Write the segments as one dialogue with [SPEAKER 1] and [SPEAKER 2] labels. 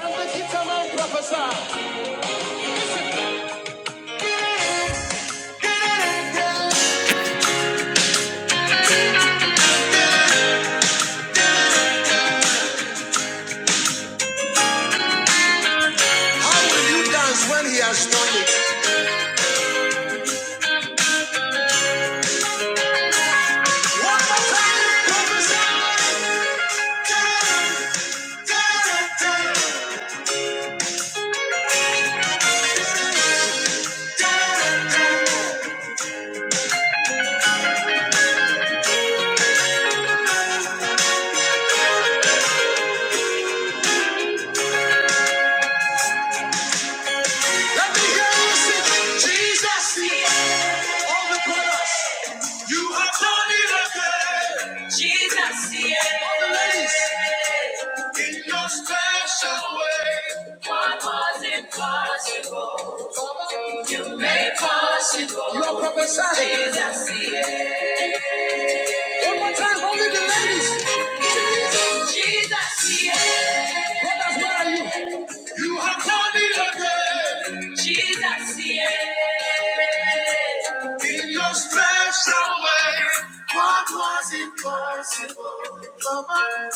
[SPEAKER 1] Come on, prophesy. How will you dance when he has done it? One more time, prophesy. Let me hear you sing. Jesus, all the only brother. Jesus, yeah. In your special way, what was impossible, you made possible. You're prophesying. Jesus, yeah. One more time, only the ladies. Jesus, yeah. You have done it again. Jesus, yes. In your special way, what was impossible, Come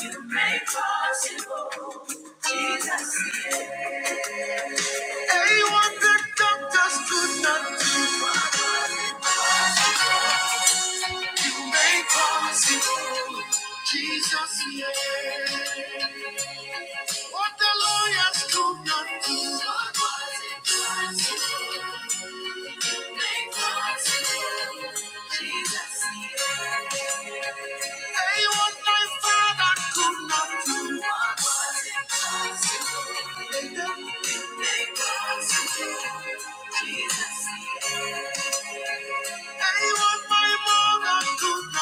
[SPEAKER 1] you made possible. Jesus, yes. They promise you Jesus' name. What the lawyers could not do. what was it impossible. They promise you Jesus' name. Hey, what my father could not do. what was impossible. They done. They promise you Jesus' name. Hey, what my mother could not do.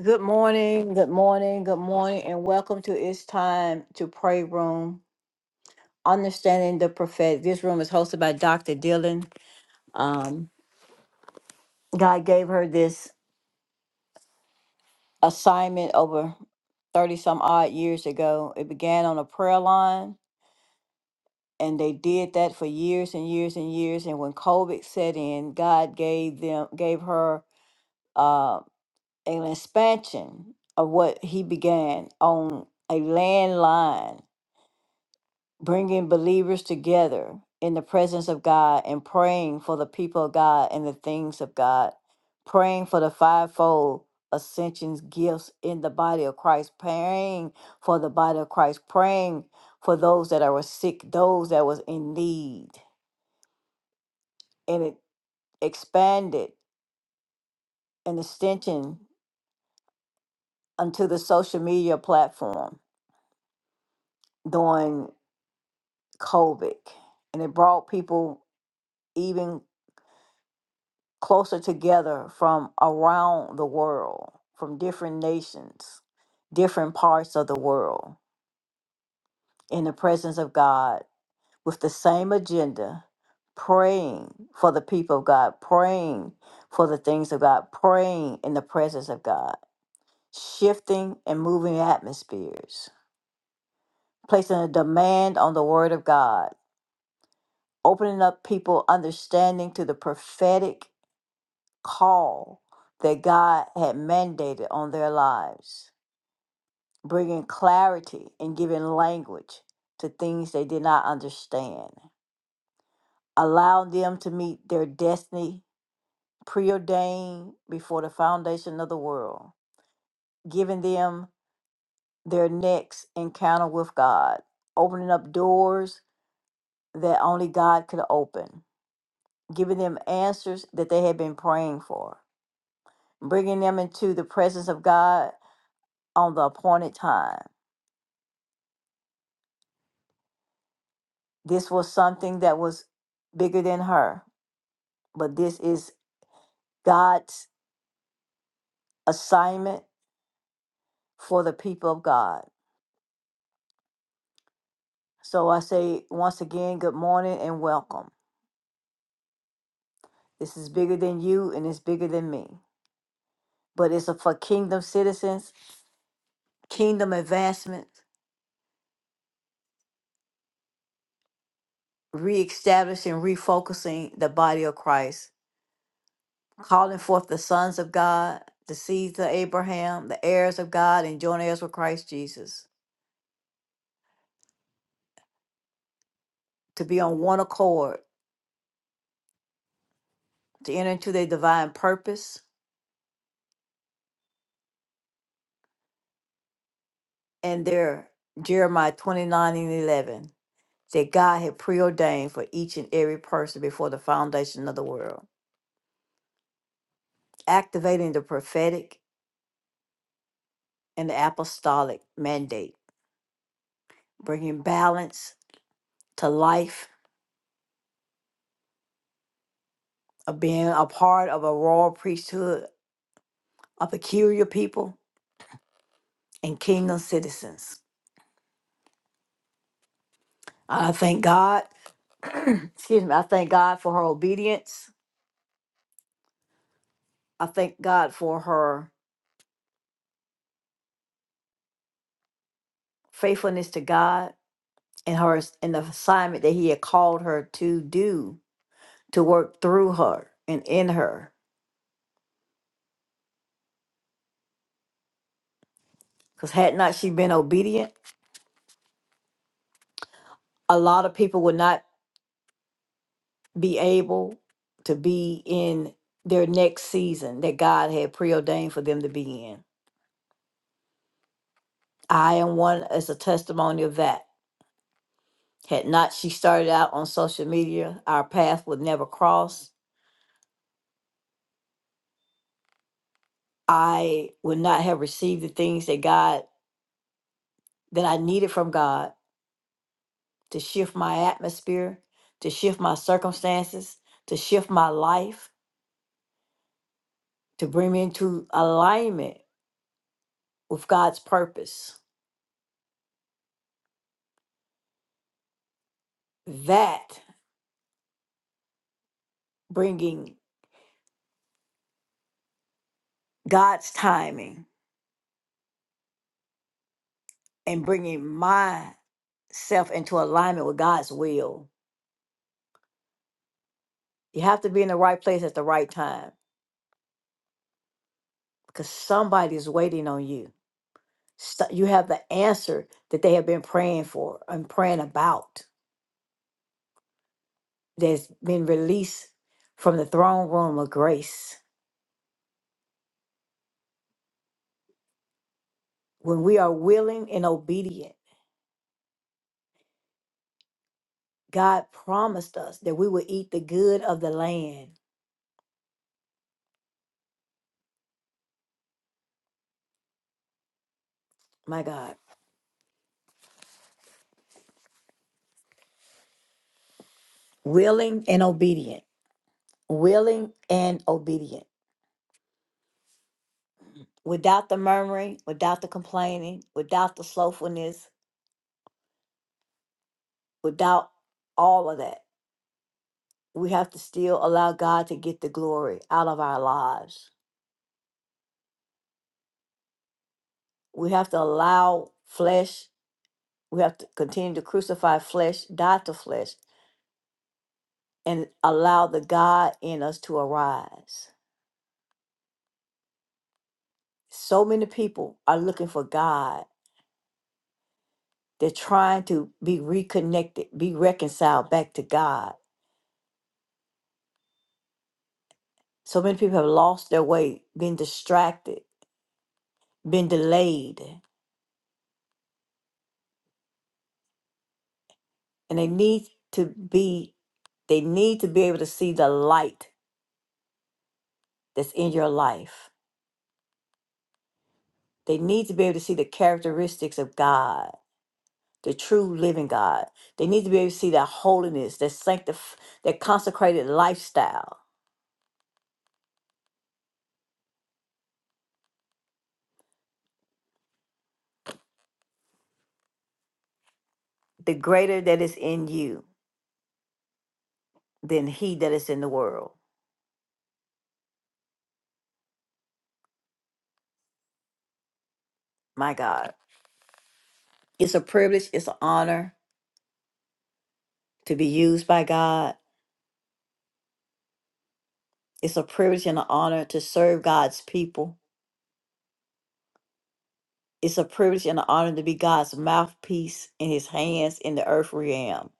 [SPEAKER 1] Good morning, good morning, good morning, and welcome to It's Time to Pray Room. Understanding the Prophetic. This room is hosted by Dr. Dylan. Um, God gave her this assignment over 30 some odd years ago. It began on a prayer line, and they did that for years and years and years. And when COVID set in, God gave them, gave her. uh, an expansion of what he began on a landline, bringing believers together in the presence of God and praying for the people of God and the things of God, praying for the fivefold ascensions gifts in the body of Christ, praying for the body of Christ, praying for those that are sick, those that was in need. And it expanded an extension onto the social media platform. doing COVID, and it brought people even closer together from around the world, from different nations, different parts of the world, in the presence of God with the same agenda, praying for the people of God, praying for the things of God, praying in the presence of God, shifting and moving atmospheres, placing a demand on the Word of God, opening up people understanding to the prophetic call that God had mandated on their lives, bringing clarity and giving language to things they did not understand, allowing them to meet their destiny preordained before the foundation of the world, giving them their next encounter with God, opening up doors that only God could open, giving them answers that they had been praying for, bringing them into the presence of God on the appointed time This was something that was bigger than her, but this is God's assignment for the people of God. So I say once again, good morning and welcome. This is bigger than you and it's bigger than me, but it's for kingdom citizens, kingdom advancement, reestablishing, refocusing the body of Christ, calling forth the sons of God, the seeds of Abraham, the heirs of God, and joint heirs with Christ Jesus to be on one accord to enter into their divine purpose and their Jeremiah 29 and 11 that God had preordained for each and every person before the foundation of the world, activating the prophetic and the apostolic mandate, bringing balance to life, of being a part of a royal priesthood, a peculiar people, and kingdom citizens. I thank God, excuse me, I thank God for her obedience. I thank God for her faithfulness to God In her in the assignment that he had called her to do to work through her and in her because had not she been obedient a lot of people would not be able to be in their next season that god had preordained for them to be in i am one as a testimony of that had not she started out on social media our path would never cross i would not have received the things that god that i needed from god to shift my atmosphere, to shift my circumstances, to shift my life, to bring me into alignment with God's purpose. That bringing God's timing and bringing myself into alignment with God's will. You have to be in the right place at the right time because somebody's waiting on you. St- You have the answer that they have been praying for and praying about that's been released from the throne room of grace when we are willing and obedient, God promised us that we will eat the good of the land. My God, willing and obedient, willing and obedient, without the murmuring, without the complaining, without the slothfulness, without all of that. We have to still allow God to get the glory out of our lives. We have to allow flesh, we have to continue to crucify flesh, die to flesh, and allow the God in us to arise so many people are looking for God. They're trying to be reconnected, be reconciled back to God. So many people have lost their way, been distracted, been delayed, and they need to be they need to be able to see the light that's in your life. They need to be able to see the characteristics of God, the true living God. They need to be able to see that holiness, that sanctif- that consecrated lifestyle, the greater that is in you than he that is in the world. My God. It's a privilege, it's an honor to be used by God. It's a privilege and an honor to serve God's people. It's a privilege and an honor to be God's mouthpiece in his hands in the earth realm.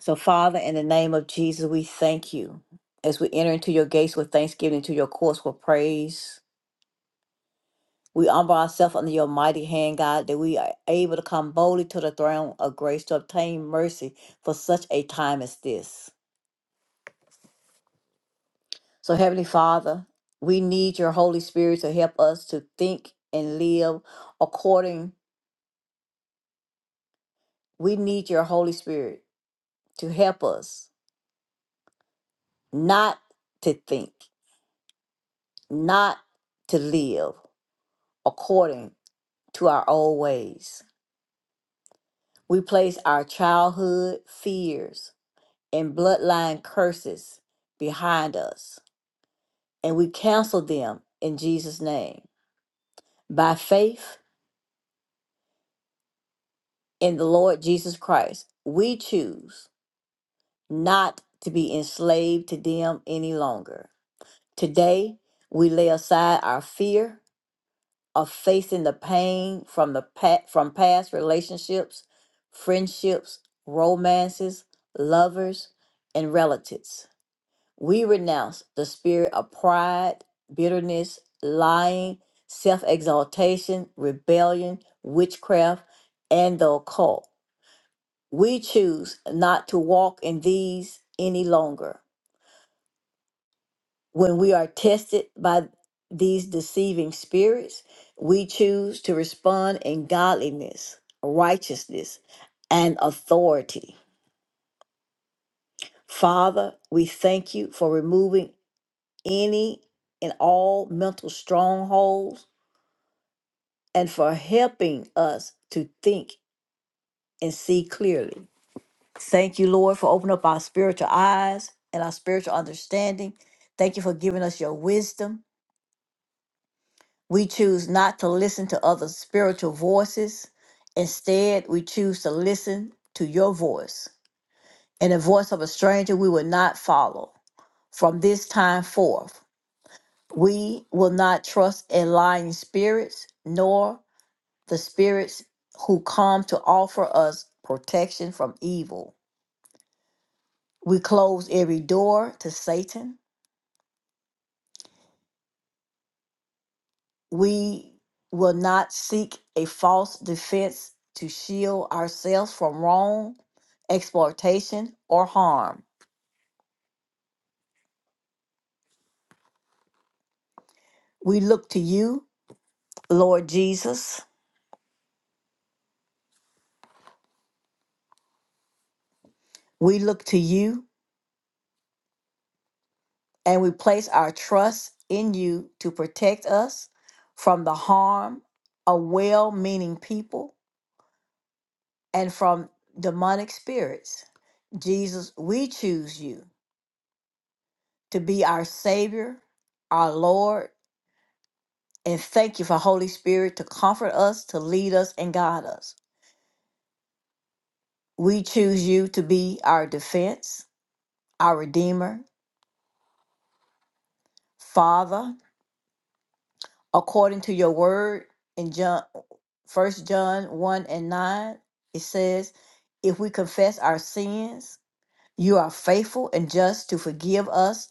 [SPEAKER 1] So, Father, in the name of Jesus, we thank you. As we enter into your gates with thanksgiving, into your courts with praise, we humble ourselves under your mighty hand, God, that we are able to come boldly to the throne of grace to obtain mercy for such a time as this. So, Heavenly Father, we need your Holy Spirit to help us to think and live according. We need your Holy Spirit to help us not to think, not to live according to our old ways. We place our childhood fears and bloodline curses behind us, and we cancel them in Jesus' name. By faith in the Lord Jesus Christ, we choose not to be enslaved to them any longer. Today, we lay aside our fear of facing the pain from the pa- from past relationships, friendships, romances, lovers, and relatives. We renounce the spirit of pride, bitterness, lying, self-exaltation, rebellion, witchcraft, and the occult. We choose not to walk in these any longer. when we are tested by these deceiving spirits, we choose to respond in godliness, righteousness, and authority. Father, we thank you for removing any and all mental strongholds and for helping us to think and see clearly. Thank you, Lord, for opening up our spiritual eyes and our spiritual understanding. Thank you for giving us your wisdom. We choose not to listen to other spiritual voices. Instead, we choose to listen to your voice and the voice of a stranger we will not follow. From this time forth, we will not trust in lying spirits, nor the spirits who come to offer us protection from evil. We close every door to Satan We will not seek a false defense to shield ourselves from wrong, exploitation, or harm. We look to you, Lord Jesus. We look to you and we place our trust in you to protect us from the harm of well meaning people and from demonic spirits. Jesus, we choose you to be our Savior, our Lord, and thank you for Holy Spirit to comfort us, to lead us, and guide us. We choose you to be our defense, our redeemer, Father, according to your word in John, First John 1 and 9. It says, If we confess our sins, you are faithful and just to forgive us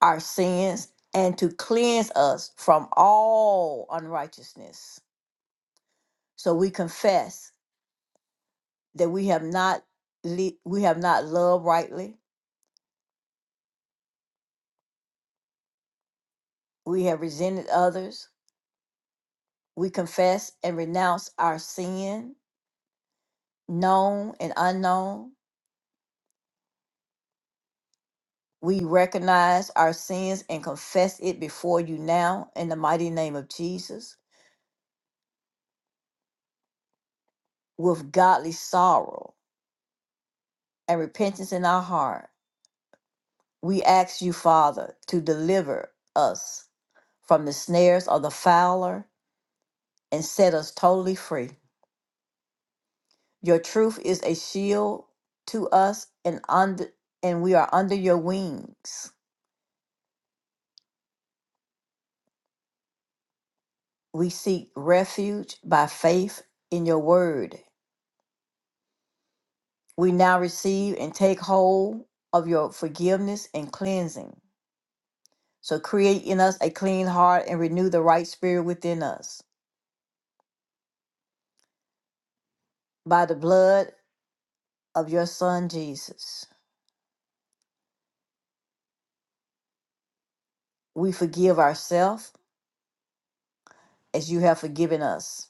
[SPEAKER 1] our sins and to cleanse us from all unrighteousness. So we confess that we have not le- we have not loved rightly we have resented others we confess and renounce our sin known and unknown we recognize our sins and confess it before you now in the mighty name of jesus with godly sorrow and repentance in our heart we ask you father to deliver us from the snares of the fowler and set us totally free Your truth is a shield to us and under and we are under your wings. We seek refuge by faith in your word. We now receive and take hold of your forgiveness and cleansing. So create in us a clean heart and renew the right spirit within us. By the blood of your son Jesus, we forgive ourselves as you have forgiven us.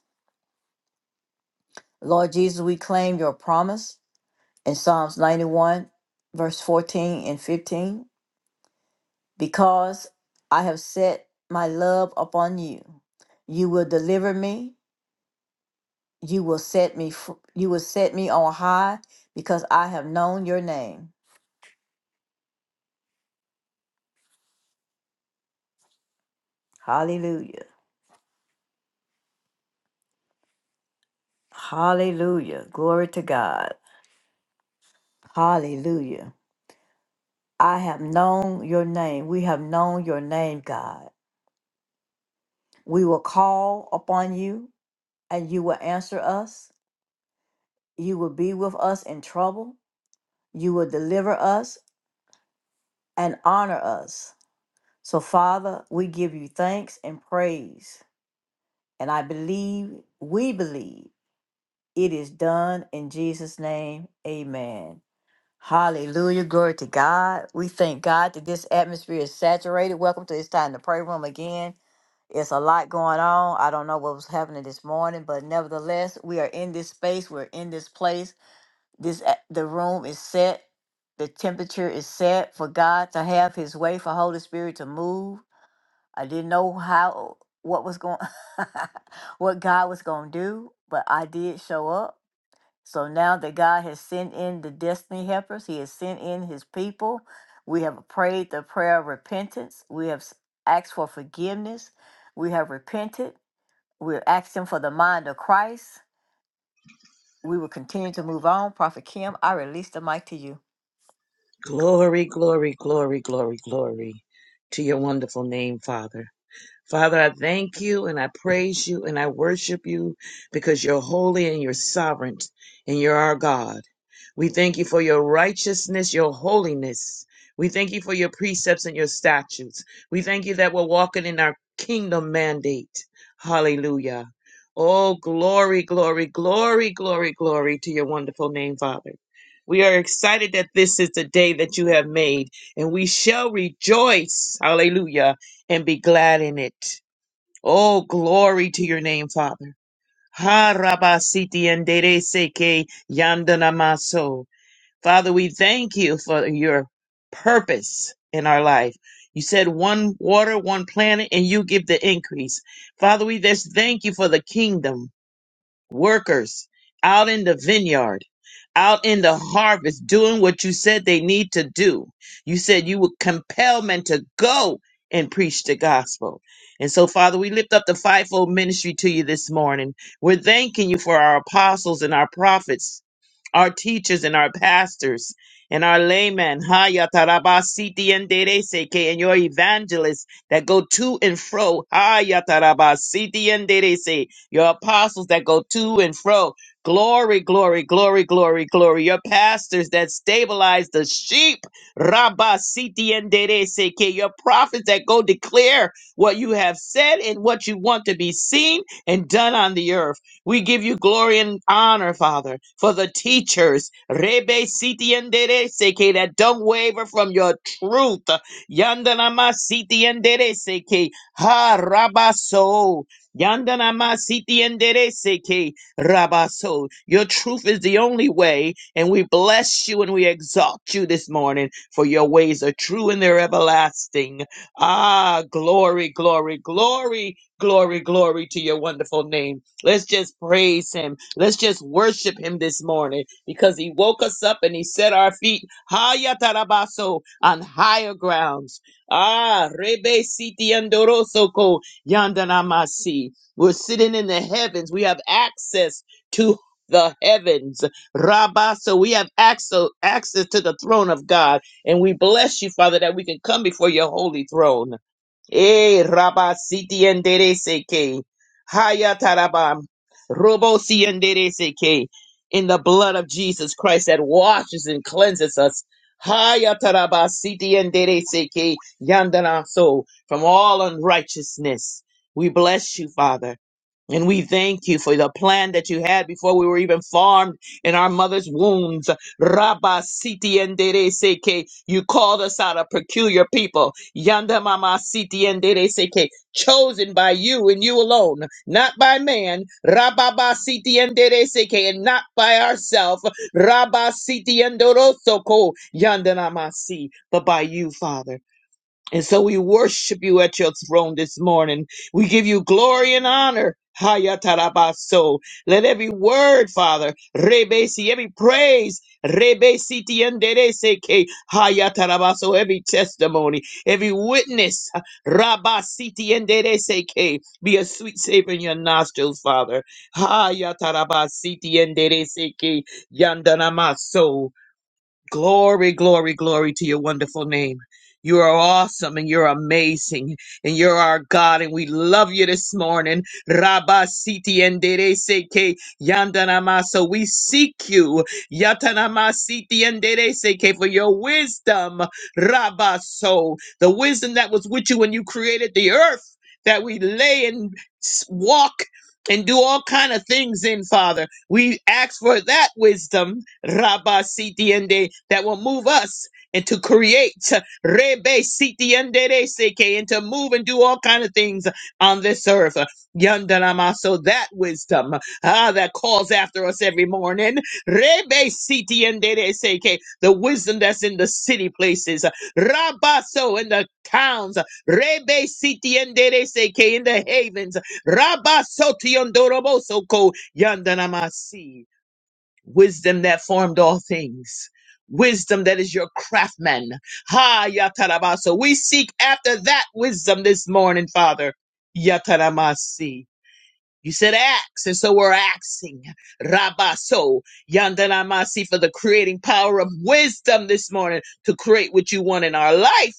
[SPEAKER 1] Lord Jesus, we claim your promise in Psalms 91, verse 14 and 15. Because I have set my love upon you, you will deliver me. You will set me. fr- You will set me on high, because I have known your name. Hallelujah! Hallelujah! Glory to God! Hallelujah! I have known your name. We have known your name, God. We will call upon you, and you will answer us. You will be with us in trouble You will deliver us and honor us. So, Father, we give you thanks and praise. And I believe, we believe it is done in Jesus' name. Amen. Hallelujah. Glory to God. We thank God that this atmosphere is saturated. Welcome to it's time to pray room again. It's a lot going on. I don't know what was happening this morning, but nevertheless, we are in this space. We're in this place. this a- the room is set the temperature is set for god to have his way for holy spirit to move i didn't know how what was going what god was going to do but i did show up so now that god has sent in the destiny helpers he has sent in his people we have prayed the prayer of repentance we have s- asked for forgiveness we have repented we're asking for the mind of christ we will continue to move on prophet kim i release the mic to you
[SPEAKER 2] Glory, glory, glory, glory, glory to your wonderful name, Father. Father, I thank you and I praise you and I worship you because you're holy and you're sovereign and you're our God. We thank you for your righteousness, your holiness. We thank you for your precepts and your statutes. We thank you that we're walking in our kingdom mandate. Hallelujah. Oh, glory, glory, glory, glory, glory to your wonderful name, Father. We are excited that this is the day that you have made, and we shall rejoice, hallelujah, and be glad in it. Oh, glory to your name, Father. Ha rabasiti and dere seke yandana Father, we thank you for your purpose in our life. You said one water, one planet, and you give the increase. Father, we just thank you for the kingdom workers out in the vineyard, out in the harvest, doing what you said they need to do. You said you would compel men to go and preach the gospel. And so, Father, we lift up the fivefold ministry to you this morning. We're thanking you for our apostles and our prophets, our teachers and our pastors. And our laymen, Haya Tarabasiti and Dereseke, and your evangelists that go to and fro, Haya Tarabasiti and Derese, your apostles that go to and fro. Glory, glory, glory, glory, glory. Your pastors that stabilize the sheep. Rabba Siti and dere Seke. Your prophets that go declare what you have said and what you want to be seen and done on the earth. We give you glory and honor, Father, for the teachers. Rebe Siti and dere Seke that don't waver from your truth. Yandanama Siti and dere Seke. Ha Rabba So. Yandana masiti enderece que rabaso. Your truth is the only way, and we bless you and we exalt you this morning, for your ways are true and they're everlasting. Ah, glory, glory, glory, glory, glory to your wonderful name. Let's just praise him. Let's just worship him this morning because he woke us up and he set our feet higher tarabaso on higher grounds. Ah, rebe siti andoroso Yandanamasi. We're sitting in the heavens. We have access to the heavens. Rabbah, so we have access, access to the throne of God. And we bless you, Father, that we can come before your holy throne. Eh, Rabba Siti Endere Seke. Haya Tarabam. Robo Si Endere Seke. In the blood of Jesus Christ that washes and cleanses us. Haya Taraba Siti Endere Seke. Yandana So from all unrighteousness. We bless you, Father, and we thank you for the plan that you had before we were even formed in our mother's wombs. Rabba siti endere seke. You called us out a peculiar people. Yanda mama siti endere seke. Chosen by you and you alone, not by man. Rabba ba siti endere seke, and not by ourselves. Rabba siti endoroso ko. Yanda mama si, but by you, Father. And so we worship you at your throne this morning. We give you glory and honor. Hayatarabaso. Let every word, Father, rebesi, every praise, rebesi tiendereseke, hayatarabaso, every testimony, every witness, rabasi tiendereseke, be a sweet savor in your nostrils, Father. Hayatarabasi tiendereseke, yandanamaso. Glory, glory, glory to your wonderful name. You are awesome and you're amazing and you're our God and we love you this morning. Rabba siti endere seke yandanama. So we seek you. Yatanama siti endere seke for your wisdom. Rabba so the wisdom that was with you when you created the earth that we lay and s- walk and do all kind of things in, Father. We ask for that wisdom Rabba Sitiende, that will move us and to create Rebe Sitiende de Seke, and to move and do all kind of things on this earth. Yandanama, so that wisdom ah, that calls after us every morning. Rebe Sitiende de Seke, the wisdom that's in the city places. Rabaso in the towns. Rebe Sitiende de Seke in the havens. Rabasotio Ndoroboso Ko Yandanamasi wisdom that formed all things. Wisdom that is your craftsman. Ha yataraba. So we seek after that wisdom this morning, Father. Yataramasi. You said axe, and so we're axing. Rabaso. Yandanamasi for the creating power of wisdom this morning to create what you want in our life.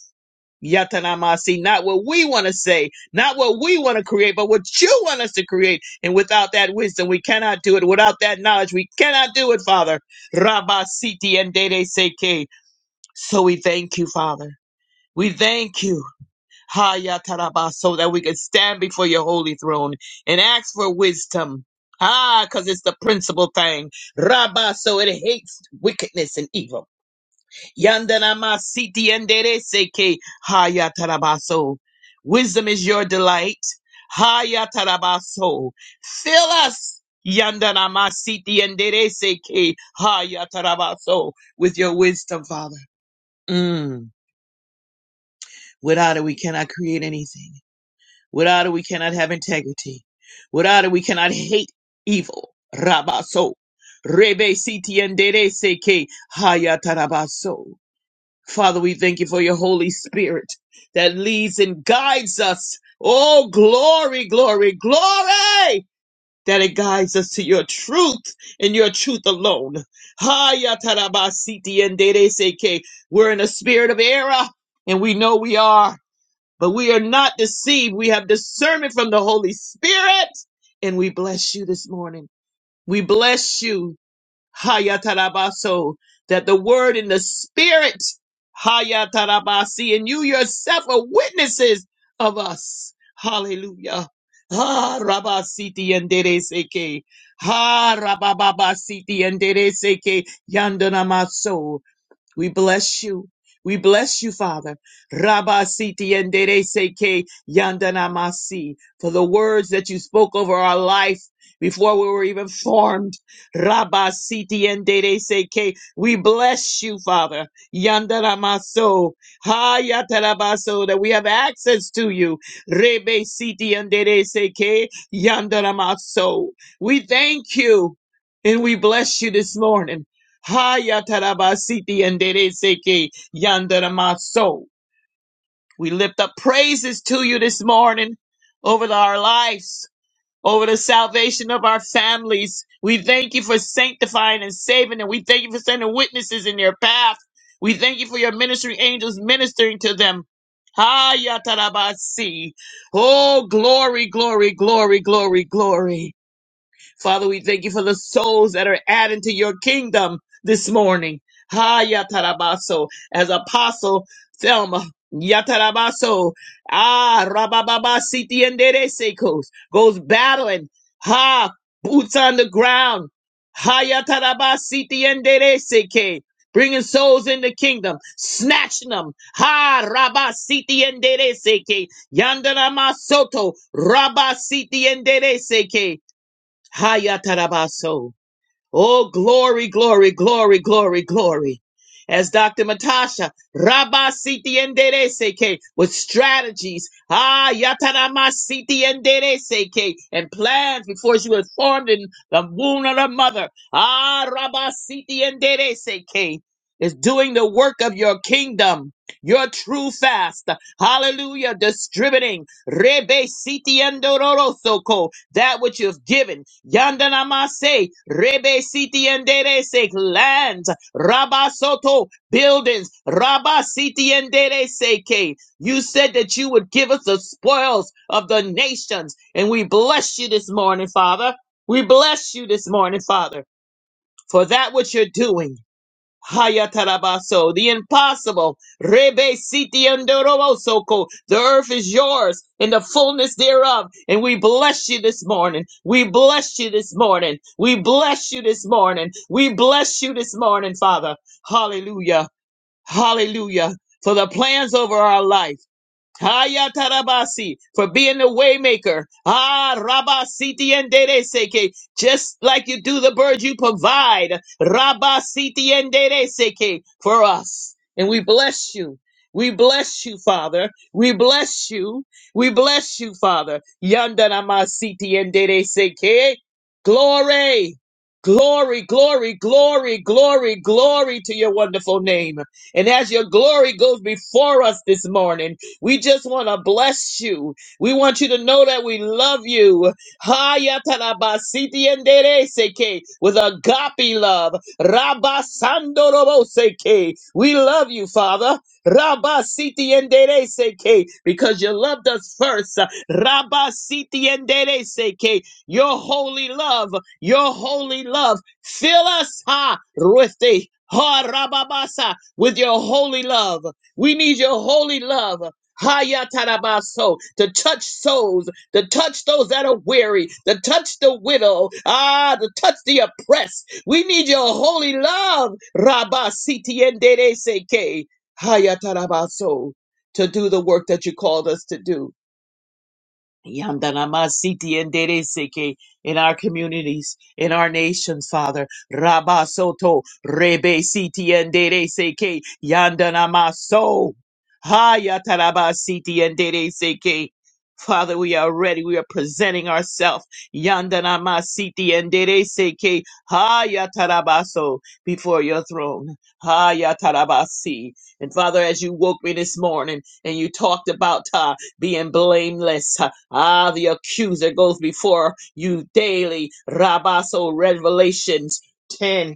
[SPEAKER 2] Yatanamasi, not what we want to say, not what we want to create, but what you want us to create. And without that wisdom, we cannot do it. Without that knowledge, we cannot do it, Father. Rabasiti and Dede Seke. So we thank you, Father. We thank you, Ha Yataraba, so that we can stand before your holy throne and ask for wisdom. Ah, because it's the principal thing. Rabba, so it hates wickedness and evil. Yandanama siti endereseke hayatarabaso. Wisdom is your delight. Hayatarabaso. Fill us. Yandanama siti endereseke hayatarabaso. With your wisdom, Father. Mm. Without it, we cannot create anything. Without it, we cannot have integrity. Without it, we cannot hate evil. Rabaso. Rebe siti endereseke hayatarabaso. Father, we thank you for your Holy Spirit that leads and guides us. Oh, glory, glory, glory! That it guides us to your truth and your truth alone. Haya tarabasiti and dereseke. We're in a spirit of error and we know we are, but we are not deceived. We have discernment from the Holy Spirit and we bless you this morning. We bless you. Hayatarabaso, that the word and the spirit, Hayatarabasi, and you yourself are witnesses of us. Hallelujah. Ha rabasiti endereseke. Ha rabababasiti endereseke yandanamaso. We bless you. We bless you, Father. Rabba siti endere seke yandana masi for the words that you spoke over our life before we were even formed. Rabba siti endere seke. We bless you, Father. Yandana maso. Ha yatarabaso that we have access to you. Rebe siti endere seke yandana maso. We thank you and we bless you this morning. Hayatarabasiti and Dereseke Yandaramaso. We lift up praises to you this morning over our lives, over the salvation of our families. We thank you for sanctifying and saving them. We thank you for sending witnesses in their path. We thank you for your ministry angels ministering to them. Hayatarabasi. Oh, glory, glory, glory, glory, glory. Father, we thank you for the souls that are added to your kingdom this morning. Ha yatarabaso, as Apostle Thelma. Yatarabaso, ah, rabababa, siti and sekos, goes battling, ha, boots on the ground, ha, yataraba, siti and seke, bringing souls in the kingdom, snatching them, ha, rabba, siti and seke, yandarama soto, rabba, siti and seke, Hayatarabaso. Oh, glory, glory, glory, glory, glory. As Dr. Matasha Rabba Siti Endereseke with strategies, ah Yatarama Siti Endereseke and plans before she was formed in the womb of the mother. Ah Rabba Siti Endereseke is doing the work of your kingdom, your true fast. Hallelujah. Distributing. Rebe siti andororo soko, that which you've given. Yandanamase, rebe siti anderese, lands, rabasoto, buildings, rabasiti siti anderese You said that you would give us the spoils of the nations, and we bless you this morning, Father. We bless you this morning, Father, for that which you're doing. Hayatarabaso, the impossible. Rebe siti andorobosoko. The earth is yours and the fullness thereof. And we bless you this morning. We bless you this morning. We bless you this morning. We bless you this morning, Father. Hallelujah. Hallelujah. For the plans over our life. Haya Tarabasi for being the waymaker. Ah, Rabasiti and Dereseke. Just like you do the birds, you provide. Rabasiti and Dereseke for us. And we bless you. We bless you, Father. We bless you. We bless you, Father. Yandanamasiti and Dereseke. Glory. Glory, glory, glory, glory, glory to your wonderful name. And as your glory goes before us this morning, we just want to bless you. We want you to know that we love you. Hayatalabasitiendereseke, With agape love. Rabasandoroboseke. We love you, Father. Rabasitiendereseke, Because you loved us first. Rabasitiendereseke. Your holy love, your holy love. Fill us ha, with the ha, rababasa, with your holy love. We need your holy love. Hayatarabaso, to touch souls, to touch those that are weary, to touch the widow, ah, to touch the oppressed. We need your holy love, Rabasitiendereseke, Hayatarabaso, to do the work that you called us to do. Yandanamasiti and Dereseke in our communities, in our nations, Father. Rabasoto, Rebe Siti and Dereseke, Yandanamaso, Hayatarabasiti and Dereseke. Father, we are ready. We are presenting ourselves. Yandanamasiti and Dereseke, Hayatarabaso, before your throne. Hayatarabasi. And Father, as you woke me this morning and you talked about uh, being blameless. Ah, the accuser goes before you daily. Rabaso Revelations 10.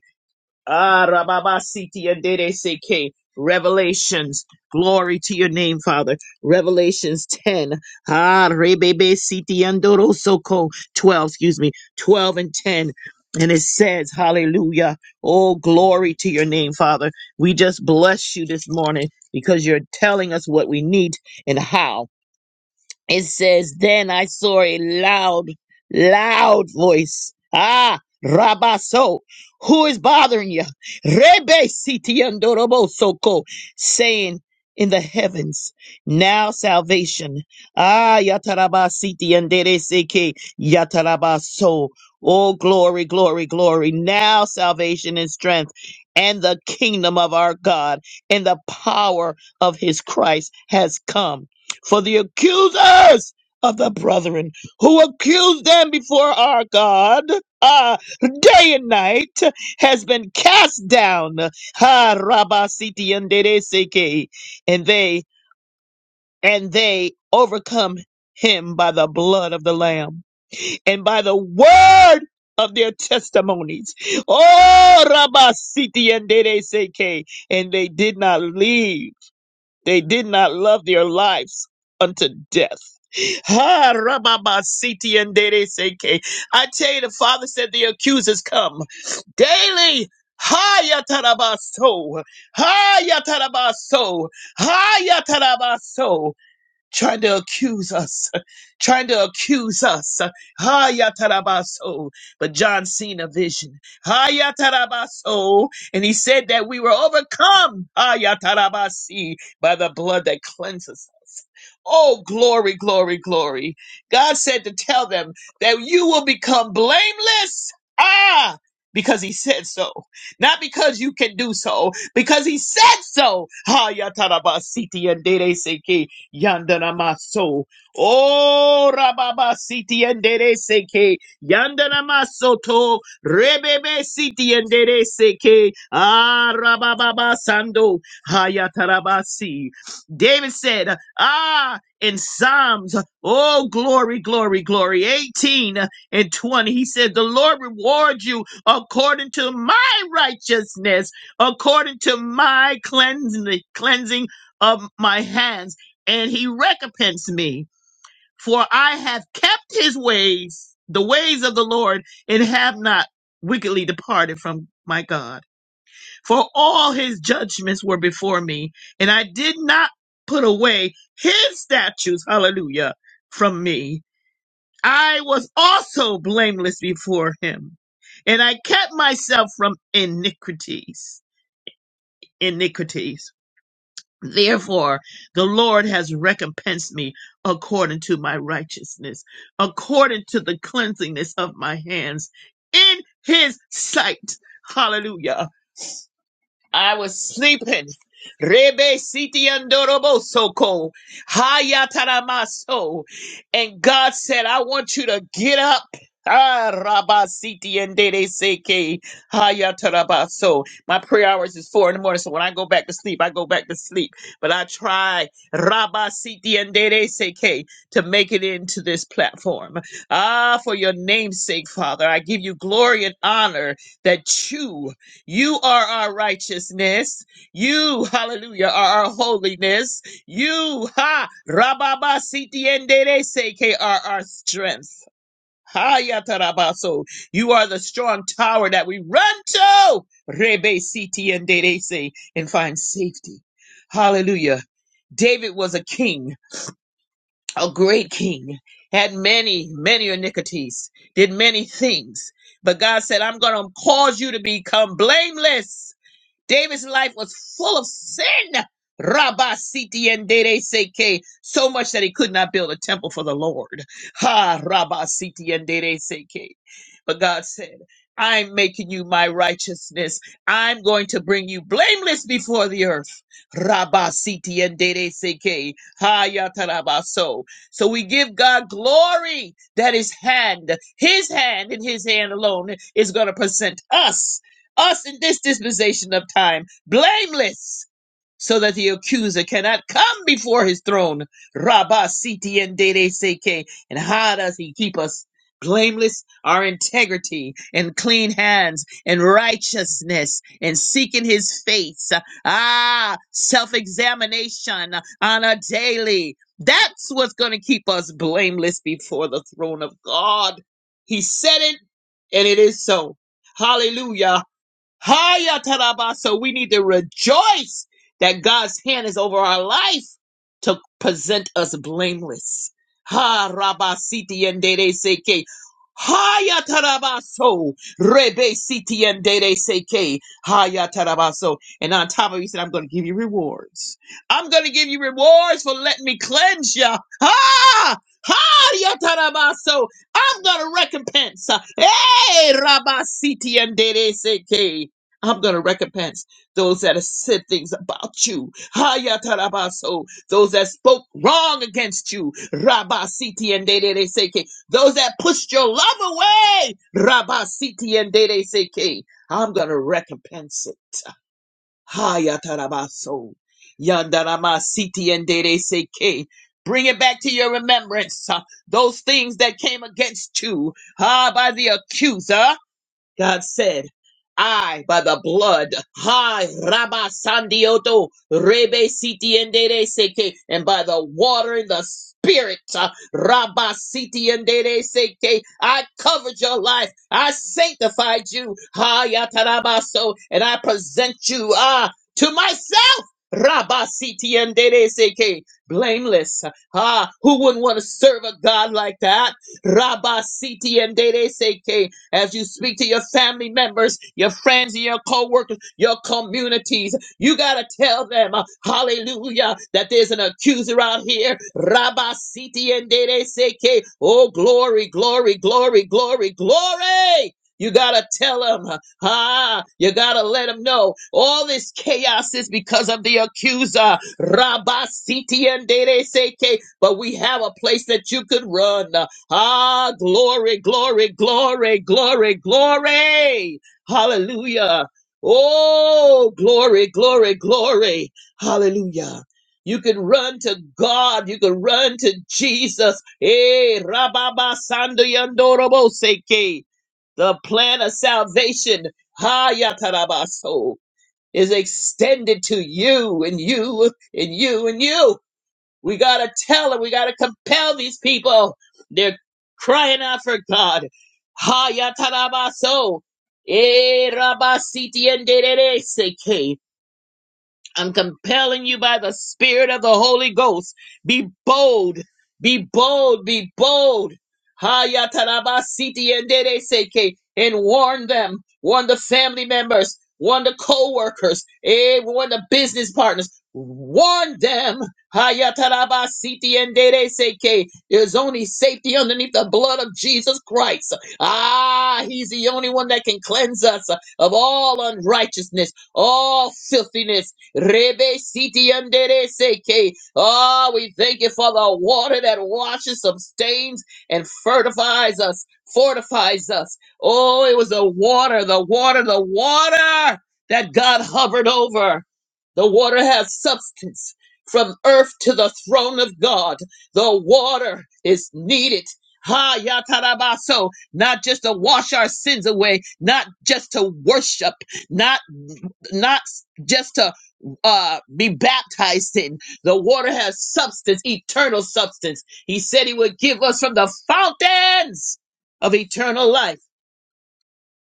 [SPEAKER 2] Ah, Rababasiti and Dedeseke. Revelations. Glory to your name, Father. Revelations 10. Ah, Rebebe Siti and Dorosoko. 12, excuse me. 12 and 10. And it says, Hallelujah. Oh, glory to your name, Father. We just bless you this morning because you're telling us what we need and how it says, Then I saw a loud, loud voice. Ah, Rabaso, who is bothering you? Rebe Soko, saying in the heavens, now salvation. Ah, Yataraba Siti Seke, Yatarabaso. Oh, glory, glory, glory. Now salvation and strength and the kingdom of our God and the power of his Christ has come for the accusers of the brethren who accuse them before our God uh, day and night has been cast down. Ha Rabba and Dede And they and they overcome him by the blood of the Lamb and by the word of their testimonies. Oh Rabba and Dede And they did not leave. They did not love their lives unto death. Ha, rababa, siti, and dede, seke. I tell you, the Father said the accusers come daily. Ha, yatarabaso. Ha, yatarabaso. Ha, yatarabaso trying to accuse us, trying to accuse us. Hayatarabaso. But John seen a vision. Hayatarabaso. And he said that we were overcome, Hayatarabasi, by the blood that cleanses us. Oh, glory, glory, glory. God said to tell them that you will become blameless. Ah! Because he said so, not because you can do so, because he said so. Ha yatarabasiti and dere seki. Yandana maso. Oh, rababa siti endere seke. Yandana masoto. Rebebe siti endere seke. Ah, rababa sando. Hayatarabasi. David said, ah, in Psalms, oh, glory, glory, glory, 18 and 20, he said, the Lord rewards you according to my righteousness, according to my cleansing, cleansing of my hands and he recompensed me, for I have kept his ways, the ways of the Lord, and have not wickedly departed from my God. For all his judgments were before me, and I did not put away his statutes, hallelujah, from me. I was also blameless before him, and I kept myself from iniquities. Iniquities. Therefore, the Lord has recompensed me according to my righteousness, according to the cleansingness of my hands in his sight. Hallelujah. I was sleeping. Rebe siti andorobo soko. Hayataramaso. And God said, I want you to get up. Ah, Rabba Siti and Dede Seke Hayatarabaso. My prayer hours is four in the morning, so when I go back to sleep, I go back to sleep. But I try Rabba Siti and Dede Seke to make it into this platform. Ah, for your name's sake, Father, I give you glory and honor that you you are our righteousness. You, hallelujah, are our holiness. You, ha, rababa sitiendere seke are our strength. Ha, yatarabaso. You are the strong tower that we run to. Rebe sitiendere se, and find safety. Hallelujah. David was a king, a great king, had many, many iniquities, did many things. But God said, I'm going to cause you to become blameless. David's life was full of sin. Rabba siti and dere seke, so much that he could not build a temple for the Lord. Ha Rabba siti and dere seke. But God said, I'm making you my righteousness. I'm going to bring you blameless before the earth. Rabba siti and dere seke. Ha yatarabaso. So So we give God glory that his hand, his hand and his hand alone is going to present us us in this dispensation of time, blameless, so that the accuser cannot come before his throne. Rabba siti en dede seke. And how does he keep us? Blameless, our integrity and clean hands and righteousness and seeking his face. Ah, self examination on a daily. That's what's going to keep us blameless before the throne of God. He said it, and it is so. Hallelujah. Haya taraba. So we need to rejoice that God's hand is over our life to present us blameless. Ha raba siti and dere seke. Haya tarabaso. Rebe siti and dere seke. Haya tarabaso. And on top of it, he said, I'm going to give you rewards. I'm going to give you rewards for letting me cleanse you. Ha! Haya tarabaso. I'm going to recompense. Hey, raba siti and dere seke. I'm going to recompense those that have said things about you. Hayatarabaso. Those that spoke wrong against you. Rabasiti and Dede Seke. Those that pushed your love away. Rabasiti and Dede Seke. I'm going to recompense it. Hayatarabaso. Yandaramasiti and Dede Seke. Bring it back to your remembrance. uh, Those things that came against you. Ah, by the accuser. God said, I, by the blood, hi, Rabba Sandioto, Rebe Siti Endere Seke, and by the water and the spirit, uh, Rabba Siti Endere Seke, I covered your life, I sanctified you, hi, Yatarabaso, and I present you, ah, to myself, Rabba Siti Endere Seke, blameless, ah, who wouldn't want to serve a God like that, Rabba Siti Endere Seke, as you speak to your family members, your friends, and your co workers, your communities. You got to tell them, uh, hallelujah, that there's an accuser out here. Rabba Siti and Dede Seke. Oh, glory, glory, glory, glory, glory. You gotta tell them, ah, you gotta let them know all this chaos is because of the accuser, Rabba Siti and Dede Seke. But we have a place that you could run. uh, Ah, glory, glory, glory, glory, glory. Hallelujah. Oh, glory, glory, glory. Hallelujah. You can run to God. You can run to Jesus. Eh, rababa sando yandorobo seke. The plan of salvation, ha yatarabaso, is extended to you and you and you and you. We gotta tell them. We gotta compel these people. They're crying out for God. Ha yatarabaso. E rabasiti and I'm compelling you by the Spirit of the Holy Ghost. Be bold, be bold, be bold. Haya tarabasiti yendere seke. And warn them, warn the family members, warn the co workers, eh, warn the business partners. Warn them. Haya tarabasiti yendere seke. There's only safety underneath the blood of Jesus Christ. Ah, He's the only one that can cleanse us of all unrighteousness, all filthiness Rebe siti andere seke. Oh, we thank you for the water that washes, sustains, and fortifies us, fortifies us. Oh, it was the water, the water, the water that God hovered over. The water has substance from earth to the throne of God. The water is needed. Ha yatarabaso, not just to wash our sins away, not just to worship, not not just to uh, be baptized in. The water has substance, eternal substance. He said he would give us from the fountains of eternal life.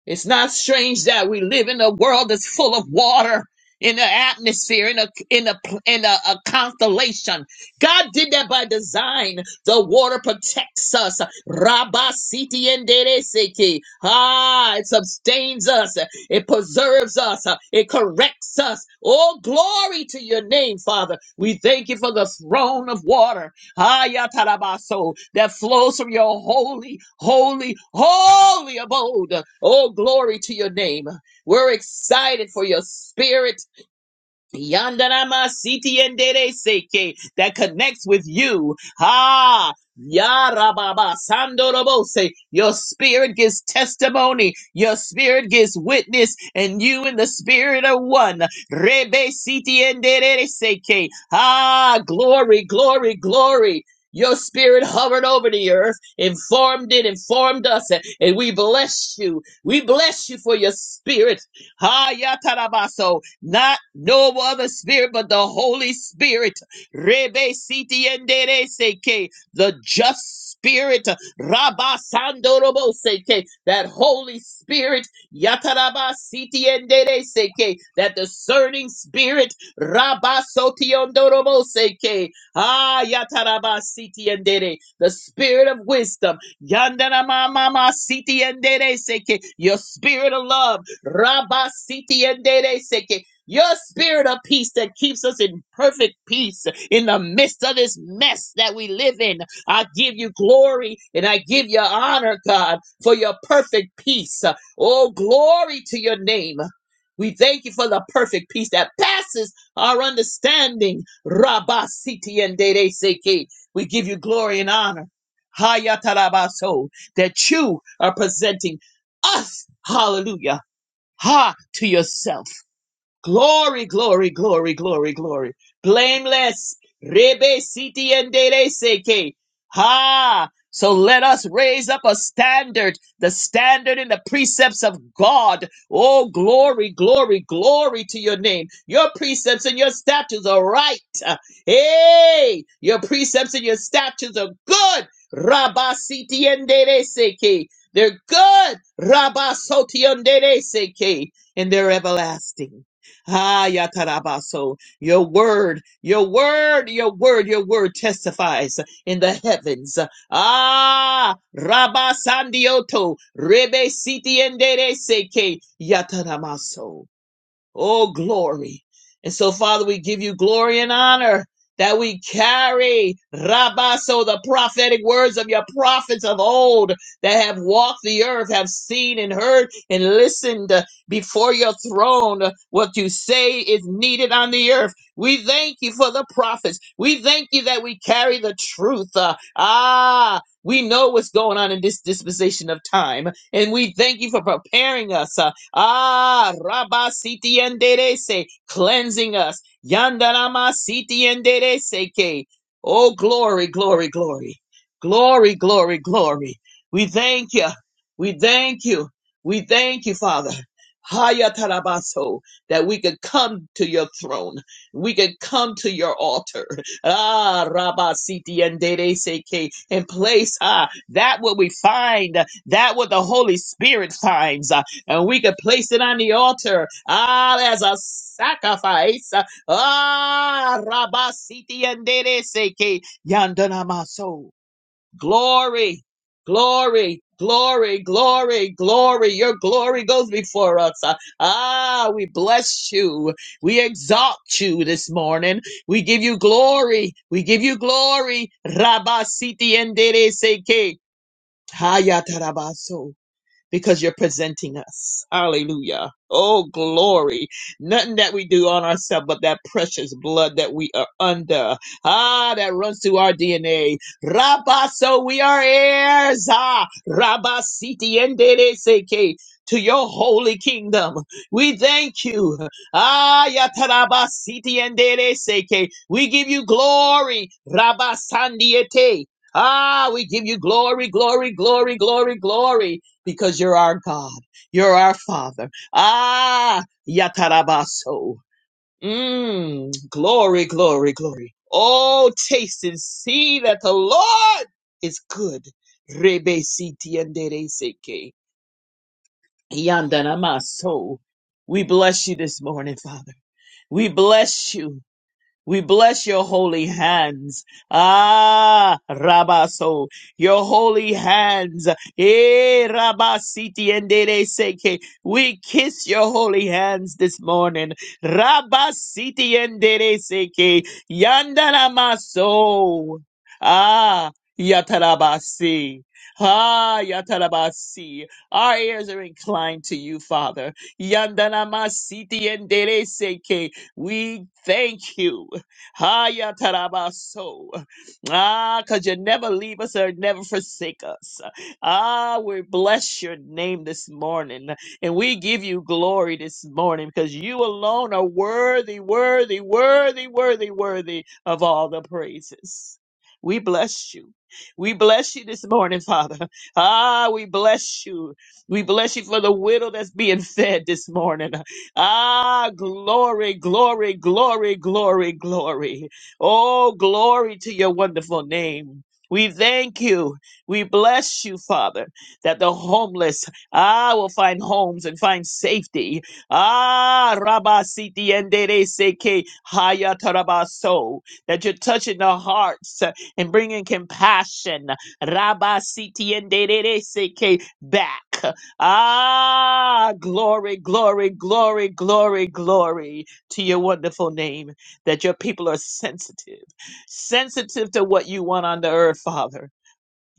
[SPEAKER 2] It's not strange that we live in a world that's full of water in the atmosphere, in a in a in a, a constellation. God did that by design. The water protects us. Rabba siti endereseke. Ah, it sustains us. It preserves us. It corrects us. All glory to your name, Father. We thank you for the throne of water. Hayatarabaso, that flows from your holy, holy, holy abode. Oh, glory to your name. We're excited for your spirit Yandarama Siti and Dere Seke that connects with you. Ha! Yarababa Sandorobose. Your spirit gives testimony. Your spirit gives witness, and you and the spirit are one. Rebe Siti and Dere Seke. Ah, glory, glory, glory. Your spirit hovered over the earth, informed it, informed us, and we bless you. We bless you for your spirit. Ha yatarabaso not no other spirit but the Holy Spirit. Rebe siti endere seke, the just spirit. Rabba sandorobo seke, that Holy Spirit. Yataraba siti endere seke, that discerning spirit. Rabba sotiondorobo seke, ah yataraba siti endere, the spirit of wisdom. Yandana mama siti endere seke, your spirit of love. Rabba siti endere seke, your spirit of peace that keeps us in perfect peace in the midst of this mess that we live in. I give you glory and I give you honor, God, for your perfect peace. Oh, glory to your name. We thank you for the perfect peace that passes our understanding. Rabba Siti and Dede Seki. We give you glory and honor. Hayatarabaso, that you are presenting us, hallelujah, ha to yourself. Glory, glory, glory, glory, glory. Blameless. Rebe siti endere seke. Ha! So let us raise up a standard, the standard in the precepts of God. Oh, glory, glory, glory to your name. Your precepts and your statutes are right. Hey, your precepts and your statutes are good. Rabba siti endere seke. They're good. Rabba soti endere seke. And they're everlasting. Ah, Yatarabaso, your word, your word, your word, your word testifies in the heavens. Ah, Rabasandioto, Rebe Siti Endere Seke, Yataramaso. Oh, glory. And so, Father, we give you glory and honor that we carry, Rabaso, the prophetic words of your prophets of old that have walked the earth, have seen and heard and listened before your throne. What you say is needed on the earth. We thank you for the prophets. We thank you that we carry the truth. Uh, ah, we know what's going on in this dispensation of time. And we thank you for preparing us. Ah, Rabba Siti Enderese, cleansing us. Yandarama Siti Enderese ke. Oh, glory, glory, glory. Glory, glory, glory. We thank you. We thank you. We thank you, Father. Hayatarabaso, that we could come to your throne. We could come to your altar. Ah, Rabba Siti and Dede Seke, and place ah, that what we find, that what the Holy Spirit finds and we could place it on the altar ah, as a sacrifice. Ah, Rabasiti and Dereseke Yandanamaso. Glory, glory, glory, glory, glory. Your glory goes before us. Ah, we bless you. We exalt you this morning. We give you glory. We give you glory. Rabasiti and Dereseke. Hayatarabaso because you're presenting us. Hallelujah. Oh, glory. Nothing that we do on ourselves but that precious blood that we are under. Ah, that runs through our DNA. Rabba, so we are heirs. Ah, Rabba, siti endere seke. To your holy kingdom. We thank you. Ah, yataraba siti endere seke. We give you glory. Rabba sandiete. Ah, we give you glory, glory, glory, glory, glory because you're our God. You're our Father. Ah, Yatarabaso. Mm, glory, glory, glory. Oh, taste and see that the Lord is good. Rebe siti andere seke. Yandanamaso. We bless you this morning, Father. We bless you. We bless your holy hands. Ah, Rabaso, your holy hands. Eh, Rabasiti and Dere Seke. We kiss your holy hands this morning. Rabasiti and Dere Seke. Yandaramaso. Ah, Yatarabasi. Ah, Yatarabasi. Our ears are inclined to you, Father. Yandanamasiti and Dere Seke. We thank you. Haya tarabaso. Ah, because you never leave us or never forsake us. Ah, we bless your name this morning and we give you glory this morning because you alone are worthy, worthy, worthy, worthy, worthy of all the praises. We bless you. We bless you this morning, Father. Ah, we bless you. We bless you for the widow that's being fed this morning. Ah, glory, glory, glory, glory, glory. Oh, glory to your wonderful name. We thank you. We bless you, Father, that the homeless, ah, will find homes and find safety. Ah, Rabba Siti Endere Seke Haya Tarabaso, that you're touching the hearts uh, and bringing compassion, Rabba Siti Endere Seke, back. Ah, glory, glory, glory, glory, glory to your wonderful name that your people are sensitive, sensitive to what you want on the earth, Father.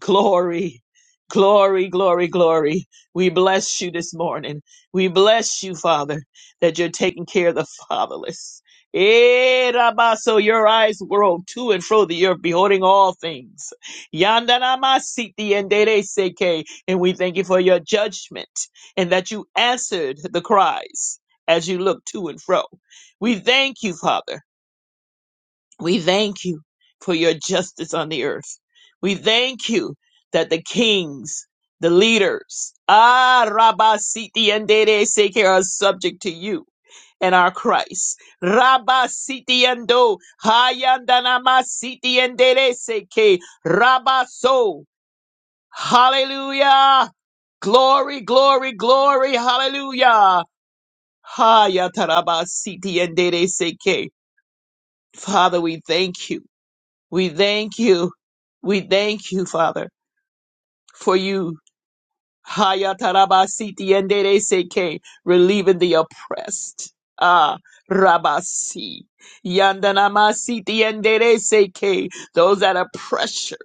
[SPEAKER 2] Glory, glory, glory, glory. We bless you this morning. We bless you, Father, that you're taking care of the fatherless. Eh, Rabba, So your eyes roam to and fro the earth, beholding all things. Yandanamasiti and Dere seke, And we thank you for your judgment and that you answered the cries as you look to and fro. We thank you, Father. We thank you for your justice on the earth. We thank you that the kings, the leaders, ah, Rabba Siti and Dede Seke are subject to you and our Christ. Rabba Siti and Do, Hayandanama Siti and Dede Seke, Rabba So. Hallelujah. Glory, glory, glory. Hallelujah. Hayataraba Siti and Dede Seke. Father, we thank you. We thank you. We thank you, Father, for you Hayatarabasiti and Seke, relieving the oppressed. Ah, Rabasi. Yandanamasiti and Seke, those that are pressured.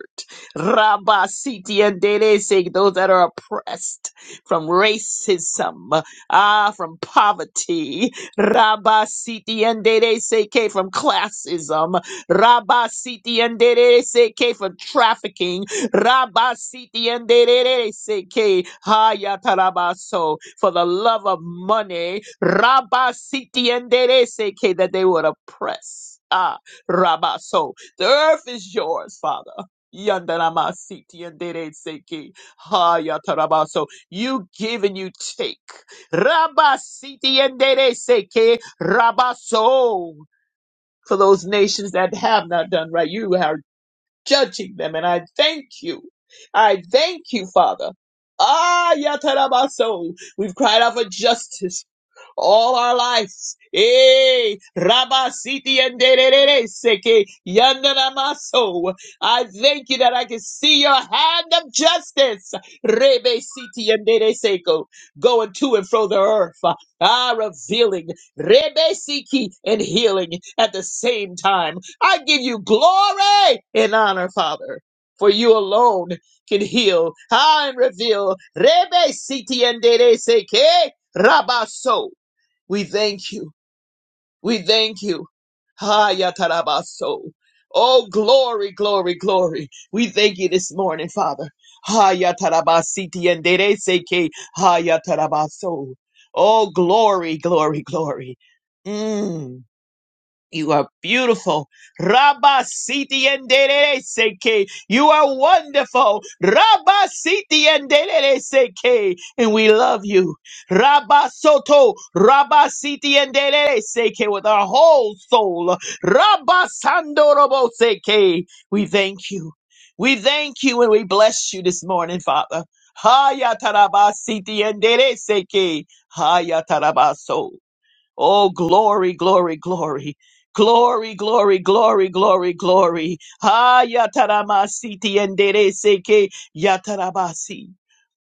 [SPEAKER 2] Rabasiti and Seke, those that are oppressed from racism. Ah, from poverty. Rabasiti and Seke, from classism. Rabasiti and Seke, from trafficking. Rabasiti Rabasitiendererese, hayatarabaso, For the love of money, Rabasiti enderere seke that they would oppress. Ah, Rabaso. The earth is yours, Father. Yandaramasitienderese, hayatarabaso. You give and you take. Rabasiti enderere seke Rabaso. For those nations that have not done right, you have judging them. And I thank you. I thank you, Father. Ah, Yatarabaso. We've cried out for justice all our lives. Eh, Rabasiti and Derere Seke Yandanamaso. I thank you that I can see your hand of justice. Rebe Siti and Dere Seko going to and fro the earth. Ah, revealing Rebe Siki and healing at the same time. I give you glory and honor, Father, for you alone can heal ah, and reveal. Rebe siti and dere seke rabaso. We thank you. We thank you. Ah, yatarabaso. Oh, glory, glory, glory. We thank you this morning, Father. Ah, yatarabasiti and dere seke. Ah, yatarabaso. Oh, glory, glory, glory. Mm. You are beautiful. Rabba Siti and Seke. You are wonderful. Rabba Siti and Seke. And we love you. Rabba Soto. Rabba Siti and Seke with our whole soul. Rabba Sandorobo Seke. We thank you. We thank you and we bless you this morning, Father. Haya taraba siti and seke. Haya tarabaso. Oh, glory, glory, glory. Glory, glory, glory, glory, glory. Ha yataramasi tienderese ke yatarabasi.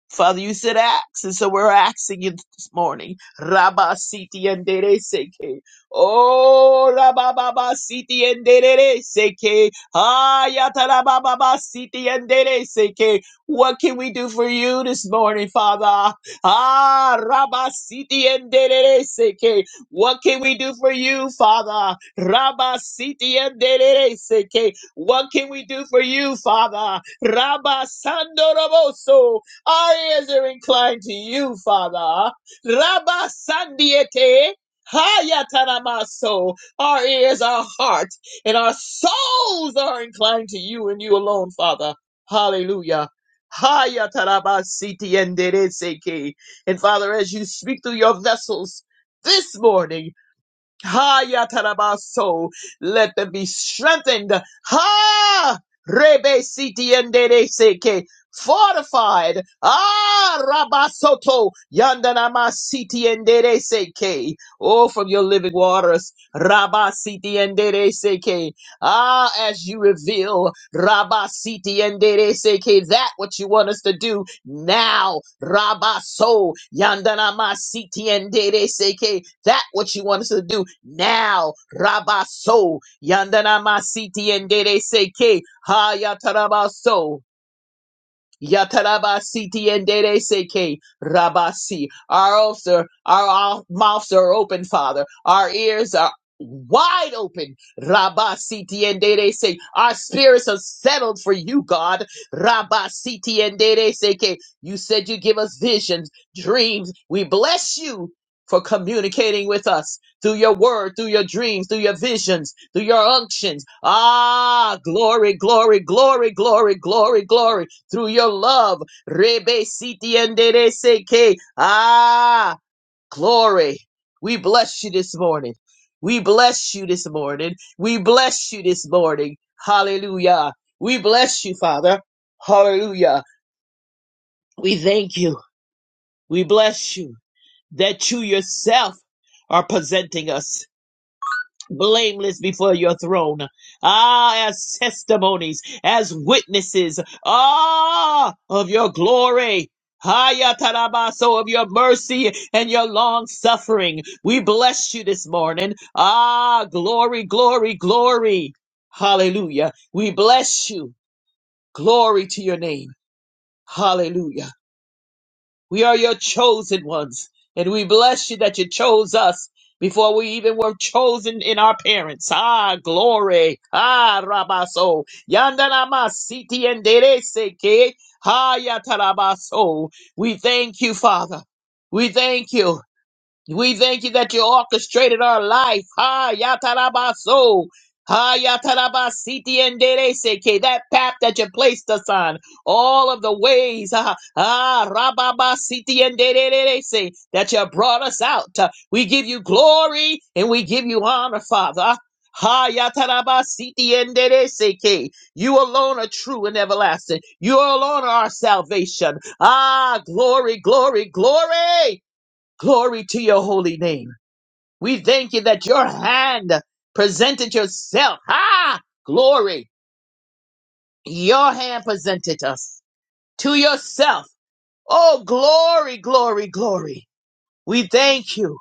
[SPEAKER 2] Father, you said ask, and so we're asking you this morning. Rabba siti and dere seke. Oh, rabba baba siti and dere seke. Ayata rabba baba siti and dere seke. What can we do for you this morning, Father? Ah, rabba siti and dere seke. What can we do for you, Father? Rabba siti and dere seke. What can we do for you, Father? Rabba sando roboso. Our ears are inclined to you, Father. Rabba Sandiete. Hayatanamaso. Our ears, our heart, and our souls are inclined to you and you alone, Father. Hallelujah. Hayatarabasiti endereseke. And Father, as you speak through your vessels this morning, Hayatarabaso. Let them be strengthened. Ha! Rebe sitiendere seke. Fortified. Ah, rabasoto. Yandanama sitiendere seke. Oh, from your living waters. Rabba sitiendere seke. Ah, as you reveal. Rabba sitiendere seke. That what you want us to do now. Rabaso yandanama siti and dere seke. That what you want us to do now. Rabaso yandanama siti and dere seke. Hayatarabaso. Yatarabasi tiendere seke rabasi. Our oaths are, our our mouths are open, Father. Our ears are wide open. Rabasi tiendere se. Our spirits are settled for you, God. Rabasi tiendere seke. You said you give us visions, dreams. We bless you for communicating with us through your word, through your dreams, through your visions, through your unctions. Ah, glory, glory, glory, glory, glory, glory through your love. Rebe siti endere seke. Ah, glory. We bless you this morning. We bless you this morning. We bless you this morning. Hallelujah. We bless you, Father. Hallelujah. We thank you. We bless you that you yourself are presenting us. blameless before your throne. Ah, as testimonies, as witnesses, ah, of your glory. Haya tarabaso of your mercy and your long suffering. We bless you this morning. Ah, glory, glory, glory. Hallelujah. We bless you. Glory to your name. Hallelujah. We are your chosen ones, and we bless you that you chose us before we even were chosen in our parents. Ah, glory. Ah, rabaso. Yandanama siti enderece que. Ah, yatarabaso. We thank you, Father. We thank you. We thank you that you orchestrated our life. Ha yatarabaso. Ha yatarabasiti and dereseke. That path that you placed us on. All of the ways. Ha ha rababasiti and dererese. That you brought us out. We give you glory and we give you honor, Father. Ha yatarabasiti and dereseke. You alone are true and everlasting. You alone are our salvation. Ah, glory, glory, glory. Glory to your holy name. We thank you that your hand presented yourself. Ah, glory. Your hand presented us to yourself. Oh, glory, glory, glory. We thank you.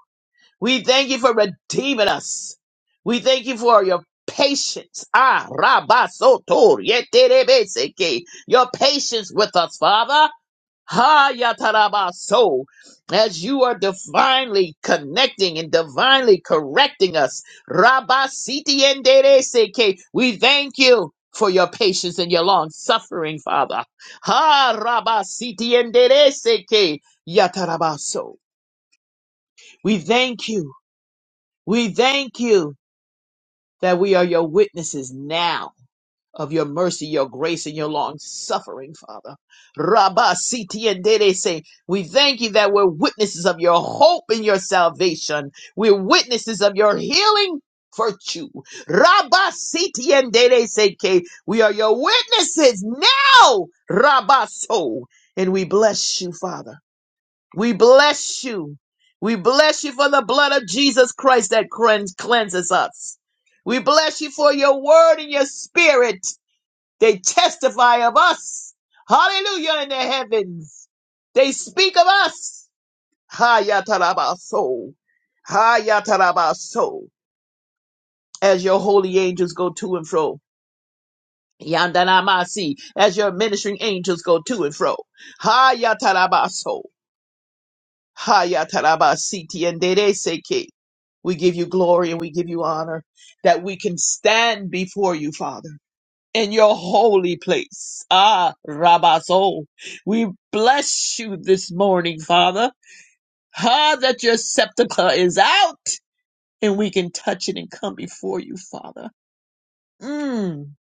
[SPEAKER 2] We thank you for redeeming us. We thank you for your patience. Ah, rabasotor, yeterebeseke. Your patience with us, Father. Ha Yatarabaso, as you are divinely connecting and divinely correcting us. Rabasiti endereseke. We thank you for your patience and your long suffering, Father. Ha Rabasiti endereseke. Yatarabaso. We thank you. We thank you that we are your witnesses now of your mercy, your grace, and your long suffering, Father. Rabba Siti and Dede say, We thank you that we're witnesses of your hope and your salvation. We're witnesses of your healing virtue. Rabba Siti and Dede say, "K," We are your witnesses now, Rabba So. And we bless you, Father. We bless you. We bless you for the blood of Jesus Christ that cleans- cleanses us. We bless you for your word and your spirit they testify of us. Hallelujah in the heavens. They speak of us. Hayatarabaso. Hayatarabaso. As your holy angels go to and fro. Yandanamasi. As your ministering angels go to and fro. Hayatarabaso. Hayatarabasiti and Dereseke. We give you glory and we give you honor that we can stand before you, Father. in your holy place. Ah, Rabaso, we bless you this morning, Father. Ah, that your scepter is out and we can touch it and come before you, Father. Mm,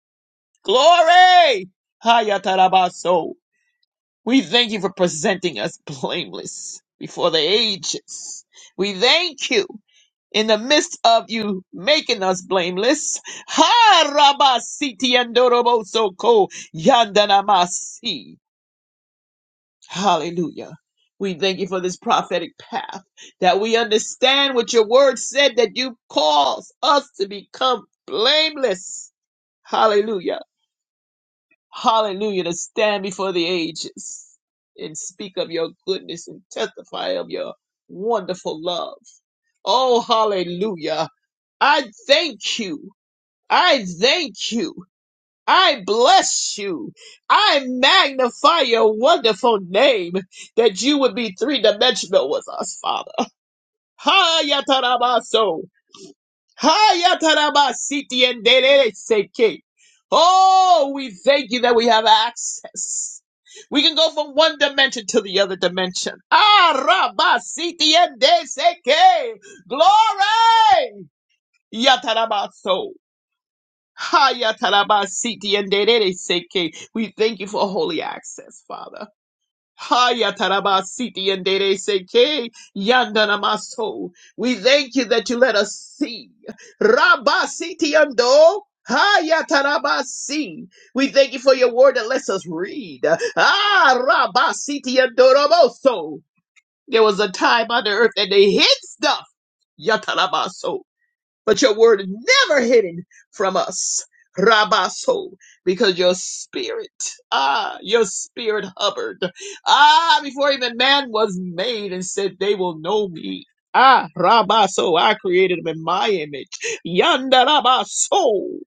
[SPEAKER 2] glory! Hayatarabaso. We thank you for presenting us blameless before the ages. We thank you in the midst of you making us blameless. Ha Rabasiti Andoroboso Ko Yandanamasi. Hallelujah. We thank you for this prophetic path that we understand what your word said that you cause us to become blameless. Hallelujah. Hallelujah. To stand before the ages and speak of your goodness and testify of your wonderful love. Oh, hallelujah. I thank you. I thank you. I bless you. I magnify your wonderful name that you would be three dimensional with us, Father. Hayatarabaso. Hayatarabasiti and Seke. Oh, we thank you that we have access. We can go from one dimension to the other dimension. Ah, rabasiti and Seke. Glory! Yatarabaso. Haya tarabasiti and derere seke. We thank you for holy access, Father. Haya tarabasiti and derere seke. Yandanamaso. We thank you that you let us see. Rabasiti and do. Haya tarabasi. We thank you for your word that lets us read. Ah, rabasiti and doroboso. There was a time on the earth that they hid stuff. Yatarabaso but your word is never hidden from us. Rabaso, because your spirit, ah, your spirit hovered, ah, before even man was made and said, they will know me. Ah, Rabaso, I created them in my image. Yanda Rabaso.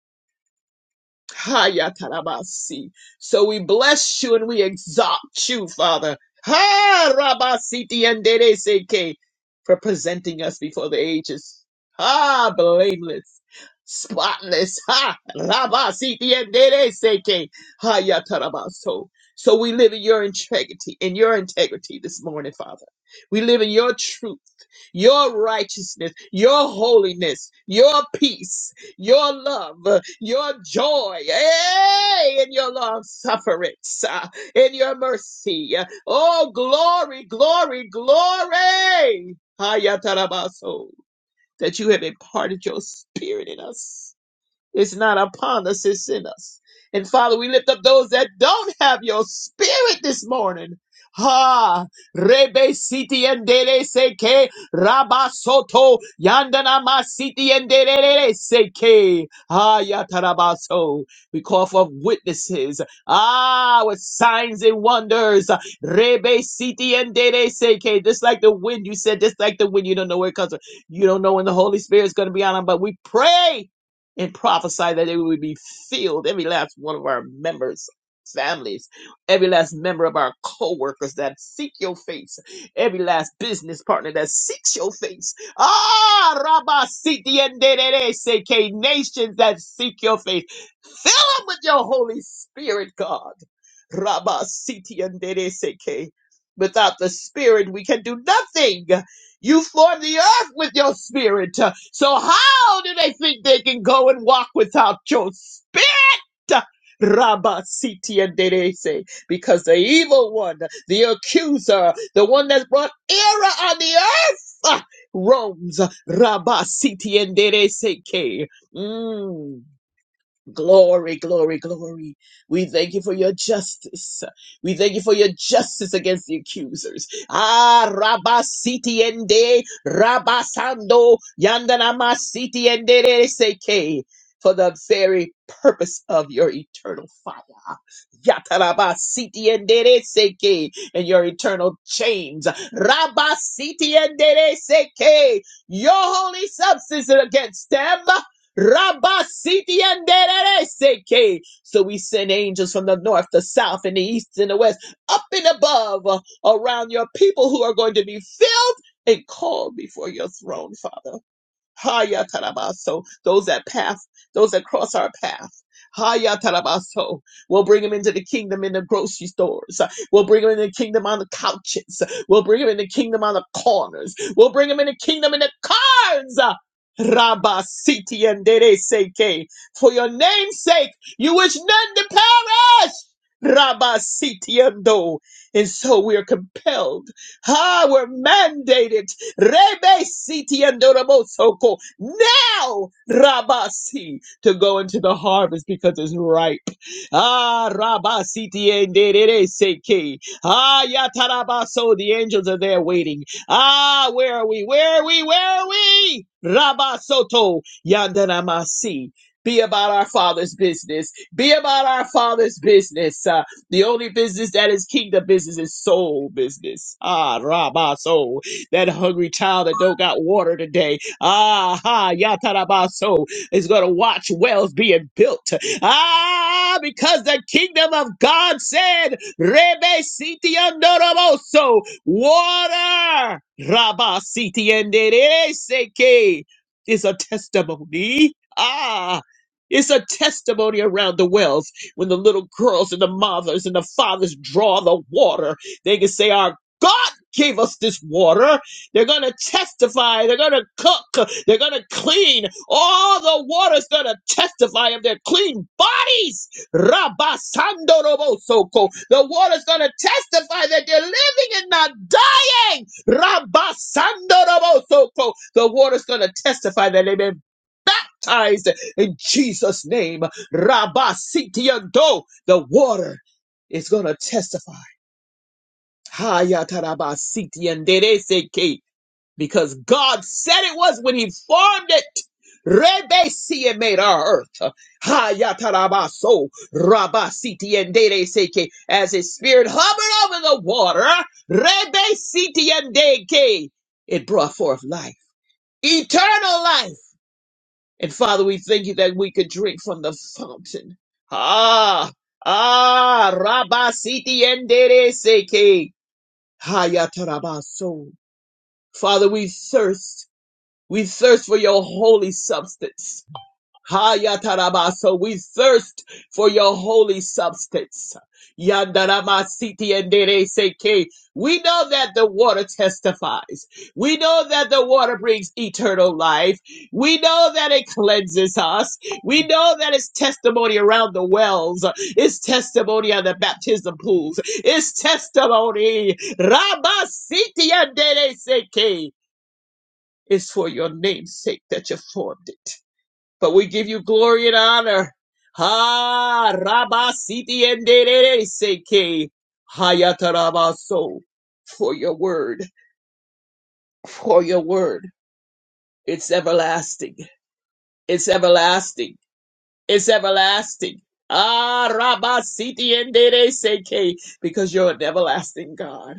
[SPEAKER 2] Hayatarabasi. So we bless you and we exalt you, Father. Ha Rabasiti and Dereseke for presenting us before the ages. Ha blameless. Spotless. Ha Rabasiti and Dereseke. Hayatarabaso. So we live in your integrity, in your integrity this morning, Father. We live in your truth your righteousness, your holiness, your peace, your love, uh, your joy, hey, in your long sufferance, uh, in your mercy. Uh, Oh, glory, glory, glory. Hayatarabaso, That you have imparted your spirit in us. It's not upon us, it's in us. And Father, we lift up those that don't have your spirit this morning. Ha Rebe Siti and Dele Seke Rabasoto Yandana Masiti and Dele Seke Ha Yatarabaso. We call for witnesses. Ah with signs and wonders. Rebe Siti and Dele Seke. Just like the wind, you said, just like the wind, you don't know where it comes from. You don't know when the Holy Spirit is gonna be on them, but we pray and prophesy that it would be filled, every last one of our members. Families, every last member of our co workers that seek your face, every last business partner that seeks your face, ah, Rabba Siti and Dedede Seke, nations that seek your face, fill them with your Holy Spirit, God, Rabba Siti and Dedede Seke. Without the Spirit, we can do nothing. You form the earth with your Spirit. So, how do they think they can go and walk without your spirit? Rabba Siti and Derese, because the evil one, the accuser, the one that's brought error on the earth, ah, roams. Rabba Siti and Derese. Mm. Glory, glory, glory. We thank you for your justice. We thank you for your justice against the accusers. Ah, Rabba Siti Ende, Rabba Sando, Yandanama Siti Ende Seke. For the very purpose of your eternal fire. Yataraba Ende Seke. And your eternal chains. Rabba Ende Seke. Your holy substance against them. Rabba Siti and Seke. So we send angels from the north, the south, and the east and the west, up and above, uh, around your people who are going to be filled and called before your throne, Father. Haya tarabaso. Those that path, those that cross our path. Haya tarabaso. We'll bring them into the kingdom in the grocery stores. We'll bring them in the kingdom on the couches. We'll bring them in the kingdom on the corners. We'll bring them in the kingdom in the cars. Rabba siti and dere seke. For your name's sake, you wish none to perish. Rabba siti and do. And so we are compelled. Ah, we're mandated. Rebe siti andorabosoko. Now, Rabasi, to go into the harvest because it's ripe. Ah, Rabasiti enderere seke. Ah, Yatarabaso, the angels are there waiting. Ah, where are we? Where are we? Where are we? Rabasoto, Yandanamasi. Be about our Father's business. Be about our Father's business. Uh, the only business that is kingdom business is soul business. Ah, Rabaso that hungry child that don't got water today. Ah, ha, yatarabaso is going to watch wells being built. Ah, because the kingdom of God said, Rebe siti andoroboso, water, Rabba siti andere seke, is a testimony. Ah, it's a testimony around the wells when the little girls and the mothers and the fathers draw the water. They can say, Our God gave us this water. They're going to testify. They're going to cook. They're going to clean. All the water's going to testify of their clean bodies. Rabasandorobosoko. The water's going to testify that they're living and not dying. Rabasandorobosoko. The water's going to testify that they've been baptized in Jesus' name. Rabasitiando. The water is going to testify. Hayatarabasitiandereseke because God said it was when He formed it. Rebesi and made our earth. Hayatarabaso rabasiti and dere seke as His Spirit hovered over the water. Rebesiti and deke. It brought forth life, eternal life. And Father, we thank you that we could drink from the fountain. Ah, ah, rabasiti and dere seke. Hayatarabaso. Father, we thirst we thirst for your holy substance. Hayataraba. So we thirst for your holy substance. Yandarama siti endere seke. We know that the water testifies. We know that the water brings eternal life. We know that it cleanses us. We know that it's testimony around the wells. It's testimony on the baptism pools. It's testimony. Rabba siti endere seke. It's for your name's sake that you formed it. But we give you glory and honor. Ha Rabba Siti and Dere Seke Hayatarabaso for your word. For your word. It's everlasting. It's everlasting. It's everlasting. Ah Rabba Siti and Dere Seke because you're an everlasting God.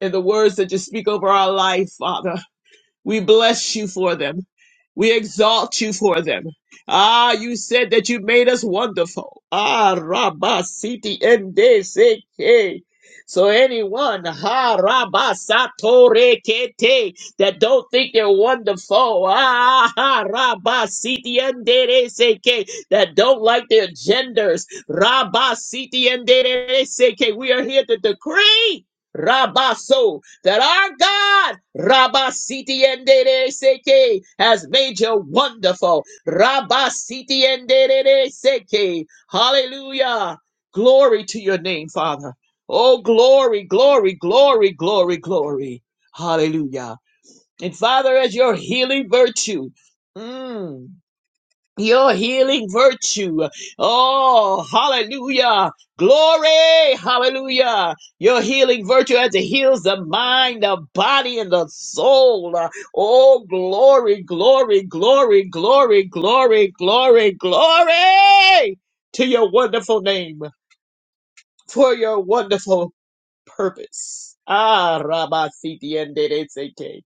[SPEAKER 2] And the words that you speak over our life, Father. We bless you for them. We exalt you for them. Ah, you said that you made us wonderful. Ah, Rabba Siti MDCK. So anyone, ha Rabba Satore Kete, that don't think they're wonderful, ah ha Rabba Siti MDCK, that don't like their genders, Rabba Siti MDCK, we are here to decree. Rabba that our God, Rabasiti and Seke, has made you wonderful. Rabasiti and Seke. Hallelujah. Glory to your name, Father. Oh, glory, glory, glory, glory, glory. Hallelujah. And Father, as your healing virtue. mm, your healing virtue. Oh, hallelujah. Glory. Hallelujah. Your healing virtue as it heals the mind, the body, and the soul. Oh, glory, glory, glory, glory, glory, glory, glory to your wonderful name for your wonderful purpose. Ah, Rabba Siti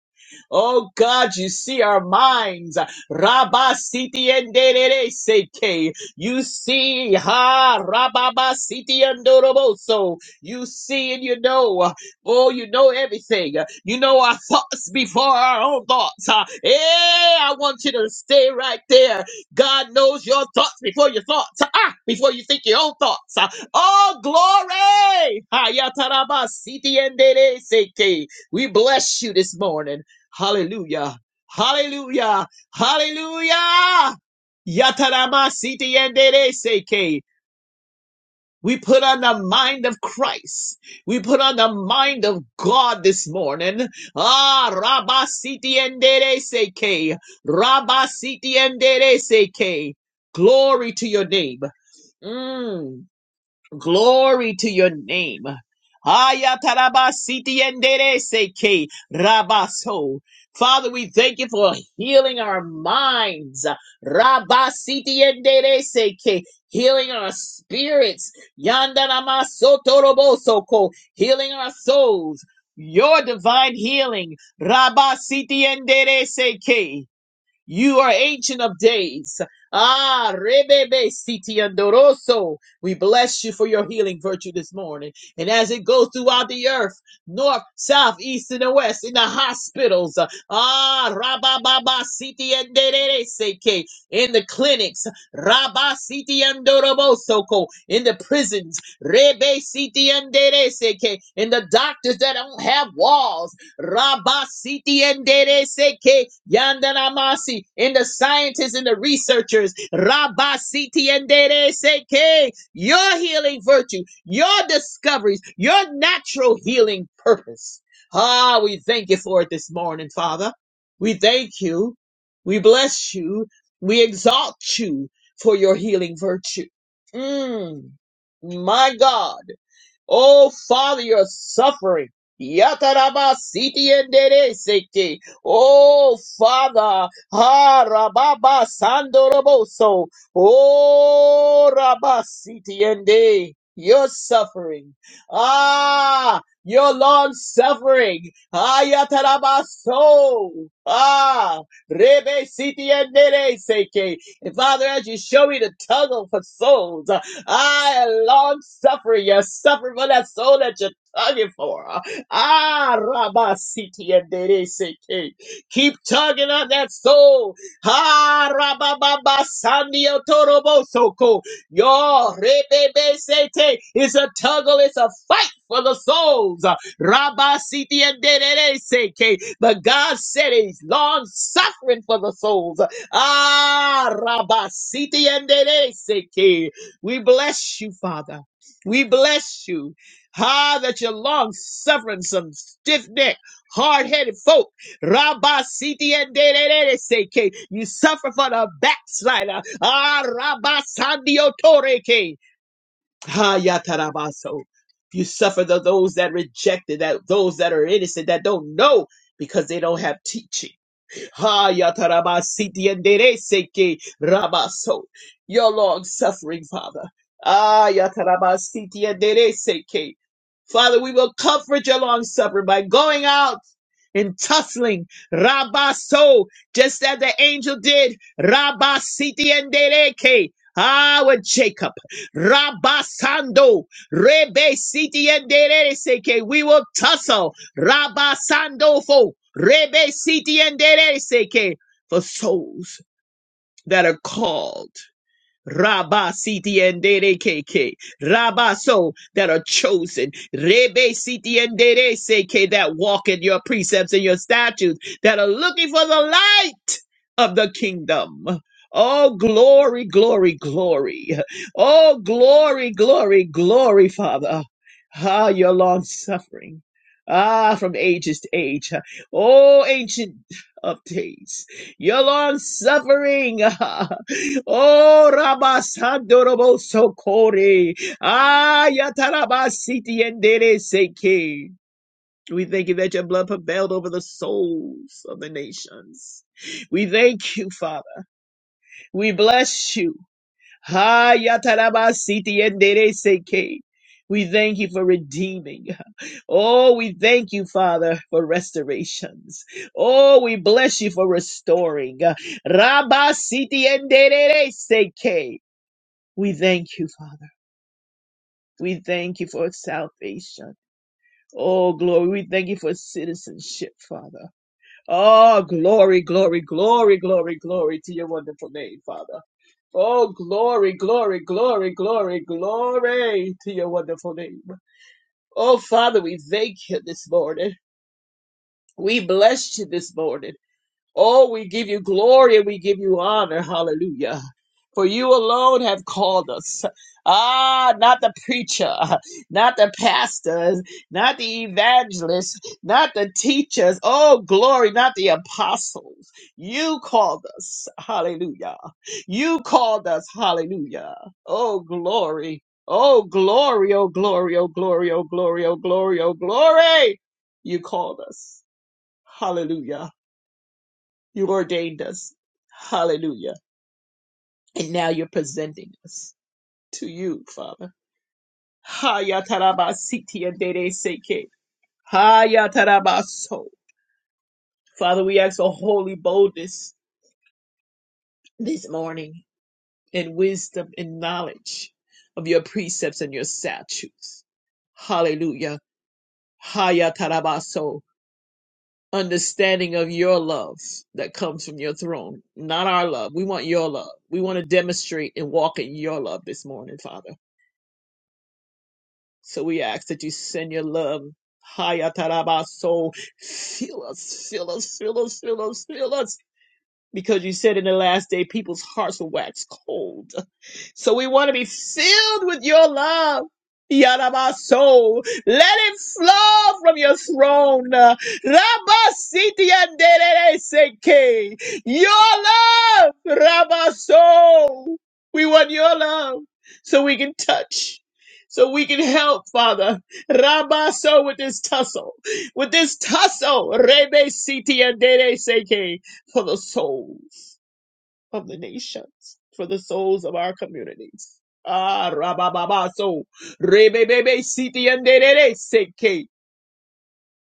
[SPEAKER 2] Oh God, you see our minds. Rabba siti and seke. You see, ha, rababa siti and doroboso. You see and you know. Oh, you know everything. You know our thoughts before our own thoughts. Huh? Hey, I want you to stay right there. God knows your thoughts before your thoughts. Ah, before you think your own thoughts. Ah, Oh, glory. Hayataraba siti and seke. We bless you this morning. Hallelujah. Hallelujah. Hallelujah. Yatarama siti yendere seke. We put on the mind of Christ. We put on the mind of God this morning. Ah, Rabba siti yendere seke. Rabba siti yendere seke. Glory to your name. Mm. Glory to your name. Ayatarabasitiyendereseke Rabaso. Father, we thank you for healing our minds. Rabasitiyendereseke, Healing our spirits. Yandanamasotoroboso. Healing our souls. Your divine healing. Rabasitiyendereseke. You are ancient of days. Ah, Rebebe Siti Andoroso. We bless you for your healing virtue this morning. And as it goes throughout the earth, north, south, east, and the west, in the hospitals, ah, Rabababa Siti Andere Seke, in the clinics, Rabba Siti Andorobosoko, in the prisons, Rebe Siti Andere Seke, in the doctors that don't have walls. Rabasiti endereseke yandanamasi in the scientists and the researchers. Rabasiti endereseke your healing virtue, your discoveries, your natural healing purpose. Ah, we thank you for it this morning, Father. We thank you. We bless you. We exalt you for your healing virtue. Mm, my God. Oh, Father, you're suffering. Yataraba siti endere sete. Oh, Father. Ha rababa sandoroboso. Oh, rabba siti ende. You're suffering. Ah, your long suffering. Ayataraba so. Ah, rebe siti endere seke. And Father, as you show me the tunnel for souls, I long suffer you, suffer for that soul that you're tugging for. Ah, Rabba Siti and Dede Seke. Keep tugging on that soul. Ah, Rabba Baba Sandio Torobo Soko. Your Rebebe Sete is a tuggle, it's a fight for the souls. Rabba Siti and Dede Seke. But God said he's long suffering for the souls. Ah, Rabba Siti and Dede Seke. We bless you, Father. We bless you. Ah, that you're long suffering some stiff neck, hard headed folk. Rabba Siti and de de de de se You suffer for the backslider. Ah, Rabba Sandio Toreke. Ah, Yatarabaso. You suffer the, those that rejected, that those that are innocent, that don't know because they don't have teaching. Ha yatarabasiti endereseke rabaso. Your long suffering, Father. Ah yatarabasiti endereseke. Father, we will comfort your long suffering by going out and tussling rabaso, just as the angel did rabasiti endereke. Ah, with Jacob, Rabasando, Rebe Siti and Dereke. We will tussle Rabasandofo, Sandofo, Rebe Siti and Seke, for souls that are called. Rabba Siti and Dere KK. Rabba so that are chosen. Rebe Siti and Dere Seke that walk in your precepts and your statutes that are looking for the light of the kingdom. Oh, glory, glory, glory. Oh, glory, glory, glory, Father. Ah, your long suffering. Ah, from ages to age. Oh, ancient of days. Your long suffering. oh, Rabasandorobo Sokori. Ah, Yatarabasiti Endere Seki. We thank you that your blood prevailed over the souls of the nations. We thank you, Father. We bless you. Hayatarabasitiyendereseke. We thank you for redeeming. Oh, we thank you, Father, for restorations. Oh, we bless you for restoring. Rabasitiyendereseke. We thank you, Father. We thank you for salvation. Oh, glory. We thank you for citizenship, Father. Oh, glory, glory, glory, glory, glory to your wonderful name, Father. Oh, glory, glory, glory, glory, glory to your wonderful name. Oh, Father, we thank you this morning. We bless you this morning. Oh, we give you glory and we give you honor. Hallelujah. For you alone have called us. Ah, not the preacher, not the pastors, not the evangelists, not the teachers. Oh, glory, not the apostles. You called us. Hallelujah. You called us. Hallelujah. Oh, glory. Oh, glory. Oh, glory. Oh, glory. Oh, glory. Oh, glory. Oh, glory. You called us. Hallelujah. You ordained us. Hallelujah. And now you're presenting us to you, Father. Hayatarabasiti and Dede Seke. Hayatarabaso. Father, we ask for holy boldness this morning and wisdom and knowledge of your precepts and your statutes. Hallelujah. Hayatarabaso. Understanding of your love that comes from your throne, not our love. We want your love. We want to demonstrate and walk in your love this morning, Father. So we ask that you send your love. Hayatarabaso, fill us, fill us, fill us, fill us, fill us because you said in the last day people's hearts will wax cold. So we want to be filled with your love. Yadaba soul, let it flow from your throne. Rabba siti andere seke. Your love, Rabba soul. We want your love so we can touch, so we can help, Father. Rabba soul with this tussle, with this tussle. Rebe siti andere seke for the souls of the nations, for the souls of our communities. Ah, rabababa, so rebebebe, siti and derere, seke.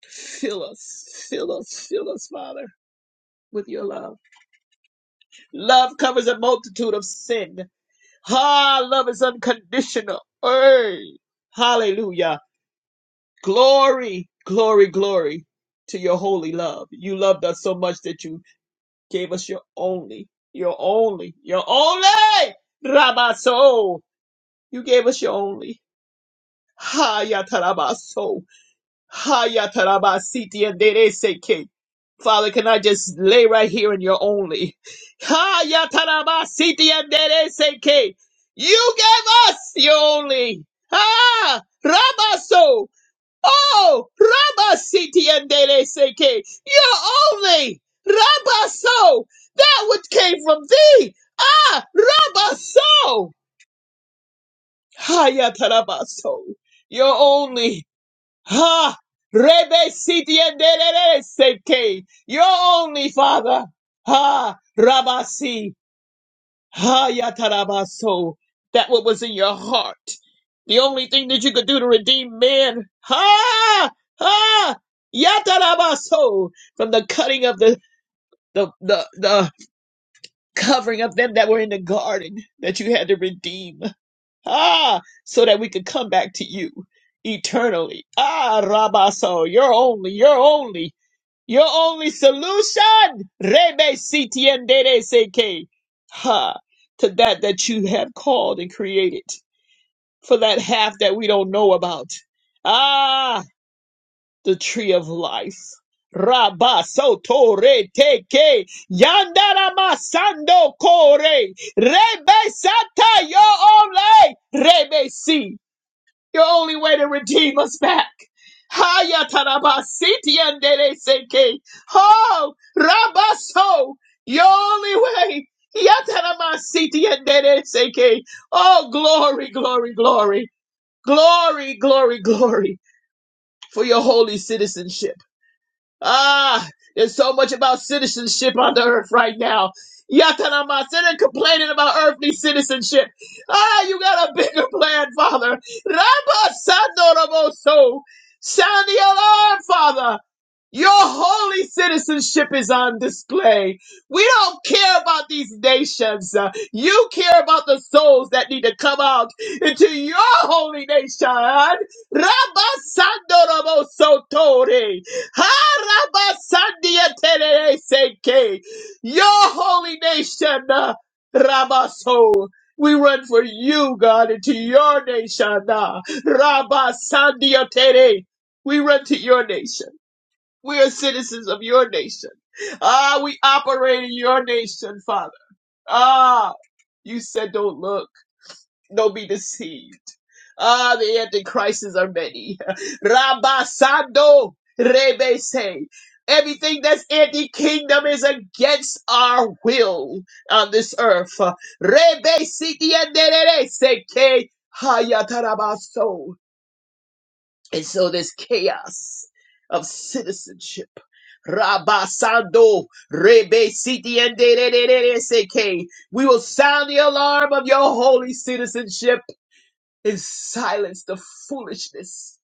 [SPEAKER 2] Fill us, fill us, fill us, Father, with your love. Love covers a multitude of sin. Ha, love is unconditional. Hey, hallelujah. Glory, glory, glory to your holy love. You loved us so much that you gave us your only, your only, your only Rabaso. You gave us your only. Hayatarabaso. Hayatarabasiti and Dereseke. Father, can I just lay right here in your only? Hayatarabasiti and Dereseke. You gave us your only. Ah, Rabaso. Oh, Rabba Siti Endere Seke, you're only Rabba So, that which came from thee. Ah, Rabba So, Hayatarabaso, you're only, ha, Rebe Siti Endere Seke, you're only Father. Ha, Rabba Si. Hayatarabaso, that what was in your heart. The only thing that you could do to redeem man, ha, ha, yatarabaso, from the cutting of the, the, the, the covering of them that were in the garden that you had to redeem, ah, so that we could come back to you eternally. Ah, rabaso, you're only, you're only. Your only solution, Rebe Seke, ha, to that that you have called and created, for that half that we don't know about. Ah, the tree of life. Rabba soto re teke yandara masando kore rebe sata yo ole rebe si your only way to redeem us back. Haya tarabasiti andereseke. Ho rabaso. Your only way. Yataramasiti andereseke. Oh, glory, glory, glory. Glory, glory, glory for your holy citizenship. Ah, there's so much about citizenship on the earth right now. Yatanama, sit and complaining about earthly citizenship. Ah, you got a bigger plan, Father. Rabba Sandoroboso. Sound the alarm, Father. Your holy citizenship is on display. We don't care about these nations. Uh, You care about the souls that need to come out into your holy nation. Rabasandorobosotore. Harabasandiatereseke. Your holy nation, uh, Rabaso. We run for you, God, into your nation. uh, Rabasandiatere. We run to your nation. We are citizens of your nation. Ah, we operate in your nation, Father. Ah, you said don't look, don't be deceived. Ah, the antichrists are many. Rabasando rebese. Everything that's anti-kingdom is against our will on this earth. Rebesitienderese ke hayatarabaso. And so there's chaos of citizenship. Rabasando Rebe Siti and de- de- de- de- de- Seke. We will sound the alarm of your holy citizenship and silence the foolishness.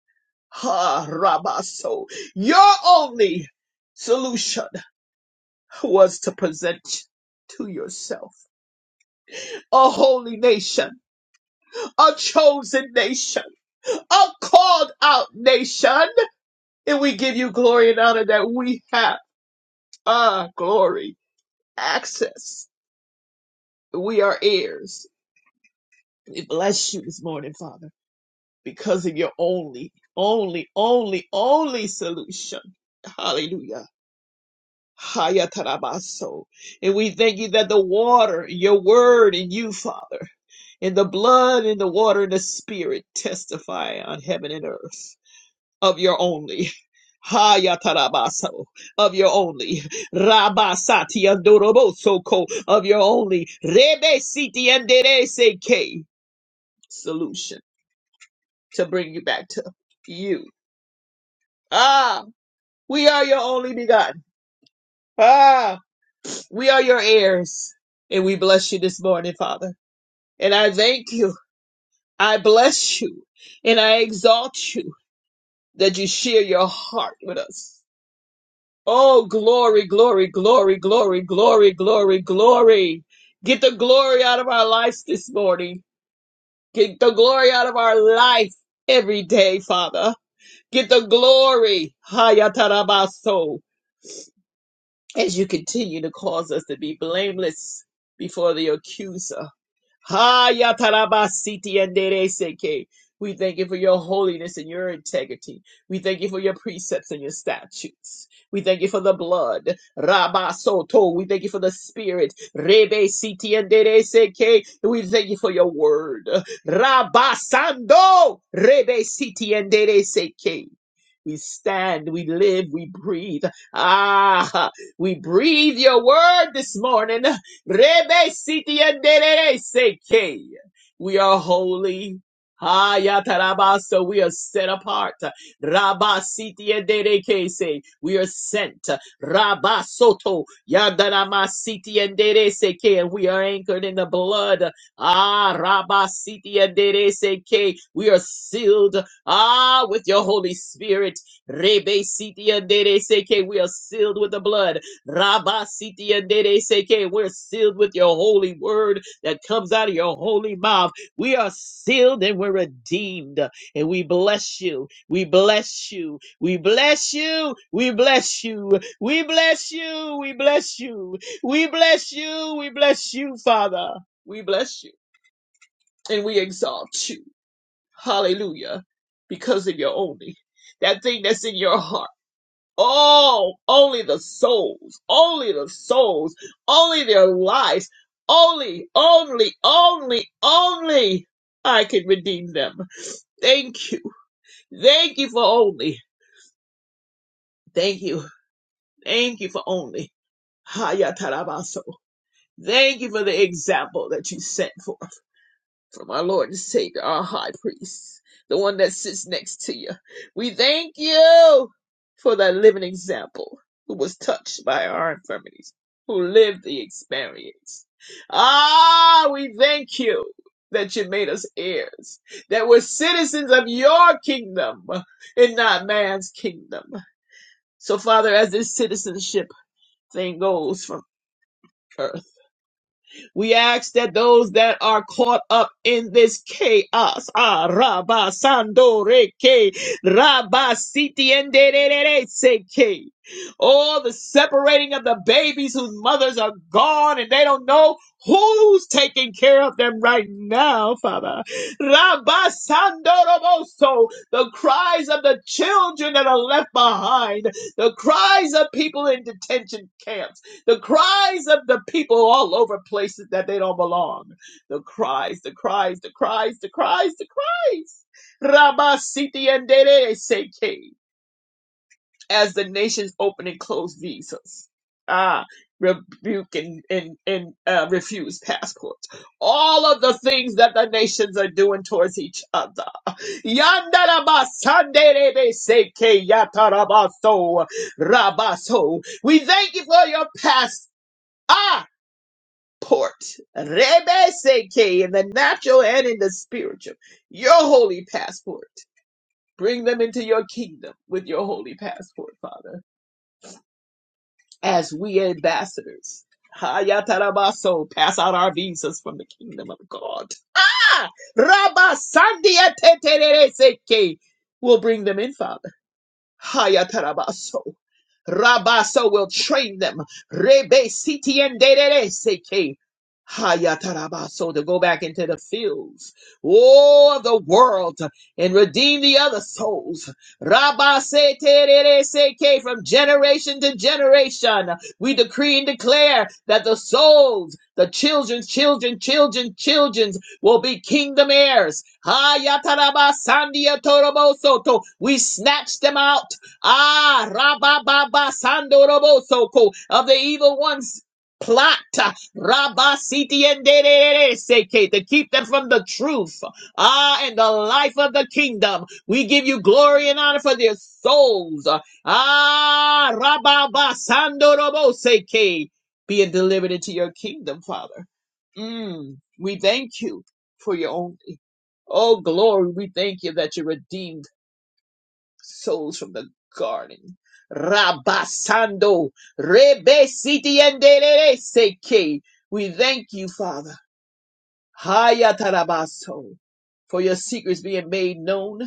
[SPEAKER 2] Ha Rabaso. Your only solution was to present to yourself a holy nation, a chosen nation, a called out nation. And we give you glory and honor that we have. Ah, glory, access. We are heirs. We bless you this morning, Father, because of your only, only, only, only solution. Hallelujah. Hayatarabaso. And we thank you that the water, your word in you, Father, and the blood and the water and the spirit testify on heaven and earth. of your only. Hayatarabaso of your only Rabasati andoroboso ko of your only Rebe Siti Anderese K solution to bring you back to you. Ah, we are your only begotten. Ah, we are your heirs. And we bless you this morning, Father. And I thank you. I bless you. And I exalt you that you share your heart with us. Oh, glory, glory, glory, glory, glory, glory, glory. Get the glory out of our lives this morning. Get the glory out of our life every day, Father. Get the glory, Hayatarabaso, as you continue to cause us to be blameless before the accuser. Haya tarabasiti endereseke. We thank you for your holiness and your integrity. We thank you for your precepts and your statutes. We thank you for the blood. Rabba soto. We thank you for the spirit. Rebe siti endereseke. We thank you for your word. Rabba sando. Rebe siti endereseke. We stand, we live, we breathe. Ah, we breathe your word this morning. Rebe siti yandere seke. We are holy. Ha yataraba, so we are set apart. Rabba siti yandere kese. We are sent. Rabba soto yandarama siti yandere seke. And we are anchored in the blood. Ah, Rabba siti yandere seke. We are sealed. Ah, with your Holy Spirit. Rebe siti yandere seke. We are sealed with the blood. Rabba Siti and Dede Seke, we're sealed with your holy word that comes out of your holy mouth. We are sealed and we're redeemed. And we bless you. We bless you. We bless you. We bless you. We bless you. We bless you. We bless you. We bless you, Father. We bless you. And we exalt you. Hallelujah. Because of your only. That thing that's in your heart Oh, only the souls, only the souls, only their lives, only, only, only, only I can redeem them. Thank you. Thank you for only. Thank you. Thank you for only. Hayatarabaso. Thank you for the example that you sent for. from our Lord and Savior, our high priest, the one that sits next to you. We thank you for that living example who was touched by our infirmities, who lived the experience. Ah, we thank you that you made us heirs, that we're citizens of your kingdom and not man's kingdom. So, Father, as this citizenship thing goes from earth we ask that those that are caught up in this chaos, ah, Rabba Sando Rabba Siti Enderere Seke, all the separating of the babies whose mothers are gone and they don't know who's taking care of them right now, Father. Rabba Sandoroboso, the cries of the children that are left behind, the cries of people in detention camps the cries of the people all over places that they don't belong. The cries, the cries, the cries, the cries, the cries. Rabba Siti and Dede Seke. As the nations open and close visas. Ah, rebuke and, and, and uh, refuse passports. All of the things that the nations are doing towards each other. Yandaraba Sandere Seke Yatarabaso Rabaso. We thank you for your past. Ah! port. Rebeseke, in the natural and in the spiritual. Your holy passport. Bring them into your kingdom with your holy passport, Father, as we ambassadors. Hayatarabaso, pass out our visas from the kingdom of God. Ah! Rabasandiatetereseke. We'll bring them in, Father. Hayatarabaso. Rabaso will train them. Rebe siti en derere seke. Hayatarabaso to go back into the fields, oh, of the world, and redeem the other souls. Rabase terere seke from generation to generation. We decree and declare that the souls, the children's children, children, children will be kingdom heirs. Hayataraba sandia torobosoto. We snatch them out. Ah, rabababa sandorobosoko of the evil ones. Plot Rabasiti and Seke to keep them from the truth. Ah, and the life of the kingdom. We give you glory and honor for their souls. Ah, rababasando robo seke being delivered into your kingdom, Father. Mm, we thank you for your own. e-, Oh, glory, we thank you that you redeemed souls from the garden. Rabasando, Rebe Siti and Seke. We thank you, Father. Hayatarabaso. For your secrets being made known.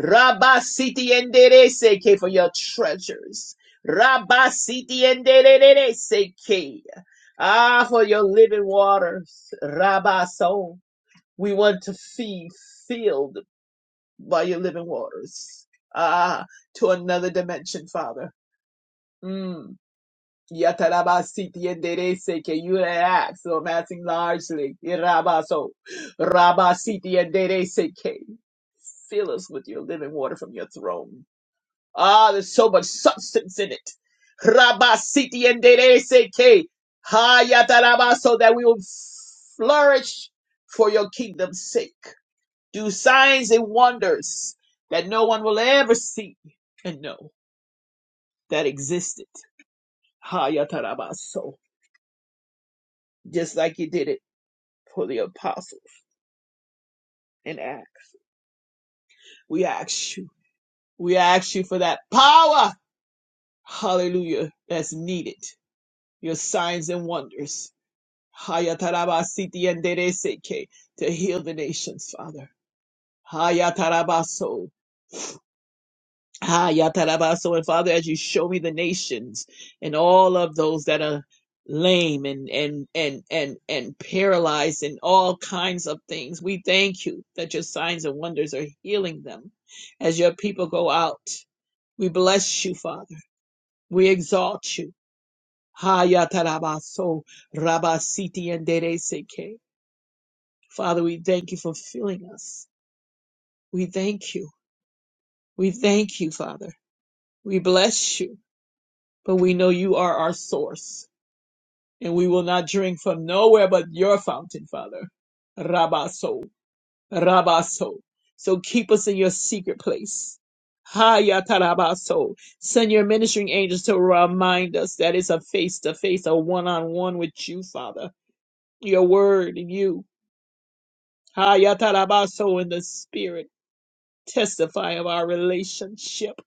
[SPEAKER 2] Rabasiti and Seke. For your treasures. Rabasiti and Seke. Ah, for your living waters. Rabaso. We want to see filled by your living waters. Ah, to another dimension, Father. Mm. Yatarabasiti enderece que you ask, so I'm asking largely. Irabaso. Rabasiti enderece que. Fill us with your living water from your throne. Ah, there's so much substance in it. Rabasiti enderece que. Ha yatarabaso that we will flourish for your kingdom's sake do signs and wonders that no one will ever see and know that existed. Hayatarabaso. Just like you did it for the apostles in Acts. We ask you. We ask you for that power. Hallelujah. That's needed. Your signs and wonders. Hayatarabasiti and Dereseke to heal the nations, Father. Hayatarabaso Ah, Yatarabaso. And Father, as you show me the nations and all of those that are lame and and and and and paralyzed and all kinds of things, we thank you that your signs and wonders are healing them as your people go out. We bless you, Father. We exalt you. Ha Yatarabaso Rabasiti and Dereseke. Father, we thank you for filling us. We thank you. We thank you, Father. We bless you. But we know you are our source, and we will not drink from nowhere but your fountain, Father. Rabaso, Rabaso. So keep us in your secret place. Hayatarabaso. Send your ministering angels to remind us that it's a face to face, a one on one with you, Father. Your word and you. Hayatarabaso in the spirit. Testify of our relationship.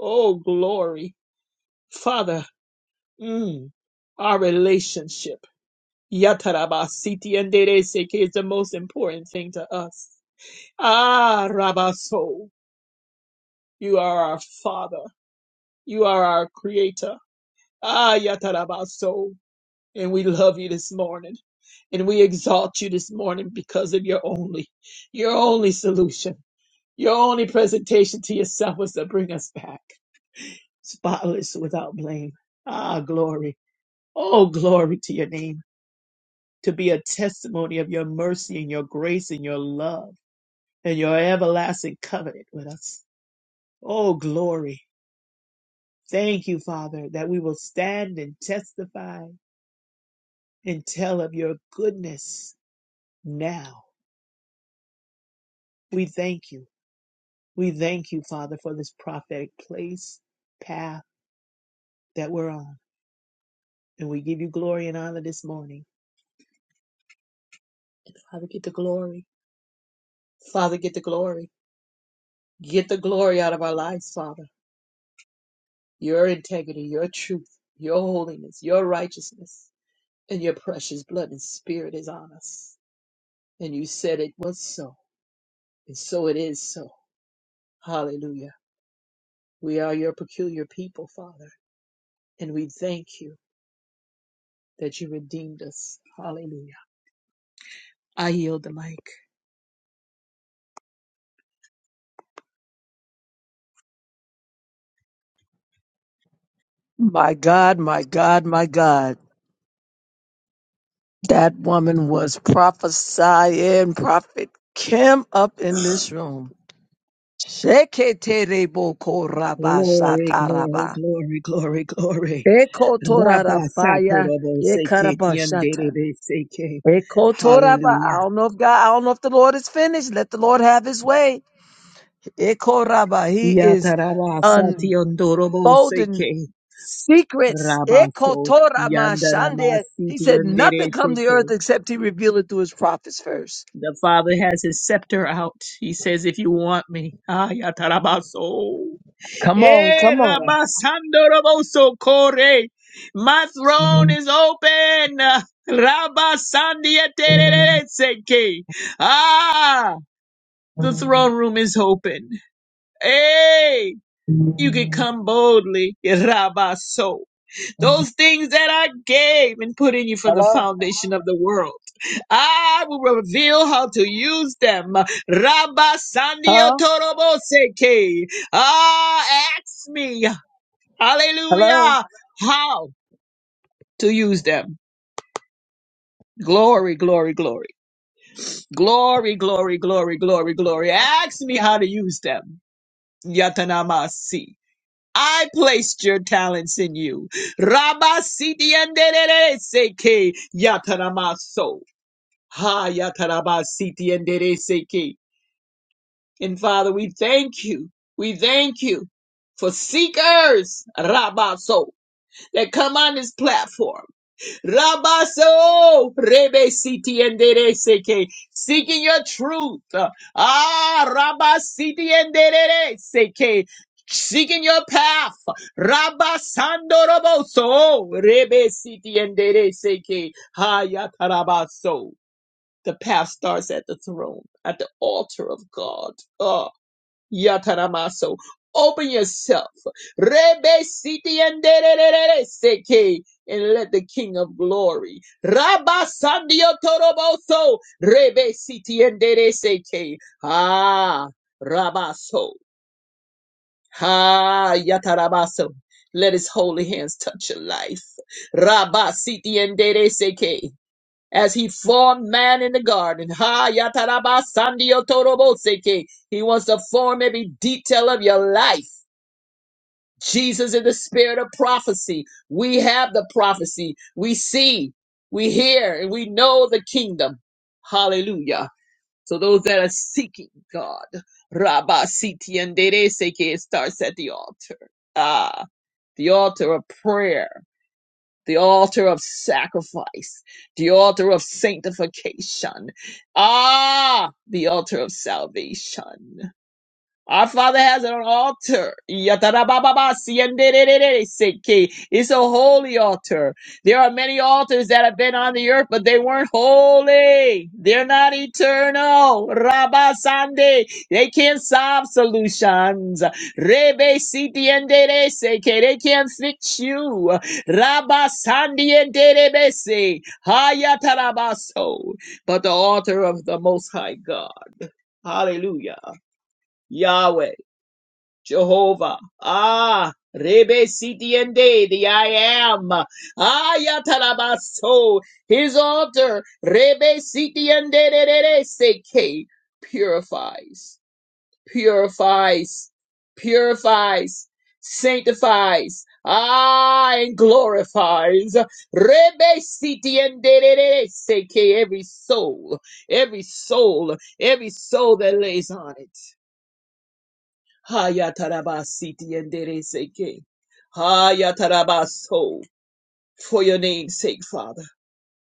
[SPEAKER 2] Oh, glory. Father, mm, our relationship. Yatarabasiti and Dereseke is the most important thing to us. Ah, Rabaso, you are our Father. You are our Creator. Ah, Yatarabaso. And we love you this morning. And we exalt you this morning because of your only, your only solution. Your only presentation to yourself was to bring us back, spotless without blame. Ah, glory. Oh, glory to your name, to be a testimony of your mercy and your grace and your love. and your everlasting covenant with us. Oh, glory. Thank you, Father, that we will stand and testify and tell of your goodness now. We thank you. We thank you, Father, for this prophetic place, path that we're on. And we give you glory and honor this morning. Father, get the glory. Father, get the glory. Get the glory out of our lives, Father. Your integrity, your truth, your holiness, your righteousness, and your precious blood and spirit is on us. And you said it was so. And so it is so. Hallelujah. We are your peculiar people, Father. And we thank you that you redeemed us. Hallelujah. I yield the mic.
[SPEAKER 3] My God, my God, my God. That woman was prophesying Prophet Kim up in this room.
[SPEAKER 2] Glory, glory,
[SPEAKER 3] Sheketerebokorabashataraba.
[SPEAKER 2] glory, glory, glory. Rabba
[SPEAKER 3] Ekotorarafaya
[SPEAKER 2] saporobo seke
[SPEAKER 3] ekarabashata.
[SPEAKER 2] tiandere seke.
[SPEAKER 3] Ekotoraba. I
[SPEAKER 2] Hallelujah.
[SPEAKER 3] don't know if God, I don't know if the Lord is finished. Let the Lord have his way. Ekoraba. He is
[SPEAKER 2] Yatarara sationdorobo
[SPEAKER 3] Golden
[SPEAKER 2] seke.
[SPEAKER 3] secrets.
[SPEAKER 2] Rabaso
[SPEAKER 3] Ekotora
[SPEAKER 2] yandarama
[SPEAKER 3] mashande. He said, nothing
[SPEAKER 2] sitiandere
[SPEAKER 3] come to
[SPEAKER 2] seke.
[SPEAKER 3] earth except he revealed it to his prophets first.
[SPEAKER 2] The Father has his scepter out. He says, If you want me, ah, yatarabaso.
[SPEAKER 3] Come on,
[SPEAKER 2] Eh,
[SPEAKER 3] come
[SPEAKER 2] rabasandoroboso kore. my throne
[SPEAKER 3] on.
[SPEAKER 2] is open. Rabasandietererezeke. Ah, the throne room is open. Hey, you can come boldly. Rabaso. Those things that I gave and put in you from the
[SPEAKER 3] Hello?
[SPEAKER 2] foundation of the world. I will reveal how to use them. Rabba Sandia
[SPEAKER 3] Huh?
[SPEAKER 2] Toroboseke. Ah, ask me.
[SPEAKER 3] Hello?
[SPEAKER 2] Hallelujah. How to use them. Glory, glory, glory. Glory, glory, glory, glory, glory. Ask me how to use them. Yatanamasi. I placed your talents in you. Rabba Siti and Seke Yatanamaso. Ha Yatanabasiti and Seke. And Father, we thank you. We thank you for seekers, Rabaso, that come on this platform. Rabaso, Rebe Siti and Dere Seke, seeking your truth. Ah, Rabasiti and Dere Seke, seeking your path. Rabasando Roboso, Rebe Siti and Dere Seke, Hayatarabaso. The path starts at the throne, at the altar of God. Ah. Yataramaso. Open yourself. Rebe siti endererere seke. And let the King of Glory, Rabba Sandio Toroboso, Rebe Siti Endere Seke, Ah, Rabaso, Ah, Yatarabaso, let his holy hands touch your life. Rabba Siti Endere Seke, as he formed man in the garden. Ha yataraba sandio toroboseke. He wants to form every detail of your life. Jesus is the spirit of prophecy. We have the prophecy. We see, we hear, and we know the kingdom. Hallelujah. So those that are seeking God, Rabba Siti and Dere Seke, it starts at the altar. Ah, the altar of prayer the altar of sacrifice, the altar of sanctification, ah, the altar of salvation. Our Father has an altar. Yatarababa, It's a holy altar. There are many altars that have been on the earth, but they weren't holy. They're not eternal. Rabasande. They can't solve solutions. Rebe They can't fix you. Rabasandienderebe, Hayatarabaso. But the altar of the Most High God. Hallelujah. Yahweh. Jehovah. Ah, Rebe Sitiende, the I am. Ayatarabaso, his altar. Rebe Sitiende, de- de- de- seke. purifies, purifies, purifies, sanctifies. Ah, and glorifies. Rebe Sitiende, de- de- de- seke. every soul, every soul, every soul that lays on it. Hayatarabasiti and Dereseke. Hayatarabaso. For your name's sake, Father.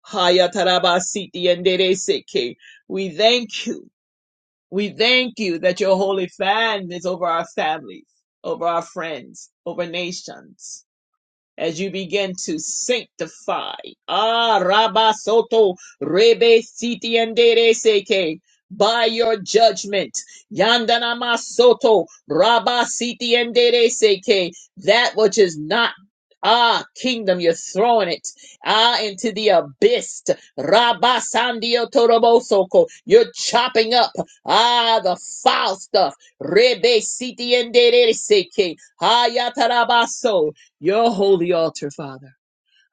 [SPEAKER 2] Hayatarabasiti and Dereseke. We thank you. We thank you that your holy fan is over our families, over our friends, over nations as you begin to sanctify. Ah, Rabasoto, Rebe Siti and Dere Seke. By your judgment, Yandana Masoto, Rabba Siti and Dere Seke, that which is not Ah, kingdom, you're throwing it ah into the abyss. Rabba Sandio Torobosoko, you're chopping up ah the foul stuff. Rebe Siti and Dere Seke, Hayatarabaso, your holy altar, Father.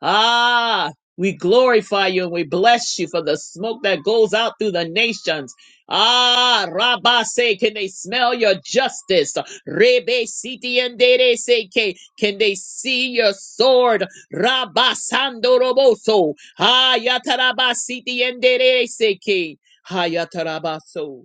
[SPEAKER 2] Ah, we glorify you and we bless you for the smoke that goes out through the nations. Ah, Rabba say, can they smell your justice? Rebe siti endere seke, can they see your sword? Rabba sando roboso. Ah, yataraba siti endere seke. Ah, yatarabaso.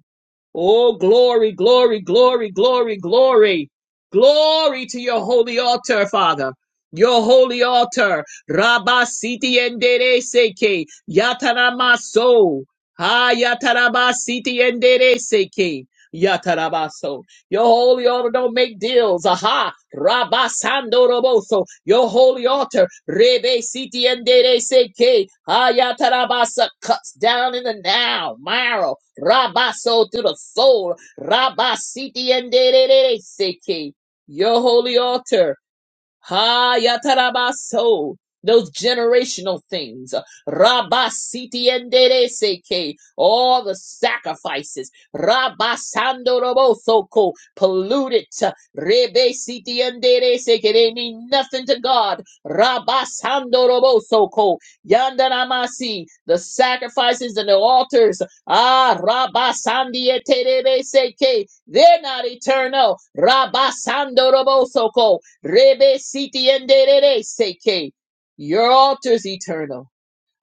[SPEAKER 2] Oh, glory, glory, glory, glory, glory. Glory to your holy altar, Father. Your holy altar. Rabba siti endere seke. Yatarama so. Ha yataraba siti endere seke. Yatarabaso. Your holy altar don't make deals. Aha. Rabasando roboso. Your holy altar. Rebe siti endere seke. Ha yatarabasa cuts down in the now. Marrow. Rabaso to the soul. Rabba siti endere seke. Your holy altar. Ha yatarabaso. Those generational things. Rabasiti and seke. All the sacrifices. Rabasando robosoko. Polluted. Rebesiti and seke. They mean nothing to God. Rabasando robosoko. Yandanamasi. The sacrifices and the altars. Ah, rabasandi and seke. They're not eternal. Rabasando robosoko. Rebe siti enderere seke. Your altar's eternal.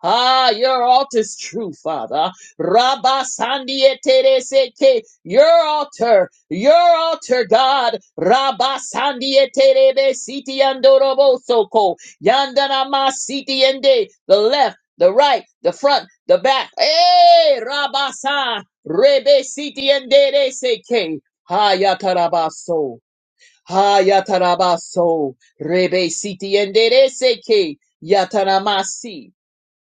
[SPEAKER 2] Ah, your altar's true, Father. Rabba sandiete seke. Your altar, your altar, God. Rabba sandiete rebe siti andorobo soko. Yandanama siti ende. The left, the right, the front, the back. Eh, Rabba san. Rebe siti endere seke. Hayatarabaso. Hayatarabaso Rebe Siti Endereseke Yataramasi.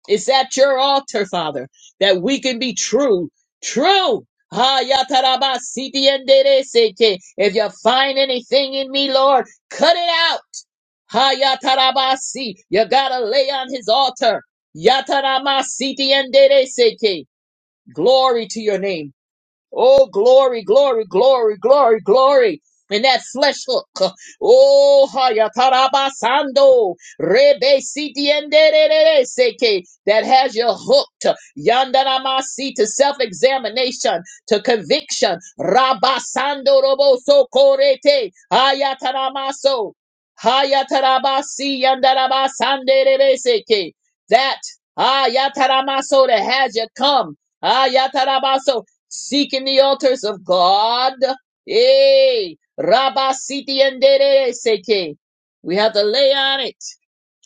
[SPEAKER 2] It's at your altar, Father, that we can be true, true. Hayatarabasiti Endereseke. If you find anything in me, Lord, cut it out. Hayatarabasi. You gotta lay on his altar. Yataramasiti Endereseke. Glory to your name. Oh, glory, glory, glory, glory, glory. And that flesh hook. Oh, hayatarabasando. Rebe sitiendere seke. That has you hooked. Yandanamasi to self-examination, to conviction. Rabasando roboso korete. Hayataramaso. Hayatarabasi yandarabasandere seke. That, hayataramaso, that has you come. Ayatarabaso seeking the altars of God. Hey, Rabba Siti and Dere Seke. We have to lay on it.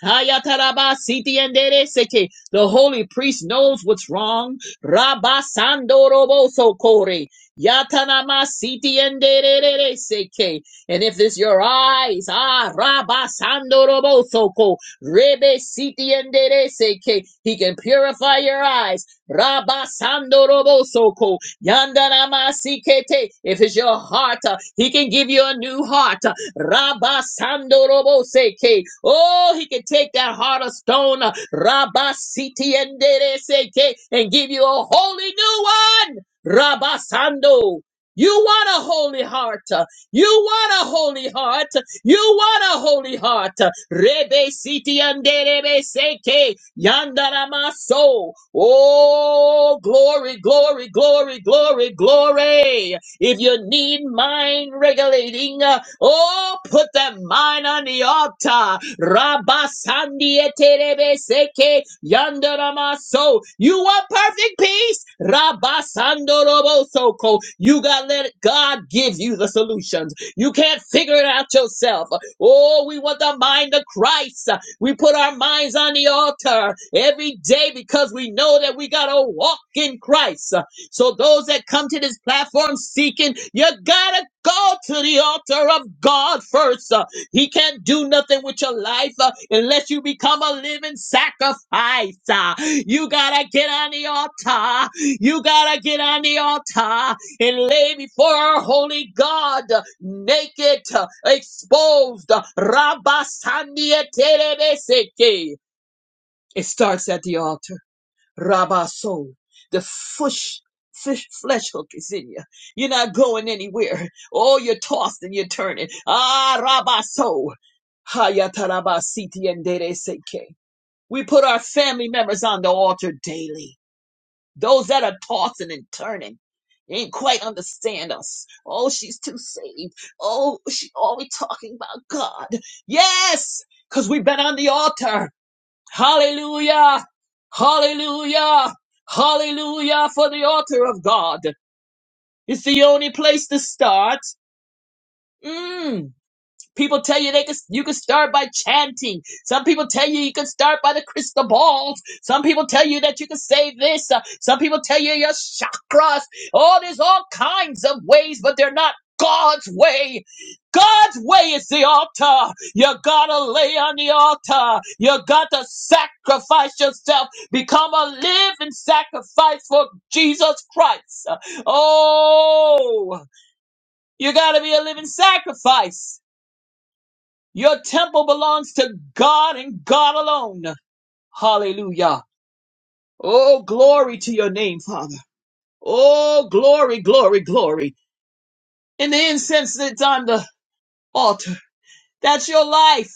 [SPEAKER 2] Hayataraba siti endere seke. The holy priest knows what's wrong. Rabasando roboso kore. Yatanama siti endere seke. And if it's your eyes, ah, rabasando roboso ko. Rebe siti endere seke. He can purify your eyes. Rabasando roboso ko. Yandanama sikete. If it's your heart, ah, he can give you a new heart. uh, Rabba Sando Robo Seke. Oh, he can take that heart of stone, uh, Rabba Siti and Dere Seke, and give you a holy new one, Rabba Sando. You want a holy heart. uh, You want a holy heart. You want a holy heart. Rebe siti and rebe seke yandarama so. Oh, glory, glory, glory, glory, glory. If you need mind regulating, uh, oh, put that mind on the altar. Rabasandieterebeseke yandaramaso. You want perfect peace? Rabasandorobosoko. You got to let God give you the solutions. You can't figure it out yourself. Oh, we want the mind of Christ. We put our minds on the altar every day because we know that we got to walk in Christ. So those that come to this platform seeking, you gotta go to the altar of God first. Uh, he can't do nothing with your life uh, unless you become a living sacrifice. Uh, you gotta get on the altar. You gotta get on the altar and lay before our holy God, uh, naked, uh, exposed. Uh, Rabba Sandia Terebeseke. It starts at the altar. Rabaso. The fish, fish flesh hook is in you. You're not going anywhere. Oh, you're tossed and you're turning. Ah, Rabaso. Hayatarabasiti and Dereseke. We put our family members on the altar daily. Those that are tossing and turning. They ain't quite understand us. Oh, she's too saved. Oh, she always talking about God. Yes, because we've been on the altar. Hallelujah! Hallelujah! Hallelujah for the altar of God. It's the only place to start. Mm. People tell you they can you can start by chanting. Some people tell you you can start by the crystal balls. Some people tell you that you can say this. Uh, Some people tell you your chakras. Oh, there's all kinds of ways, but they're not God's way. God's way is the altar. You gotta lay on the altar. You gotta sacrifice yourself. Become a living sacrifice for Jesus Christ. Uh, Oh, you gotta be a living sacrifice. Your temple belongs to God and God alone. Hallelujah. Oh, glory to your name, Father. Oh, glory, glory, glory. In the incense that's on the altar, that's your life.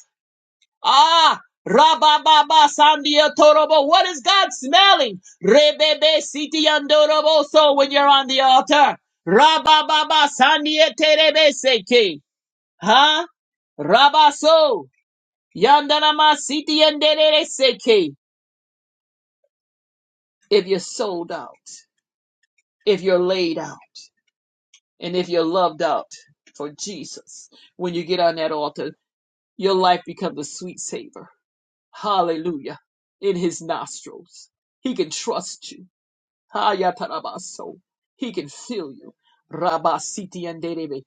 [SPEAKER 2] Ah, Rabababa Sandia Torobo. What is God smelling? Rebebe Siti Andorobo. So when you're on the altar, Rabababa Sandia Terebe Seke. Huh? Rabaso. Yandanama Siti Andere Seke. if you're sold out, if you're laid out, and if you're loved out for Jesus, when you get on that altar, your life becomes a sweet savor. Hallelujah. In his nostrils. He can trust you. Hayatarabaso. He can fill you. Rabasiti and Derebe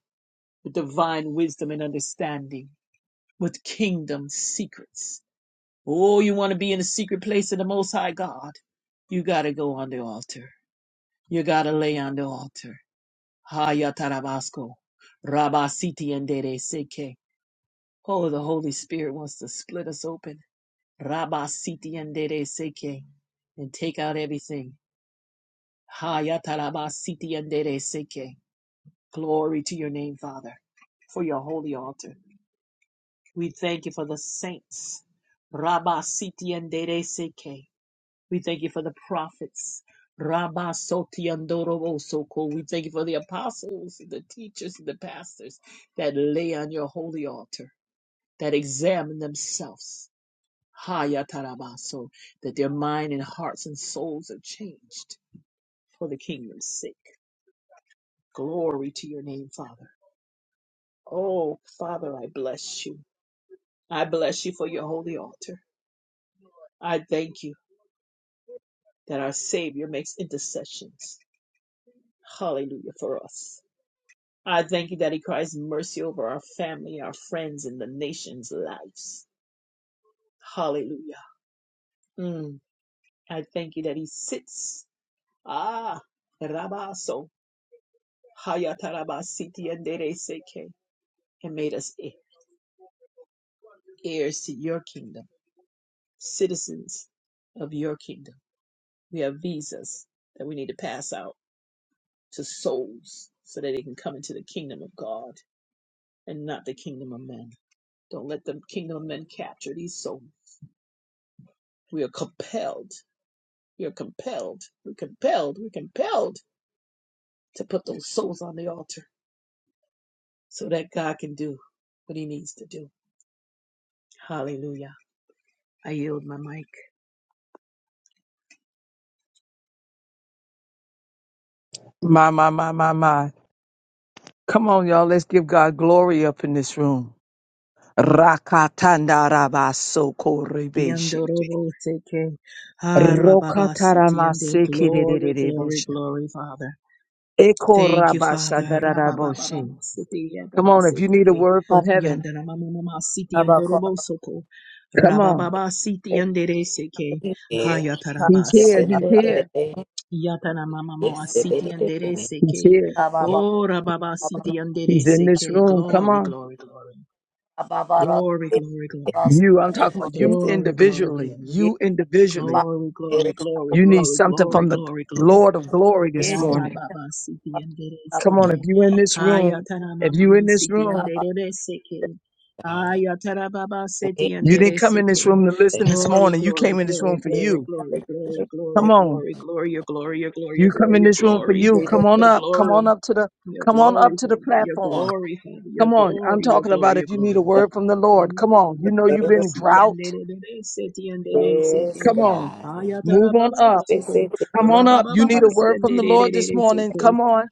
[SPEAKER 2] with divine wisdom and understanding, with kingdom secrets. Oh, you want to be in the secret place of the Most High God? You got to go on the altar. You got to lay on the altar Hayatarabasco. Rabasiti and Dere Seke. Oh, the Holy Spirit wants to split us open. Rabasiti and Seke. And take out everything. Hayatarabasiti and Dere Seke. Glory to your name, Father, for your holy altar. We thank you for the saints. Rabasiti and Seke. We thank you for the prophets. Rabba Soti Soko. We thank you for the apostles, the teachers, and the pastors that lay on your holy altar, that examine themselves. Haya Tarabaso, that their mind and hearts and souls are changed for the kingdom's sake. Glory to your name, Father. Oh, Father, I bless you. I bless you for your holy altar. I thank you that our Savior makes intercessions. Hallelujah for us. I thank you that He cries mercy over our family, our friends, and the nation's lives. Hallelujah. Mm. I thank you that He sits. Ah, Rabaso, Hayatarabasiti and Dereseke, and made us heirs to your kingdom, citizens of your kingdom. We have visas that we need to pass out to souls so that they can come into the kingdom of God and not the kingdom of men. Don't let the kingdom of men capture these souls. We are compelled You're compelled. We're compelled. We're compelled to put those souls on the altar so that God can do what he needs to do. Hallelujah. I yield my mic.
[SPEAKER 3] My, my, my, my, my. Come on, y'all. Let's give God glory up in this room. Rakatanda rabaso korebeshe.
[SPEAKER 2] Yandoroboseke. Harababasitiande.
[SPEAKER 3] Rokataramaseke
[SPEAKER 2] Glory, glory, glory, Father.
[SPEAKER 3] Eko
[SPEAKER 2] Thank you, Father.
[SPEAKER 3] rabashandaraboshe.
[SPEAKER 2] Rababababasiti,
[SPEAKER 3] Come on, if you need a
[SPEAKER 2] yandabasiteke.
[SPEAKER 3] word
[SPEAKER 4] Ye
[SPEAKER 3] from heaven,
[SPEAKER 2] Yandaramamamasiti, yandorobosoko.
[SPEAKER 3] come on.
[SPEAKER 2] Rabababasiti,
[SPEAKER 5] Yes,
[SPEAKER 2] yandereseke.
[SPEAKER 5] it is.
[SPEAKER 3] He's
[SPEAKER 5] Yes,
[SPEAKER 3] here.
[SPEAKER 5] it
[SPEAKER 2] Hayatarabasi.
[SPEAKER 3] He's here.
[SPEAKER 5] is.
[SPEAKER 2] Yatana mama mama
[SPEAKER 5] Yes, it
[SPEAKER 2] siti andere
[SPEAKER 5] is.
[SPEAKER 3] He's
[SPEAKER 2] seke.
[SPEAKER 3] here.
[SPEAKER 2] Ora baba siti andere
[SPEAKER 3] He's in this
[SPEAKER 2] seke.
[SPEAKER 3] room. Come
[SPEAKER 2] Glory,
[SPEAKER 3] on.
[SPEAKER 2] glory, glory. Glory, glory, glory.
[SPEAKER 3] You, I'm talking about
[SPEAKER 5] Yes,
[SPEAKER 3] you
[SPEAKER 5] it
[SPEAKER 2] Glory, glory,
[SPEAKER 3] individually.
[SPEAKER 2] glory.
[SPEAKER 3] You individually.
[SPEAKER 2] Glory, glory,
[SPEAKER 5] is.
[SPEAKER 2] glory,
[SPEAKER 5] The
[SPEAKER 3] You need
[SPEAKER 2] glory,
[SPEAKER 3] something
[SPEAKER 2] glory,
[SPEAKER 3] from the
[SPEAKER 2] glory, glory.
[SPEAKER 3] Lord of glory this
[SPEAKER 5] wisdom
[SPEAKER 3] morning.
[SPEAKER 2] Rababa Siti and Dere
[SPEAKER 3] Come on, if
[SPEAKER 2] Seke.
[SPEAKER 3] you in this
[SPEAKER 5] of
[SPEAKER 3] room,
[SPEAKER 2] Hayatana
[SPEAKER 3] if you in
[SPEAKER 2] Mama
[SPEAKER 3] this
[SPEAKER 2] Siti and
[SPEAKER 3] room,
[SPEAKER 2] Dere Seke.
[SPEAKER 5] God.
[SPEAKER 2] Hayatara Baba Siti and
[SPEAKER 3] you
[SPEAKER 2] Dere
[SPEAKER 3] didn't come in this
[SPEAKER 2] Seke.
[SPEAKER 3] room to
[SPEAKER 5] Thank
[SPEAKER 3] listen
[SPEAKER 5] you,
[SPEAKER 3] this
[SPEAKER 2] Glory,
[SPEAKER 3] morning. You
[SPEAKER 2] glory,
[SPEAKER 3] came in this room
[SPEAKER 2] glory,
[SPEAKER 3] for
[SPEAKER 5] Wisdom,
[SPEAKER 2] glory,
[SPEAKER 3] you.
[SPEAKER 2] glory, glory, glory,
[SPEAKER 3] Come on.
[SPEAKER 2] glory, glory, your glory, your
[SPEAKER 3] You
[SPEAKER 2] glory,
[SPEAKER 3] come in
[SPEAKER 2] your
[SPEAKER 3] this room for
[SPEAKER 2] glory,
[SPEAKER 3] you.
[SPEAKER 5] freedom,
[SPEAKER 3] Come on
[SPEAKER 2] your
[SPEAKER 3] up. Come on
[SPEAKER 2] glory,
[SPEAKER 3] up to the
[SPEAKER 2] your
[SPEAKER 3] come on
[SPEAKER 2] glory, your glory,
[SPEAKER 3] up to the
[SPEAKER 2] Father, your
[SPEAKER 3] platform.
[SPEAKER 5] wisdom.
[SPEAKER 2] glory, Father, your
[SPEAKER 3] Come on. I'm
[SPEAKER 2] glory, your
[SPEAKER 3] talking
[SPEAKER 2] glory,
[SPEAKER 3] about
[SPEAKER 2] your
[SPEAKER 3] if you need a
[SPEAKER 2] glory.
[SPEAKER 3] word from the Lord. Come on. You
[SPEAKER 2] Yandara
[SPEAKER 3] know
[SPEAKER 2] mama
[SPEAKER 3] you've been
[SPEAKER 2] masi
[SPEAKER 3] drought.
[SPEAKER 2] yandere
[SPEAKER 5] Praise
[SPEAKER 3] Come on.
[SPEAKER 5] God.
[SPEAKER 3] Move on up.
[SPEAKER 5] This is it.
[SPEAKER 3] Come on up. You need a word from the Lord this morning. Come on.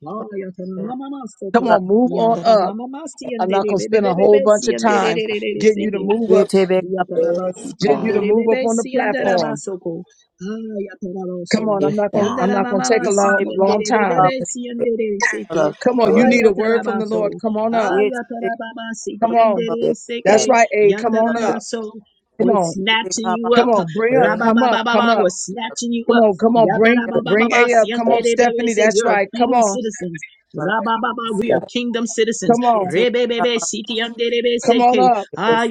[SPEAKER 3] Come on. Move on up. I'm not going to
[SPEAKER 2] bebe
[SPEAKER 3] spend
[SPEAKER 2] bebe
[SPEAKER 3] a whole
[SPEAKER 2] bebe
[SPEAKER 3] bunch
[SPEAKER 2] si
[SPEAKER 3] of time getting you to
[SPEAKER 2] yandere
[SPEAKER 3] move up,
[SPEAKER 5] Praise
[SPEAKER 2] Yatarabasiti
[SPEAKER 3] getting
[SPEAKER 2] and
[SPEAKER 3] you to
[SPEAKER 5] God.
[SPEAKER 3] move up on the
[SPEAKER 2] Derebebesi and
[SPEAKER 5] God
[SPEAKER 3] platform.
[SPEAKER 2] Derabasoko. Ah,
[SPEAKER 3] Come
[SPEAKER 2] Yataraboso.
[SPEAKER 3] on. I'm
[SPEAKER 5] is
[SPEAKER 3] not going to I'm
[SPEAKER 5] God.
[SPEAKER 3] not going to
[SPEAKER 2] Yandaramama
[SPEAKER 3] take a long,
[SPEAKER 2] City and
[SPEAKER 3] long time.
[SPEAKER 2] Derebebesi and Dereseke.
[SPEAKER 3] Come on. You
[SPEAKER 2] Ah,
[SPEAKER 5] Yes,
[SPEAKER 3] need a word from the Lord.
[SPEAKER 2] Yatarabaso.
[SPEAKER 3] Come on
[SPEAKER 2] Ah,
[SPEAKER 3] up.
[SPEAKER 2] Yatarabama
[SPEAKER 3] Come
[SPEAKER 2] City and
[SPEAKER 3] on.
[SPEAKER 5] yes, God.
[SPEAKER 3] That's
[SPEAKER 2] Dereseke.
[SPEAKER 3] right, A. Come on up.
[SPEAKER 2] Yandaramaso.
[SPEAKER 3] Come
[SPEAKER 2] We're
[SPEAKER 3] on.
[SPEAKER 2] snatching you
[SPEAKER 3] Come
[SPEAKER 2] up.
[SPEAKER 3] on. Bring up.
[SPEAKER 5] Yes,
[SPEAKER 3] Come up. Come
[SPEAKER 2] Rababababa,
[SPEAKER 3] up.
[SPEAKER 2] we're snatching you
[SPEAKER 3] Come
[SPEAKER 2] up.
[SPEAKER 3] on, come on, bring bring
[SPEAKER 2] Yatarabababa,
[SPEAKER 3] A up. Come
[SPEAKER 5] God.
[SPEAKER 3] on, Stephanie.
[SPEAKER 2] Sianderebebese,
[SPEAKER 3] That's
[SPEAKER 2] you're
[SPEAKER 3] right. Come
[SPEAKER 2] kingdom
[SPEAKER 3] on,
[SPEAKER 2] citizens. Rabababa,
[SPEAKER 5] Yes,
[SPEAKER 2] we are
[SPEAKER 5] God.
[SPEAKER 2] kingdom citizens.
[SPEAKER 3] come on,
[SPEAKER 2] Rebebebe, City and
[SPEAKER 3] come on
[SPEAKER 2] Derebeseke.
[SPEAKER 3] up.
[SPEAKER 2] Ah,
[SPEAKER 5] Yes,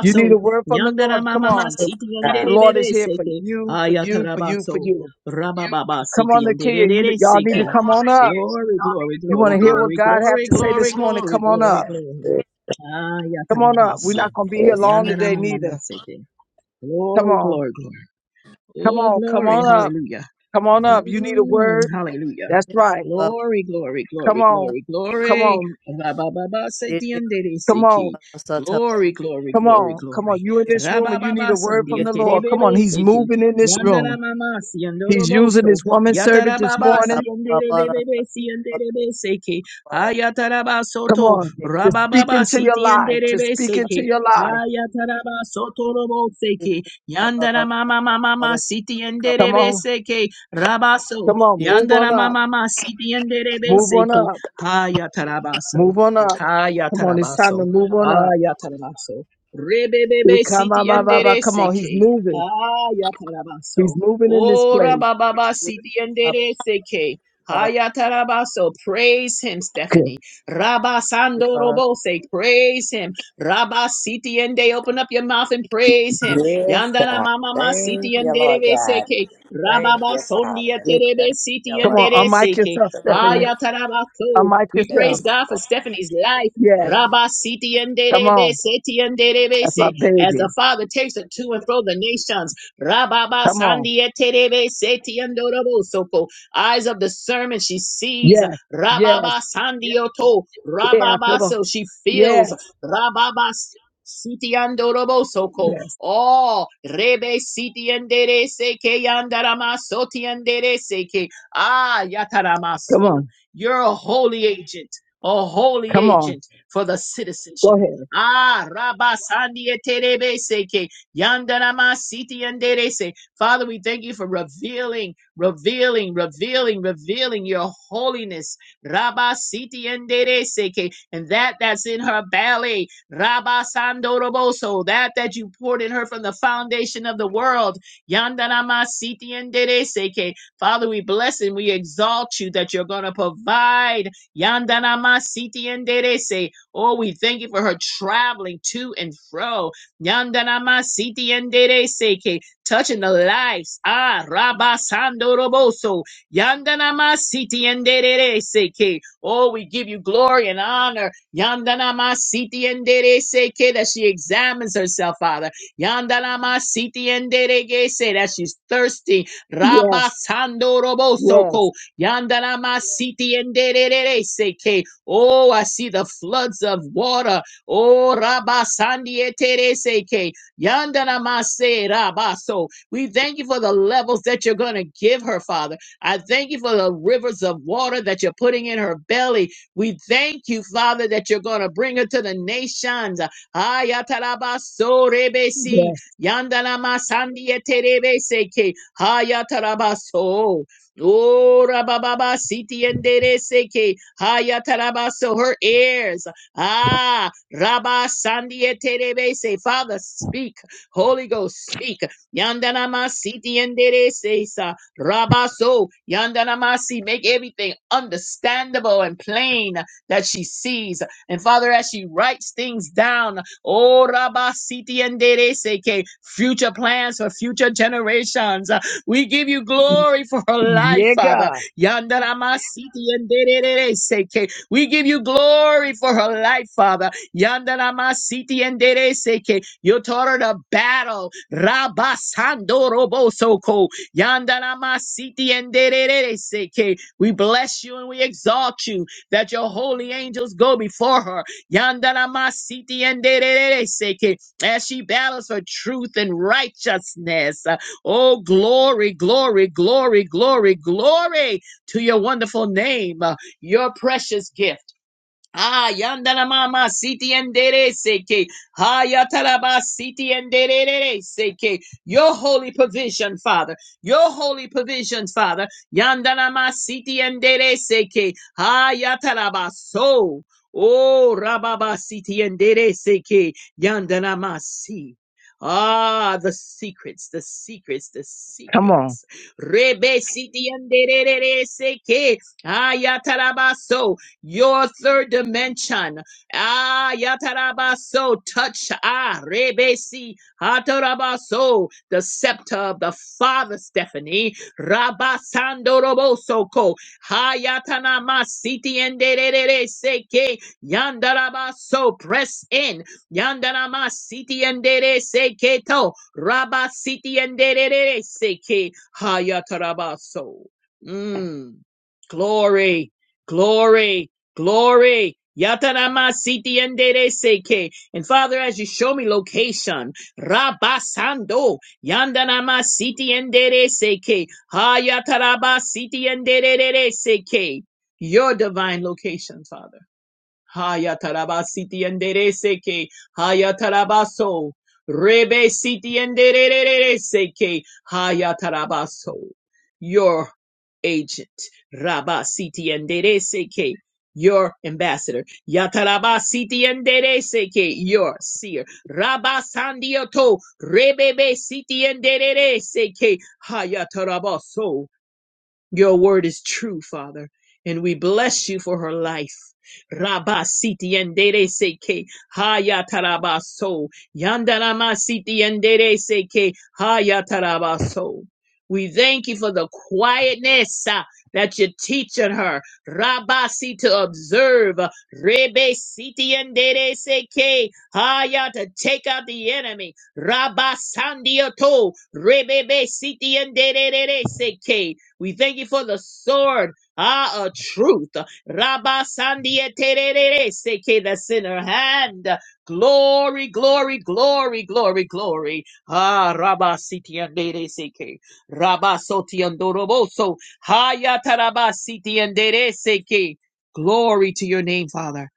[SPEAKER 3] You need a word from the
[SPEAKER 2] Yandara
[SPEAKER 3] Lord. Come
[SPEAKER 2] mama ma
[SPEAKER 3] on,
[SPEAKER 2] siti
[SPEAKER 3] the
[SPEAKER 5] God.
[SPEAKER 2] yandere
[SPEAKER 3] Lord
[SPEAKER 2] bebe
[SPEAKER 3] is here for
[SPEAKER 2] seke
[SPEAKER 3] you, for you, for you,
[SPEAKER 2] ayatarabaso
[SPEAKER 3] for you.
[SPEAKER 2] rababa
[SPEAKER 3] Come
[SPEAKER 2] siti
[SPEAKER 3] on, Nakia.
[SPEAKER 2] yandere
[SPEAKER 3] You
[SPEAKER 2] dere
[SPEAKER 3] y'all need
[SPEAKER 2] seke.
[SPEAKER 3] to come on up.
[SPEAKER 2] Glory, glory,
[SPEAKER 3] You want
[SPEAKER 2] glory,
[SPEAKER 3] to hear what
[SPEAKER 2] glory,
[SPEAKER 3] God have
[SPEAKER 2] glory,
[SPEAKER 3] to say
[SPEAKER 2] glory,
[SPEAKER 3] this morning?
[SPEAKER 2] glory,
[SPEAKER 3] Come on
[SPEAKER 2] glory,
[SPEAKER 3] up.
[SPEAKER 2] glory.
[SPEAKER 3] Come on up. We're not
[SPEAKER 2] Ayatarabasi.
[SPEAKER 3] gonna be here long
[SPEAKER 2] Yandara
[SPEAKER 3] today,
[SPEAKER 2] mama ma
[SPEAKER 3] neither.
[SPEAKER 2] sete.
[SPEAKER 3] Come
[SPEAKER 2] Glory,
[SPEAKER 3] on,
[SPEAKER 2] glory, glory.
[SPEAKER 3] come
[SPEAKER 2] Oh,
[SPEAKER 3] on, come
[SPEAKER 2] glory.
[SPEAKER 3] on up.
[SPEAKER 2] Hallelujah.
[SPEAKER 3] Come on up. You need a
[SPEAKER 2] Mm,
[SPEAKER 3] word.
[SPEAKER 2] hallelujah.
[SPEAKER 3] That's right.
[SPEAKER 2] Glory, glory,
[SPEAKER 3] Come
[SPEAKER 2] glory,
[SPEAKER 3] on,
[SPEAKER 2] glory,
[SPEAKER 3] come
[SPEAKER 2] glory.
[SPEAKER 3] on,
[SPEAKER 2] Ba ba ba ba setiendere
[SPEAKER 3] come on.
[SPEAKER 2] seki. Glory, glory,
[SPEAKER 3] Come
[SPEAKER 2] glory,
[SPEAKER 3] on, come
[SPEAKER 2] glory.
[SPEAKER 3] on. You in this room
[SPEAKER 2] Raba
[SPEAKER 3] and you
[SPEAKER 2] ba ba
[SPEAKER 3] need
[SPEAKER 2] ba
[SPEAKER 3] a word from
[SPEAKER 2] sandia
[SPEAKER 3] the Lord. Come
[SPEAKER 2] terebebe
[SPEAKER 3] on, He's
[SPEAKER 2] seki.
[SPEAKER 3] moving in this
[SPEAKER 2] Yandara
[SPEAKER 3] room.
[SPEAKER 2] mama siandoro
[SPEAKER 3] He's using
[SPEAKER 2] boso.
[SPEAKER 3] His woman servant
[SPEAKER 2] Yatara
[SPEAKER 3] this
[SPEAKER 2] baba
[SPEAKER 3] morning.
[SPEAKER 2] siendere bebebe siendere be seki. Ayatara ba
[SPEAKER 3] Come
[SPEAKER 2] soto.
[SPEAKER 3] on, to
[SPEAKER 2] Raba
[SPEAKER 3] speak
[SPEAKER 2] baba
[SPEAKER 3] into your
[SPEAKER 4] Glory,
[SPEAKER 3] life,
[SPEAKER 2] sitiendere
[SPEAKER 3] to
[SPEAKER 2] be
[SPEAKER 3] speak into
[SPEAKER 2] seki.
[SPEAKER 3] your life.
[SPEAKER 2] Ayatara ba soto robo seki. Yandara mama mama mama sitiendere
[SPEAKER 3] Come
[SPEAKER 2] be
[SPEAKER 3] on,
[SPEAKER 2] seki. Rabaso,
[SPEAKER 3] come on. Move on
[SPEAKER 2] Yandana
[SPEAKER 3] up,
[SPEAKER 2] Mama, Siti and Derebe
[SPEAKER 3] move on
[SPEAKER 2] Seki,
[SPEAKER 3] up,
[SPEAKER 2] Haya Tarabaso,
[SPEAKER 3] move on up.
[SPEAKER 2] Haya
[SPEAKER 3] Come on, it's time to
[SPEAKER 2] Tarabaso,
[SPEAKER 3] move on up.
[SPEAKER 2] Haya Tarabaso,
[SPEAKER 3] It
[SPEAKER 2] Rebebebe
[SPEAKER 3] Come on,
[SPEAKER 2] Siti
[SPEAKER 3] ba,
[SPEAKER 2] and
[SPEAKER 3] ba, ba.
[SPEAKER 2] Dere
[SPEAKER 3] Come on, He's
[SPEAKER 2] Seki,
[SPEAKER 3] moving.
[SPEAKER 2] Haya
[SPEAKER 3] He's
[SPEAKER 2] Tarabaso,
[SPEAKER 3] moving in this
[SPEAKER 2] Ora
[SPEAKER 3] place.
[SPEAKER 2] Baba Siti and Dere Seki, Haya Tarabaso, praise him,
[SPEAKER 3] Good.
[SPEAKER 2] Stephanie. Rabasando Robose, praise him. Rabasiti and Day, open up your mouth and praise him.
[SPEAKER 5] Yes,
[SPEAKER 2] Yandana
[SPEAKER 5] God.
[SPEAKER 2] mama ma
[SPEAKER 5] Thank
[SPEAKER 2] siti and
[SPEAKER 5] you, Lord
[SPEAKER 2] derebe
[SPEAKER 5] God.
[SPEAKER 2] seke.
[SPEAKER 5] Thank
[SPEAKER 2] Rababa
[SPEAKER 5] you,
[SPEAKER 2] Sondia
[SPEAKER 5] Father. Thank
[SPEAKER 2] Terebe
[SPEAKER 5] you,
[SPEAKER 2] Siti
[SPEAKER 3] Come
[SPEAKER 2] and
[SPEAKER 5] Lord
[SPEAKER 3] on,
[SPEAKER 5] God.
[SPEAKER 3] unmic
[SPEAKER 5] Thank
[SPEAKER 2] Dereseke.
[SPEAKER 5] you
[SPEAKER 3] yourself,
[SPEAKER 5] for your
[SPEAKER 3] Stephanie.
[SPEAKER 5] grace.
[SPEAKER 2] Haya Tarabako.
[SPEAKER 3] Unmic
[SPEAKER 2] We
[SPEAKER 5] Thank you
[SPEAKER 3] yourself.
[SPEAKER 2] praise God for
[SPEAKER 5] for
[SPEAKER 2] Stephanie's life.
[SPEAKER 3] Yes,
[SPEAKER 5] being
[SPEAKER 2] Rabba Siti and
[SPEAKER 3] come
[SPEAKER 2] Derebe
[SPEAKER 3] on.
[SPEAKER 2] Seti and Derebe
[SPEAKER 3] That's my
[SPEAKER 2] Se. As the
[SPEAKER 3] baby.
[SPEAKER 2] Father takes it to and fro the nations. Rababa
[SPEAKER 3] Come on.
[SPEAKER 2] Sandia Terebe Seti and Dorobo Soko. Eyes of discernment she sees.
[SPEAKER 3] Yes. Yes.
[SPEAKER 2] Rababa Sandioto.
[SPEAKER 3] Yeah, I feel
[SPEAKER 2] Rababa
[SPEAKER 3] the
[SPEAKER 2] so she feels.
[SPEAKER 3] yes,
[SPEAKER 2] Rababa Siti and Dorobo Soko.
[SPEAKER 3] yes.
[SPEAKER 2] Oh, rebe siti endere seke yandarama soti endere seke. Ah,
[SPEAKER 3] Come
[SPEAKER 2] yataramaso.
[SPEAKER 3] on,
[SPEAKER 2] You're a holy agent, a holy
[SPEAKER 3] come on.
[SPEAKER 2] agent for the
[SPEAKER 3] Go
[SPEAKER 2] citizenship.
[SPEAKER 3] ahead.
[SPEAKER 2] Ah, rabasandi eterebe seke yandarama siti endere se. Father, we thank you for revealing, revealing, revealing, revealing your holiness. rabba, Rabasiti endere seke. And that that's in her belly. Rabba Sandoroboso, that that you poured in her from the foundation of the world. Yandanama Siti and Dere Seke. Father, we bless and we exalt you that you're going to provide. Yandanama Siti and Dere se. Oh, we thank you for her traveling to and fro. Yandanama Siti and Dere Seke. Touching the lives. Ah, Rabba Sandoroboso. Yandanama Siti and Dere Seke. Oh, we give you glory and honor. Yandana masiti endere seke that she examines herself, Father. Yandana masiti endere gese that she's thirsty.
[SPEAKER 3] Yes,
[SPEAKER 2] Rabasando roboso
[SPEAKER 3] yes,
[SPEAKER 2] ko. Yandana masiti endere seke. Oh, I see the floods of water. Oh, rabasandi etere seke. Yandana mase rabaso. We thank you for the levels that you're going to give her, Father. I thank you for the rivers of water that you're putting in her belly. We thank you, Father, that you're going to bring her to the nations. Ayatarabasorebesi,
[SPEAKER 3] yes.
[SPEAKER 2] yandanamasandiaterebeseke, hayatarabaso. Oh, rabababa, siti endereseke, hayatarabaso, her ears. Ah, Rabba Sandiaterebese. Father, speak. Holy Ghost, speak. Yandanama siti enderese. Rabaso, Yandanamasi, make everything understandable and plain that she sees. And Father, as she writes things down, oh Rabasiti and Dereseke, future plans for future generations. We give you glory for her life,
[SPEAKER 3] Yeah,
[SPEAKER 2] Father.
[SPEAKER 3] God.
[SPEAKER 2] Yandanamasiti and Dereseke. We give you glory for her life, Father. Yandanamasiti and Dereseke. You taught her to battle. Rabasando Robosoko. Yandaramasiti and seke. We bless you and we exalt you that your holy angels go before her. Yandaramasiti and seke. As she battles for truth and righteousness. Oh, glory, glory, glory, glory, glory to your wonderful name, uh, your precious gift. Ah, yandana mama siti endere seke. Ha yataraba siti endere seke. Your holy provision, Father. Your holy provision, Father. Yandana ma siti endere seke. Ha yataraba so. Oh, rababa siti endere seke. Yandana ma si. Ah, the secrets, the secrets, the
[SPEAKER 3] Come on.
[SPEAKER 2] secrets. Rebe siti endere seke. Ha yataraba so your third dimension. Ah, yatarabaso, touch, ah, rebesi, hatarabaso, the scepter of the Father, Stephanie, rabasando roboso ko, hayatanama, siti enderere seke, yandarabaso, press in, yandarama, siti endere seke to, rabasiti enderere seke, hayatarabaso. Mm. Glory, glory. Glory. Yatarama siti endere seke. And Father, as you show me location, Rabasando, Yandanama siti endere seke. Hayataraba siti endere seke. Your divine location, Father. Haya taraba siti endere seke. Haya tarabaso. Rebe siti endere seke. Haya tarabaso. Your agent. Raba siti endere seke. Your ambassador. Yataraba siti endere seke. Your seer. Raba sandioto. Rebebe siti endere seke. Haya tarabaso. Your word is true, Father, and we bless you for her life. Rabba siti endere seke haya tarabaso. Yandarama siti endere seke haya tarabaso. We thank you for the quietness uh, that you're teaching her. Rabasi to observe. uh, Rebe siti endere seke haya to take out the enemy. Rabasandioto. Rebebe siti endere seke. We thank you for the sword, ah, of truth. Rabba Sandia Terere Seke that's in her hand. Glory, glory, glory, glory, glory. Ah, Rabba Sitiandere Seke. Rabba Sotiandoroboso. Haya Taraba Sitiandere Seke. Glory to your name, Father.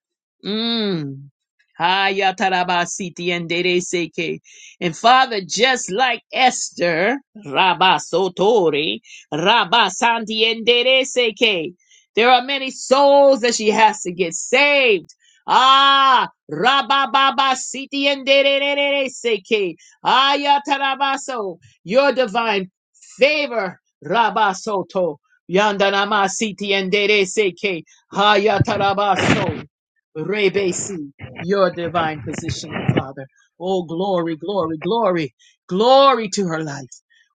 [SPEAKER 2] Mm. Haya Taraba Sitiandere Seke. And Father, just like Esther, Rabba Sotori. Rabba Sandiendere Seke. There are many souls that she has to get saved. Ah, Rabba Baba Sitiendere Seke. Ayatarabaso. Your divine favor, Rabba Soto. Yandanama Sitiendere Seke. Hayatarabaso. Rebesi. Your divine positioning, Father. Oh, glory, glory, glory, glory to her life.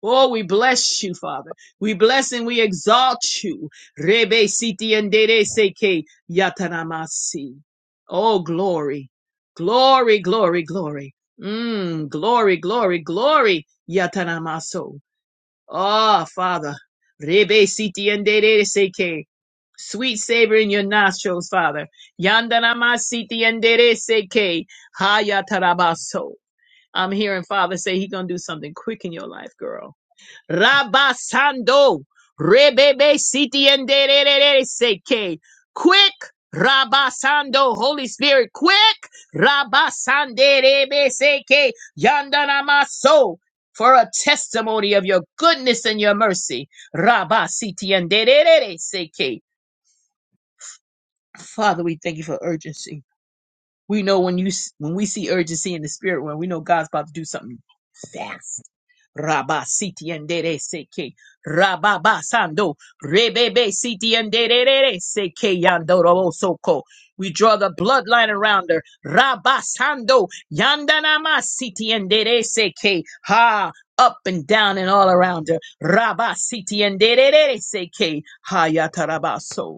[SPEAKER 2] Oh, we bless you, Father. We bless and we exalt you. Rebe siti endere seke yataramasi. Oh, glory. Glory, glory, glory. Mm, glory, glory, glory. Yataramaso. Ah, Father. Rebe siti endere seke. Sweet savor in your nostrils, Father. Yandanamasiti endere seke. Hayatarabaso. I'm hearing Father say he's gonna do something quick in your life, girl. Rabasando. Rebebe siti and seke. Quick. Rabasando. Holy Spirit. Quick. Rabasande rebe seke. Yandanamaso. For a testimony of your goodness and your mercy. Rabasiti and seke. Father, we thank you for urgency. We know when you when we see urgency in the spirit realm, we know God's about to do something fast. Rabba siti endere seke. Rabba basando. Rebebe siti endere seke yandoro soko. We draw the bloodline around her. Rabba sando. Yandanama siti endere seke. Ha. Up and down and all around her. Rabba siti endere seke. Ha yatarabaso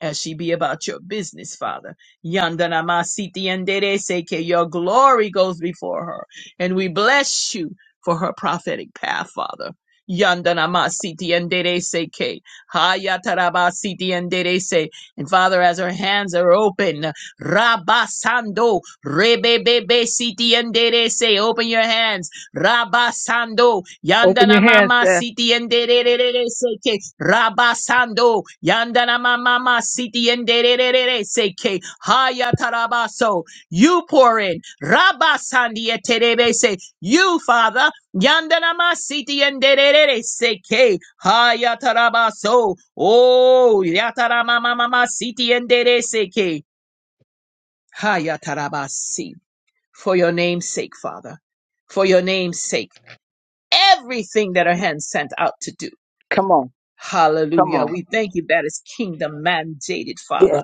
[SPEAKER 2] as she be about your business, Father. Yandanama siti enderece, que your glory goes before her. And we bless you for her prophetic path, Father. Yandanama siti enderece, que hayataraba siti enderece. And Father, as her hands are open, rabasando rebebebe siti enderece, open your hands. Rabasando,
[SPEAKER 3] Open your
[SPEAKER 2] Yandana
[SPEAKER 3] hands
[SPEAKER 2] Mama
[SPEAKER 3] there.
[SPEAKER 2] City and Derere Seke, Rabasando, Yandana Mama City and Derere Seke, Hayatarabaso, you pour in, Rabasandi et Terebese, you Father, Yandana Ma City and Derere Seke, Hayatarabaso, oh, Yatarama Mama City and Derere Seke, Hayatarabasi, for your name's sake, Father, for your name's sake everything that her hand sent out to do.
[SPEAKER 3] Come on, come
[SPEAKER 2] Hallelujah.
[SPEAKER 3] on.
[SPEAKER 2] We thank you that is kingdom mandated, Father,
[SPEAKER 3] Yes,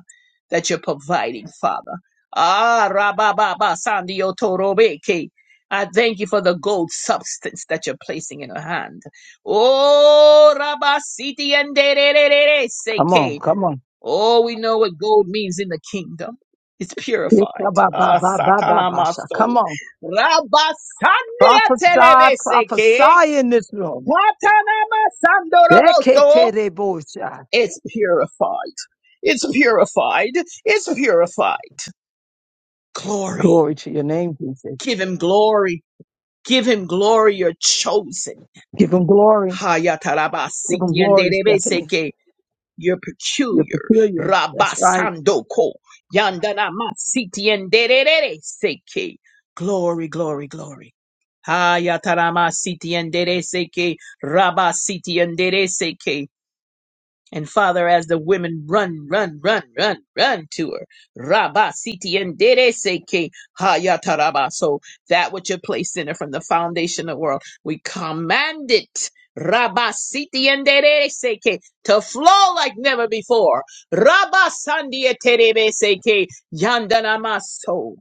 [SPEAKER 2] that you're providing, Father. Ah, rabababa, sandio torobeke. I thank you for the gold substance that you're placing in her hand. Oh, rabasiti and
[SPEAKER 3] come on,
[SPEAKER 2] seke.
[SPEAKER 3] come on.
[SPEAKER 2] Oh, we know what gold means in the kingdom. It's
[SPEAKER 3] Yes,
[SPEAKER 2] purified.
[SPEAKER 3] ba ba
[SPEAKER 2] Ah,
[SPEAKER 3] ba ba ba
[SPEAKER 2] satana
[SPEAKER 3] ba. sha.
[SPEAKER 2] maso.
[SPEAKER 3] Come on.
[SPEAKER 2] Rabasandi
[SPEAKER 3] Prophesy,
[SPEAKER 2] telebeseke.
[SPEAKER 3] prophesy in this room.
[SPEAKER 2] Watanama Sandoroboso.
[SPEAKER 3] Eketerebosha.
[SPEAKER 2] It's purified. It's purified. It's purified. Glory.
[SPEAKER 3] Glory to your name, Jesus.
[SPEAKER 2] Give him glory. Give him glory. You're chosen.
[SPEAKER 3] Give him glory. Give him
[SPEAKER 2] Hayatarabasiti and
[SPEAKER 3] glory, Stephanie.
[SPEAKER 2] derebeseke. You're
[SPEAKER 3] You're
[SPEAKER 2] peculiar.
[SPEAKER 3] peculiar. That's right.
[SPEAKER 2] Rabasandoko. Yandanamasiti and derebeseke. Glory, glory, glory. Hayatarama siti and dereseke. Rabasiti and dereseke. And Father, as the women run, run, run, run, run to her, Rabba Siti Ndere Seke Hayataraba. So that which you placed in her from the foundation of the world, we command it. Rabba Siti Ndere Seke to flow like never before. Rabba Sandia Terebe Seke Yandanamaso,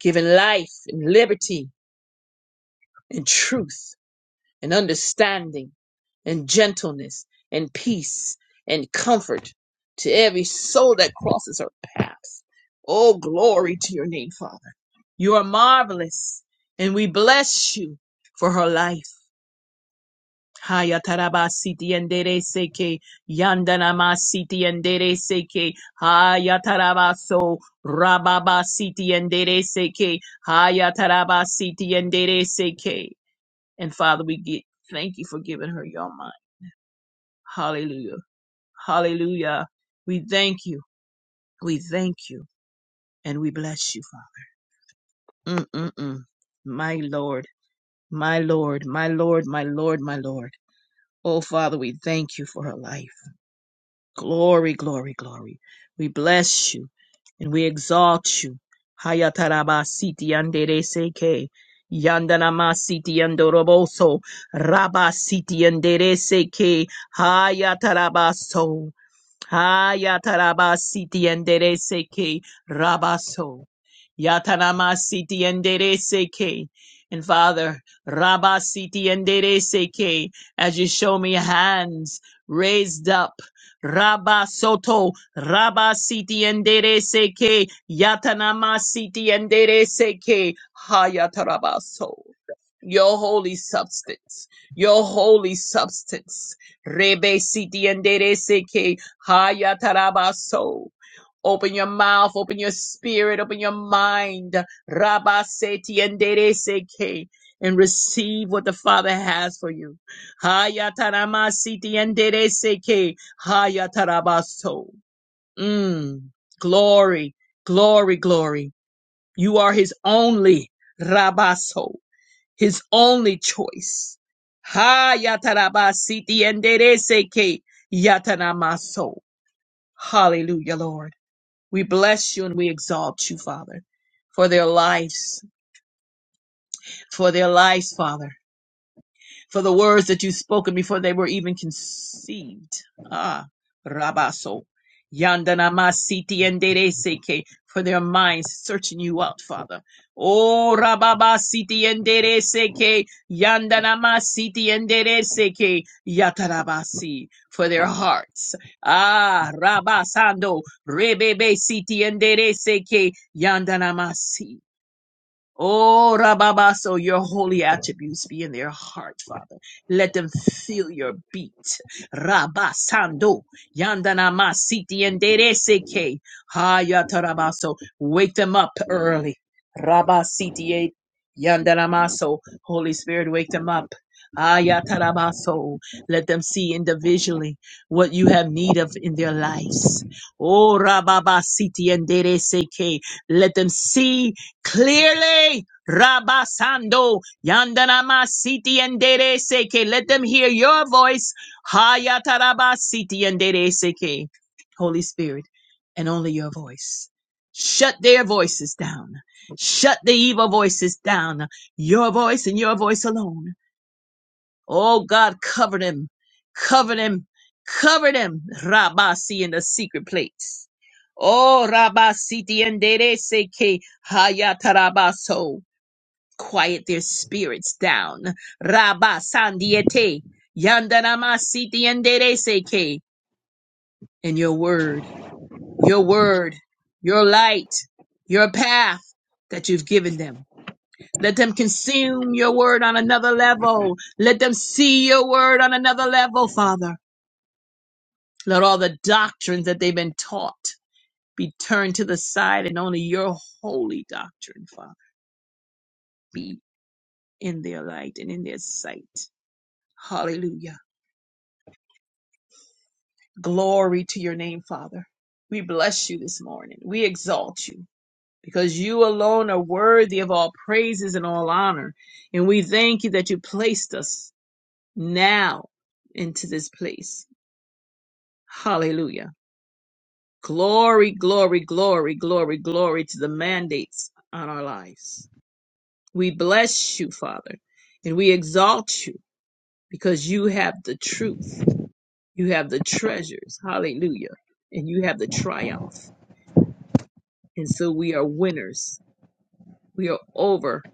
[SPEAKER 2] giving life and liberty and truth and understanding and gentleness and peace and comfort to every soul that crosses her path. Oh, glory to your name, Father. You are marvelous, and we bless you for her life. Haya taraba siti endere seke yandanama siti endere seke haya taraba so rababa siti endere seke haya taraba siti endere seke. And Father, we get thank you for giving her your mind. Hallelujah. Hallelujah. We thank you. We thank you. And we bless you, Father. Mm-mm-mm. My Lord, my Lord, my Lord, my Lord, my Lord. Oh, Father, we thank you for her life. Glory, glory, glory. We bless you and we exalt you. Hayataraba siti andere seke. Yandanama siti andoroboso. Raba siti andere seke. Hayatarabaso. Hayatarabasiti enderece que rabaso. Yatanamasiti enderece seke, And Father, rabasiti enderece seke. As you show me hands raised up. Rabasoto, rabasiti enderece que. Yatanamasiti enderece que. Hayatarabaso. Your holy substance, your holy substance. Rebe siti endere seke. Hayatarabaso. Open your mouth, open your spirit, open your mind. Rabaseti endereseke. And receive what the Father has for you. Hayataramasiti endereseke. Hayatarabaso. Mm. Glory, glory, glory. You are his only rabaso, his only choice. Ha Hayatarabasiti endereseke. Yatanamaso. Hallelujah, Lord. We bless you and we exalt you, Father, for their lives, for their lives, Father for the words that you've spoken before they were even conceived. Ah, Rabaso. Yandanamasiti and Dereseke, for their minds searching you out, Father. Oh, Rababasiti and Dereseke, Yandanamasiti and Dereseke, Yatarabasi, for their hearts. Ah, Rabasando, Rebebe Siti and Dereseke, Yandanamasi. Oh, Rababa, so your holy attributes be in their heart, Father. Let them feel your beat. Rabba Sando, Yandanama Siti and Dereseke, Hayatarabaso. Wake them up early. Rabba Siti Yandanamaso. Holy Spirit, wake them up. Ayatarabaso. Let them see individually what you have need of in their lives. Oh, Rababa Siti and Dereseke. Let them see clearly. Rabasando Yandanamasiti and Dere Seke. Let them hear your voice. Hayatarabasiti and Dere Seke. Holy Spirit, and only your voice. Shut their voices down. Shut the evil voices down. Your voice and your voice alone. Oh God, covered him, covered him, covered him, Rabasi in the secret place. Oh Rabasi diendere seke hayatarabaso. Quiet their spirits down. Rabasandiete. Yandanamasi diendere seke. And your word, your word, your light, your path that you've given them. Let them consume your word on another level. Let them see your word on another level, Father. Let all the doctrines that they've been taught be turned to the side and only your holy doctrine, Father, be in their light and in their sight. Hallelujah. Glory to your name, Father. We bless you this morning. We exalt you because you alone are worthy of all praises and all honor. And we thank you that you placed us now into this place Hallelujah. Glory, glory, glory, glory, glory to the mandates on our lives. We bless you, Father, and we exalt you because you have the truth. You have the treasures. Hallelujah. And you have the triumph. And so we are winners. We are over,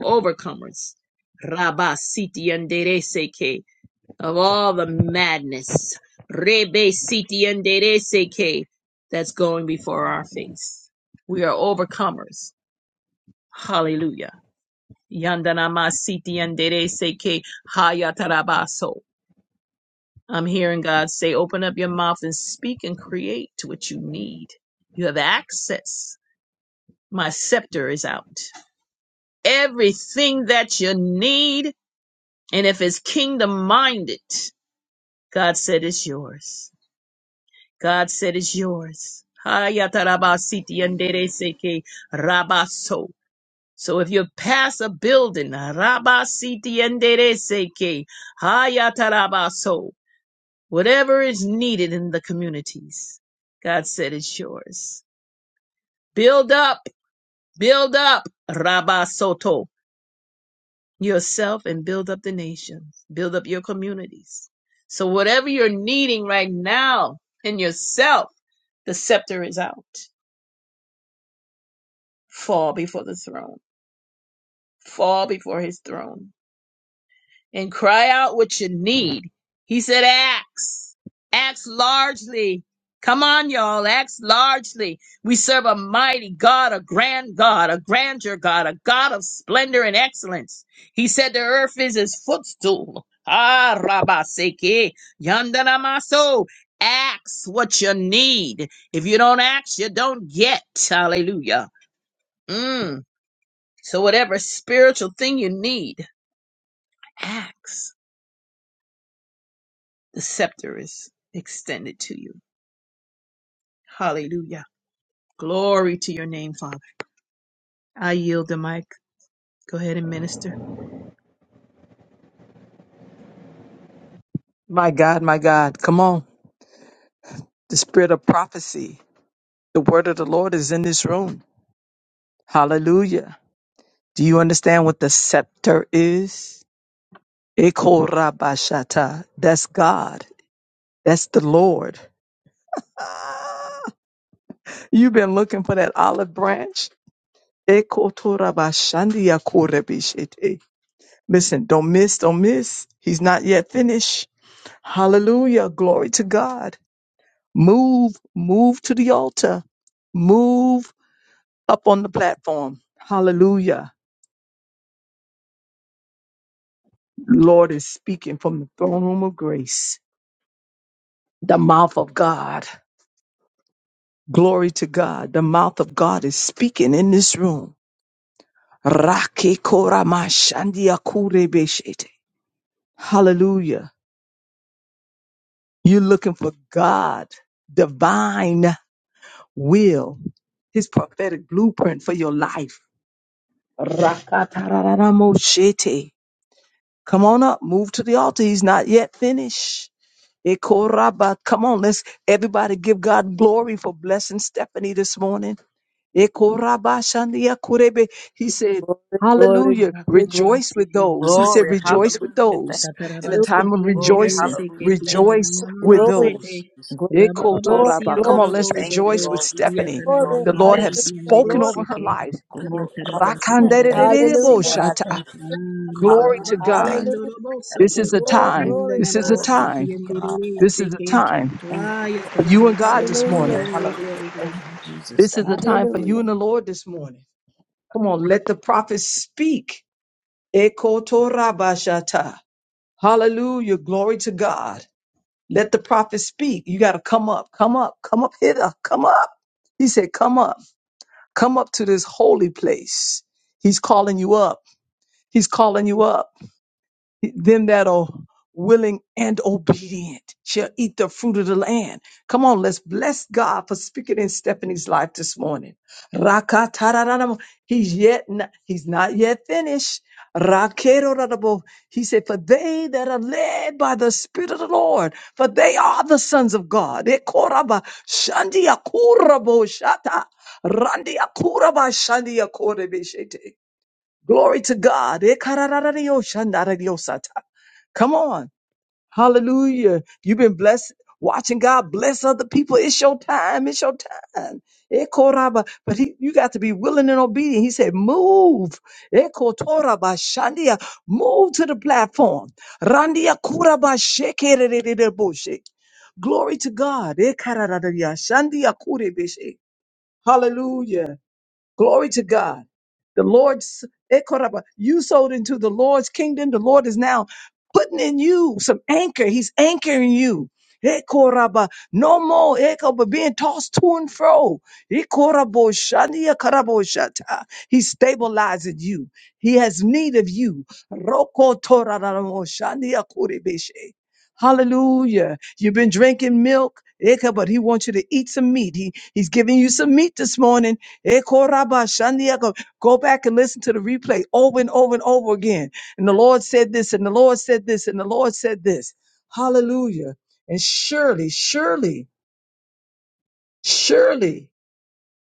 [SPEAKER 2] overcomers. Rabba siti of all the madness, rebe siti and Dere seke, that's going before our face. We are overcomers. Hallelujah. Yandanama siti and Dere seke hayatarabaso. I'm hearing God say, open up your mouth and speak and create what you need. You have access. My scepter is out. Everything that you need, and if it's kingdom minded, God said it's yours. God said it's yours. Hayatarabasiti yandereseke rabaso. So if you pass a building, rabasiti yandereseke hayatarabaso, whatever is needed in the communities, God said it's yours. Build up, build up, rabasoto, yourself and build up the nations, build up your communities. So whatever you're needing right now in yourself, the scepter is out. fall before the throne, fall before his throne, and cry out what you need. He said, Axe, axe largely. Come on, y'all, axe largely. We serve a mighty God, a grand God, a grandeur God, a God of splendor and excellence. He said, The earth is his footstool. Ah, Rabaseke, Yandanamaso. Axe what you need. If you don't axe, you don't get. Hallelujah. Mm. So, whatever spiritual thing you need, ask. The scepter is extended to you. Hallelujah. Glory to your name, Father. I yield the mic. Go ahead and minister.
[SPEAKER 3] My God, my God. Come on. the spirit of prophecy. The word of the Lord is in this room. Hallelujah. Do you understand what the scepter is? Ekorabashata. That's God. That's the Lord. You've been looking for that olive branch. Ekotorabashandiakorebishete. Listen, don't miss, don't miss. He's not yet finished. Hallelujah. Glory to God. Move, move to the altar. Move up on the platform. Hallelujah. Lord is speaking from the throne room of grace, the mouth of God. Glory to God. The mouth of God is speaking in this room. Rake koramashandia kurebeshete. Hallelujah. You're looking for God, divine will, his prophetic blueprint for your life. Rakatararamoshete. Come on up, move to the altar. He's not yet finished. Ekoraba. Come on, let's everybody give God glory for blessing Stephanie this morning. Ekoraba shandia kurebe. He said, Hallelujah. Rejoice with those. He said,
[SPEAKER 6] Glory.
[SPEAKER 3] Rejoice
[SPEAKER 6] Hallelujah.
[SPEAKER 3] with
[SPEAKER 6] Thank
[SPEAKER 3] those.
[SPEAKER 6] you,
[SPEAKER 3] In the
[SPEAKER 6] Jesus.
[SPEAKER 3] time
[SPEAKER 2] Tatarabasti
[SPEAKER 3] of
[SPEAKER 2] andere
[SPEAKER 6] Glory.
[SPEAKER 3] rejoicing,
[SPEAKER 6] Hallelujah.
[SPEAKER 2] seketi
[SPEAKER 6] Thank you,
[SPEAKER 2] andara
[SPEAKER 3] rejoice
[SPEAKER 6] Lord.
[SPEAKER 4] glory,
[SPEAKER 2] mama
[SPEAKER 3] with
[SPEAKER 6] Thank
[SPEAKER 4] glory,
[SPEAKER 6] you,
[SPEAKER 2] sete.
[SPEAKER 3] those.
[SPEAKER 6] Jesus.
[SPEAKER 2] Rababa
[SPEAKER 6] Glory.
[SPEAKER 3] Ekotoraba.
[SPEAKER 2] siendo
[SPEAKER 3] Come on,
[SPEAKER 6] Hallelujah.
[SPEAKER 2] robo
[SPEAKER 3] let's
[SPEAKER 6] Thank you,
[SPEAKER 2] soko.
[SPEAKER 3] rejoice with
[SPEAKER 6] Lord. We thank
[SPEAKER 3] Stephanie.
[SPEAKER 2] Yatara
[SPEAKER 6] you, Lord.
[SPEAKER 4] glory,
[SPEAKER 3] The
[SPEAKER 6] We
[SPEAKER 2] mama
[SPEAKER 3] Lord
[SPEAKER 6] thank
[SPEAKER 4] hallelujah,
[SPEAKER 3] have
[SPEAKER 2] siti
[SPEAKER 6] you, Jesus.
[SPEAKER 2] andere
[SPEAKER 3] spoken
[SPEAKER 4] glory, glory,
[SPEAKER 3] over her
[SPEAKER 2] seke.
[SPEAKER 3] life.
[SPEAKER 6] Glory.
[SPEAKER 2] Yataraba
[SPEAKER 6] Hallelujah. We
[SPEAKER 2] siti
[SPEAKER 4] glory, glory, glory, hallelujah, glory,
[SPEAKER 6] thank
[SPEAKER 2] andere
[SPEAKER 6] you,
[SPEAKER 3] Rakanderererebo
[SPEAKER 4] hallelujah,
[SPEAKER 6] Lord.
[SPEAKER 2] seke.
[SPEAKER 6] I
[SPEAKER 3] shata.
[SPEAKER 6] thank you.
[SPEAKER 3] Glory
[SPEAKER 2] Rababa
[SPEAKER 3] to
[SPEAKER 6] Hallelujah.
[SPEAKER 3] God.
[SPEAKER 6] Thank
[SPEAKER 2] siendo
[SPEAKER 6] you.
[SPEAKER 4] hallelujah,
[SPEAKER 2] robo
[SPEAKER 6] Thank
[SPEAKER 3] This
[SPEAKER 2] soko.
[SPEAKER 6] you,
[SPEAKER 3] is a
[SPEAKER 6] Lord.
[SPEAKER 4] glory,
[SPEAKER 3] time.
[SPEAKER 4] glory,
[SPEAKER 2] Yandana
[SPEAKER 3] This is a
[SPEAKER 2] mas
[SPEAKER 4] glory,
[SPEAKER 6] Glory to
[SPEAKER 2] siti
[SPEAKER 3] time.
[SPEAKER 6] you,
[SPEAKER 2] andere
[SPEAKER 6] God.
[SPEAKER 3] This is a
[SPEAKER 2] seke.
[SPEAKER 3] time
[SPEAKER 6] Thank
[SPEAKER 2] Ah,
[SPEAKER 6] you, Lord.
[SPEAKER 3] for you
[SPEAKER 2] yataraba
[SPEAKER 3] and
[SPEAKER 2] so.
[SPEAKER 3] God this
[SPEAKER 4] hallelujah,
[SPEAKER 6] Glory.
[SPEAKER 3] morning.
[SPEAKER 2] Glory,
[SPEAKER 6] Hallelujah.
[SPEAKER 2] glory,
[SPEAKER 6] Thank you,
[SPEAKER 2] glory.
[SPEAKER 6] Jesus.
[SPEAKER 3] This is a
[SPEAKER 6] Thank you.
[SPEAKER 3] time for you
[SPEAKER 4] hallelujah.
[SPEAKER 3] and the Lord this morning. Come on, let the prophets speak. Eko Torah bashata. Hallelujah. Glory to God. Let the prophets speak. You got to come up, come up, come up hither, come up. He said, Come up, come up to this holy place. He's calling you up. He's calling you up. them that are willing and obedient shall eat the fruit of the land. Come on, let's bless God for speaking in Stephanie's life this morning. Rakatarararamo. He's yet not, he's not yet finished. Rakerorarabo. He said, For they that are led by the Spirit of the Lord, for they are the sons of God. Ekoraba shandiakurabo shata. Randiakuraba shandiakorebeshete. Glory to God. Ekarararariyoshandarariyosata. Come on. Hallelujah. You've been blessed watching God bless other people. It's your time. It's your time. Ekoraba. But he, you got to be willing and obedient. He said, move. Ekotorabashandia. Move to the platform. Randia kurabashekerererereboshi. Glory to God. Ekarararariyashandia kurebeshe. Hallelujah. Glory to God. The Lord's, Ekoraba, you sold into the Lord's kingdom. The Lord is now putting in you some anchor. He's anchoring you. Ekoraba, no more Ekoba, being tossed to and fro. Ekorabo, shania karabo shata. He's stabilizing you. He has need of you. Roko toraramo, shania kurebeshe. Hallelujah. You've been drinking milk, Eka, but he wants you to eat some meat. He, he's giving you some meat this morning Ekorabashandiako. Go back and listen to the replay over and over and over again. And the Lord said this, and the Lord said this, and the Lord said this. Hallelujah. And surely, surely, surely,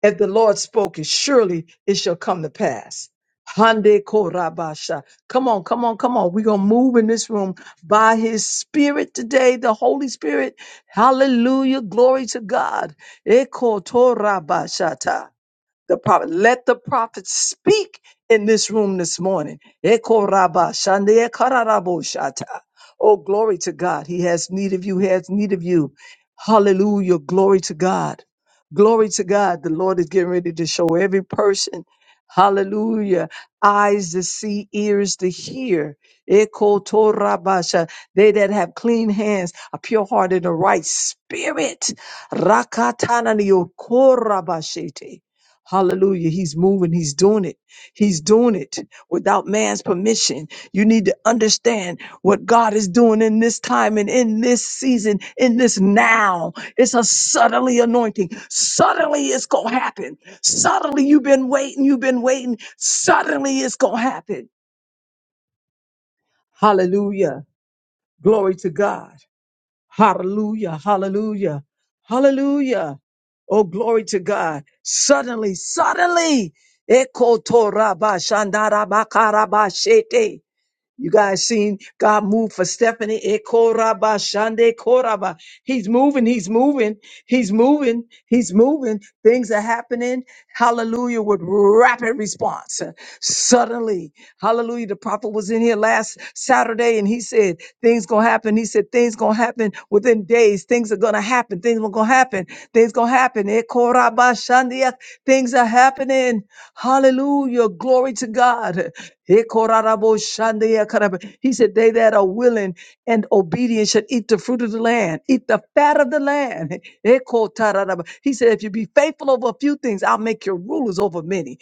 [SPEAKER 3] if the Lord spoke it, surely it shall come to pass. Hande korabasha. Come on, come on, come on. We're going to move in this room by his spirit today, the Holy Spirit. Hallelujah. Glory to God. Ekotorabashata the prophet. Let the prophet speak in this room this morning. Eko raba shande ekararabo shata. Oh, glory to God. He has need of you. He has need of you. Hallelujah. Glory to God. Glory to God. The Lord is getting ready to show every person. Hallelujah. Eyes to see, ears to hear. Eko to raba sha- They that have clean hands, a pure heart, and a right spirit. Rakatana Hallelujah. He's moving. He's doing it. He's doing it without man's permission. You need to understand what God is doing in this time and in this season, in this now. It's a suddenly anointing. Suddenly it's going to happen. Suddenly you've been waiting. You've been waiting. Suddenly it's going to happen. Hallelujah. Glory to God. Hallelujah. Hallelujah. Hallelujah. Oh, glory to God. Suddenly, suddenly. Ekotorabashandarabakarabash- you guys seen God move for Stephanie? Eh, koraba, shande, koraba. He's moving, he's moving, he's moving, he's moving. Things are happening. Hallelujah, with rapid response. Suddenly, hallelujah. The prophet was in here last Saturday and he said, Things gonna happen. He said, Things gonna happen within days. Things are gonna happen. Things are gonna happen. Things gonna happen. Eh, koraba, shande, eh, Things are happening. Hallelujah. Glory to God. He said, They that are willing and obedient should eat the fruit of the land, eat the fat of the land. He said, If you be faithful over a few things, I'll make you rulers over many.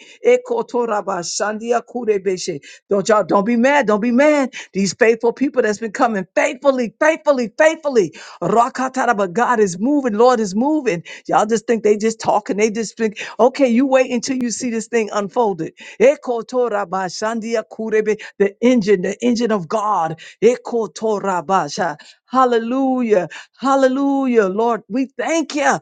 [SPEAKER 3] Don't y'all don't be mad, don't be mad. These faithful people that's been coming faithfully, faithfully, faithfully. Rakataraba. God is moving, Lord is moving. Y'all just think they just talking, they just think, okay, you wait until you see this thing unfolded. Ekotorabashandia kurebe, The engine, the engine of God. Ekotorabasha. Hallelujah. Hallelujah. Lord, we thank you.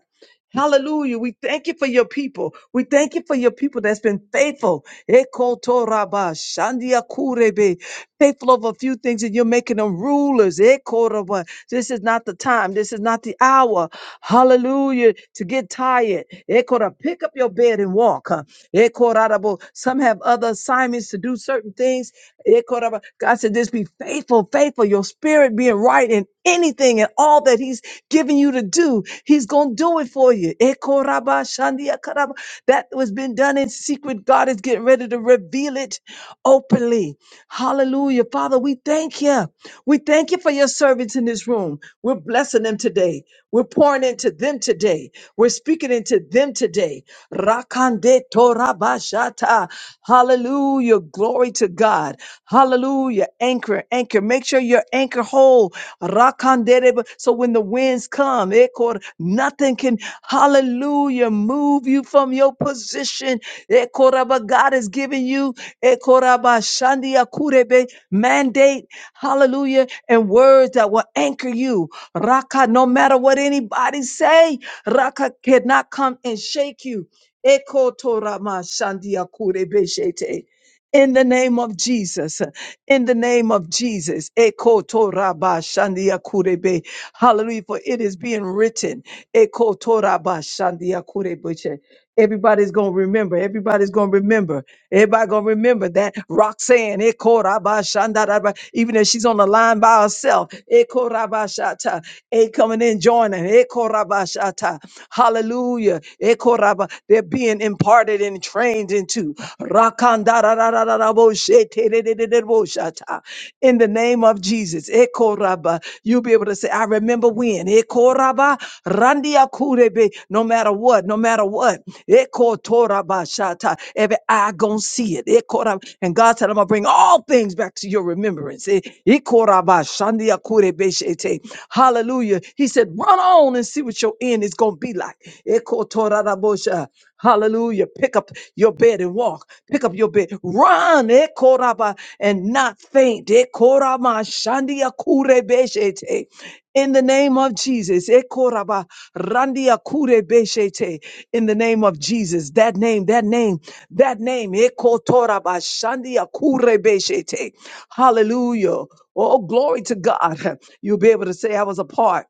[SPEAKER 3] Hallelujah. We thank you for your people. We thank you for your people that's been faithful. Ekotorabashandia kurebe faithful over a few things and you're making them rulers. Eh, Cordova. This is not the time. This is not the hour. Hallelujah. To get tired. Eh, Cordova, Pick up your bed and walk. huh. Eh, Cordova, Some have other assignments to do certain things. Eh, Cordova, God said, just be faithful, faithful. Your spirit being right in anything and all that He's given you to do. He's going to do it for you. Eh, Cordova, Shandia, Cordova. That was been done in secret. God is getting ready to reveal it openly mightily. Hallelujah. Father, we thank you. We thank you for your servants in this room. We're blessing them today. We're pouring into them today. We're speaking into them today. Rakande torabashata. Hallelujah. Glory to God. Hallelujah. Anchor, anchor. Make sure your anchor hold. Rakandere. So when the winds come, ekor, nothing can, hallelujah, move you from your position. Ekoraba. God has given you Ekorabashandia kurebe mandate, hallelujah, and words that will anchor you. Raka, no matter what anybody say, Raka cannot come and shake you. Ekotoramashandia kurebe shete. In the name of Jesus, in the name of Jesus, Ekotorabashandia kurebe. hallelujah, for it is being written. Ekotorabashandia kurebe. Everybody's going to remember. Everybody's going to remember. Everybody gonna remember that Roxanne, Ekorabashandaraba, even if she's on the line by herself, Ekorabashata, A coming in joining, Ekorabashata, Hallelujah, Ekoraba, they're being imparted and trained into Rakandararararaboshe, terererereboshata in the name of Jesus. Ekoraba. You'll be able to say, I remember when. Ekoraba, randia kurebe. No matter what, no matter what. Ekotoraba shata. Every eye gonna see it. Ekoraba. And God said, I'm gonna bring all things back to your remembrance. E- Ekoraba, shandia kurebe shete. Hallelujah. He said, run on and see what your end is gonna be like. Ekotorabosha. Hallelujah. Pick up your bed and walk. Pick up your bed. Run eh, koraba, and not faint. eh, korama, shandia kure beshete. In the name of Jesus. eh, koraba, randia kure beshete. In the name of Jesus. That name, that name, that name. eh, kotoraba, shandia kure beshete. Hallelujah. Oh, glory to God. You'll be able to say, I was a part."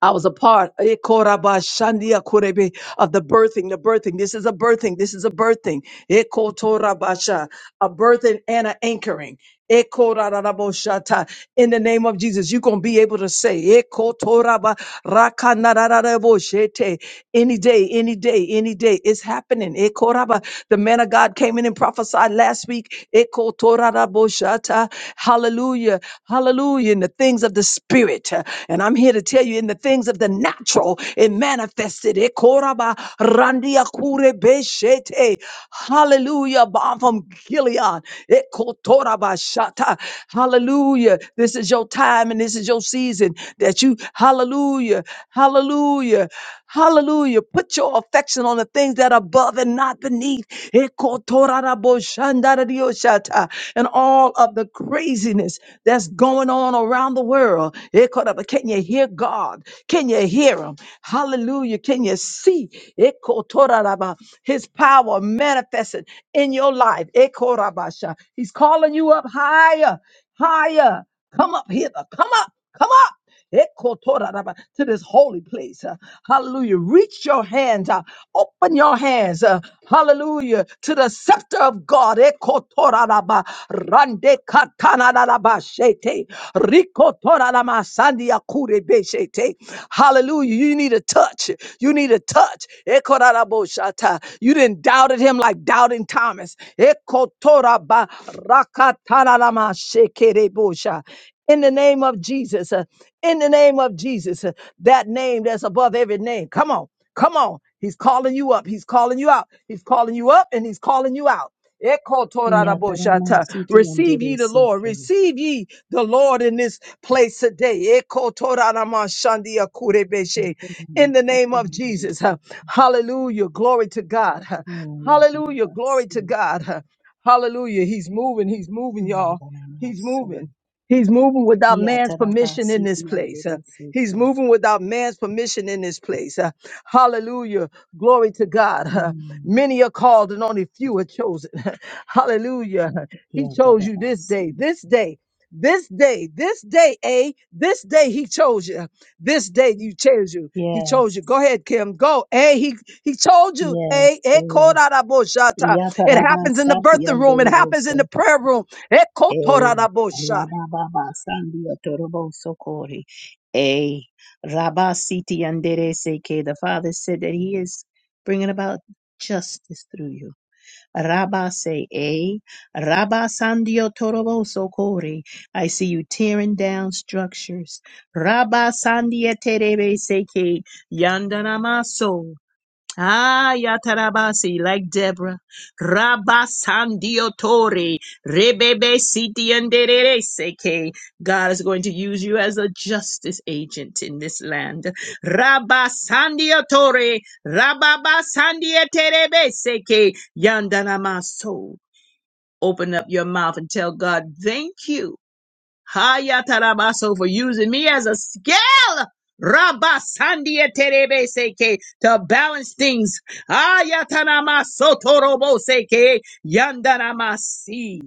[SPEAKER 3] I was a part eh, korabashandia korebe, of the birthing, the birthing. This is a birthing. This is a birthing. Eh, kotorabasha, A birthing and an anchoring. Ekorararaboshata. In the name of Jesus, you're going to be able to say, Ekotoraba rakanarararaboshete. any day, any day, any day, it's happening. Ekoraba. The man of God came in and prophesied last week. Ekotoraraboshata. Hallelujah. Hallelujah. In the things of the spirit. And I'm here to tell you, in the things of the natural natural. It manifested. It koraba randia kure beshete. Hallelujah. Bomb from Gilead. It kotoraba shata. Hallelujah. This is your time and this is your season that you, hallelujah, hallelujah, hallelujah. Put your affection on the things that are above and not beneath. It Shandarioshata, and all of the craziness that's going on around the world. Ekoraba, Can you hear God? Can you hear Him? Hallelujah. Can you see Ekotoraraba, His power manifested in your life? Ekorabasha. He's calling you up higher, higher. Come up hither. Come up. Come up. Ekotoraraba, to this holy place. Uh, Hallelujah. Reach your hands out. Open your hands. uh, Hallelujah. To the scepter of God. Ekotoraraba, Rande katanaraba shete. Rikotorarama sandia kurebe shete. Hallelujah. You need a touch. You need a touch. Ekorarabo shata. You didn't doubted him like doubting Thomas. Ekotoraba rakatanarama shekerebo sha in the name of Jesus. uh, In the name of Jesus, uh, that name that's above every name. Come on, come on. He's calling you up. He's calling you out. He's calling you up and he's calling you out. Eko
[SPEAKER 2] Yatarama
[SPEAKER 3] toraraboshata.
[SPEAKER 2] siti
[SPEAKER 3] Receive
[SPEAKER 2] andere
[SPEAKER 3] ye the Lord.
[SPEAKER 2] seke.
[SPEAKER 3] Receive ye the Lord in this place today. Eko toraramashandia kurebeshe.
[SPEAKER 2] Yatarama
[SPEAKER 3] In the name
[SPEAKER 2] siti
[SPEAKER 3] of
[SPEAKER 2] andere
[SPEAKER 3] Jesus. uh,
[SPEAKER 2] seke.
[SPEAKER 3] Hallelujah. Glory to God. uh,
[SPEAKER 2] Oh,
[SPEAKER 3] Hallelujah.
[SPEAKER 2] yataraba
[SPEAKER 3] Glory to
[SPEAKER 2] so.
[SPEAKER 3] God. uh, Hallelujah. He's moving. He's moving, y'all. He's
[SPEAKER 2] Yandanamaso.
[SPEAKER 3] moving. He's moving without man's permission
[SPEAKER 2] Yatarabasi
[SPEAKER 3] in this place. Uh, He's
[SPEAKER 2] Yanderesoto.
[SPEAKER 3] moving without man's permission in this place. Uh, Hallelujah. Glory to God. Uh,
[SPEAKER 2] Mm.
[SPEAKER 3] Many are called and only few are chosen. Hallelujah. huh. He chose you this
[SPEAKER 2] Yatarabasi.
[SPEAKER 3] day, this day. This day, this day, A, this day he chose you. huh. This day you chose you. He chose
[SPEAKER 2] Yes,
[SPEAKER 3] you. Go ahead, Kim. Go. A, he he told you.
[SPEAKER 2] yes.
[SPEAKER 3] A, it called
[SPEAKER 2] eh.
[SPEAKER 3] out It happens in the
[SPEAKER 2] Yatarabasa
[SPEAKER 3] birthing room. It happens in
[SPEAKER 2] Yanderevoso.
[SPEAKER 3] the prayer room.
[SPEAKER 2] Eh.
[SPEAKER 3] Ekotorabosha.
[SPEAKER 2] Rabababa Sandia Toroboso Kori. Eh. Rabasiti Yanderese. The Father said that He is bringing about justice through you. Rabba say A. Rabba Sandio Torobo Sokori. I see you tearing down structures. Rabba Sandia Terebe Seke Yandanamaso. Ah, Yatarabasi, like Deborah. Rabasandiotori, Rebebe Sitiandereseke. God is going to use you as a justice agent in this land. Rabasandiotori, Rababasandieterebeseke, Yandanamaso. Open up your mouth and tell God, thank you. Hayatarabaso for using me as a scale. Rabasandia terebe seke to balance things. Ayatanama sotorobo seke yandanamasi.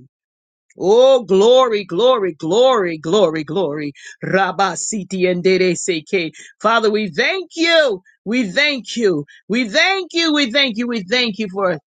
[SPEAKER 2] Oh, glory, glory, glory, glory, glory. Rabba Siti and Dere Seke. Father, we thank you. We thank you. We thank you. We thank you. We thank you for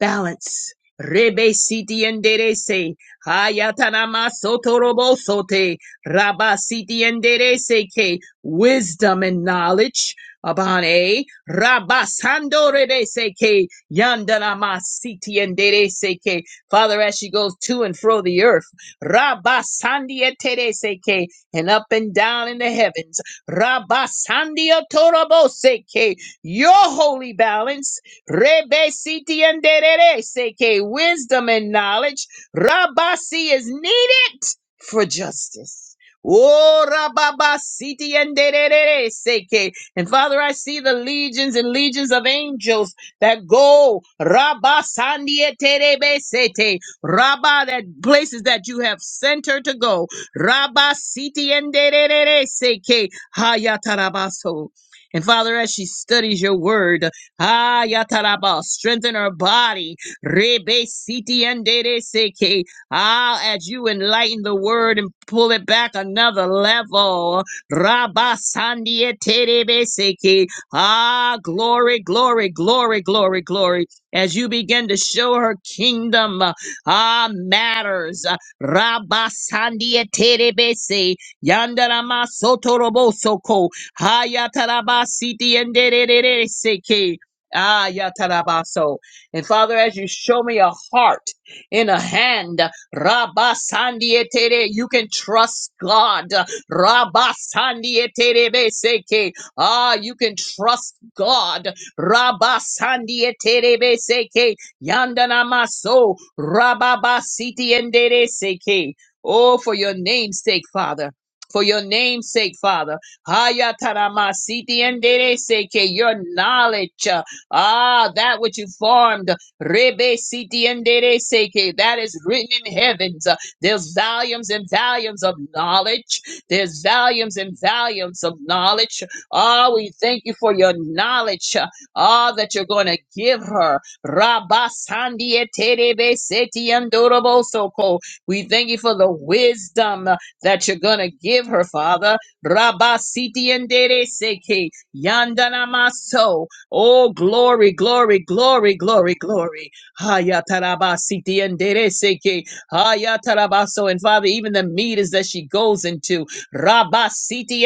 [SPEAKER 2] balance. Rebe Siti and Dere Se. Hayatanama Sotorobo Sote. Rabba Siti and Dere Seke. Wisdom and knowledge. Upon A. Rabba Sando Rebe Seke. Yandanama Siti and Dere Seke. Father, as she goes to and fro the earth, Rabba Sandia Tereseke, and up and down in the heavens, Rabba Sandia Toraboseke, your holy balance, Rebe Siti and Dereseke, wisdom and knowledge, Rabba Si is needed for justice. Oh, Rabba Siti and Dereseke. And Father, I see the legions and legions of angels that go Rabba Sandia Terebe Sete Rabba that places that you have sent her to go Rabba Siti and Seke Hayatarabaso. And Father, as she studies your word, Hayataraba, strengthen her body. Rebe Siti and Seke. Ah, as you enlighten the word and pull it back another level. Rabba Sandia Terebe Seke. Ah, glory, glory, glory, glory, glory. As you begin to show her kingdom, uh, ah, matters. Rabba Sandia Terebese, Yandarama Sotoroboso Ko, Hayataraba Siti and Seke. Ah, Yatarabaso. And Father, as you show me a heart in a hand, Rabba Sandia Tere, you can trust God. Rabba Sandia Terebese. Ah, you can trust God. Rabba Sandia Terebe Seke Yandana Maso Rababa Siti Endere Seke. Oh, for your name's sake, Father. For your name's sake, Father. Hayatarama Siti Endere Seke, your knowledge. uh, Ah, that which you formed. Rebe Siti Endere Seke, that is written in heavens. Uh, There's volumes and volumes of knowledge. There's volumes and volumes of knowledge. Ah, we thank you for your knowledge. uh, Ah, that you're going to give her. Rabasandieterebesetiandorobosoko. We thank you for the wisdom uh, that you're going to give her, Father. Rabasitiendereseke yandanamaso. Oh, glory, glory, glory, glory, glory. Hayatarabasitiendereseke hayatarabaso. And Father, even the meters that she goes into, Rabasiti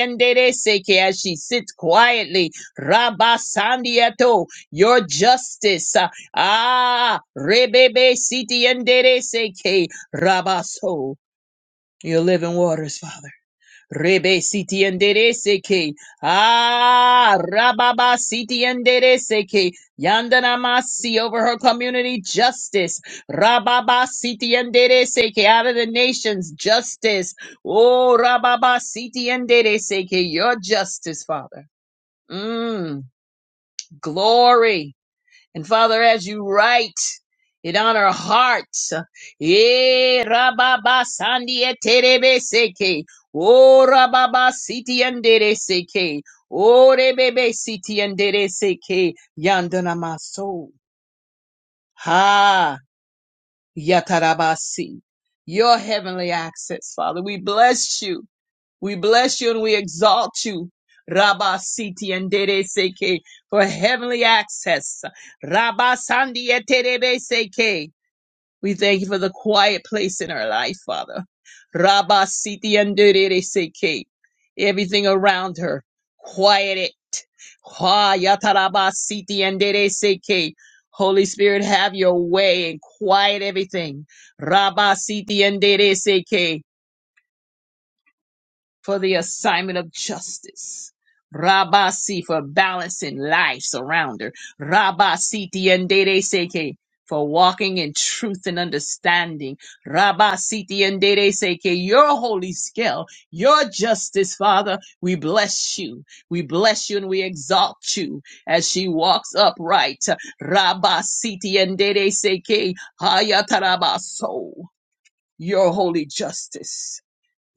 [SPEAKER 2] seke as she sits quietly. Rabasandieto, your justice. uh, Ah, rebebe siti enderezeke. Rabaso, your living waters, Father. Rebe siti endere seke. Ah, rababa siti endere seke. Yandana masi over her community justice. Rababa siti endere seke. Out of the nations justice. Oh, rababa siti endere seke. Your justice, Father. Mm, glory. And Father, as you write it on our hearts, yeah, rababa sandia eterebe seke, oh rababa siti andere seke, oh rebebe siti andere seke, yandana maso, ha, yatarabasi. Your heavenly access, Father, we bless you. We bless you and we exalt you. Rabba Siti and Dede Seke for heavenly access. Rabba Sandi et Terebe Seke. We thank you for the quiet place in our life, Father. Rabba Siti and Dede Seke. Everything around her. Quiet it. Ha Yataraba Siti and Dede Seke. Holy Spirit, have your way and quiet everything. Rabba Siti and Dede Seke for the assignment of justice. Rabasi for balancing life's around her. Rabasi tiendere seke for walking in truth and understanding. Rabasi tiendere seke, your holy scale, your justice, Father. We bless you. We bless you and we exalt you as she walks upright. Rabasi tiendere seke, hayatarabaso, your holy justice.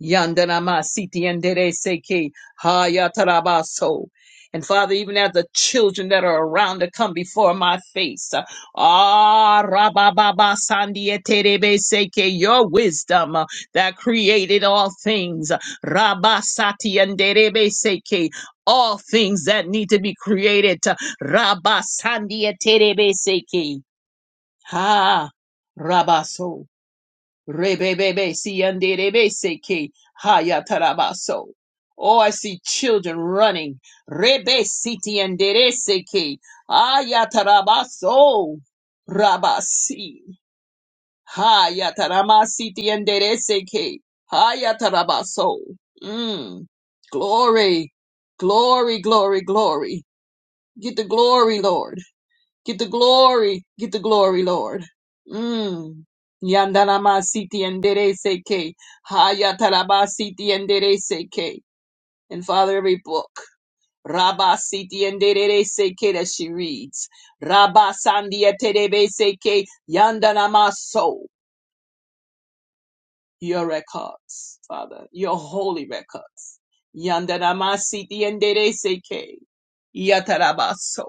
[SPEAKER 2] Yandanama siti yandere seki hayatarabaso. And Father, even as the children that are around to come before my face, uh, ah, rabababa sandieterebe seke, your wisdom uh, that created all things, uh, rabasati yanderebe seke, all things that need to be created, uh, rabasandieterebe seke, ha, rabaso. Rebebebe siyandebe seke hayatarabaso. Oh, I see children running. Rebe siti andere seke ayatarabaso. Rabasi hayataramasiti andere seke hayatarabaso. Mm. Glory, glory, glory, glory. Get the glory, Lord. Get the glory. Get the glory, Lord. Mm. Yandanamasiti and Dereseke. Hayatarabasiti and Dereseke. And Father, every book. Rabba Siti and Dereseke that she reads. Rabba Sandia Terebeseke. Yandanamaso. Your records, Father. Your holy records. Yandanamasiti and Dereseke. Yatarabaso.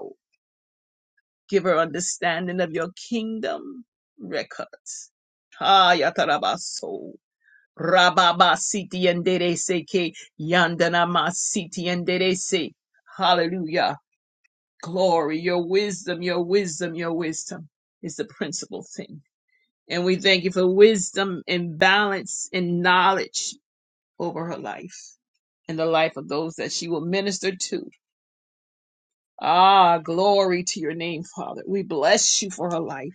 [SPEAKER 2] Give her understanding of your kingdom records. Ah, yatarabaso. Rababa siti enderese ke yandana masiti enderese. Hallelujah. Glory, your wisdom, your wisdom, your wisdom is the principal thing. And we thank you for wisdom and balance and knowledge over her life and the life of those that she will minister to. Ah, glory to your name, Father. We bless you for her life.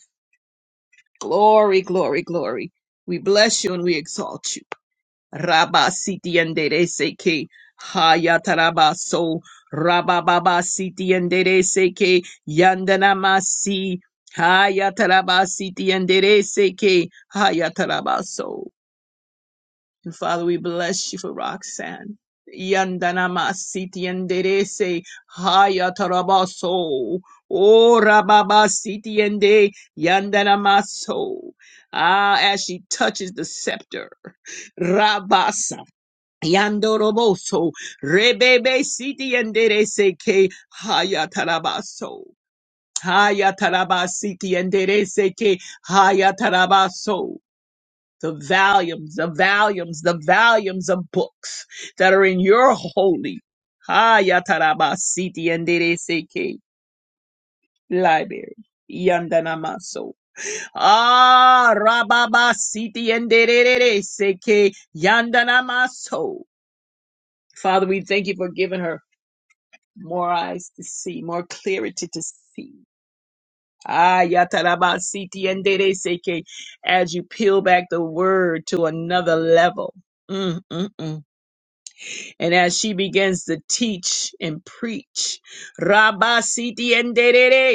[SPEAKER 2] Glory, glory, glory. We bless you and we exalt you. Rabba siti endere seke. Hayataraba so. Rabba baba siti endere seke. Yandana masi. Hayataraba siti endere seke. Hayataraba so. And Father, we bless you for Roxanne. Yandanama siti enderese haya tarabaso. Oh, rababa siti ende yandanamaso. Ah, as she touches the scepter. Rabasa. Yandoroboso. Rebebe siti enderese ke haya tarabaso. Haya tarabasiti enderese ke haya tarabaso the volumes, the volumes, the volumes of books that are in your holy Ha Yatarabasiti and Seke library. Yandanamaso. Ah Rababasiti and Seke Yandanamaso. Father, we thank you for giving her more eyes to see, more clarity to see. Ah Yatarabasiti and Seke as you peel back the word to another level. Mm-mm-mm. And as she begins to teach and preach, Rabba Siti and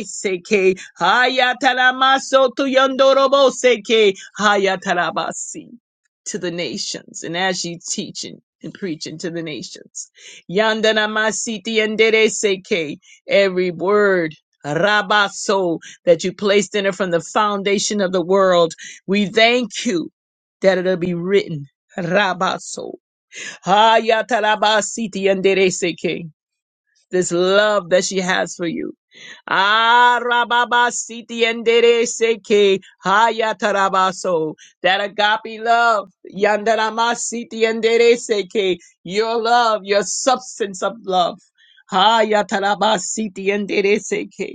[SPEAKER 2] Seke, Hayatalamaso Tuyandorobo Seke, Hayatalabasi to the nations. And as she's teaching and preaching to the nations, Yandana Masiti and Seke, every word. Rabaso that you placed in it from the foundation of the world. We thank you that it'll be written. Rabaso Hayatarabasiti yandereseke. This love that she has for you. Ah, Arababasiti yandereseke. Hayatarabaso. That agape love. Yandaramasiti yandereseke. Your love, your substance of love. Hayatarabasiti yandereseke.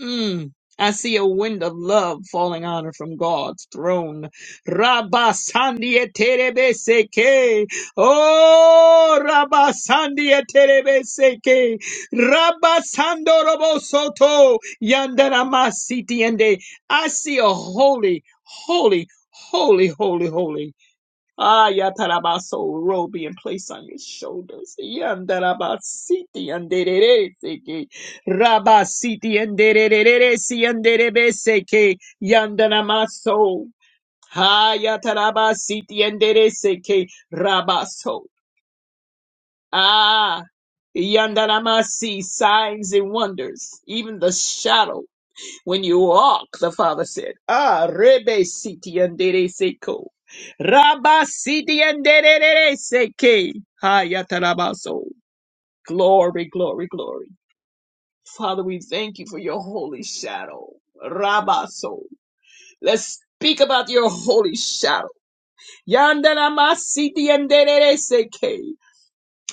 [SPEAKER 2] Mm. I see a wind of love falling on her from God's throne. Rabasandieterebeseke. Oh, Rabasandieterebeseke. Rabasandorobosoto. Yandarama sitiende. I see a holy, holy, holy, holy, holy. Ah, Yatarabaso robe being placed on your shoulders. Yandarabasiti anderereseke. Rabasiti anderereresi anderebeseke. Yandanamaso. Ha yatarabasiti andereseke. Rabaso. Ah. Yandanamasi signs and wonders. Even the shadow when you walk, the Father said. Ah, Rebe Siti Andere Seko. Rabba Siti Andere Seke. Hayatarabaso. Glory, glory, glory. Father, we thank you for your holy shadow. Rabba So. Let's speak about your holy shadow. Yandarama Siti Andere Seke.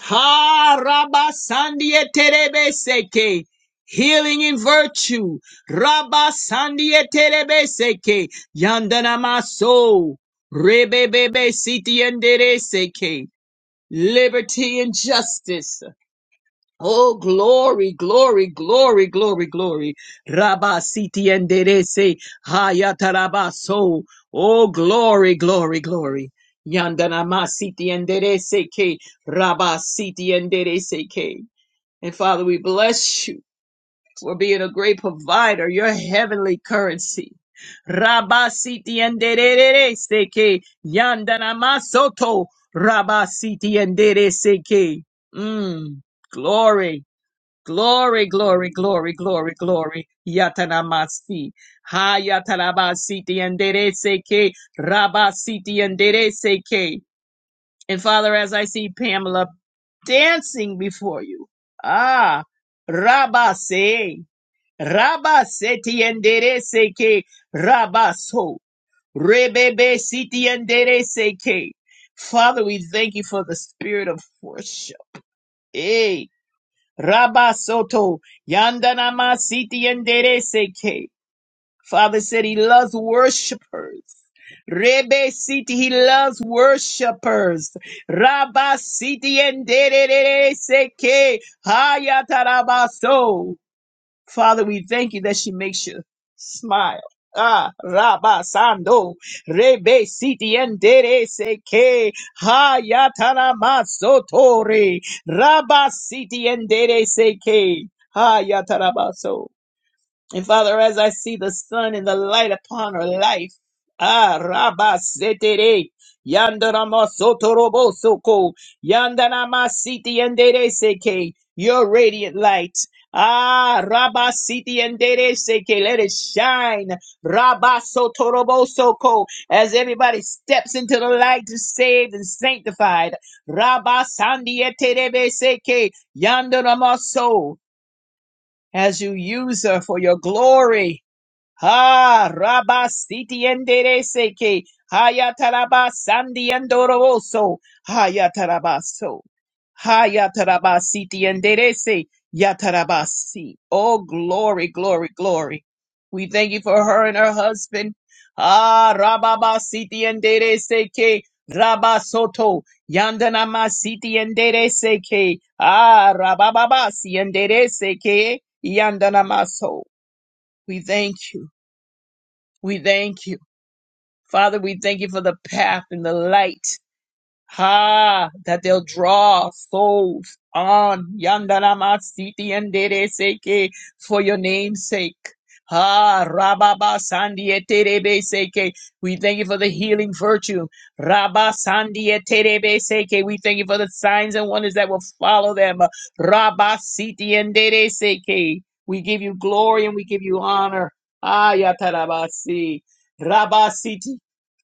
[SPEAKER 2] Ha Rabba Sandia Terebe Seke. Healing in virtue. Rabba sandie Terebe Seke. Yandana Maso. Rebebebe Siti Andere Seke. Liberty and justice. Oh, glory, glory, glory, glory, glory. Rabba siti enderese hayatarabaso. Oh, glory, glory, glory. Yandanama siti enderese ke. Rabba siti enderese ke. And Father, we bless you for being a great provider, your heavenly currency. Rabba siti enderese ke. Yandanama soto. Rabba siti enderese ke. Mm, glory. Glory, glory, glory, glory, glory. Yatanamasi. Hayatarabasiti enderece que rabasiti enderece que. And Father, as I see Pamela dancing before you. Ah, rabase. Rabaseti enderece que rabaso. Rebebe siti enderece que. Father, we thank you for the spirit of worship. Eh. Rabasoto Yandanama Siti yendere Seke. Father said he loves worshipers. Rebe city he loves worshipers. Rabba Siti Seke. Hayatarabaso. Father, we thank you that she makes you smile. Ah, Rabba Sando, Rebe Siti Endere Seke, Hayatana Masotore, Rabba Siti Endere Seke, Hayatarabaso. And Father, as I see the sun and the light upon her life, ah, Rabba Setere, Yandarama Sotorobo Soko, Yandanama Siti Endere Seke, your radiant light. Ah, Rabba Siti Endere Seke, let it shine. Rabba Sotorobo Soko, as everybody steps into the light to saved and sanctified. Rabba Sandieterebe Seke, Yandanama So, as you use her for your glory. Ha rabasiti endereseke. Hayataraba sandi endoroso. Hayatarabaso. Hayatarabasiti enderese. Yatarabasi. Oh, glory, glory, glory. We thank you for her and her husband. Ah, rababasiti endereseke. Rabasoto. Yandanamasiti endereseke. Ah, rabababasi endereseke. Yandanamaso. We thank you. We thank you. Father, we thank you for the path and the light. Ha, that they'll draw souls on Yandaramasiti and Dereseke for your name's sake. Ha, Rababa Sandieterebe Seke. We thank you for the healing virtue. Rabba Sandieterebe Seke. We thank you for the signs and wonders that will follow them. Rabba Siti and Dereseke. We give you glory and we give you honor. Ah, Yatarabasi. Rabba Siti.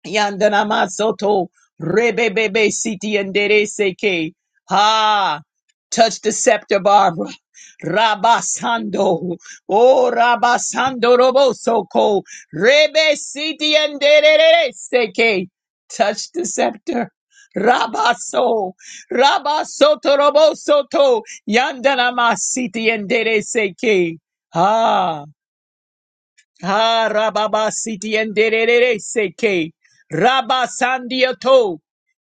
[SPEAKER 2] Yandana Masoto Rebebebe Siti andere Seke. Ha! Touch the scepter, Barbara. Rabasando. Oh Rabasando Robosoko. Rebe Siti and Seke. Touch the scepter. Rabaso. Rabasoto Robosoto. Yandana Masiti and Dere Seke. Ha! Ha rababa siti enderere seke. Rabba sandiato.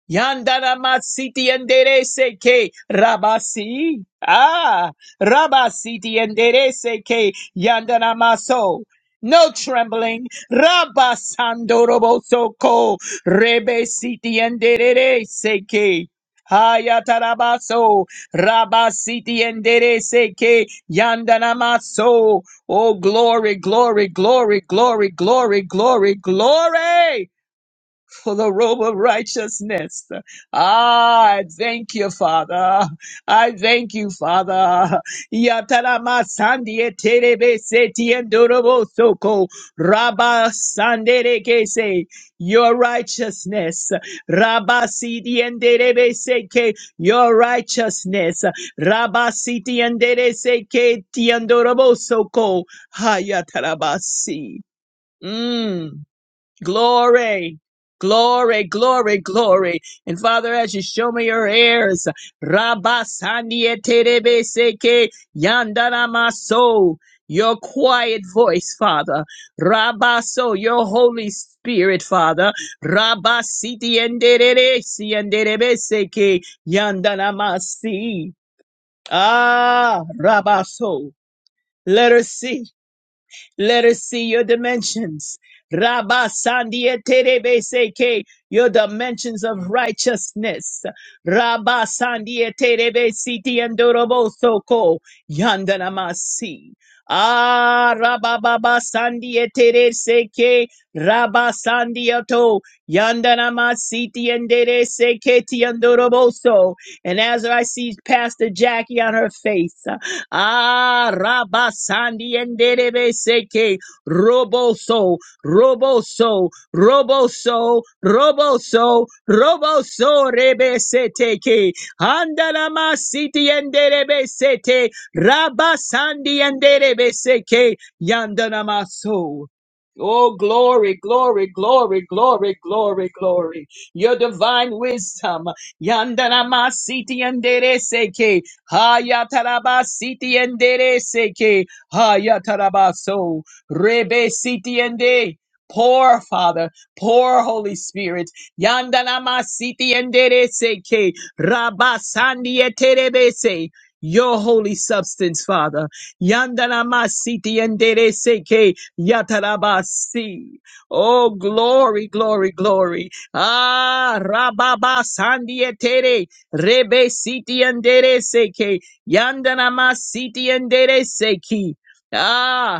[SPEAKER 2] Yandana masiti endere seke. Rabasi. Ah. Rabasiti endere seke. Yandana maso. No trembling. Rabba sandorobo soko. Rebe siti enderere seke. Hayatarabaso. Rabasiti endere seke. Yandana maso. Oh, glory, glory, glory, glory, glory, glory, glory for the robe of righteousness. Ah, I thank you, Father. I thank you, Father. Yatarama sandie terebe seti endorobo soko raba sandere kese. Your righteousness, Rabba siti enderebe seke. Your righteousness, Rabba siti endere seke tiendorobo soko hayatarabasi. Mm. Glory, glory, glory, glory. And Father, as you show me your heirs, Rabba Sandieterebeseke Yandaramaso, your quiet voice, Father. Rabaso. your Holy Spirit, Father. Rabba Siti Enderesi Enderebeseke Yandanamasi. Ah, Rabaso. Let her see. Let us see your dimensions. Rabba Sandia Terebeseke, your dimensions of righteousness. Rabba Sandia Terebesiti and Dorobo soko Yandanamasi. Ah, Rabba Baba Sandia Tereseke, Rabba Sandia To, Yandanamasiti and Dereseke Tiandoroboso. And as I see Pastor Jackie on her face. Ah, Rabasandi and Derebe Seke, Roboso, Roboso, Roboso, Roboso, Roboso, Rebesete, Andalama City and Derebesete, Rabasandi and Derebeseke, Yandanamaso. Oh, glory, glory, glory, glory, glory, glory. Your divine wisdom. Yandanama City and Haya taraba siti endere seke. haya taraba so Rebe siti ende. Pour, Father, pour, Holy Spirit. Yandanama siti endere seke. Rabasandi eterebese. Your holy substance, Father. Yandanama siti endere seke. Yatarabasi. Oh, glory, glory, glory. Ah, Rababa Sandi etere. Rebe siti andere seke. Yandana ma siti andere seki. Ah.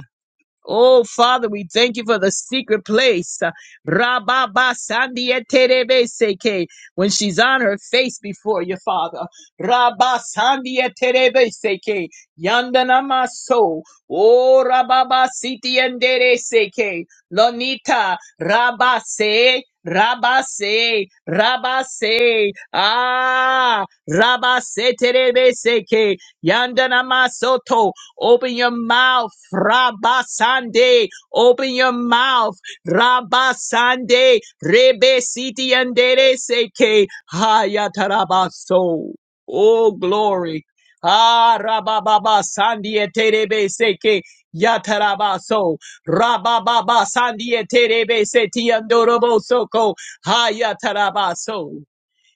[SPEAKER 2] Oh, Father, we thank you for the secret place. Rababa Seke. When she's on her face before you, Father. Rabba Seke. Yandana maso. Oh, Rababa Siti endere Seke. Lonita. Rabase. Rabase. Rabase. Ah. Rabase Terebe Seke. Yandanama Soto. Open your mouth, Rabasande. Open your mouth, Rabasande. Rebe siti andere seke. Hayatarabaso. Oh, glory. Ah, Rabababa Sandie Terebe Seke. Yatarabaso, Rabababa Sandie Terebe Seti Andorobo Soko, Hayatarabaso.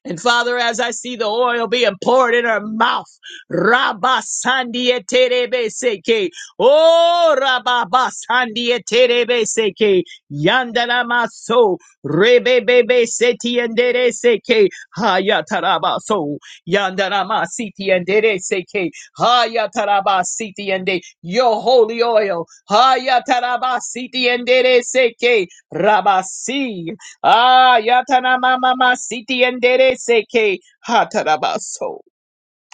[SPEAKER 2] And Father, as I see the oil being poured in her mouth, Rabba Sandia Terebe Seke, Oh Rabba Sandia Terebe Seke, Yandana Maso, Rebe Bebe Seti and Dere Seke, Hayataraba So, Yandana Masiti and Dere Seke, Hayataraba Siti and De, Your holy oil, Hayataraba Siti and Dere Seke, Rabasi. Ah, yatana mama siti endere seke hatarabaso.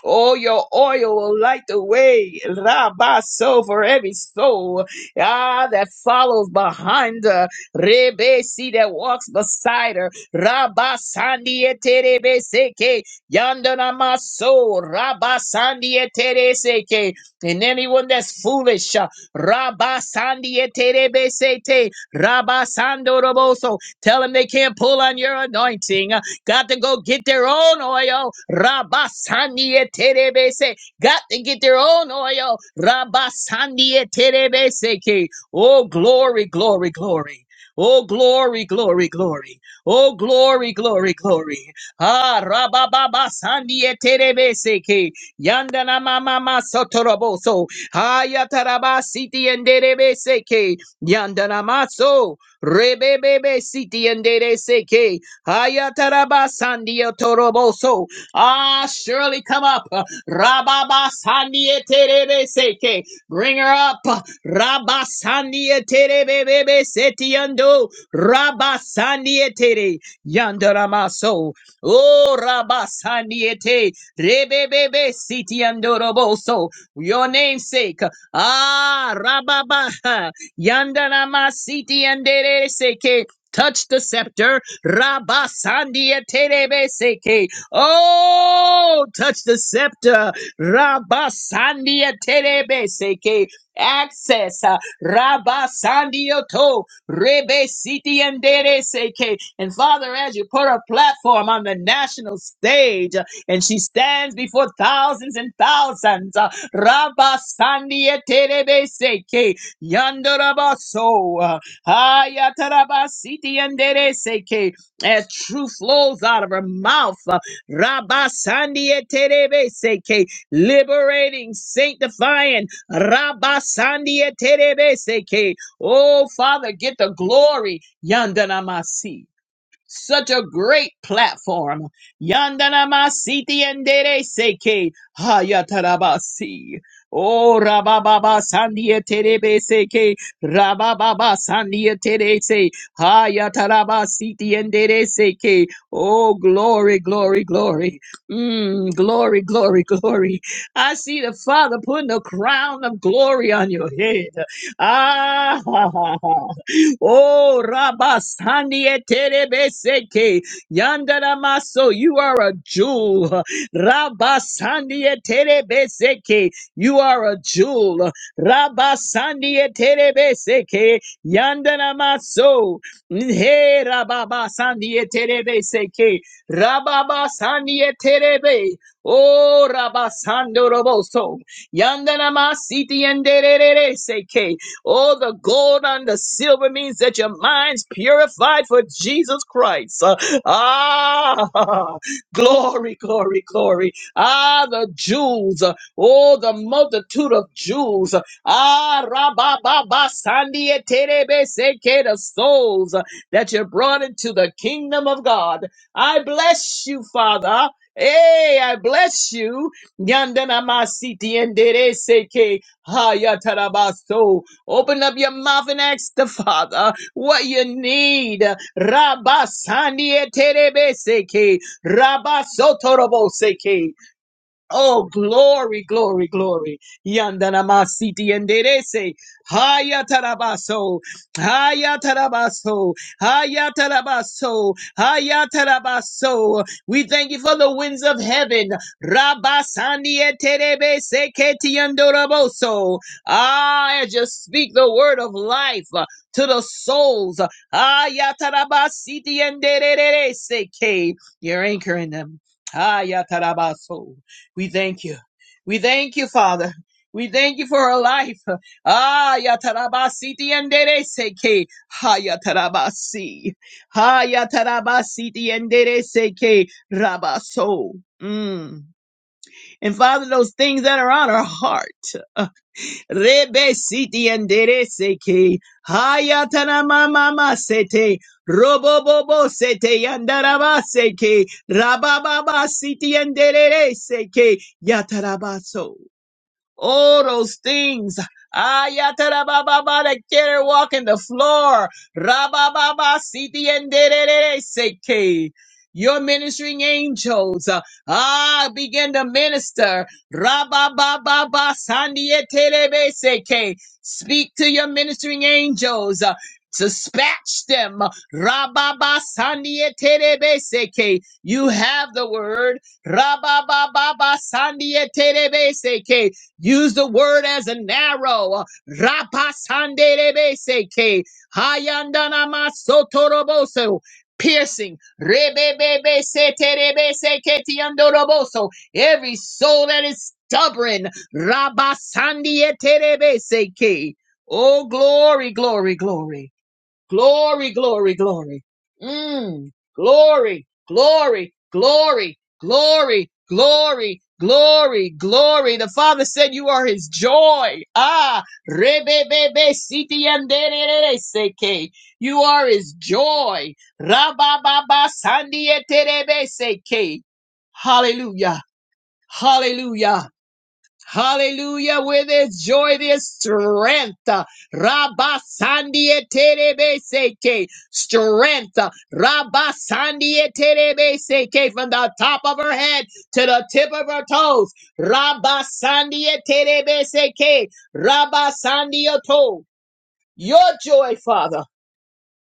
[SPEAKER 2] Oh, your oil will light the way, Rabaso, for every soul ah, that follows behind her, Rebesi that walks beside her, Rabasandietebeseke, Yandanamaso, Rabasandietereseke, and anyone that's foolish, uh, Rabasandietebesete, Rabasandoroboso, tell them they can't pull on your anointing, Got to go get their own oil. Rabasania terebese. Got to get their own oil. Rabasania terebese. ke. Oh, glory, glory, glory. Oh, glory, glory, glory. Oh, glory, glory, glory. Ah, rabababa sandie terebese ke. Yandana mama masotoroboso. Hayataraba siti enderebese ke. Yandana maso. Rebebebe siti enderebese ke. Hayatarabasandiotoroboso. Ah, surely come up. Rababasandieterebeseke. Bring her up. Rabba Rabba Bebe Rabasandieterebebesetiando. Rabasandietere. Yandaramaso. Oh, Rabba sandia te. Rebe Bebe Rabasandiete. Roboso. Your namesake. Ah, Rababa. Yandarama Siti and Touch the scepter. Rabasandia Terebeseke. Oh, touch the scepter. Rabasandia Terebeseke. Access. uh, Rabasandioto. Rebesiti and Dereseke. And Father, as you put a platform on the national stage, uh, and she stands before thousands and thousands. uh, Rabasandia Terebeseke. Yandorabaso. uh, Hayatarabasiti and Dereseke as truth flows out of her mouth. Uh, Rabba Sandia Terebe Seke, liberating, sanctifying. Rabba Sandia Terebe Seke. Oh, Father, get the glory. Yandanamasi. Such a great platform. Yandanamasiti and Dere Seke Hayatarabasi. Oh Rabababa Sandia Terebe Seke Rabababa Sandia Terese Hayatarabasiti and Dere Seke. Oh glory, glory, glory. Mm, glory, glory, glory. I see the Father putting a crown of glory on your head. Ah, Oh, Rabasani eterebeseke. Yandara maso, you are a jewel. Rabasani eterebeseke. You are a jewel. Rabasani eterebeseke. Yandara maso. Hey, Rababasani eterebeseke. Rababasani eterebe. Oh, Rabasando roboso. Yandana masiti enderere Oh, the gold and the silver means that your mind's purified for Jesus Christ. Uh, ah, glory, glory, glory. Ah, the jewels. uh, Oh, the multitude of jewels. Ah, rabababa, sandia, terebe, seke, the souls uh, that you brought into the kingdom of God. I bless you, Father. Hey, I bless you. Yandana masiti endere seke hayatarabaso. Open up your mouth and ask the Father what you need. Rabba Sandia Terebeseke. Rabba Sotoroboseke. Oh, glory, glory, glory. Yandanamasiti enderece. Haya tarabaso. Haya tarabaso. Haya tarabaso. Haya tarabaso. We thank you for the winds of heaven. Rabasani eterebese keti andoraboso. Ah, and just speak the word of life uh, to the souls. Haya tarabasiti enderece. You're anchoring them. Haya tarabaso. We thank you. We thank you, Father. We thank you for her life. Ah, yatarabasi tiendere seke. Ha yatarabasi. Ha yatarabasi tiendere seke. Rabaso. Mm. And Father, those things that are on her heart. Rebe siti endere seke. Hayatana mama masete. Robobobo sete yandaraba seke. Rabababa siti endere seke. Yatarabaso. All those things. Ayatarababa that carry walking the floor. Rabababa siti and seke. Your ministering angels, uh, ah, begin to minister. Rabababa sandiyetelebe seke. Speak to your ministering angels. uh, Dispatch them. Rababa sandiyetelebe seke. You have the word. Rabababa sandiyetelebe seke. Use the word as an arrow. Rapasanderebeseke. Hayandanamasotorobose. Piercing. Rebebebeseterebeseketiandoroboso. Every soul that is stubborn. Rabasandieterebeseke. Oh, glory, glory, glory. Glory, glory, glory. Mm. Glory, glory, glory, glory, glory, glory, glory. The Father said you are his joy. Ah, rebebebe siti andere seke. You are his joy. Rabababa sandieterebe seke. Hallelujah. Hallelujah. Hallelujah. With his joy, there's strength. Rabasandie terebeseke. Strength. Rabasandie terebeseke. From the top of her head to the tip of her toes. Rabasandie terebeseke. Rabasandio to. Your joy, Father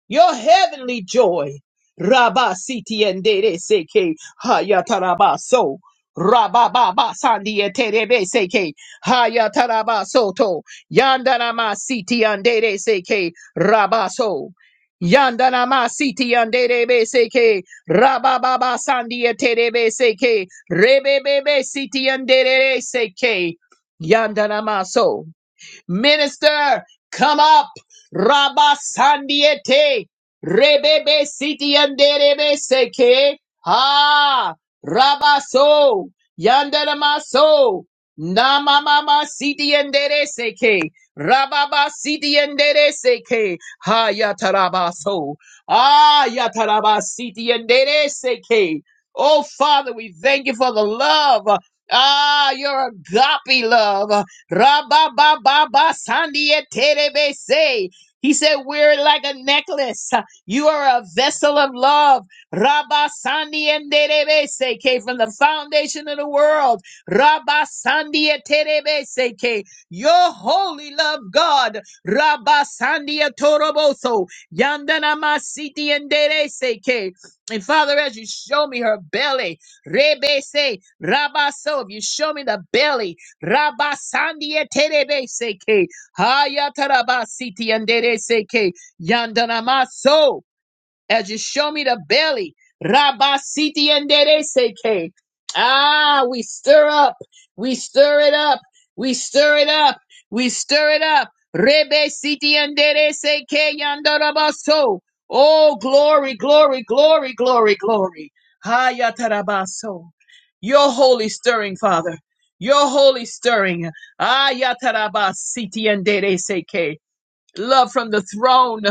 [SPEAKER 2] your heavenly joy. Rabba siti endere seke hayatarabaso. Rabba baba sandia terebe seke hayatarabaso to. Yandanama siti andere seke rabaso. Yandanama siti andere seke rabba baba sandia terebe seke rebebebe siti andere seke yandanama so. Minister, come up. Rabba Sandiete. Rebebe Siti Anderebe Seke. Ah, Rabba So. Yandarama So. Namamama Siti Andere Seke. Rababa Siti Andere Seke. Ha Yataraba So. Ah, Yataraba Siti Andere Seke. Oh, Father, we thank you for the love. Ah, your agape love. Rabababa Sandia Terebe say. He said, We're like a necklace. You are a vessel of love. Rabba Sandi and Terebese came from the foundation of the world. Rabba Sandi and Terebese came. Your holy love, God. Rabba Sandi and Toroboso. Yandana Masiti and Terebese came. And Father, as you show me her belly, Rebese, Rabba So, if you show me the belly, Rabasandia terebe seke. Hayatarabasiti andere seke. Yandanamaso as you show me the belly. Rabasiti and seke. Ah, we stir up. We stir it up. We stir it up. We stir it up. Rebe Siti and Dereseke Yandarabaso. Oh, glory, glory, glory, glory, glory. Hayatarabaso. Your holy stirring, Father. Your holy stirring. Ayatarabasiti and seke love from the throne.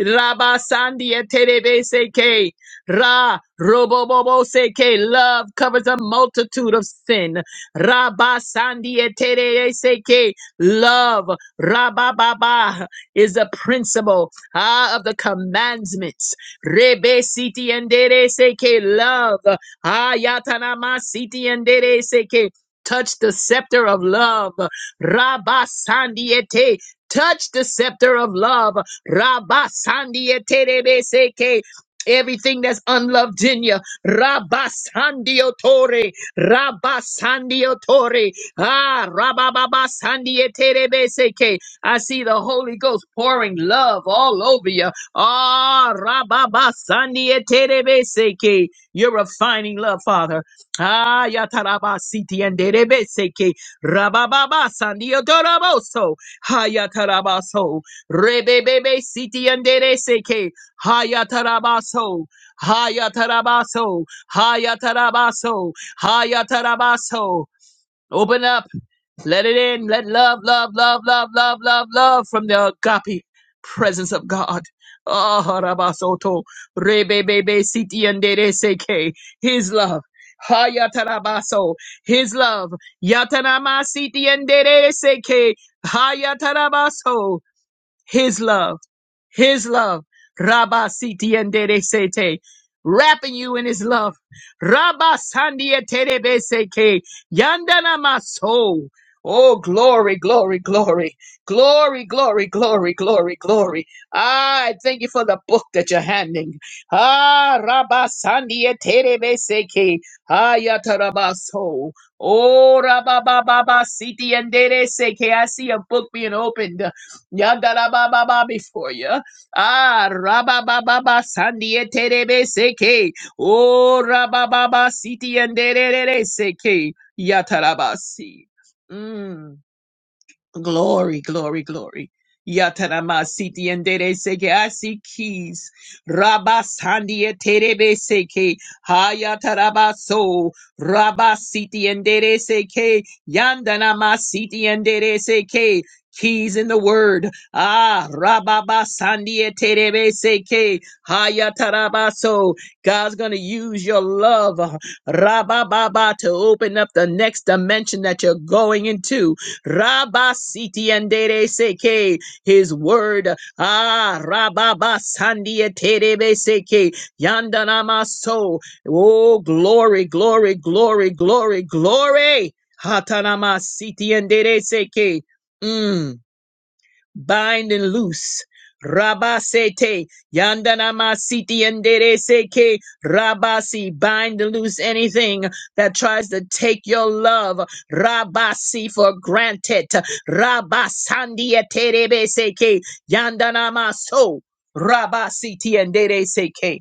[SPEAKER 2] Rabba Sandia Terebe Seke Ra Robobobo Seke love covers a multitude of sin. Rabba Sandia Terebe Seke love Rabba Baba is the principle ah, of the commandments. Rebe Siti and Dere Seke love Ayatanama Siti and Dere Seke touch the scepter of love. Rabba Sandiete Touch the scepter of love. Rabba Sandia Terebeseke. Everything that's unloved in you. Rabba Sandio Tore. Rabba Tore. Ah, Rabba Baba Sandia Terebeseke. I see the Holy Ghost pouring love all over you. Ah, Rabba Baba Sandia Terebeseke. You're refining love, Father. Ah, Yataraba Siti and Terebeseke. Rabba Baba Sandio Hayatarabaso. Rebebebe siti andere seke. Hayatarabaso. Hayatarabaso. Hayatarabaso. Hayatarabaso. Open up. Let it in. Let love, love, love, love, love, love, love from the agape presence of God. Ah, Rabasoto, Rebebebe, Siti, and Dede Seke. His love. Hayatarabaso. His love. Yatanama, Siti, and Dede Seke. Hayatarabaso. His love. His love. Rabba siti endere sete. Wrapping you in his love. Rabba sandia terebe seke. Yandana maso. Oh, glory, glory, glory, glory, glory, glory, glory, glory. Ah, I thank you for the book that you're handing. Ah, Rabba Sandia Terebe Seke. Ah, Yatarabaso. Oh, Rabba Baba Baba Siti and Dere Seke. I see a book being opened. Yadarabababa before you. Ah, rabababa sandiye terebe seke. Oh, rabababa siti yenderere seke. Yatarabasi. Mm. Glory, glory, glory. Yatarama siti endere seke asi keys. Rabasandi terebe seke. Hayataraba so. Rabasiti endere seke. Yandanama siti endere seke. Keys in the word. Ah, Rababa Sandi Terebe Seke Hayatarabaso. God's gonna use your love, Rabababa, to open up the next dimension that you're going into. Rabba siti endere seke. His word. Ah, rababa sandia terebe seke. Yandanama so. Oh, glory, glory, glory, glory, glory. Hatanama siti endere seke. Mm bind and loose. Rabasete yandanama siti andere seke. rabasi bind and loose anything that tries to take your love rabasi for granted rabasandi eterebeseke yandanama so rabasiti andere seke.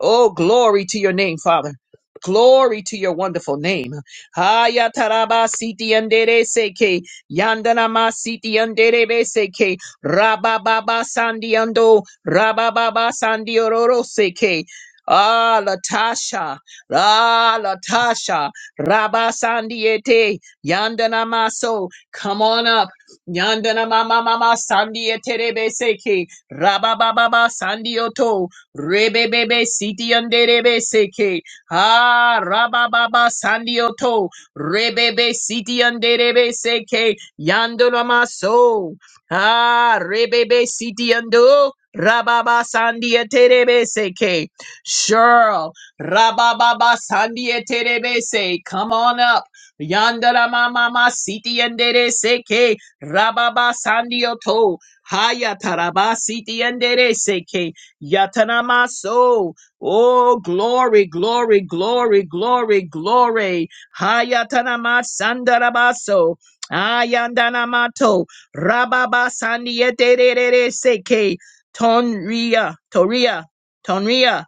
[SPEAKER 2] Oh, glory to your name, Father. Glory to your wonderful name. Haya taraba siti andere seke yandana ma siti andere be seke rababa sandi ando rababa sandi ororo seke. Ah, Latasha, ah, Latasha, Rabba Sandiete, Yandana Maso, come on up, Yandana Mama Mama Sandiete Rebeseke, Rabba Baba Sandioto, Rebebebe siti anderebe seke. Ha rabababa sandioto. Rebebe siti anderebe seke. Yandorama so. Ha rebebe siti ando. Rababa sandia terebe seke. Cheryl. Rabababa sandia terebe se. Come on up. Yandarama mama siti andere seke. Rababa sandioto. Haya taraba siti andere seke. Yatanamaso. Oh, glory, glory, glory, glory, glory. Hayatanama Sandarabaso. Ayandanamato. Rababa Sandiete Seke. Tonria. Toria. Tonria.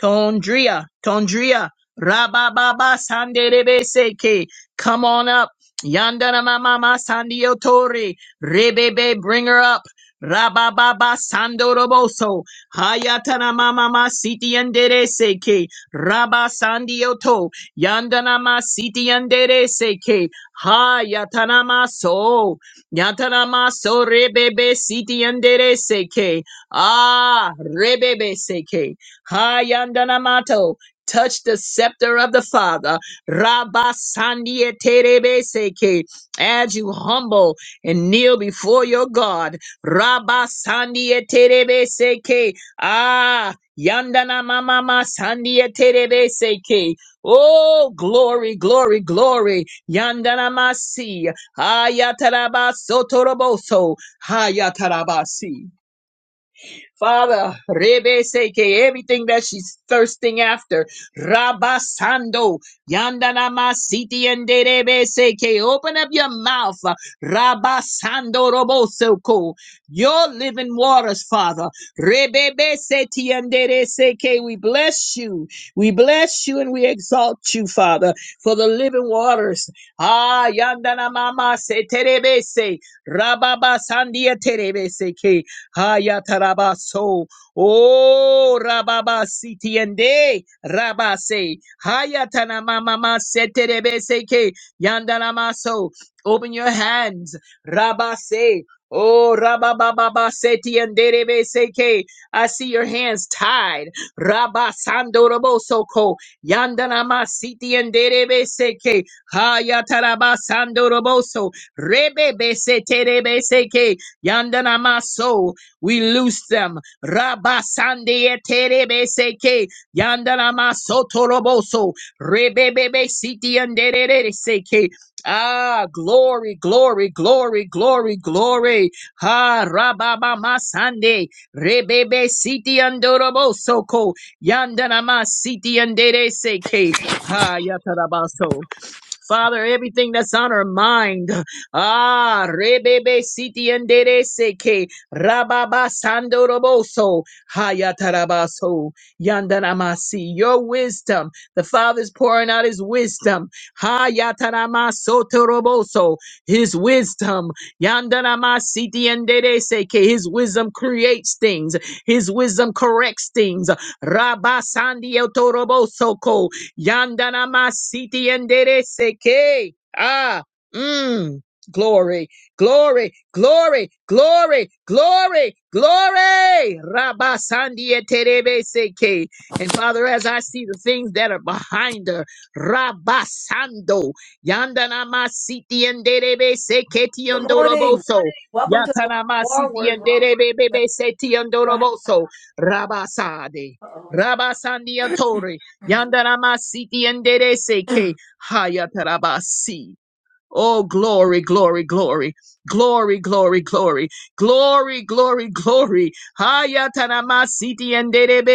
[SPEAKER 2] Tondria, Tondria, Rabababa Sanderebe Seke. Come on up. Yandana Mama Sandio Tori. Rebebe, bring her up. Rabababa Sandoroboso. Hayatana Mama Siti Andere Seke. Rabba Sandioto. Yandana Ma Siti Andere Seke. Hayatana Maso. Yatana Maso Rebebe Siti Andere Seke. Ah, Rebebe Seke. Hayandanamato. Touch the scepter of the Father. Rabasandia Terebeseke. As you humble and kneel before your God. Rabasandia Terebeseke. Ah, Yandana Mama Sandia Terebeseke. Oh, glory, glory, glory. Yandana Masi. Ayataraba Sotoroboso. Hayatarabasi. Father, Rebe Seke, everything that she's thirsting after. Rabasando, Yandanama Siti and Rebe Seke, open up your mouth. Rabasando Robosoko, your living waters, Father. Rebebe Seti and Dere Seke, we bless you. We bless you and we exalt you, Father, for the living waters. Ah, Yandanamama Se Terebese, Rababa Sandia Terebese. Hayatarabaso. Oh, Rababa Sitiende, Rabase. Hayatanamama Seterebeseke, Yandanamaso. Open your hands, Rabase. Oh, Rabababa Setienderebeseke. I see your hands tied. Rabasando Robosoko, Yandanama Sitienderebeseke, Hayatarabasando Roboso, Rebebe Seterebeseke, Yandanamaso. We loose them. Rabba Sande Terebe Seke Yandanama Sotoroboso Rebebebe Siti Andere Seke. Ah, glory, glory, glory, glory, glory. Ha Rababa Masande Rebebe Siti Andoroboso Ko Yandanama Siti Andere Seke. Ha Yatarabaso. Father, everything that's on her mind. Ah, rebebe siti enderese que rababa sando roboso hayatarabaso yandanamasi. Your wisdom. The Father's pouring out his wisdom. Hayataramaso toroboso. His wisdom. Yandanamasiti enderese que his wisdom creates things. His wisdom corrects things. Rabasandi otoroboso Yandana masiti endere seke. Ah, mm. Glory, glory, glory, glory, glory, glory. Rabba Sandia Terebe Seke. And Father, as I see the things that are behind her, Rabba Sando, Yandana Masiti and Derebe Seketi
[SPEAKER 4] Good morning.
[SPEAKER 2] Andoroboso.
[SPEAKER 4] Welcome to the
[SPEAKER 2] Yatana
[SPEAKER 4] War
[SPEAKER 2] Masiti
[SPEAKER 4] Word
[SPEAKER 2] and
[SPEAKER 4] Room. Where
[SPEAKER 2] Derebe Seti
[SPEAKER 4] you're hang-
[SPEAKER 2] Andoroboso. Rabba Sade.
[SPEAKER 4] Uh-oh.
[SPEAKER 2] Rabba Sandia
[SPEAKER 4] Mhm.
[SPEAKER 2] Yandaramasiti endereseke hayatarabasi. Oh, glory, glory, glory, glory, glory, glory, glory, glory, glory. Hayataramasiti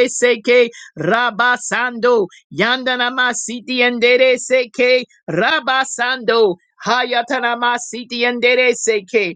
[SPEAKER 2] seke rabasando. Yandaramasiti seke rabasando. Hayataramasiti seke.